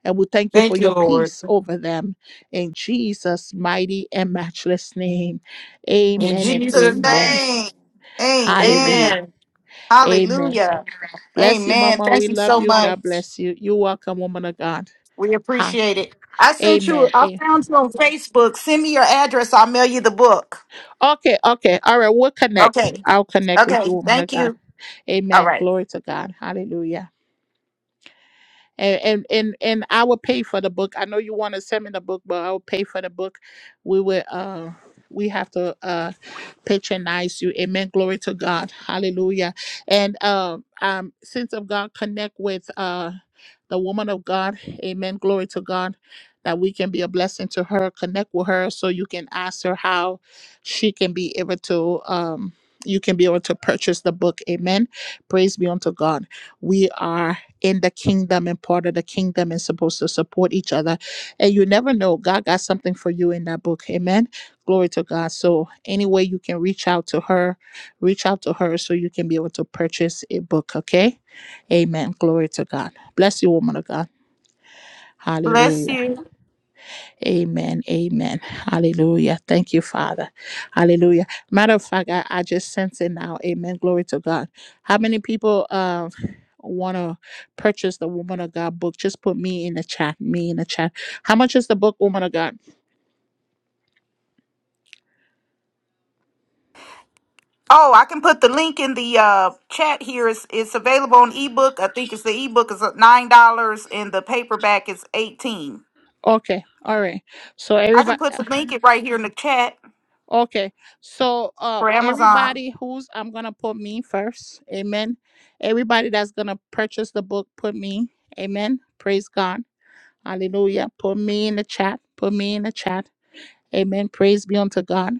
[SPEAKER 1] And we thank you for your peace over them in Jesus' mighty and matchless name.
[SPEAKER 9] In In
[SPEAKER 1] Amen and
[SPEAKER 9] Jesus' Jesus'
[SPEAKER 1] amen.
[SPEAKER 9] name. name. Amen.
[SPEAKER 1] Hallelujah.
[SPEAKER 9] Amen.
[SPEAKER 1] Amen.
[SPEAKER 9] Hallelujah.
[SPEAKER 1] Bless you,
[SPEAKER 9] Amen.
[SPEAKER 1] Mama.
[SPEAKER 9] Thank
[SPEAKER 1] We
[SPEAKER 9] you
[SPEAKER 1] love
[SPEAKER 9] so
[SPEAKER 1] you.
[SPEAKER 9] much.
[SPEAKER 1] God bless you. You're welcome, woman of God.
[SPEAKER 9] We
[SPEAKER 1] Ha.
[SPEAKER 9] appreciate it. I sent you,
[SPEAKER 1] Amen.
[SPEAKER 9] I
[SPEAKER 1] A-
[SPEAKER 9] found you on Facebook. Send me your address. I'll mail you the book.
[SPEAKER 1] Okay, okay. All right. We'll connect.
[SPEAKER 9] Okay.
[SPEAKER 1] I'll connect with you,
[SPEAKER 9] Okay.
[SPEAKER 1] woman of
[SPEAKER 9] Thank
[SPEAKER 1] God.
[SPEAKER 9] you. Oh,
[SPEAKER 1] Amen. Glory to God. Hallelujah. and and and, and I will pay for the book. I know you want to send me the book, but I will pay for the book. We will. Uh, we have to uh, patronize you. Amen. Glory to God. Hallelujah. And um, um, sins of God connect with uh, the woman of God. Amen. Glory to God. That we can be a blessing to her. Connect with her so you can ask her how she can be able to. Um, you can be able to purchase the book. Amen. Praise be unto God. We are in the kingdom and part of the kingdom and supposed to support each other. And you never know, God got something for you in that book. Amen. Glory to God. So, any way you can reach out to her, reach out to her so you can be able to purchase a book. Okay. Amen. Glory to God. Bless you, woman of God.
[SPEAKER 9] bless
[SPEAKER 1] Hallelujah.
[SPEAKER 9] you.
[SPEAKER 1] Amen. Amen. Hallelujah. Thank you, Father. Hallelujah. Matter of fact, I, I just sense it now. Amen. Glory to God. How many people uh, want to purchase the Woman of God book? Just put me in the chat. Me in the chat. How much is the book, Woman of God?
[SPEAKER 9] Oh, I can put the link in the uh, chat here. It's, it's available on ebook. I think it's the ebook is at $9 and the paperback is 18
[SPEAKER 1] Okay. All right. So
[SPEAKER 9] I can
[SPEAKER 1] everybody.
[SPEAKER 9] put the link it right here in the chat
[SPEAKER 1] Okay. So uh,
[SPEAKER 9] for Amazon.
[SPEAKER 1] everybody who's I'm gonna put me first. Amen. Everybody that's gonna purchase the book, put me. Amen. Praise God. Hallelujah. Put me in the chat. Put me in the chat. Amen. Praise be unto God.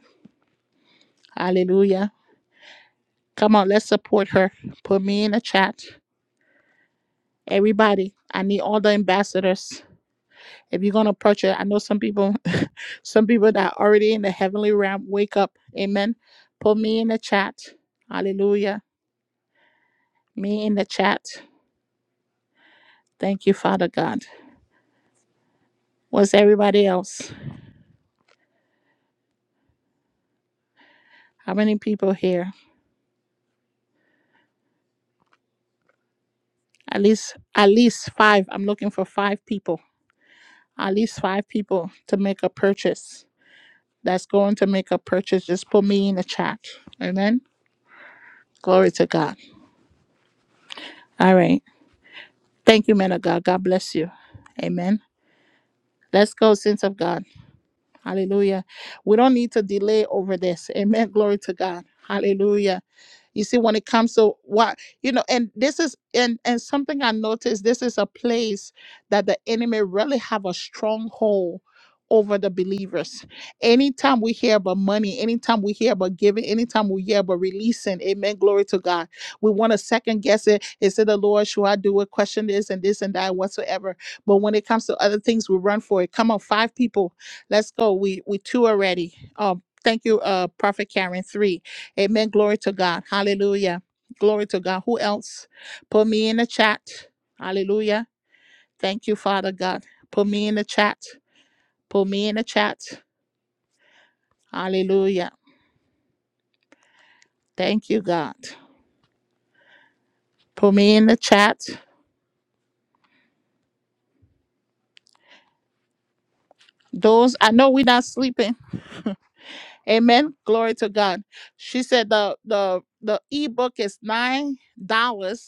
[SPEAKER 1] Hallelujah. Come on, let's support her. Put me in the chat. Everybody, I need all the ambassadors. If you're gonna purchase, I know some people, some people that are already in the heavenly realm, wake up. Amen. Put me in the chat. Hallelujah. Me in the chat. Thank you, Father God. What's everybody else? How many people here? At least, at least five. I'm looking for five people at least five people to make a purchase that's going to make a purchase, just put me in the chat. Amen. Glory to God. All right. Thank you, men of God. God bless you. Amen. Let's go, saints of God. Hallelujah. We don't need to delay over this. Amen. Glory to God. Hallelujah. you see when it comes to what you know and this is and and something i noticed this is a place that the enemy really have a stronghold over the believers anytime we hear about money anytime we hear about giving anytime we hear about releasing amen glory to god we want to second guess it is it the lord should i do it question this and this and that whatsoever but when it comes to other things we run for it come on five people let's go we we two already um thank you uh prophet karen three Amen. Glory to God. Hallelujah. Glory to God. Who else? Put me in the chat. Hallelujah. Thank you, Father God. Put me in the chat. Put me in the chat. Hallelujah. Thank you, God. Put me in the chat. Those I know we're not sleeping. Amen. Glory to God. She said the the the ebook is nine dollars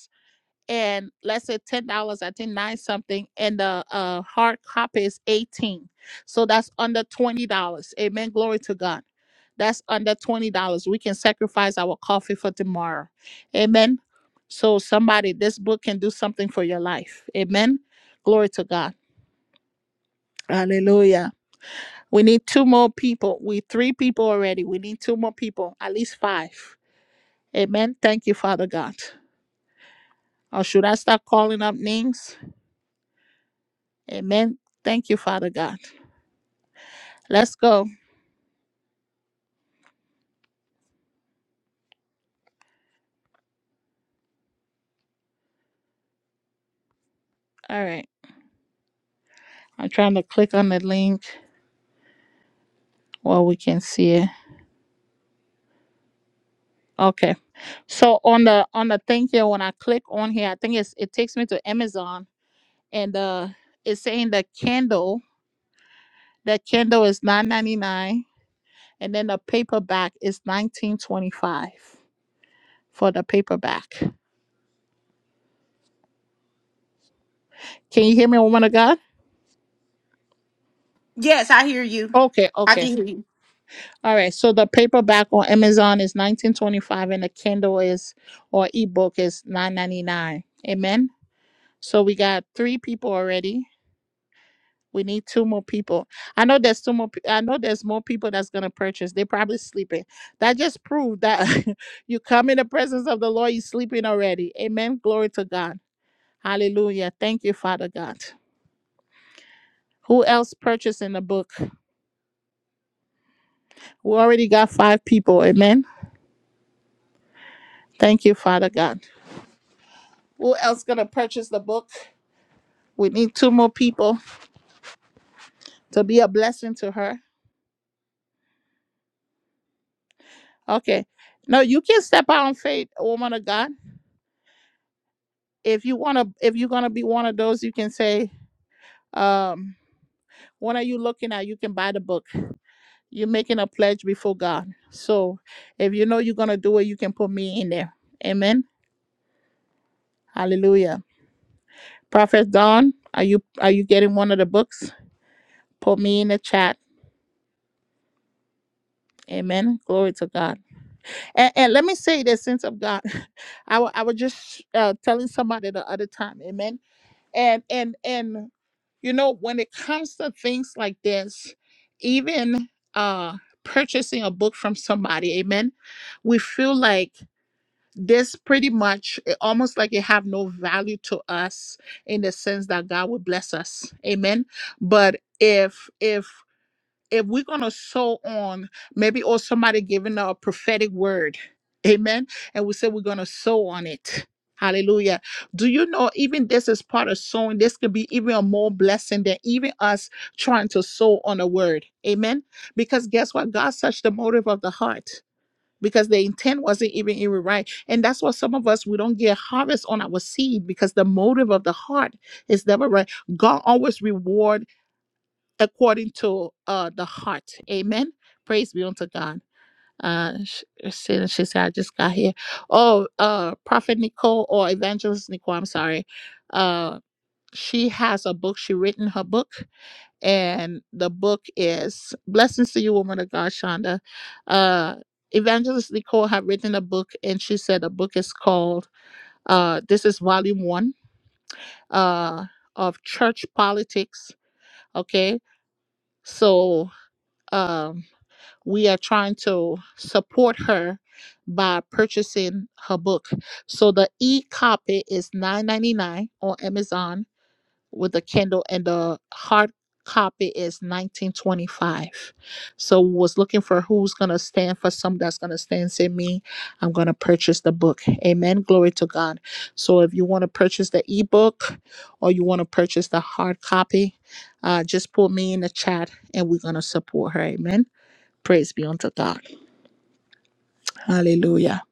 [SPEAKER 1] and let's say ten dollars, I think nine something, and the uh, hard copy is eighteen. So that's under twenty dollars. Amen. Glory to God. That's under twenty dollars. We can sacrifice our coffee for tomorrow. Amen. So somebody, this book can do something for your life. Amen. Glory to God. Hallelujah. We need two more people. We three people already. We need two more people, at least five. Amen. Thank you, Father God. Or should I start calling up names? Amen. Thank you, Father God. Let's go. All right. I'm trying to click on the link while we can see it. Okay. So on the on the thing here, when I click on here, I think it's it takes me to Amazon and uh it's saying the Kindle, the Kindle is nine ninety nine and then the paperback is nineteen twenty five for the paperback. Can you hear me, woman of God?
[SPEAKER 9] Yes, I hear you.
[SPEAKER 1] Okay, okay. All right, so the paperback on Amazon is nineteen twenty five, and the Kindle is or ebook is nine ninety nine. Amen. So we got three people already. We need two more people. I know there's two more. pe- I know there's more people that's gonna purchase. They're probably sleeping. That just proved that you come in the presence of the Lord, you're sleeping already. Amen. Glory to God. Hallelujah. Thank you, Father God. Who else purchasing the book? We already got five people. Amen. Thank you, Father God. Who else gonna purchase the book? We need two more people to be a blessing to her. Okay. No, you can step out in faith, woman of God. If you wanna, if you're gonna be one of those, you can say, um, "What are you looking at? You can buy the book. You're making a pledge before God. So, if you know you're gonna do it, you can put me in there. Amen. Hallelujah. Prophet Dawn, are you are you getting one of the books? Put me in the chat. Amen. Glory to God. And, and let me say this, sense of God, I wa- I was just uh, telling somebody the other time, amen. And and and you know when it comes to things like this, even uh purchasing a book from somebody, amen. We feel like this pretty much it almost like it have no value to us in the sense that God will bless us, amen. But if if if we're going to sow on, maybe or somebody giving a prophetic word, amen. And we say we're going to sow on it. Hallelujah. Do you know even this is part of sowing? This could be even a more blessing than even us trying to sow on a word. Amen. Because guess what? God touched the motive of the heart because the intent wasn't even even right. And that's why some of us we don't get harvest on our seed because the motive of the heart is never right. God always rewards according to uh the heart. Amen. Praise be unto God. Uh, she, she, she said, I just got here. Oh, uh, Prophet Nicole or Evangelist Nicole, I'm sorry. Uh, she has a book. She written her book, and the book is Blessings to You, Woman of God, Shonda. Uh, Evangelist Nicole have written a book, and she said the book is called, uh, this is volume one, uh, of Church Politics. Okay, so, um, we are trying to support her by purchasing her book. So the e-copy is nine ninety nine on Amazon with the Kindle and the hard copy is 1925. So was looking for who's gonna stand for some that's gonna stand and say me, I'm gonna purchase the book. Amen. Glory to God. So if you want to purchase the ebook or you want to purchase the hard copy, uh, just put me in the chat and we're gonna support her. Amen. Praise be unto God. Hallelujah.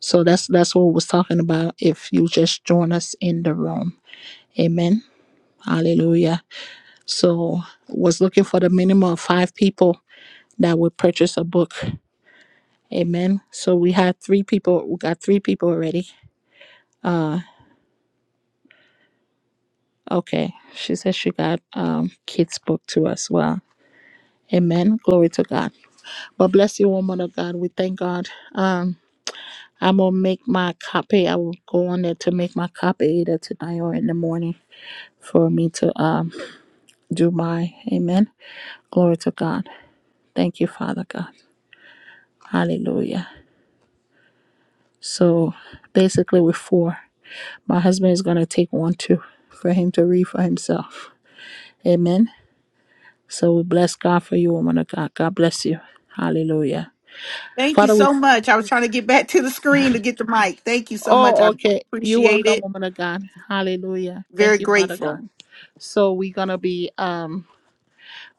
[SPEAKER 1] So that's that's what we're talking about if you just join us in the room. Amen. Hallelujah. So was looking for the minimum of five people that would purchase a book. Amen. So we had three people we got three people already. Uh okay. She says she got um kids book to us. Well. Amen. Glory to God. But bless you, woman of God. We thank God. Um I'm gonna make my copy. I will go on there to make my copy either tonight or in the morning for me to um do my amen. Glory to God. Thank you, Father God. Hallelujah. So basically we four. My husband is gonna take one too for him to read for himself. Amen. So we bless God for you, woman of God. God bless you. Hallelujah.
[SPEAKER 9] Thank you
[SPEAKER 1] Father, we
[SPEAKER 9] so much. I was trying to get back to the screen to get the mic. Thank you so much.
[SPEAKER 1] oh
[SPEAKER 9] I
[SPEAKER 1] okay. You
[SPEAKER 9] appreciate
[SPEAKER 1] welcome,
[SPEAKER 9] it.
[SPEAKER 1] woman of God. Hallelujah. Thank
[SPEAKER 9] Very
[SPEAKER 1] you, Father God.
[SPEAKER 9] grateful.
[SPEAKER 1] So we're gonna be um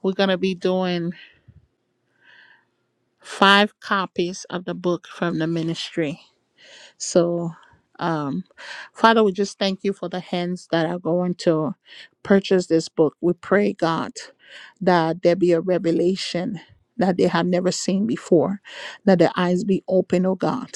[SPEAKER 1] we're going to be doing five copies of the book from the ministry. So, um, Father, we just thank you for the hands that are going to purchase this book. We pray, God, that there be a revelation that they have never seen before, that their eyes be open, oh God,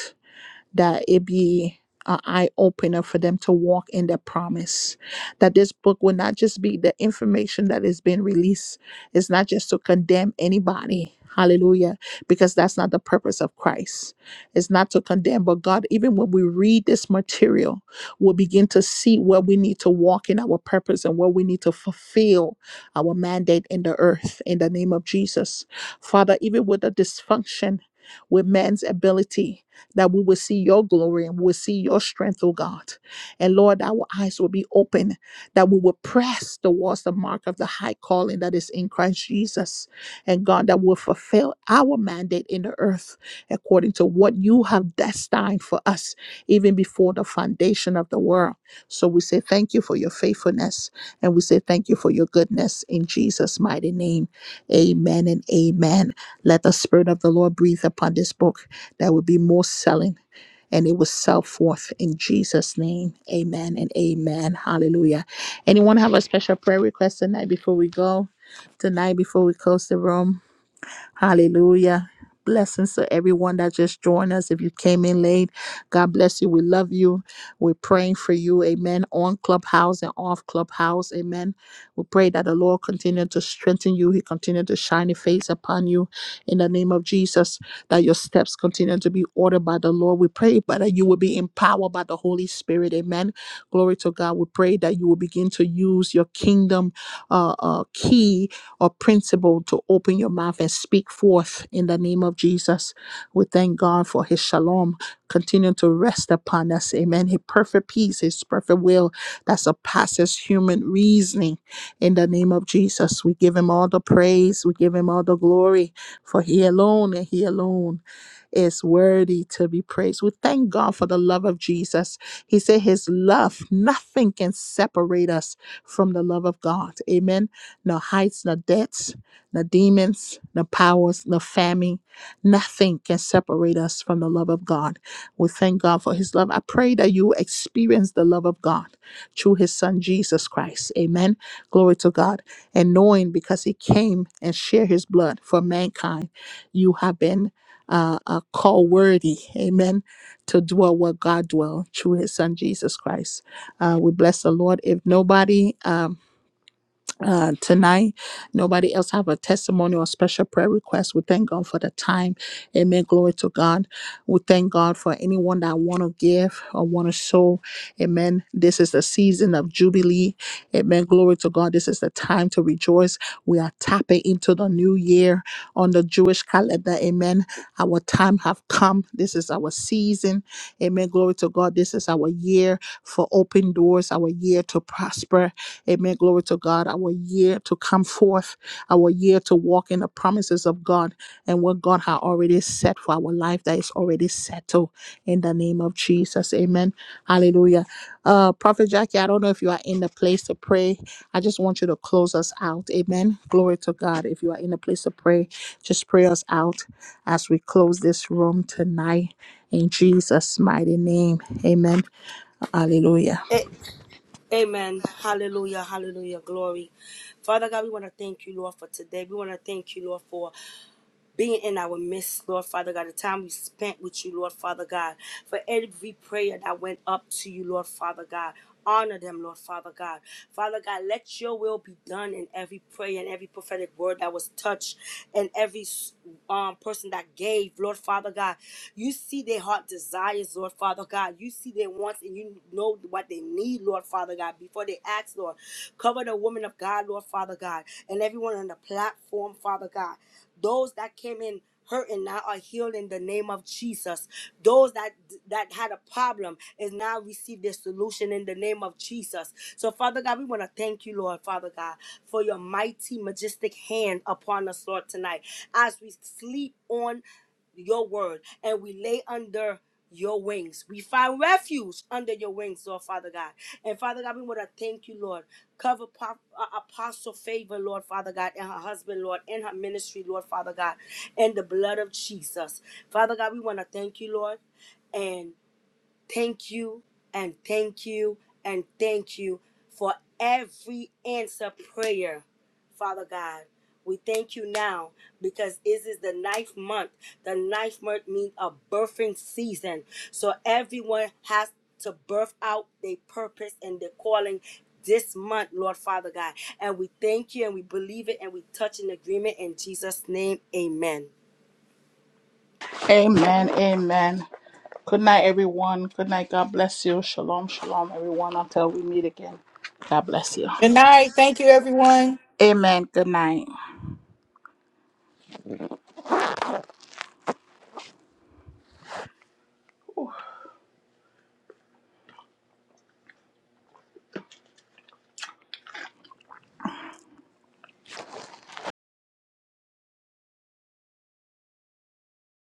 [SPEAKER 1] that it be an eye opener for them to walk in their promise. That this book will not just be the information that is being released, it's not just to condemn anybody. Hallelujah. Because that's not the purpose of Christ. It's not to condemn, but God, even when we read this material, we'll begin to see where we need to walk in our purpose and where we need to fulfill our mandate in the earth in the name of Jesus. Father, even with the dysfunction with man's ability that we will see your glory and we will see your strength, oh God. And Lord, our eyes will be open, that we will press towards the mark of the high calling that is in Christ Jesus. And God, that will fulfill our mandate in the earth according to what you have destined for us, even before the foundation of the world. So we say thank you for your faithfulness and we say thank you for your goodness in Jesus' mighty name. Amen and amen. Let the Spirit of the Lord breathe upon this book. There will be more selling and it will sell forth in Jesus' name. Amen and amen. Hallelujah. Anyone have a special prayer request tonight before we go? Tonight before we close the room? Hallelujah. Blessings to everyone that just joined us. If you came in late, God bless you. We love you. We're praying for you. Amen. On Clubhouse and off Clubhouse. Amen. We pray that the Lord continue to strengthen you. He continue to shine His face upon you in the name of Jesus. That your steps continue to be ordered by the Lord. We pray but that you will be empowered by the Holy Spirit. Amen. Glory to God. We pray that you will begin to use your kingdom uh, uh, keys or principle to open your mouth and speak forth in the name of Jesus. We thank God for his shalom. Continue to rest upon us. Amen. His perfect peace, his perfect will that surpasses human reasoning. In the name of Jesus, we give him all the praise. We give him all the glory for he alone and he alone is worthy to be praised. We thank God for the love of Jesus. He said, His love, nothing can separate us from the love of God. Amen. No heights, no depths, no demons, no powers, no famine. Nothing can separate us from the love of God. We thank God for His love. I pray that you experience the love of God through His Son, Jesus Christ. Amen. Glory to God. And knowing because He came and shared His blood for mankind, you have been uh, uh, call worthy, amen, to dwell where God dwell through his son Jesus Christ. Uh, we bless the Lord. If nobody, um, uh, tonight. Nobody else have a testimony or special prayer request. We thank God for the time. Amen. Glory to God. We thank God for anyone that want to give or want to sow. Amen. This is the season of jubilee. Amen. Glory to God. This is the time to rejoice. We are tapping into the new year on the Jewish calendar. Amen. Our time have come. This is our season. Amen. Glory to God. This is our year for open doors. Our year to prosper Amen. Glory to God. Our year to come forth, our year to walk in the promises of God and what God had already set for our life that is already settled in the name of Jesus. Amen. Hallelujah. Uh, Prophet Jackie, I don't know if you are in the place to pray. I just want you to close us out. Amen. Glory to God. If you are in the place to pray, just pray us out as we close this room tonight in Jesus' mighty name. Amen. Hallelujah.
[SPEAKER 10] A- Amen. Hallelujah. Hallelujah. Glory. Father God, we want to thank you, Lord, for today. We want to thank you, Lord, for being in our midst, Lord Father God, the time we spent with you, Lord Father God, for every prayer that went up to you, Lord Father God. Honor them, Lord Father God. Father God, let your will be done in every prayer and every prophetic word that was touched and every um, person that gave, Lord Father God. You see their heart desires, Lord Father God. You see their wants and you know what they need, Lord Father God, before they ask, Lord. Cover the woman of God, Lord Father God, and everyone on the platform, Father God. Those that came in hurting now are healed in the name of Jesus. Those that that had a problem is now received their solution in the name of Jesus. So Father God, we want to thank you, Lord, Father God, for your mighty, majestic hand upon us, Lord, tonight. As we sleep on your word and we lay under your wings. We find refuge under your wings, Lord Father God. And Father God, we want to thank you, Lord. Cover Pop, uh, Apostle Favor, Lord Father God, and her husband, Lord, and her ministry, Lord Father God, and the blood of Jesus. Father God, we want to thank you, Lord. and. Thank you and thank you and thank you for every answer prayer, Father God. We thank you now because this is the ninth month. The ninth month means a birthing season. So everyone has to birth out their purpose and their calling this month, Lord Father God. And we thank you and we believe it and we touch in agreement in Jesus' name. Amen.
[SPEAKER 1] Amen. Amen. Good night, everyone. Good night. God bless you. Shalom, shalom, everyone. Until we meet again, God bless you. Amen. Good night.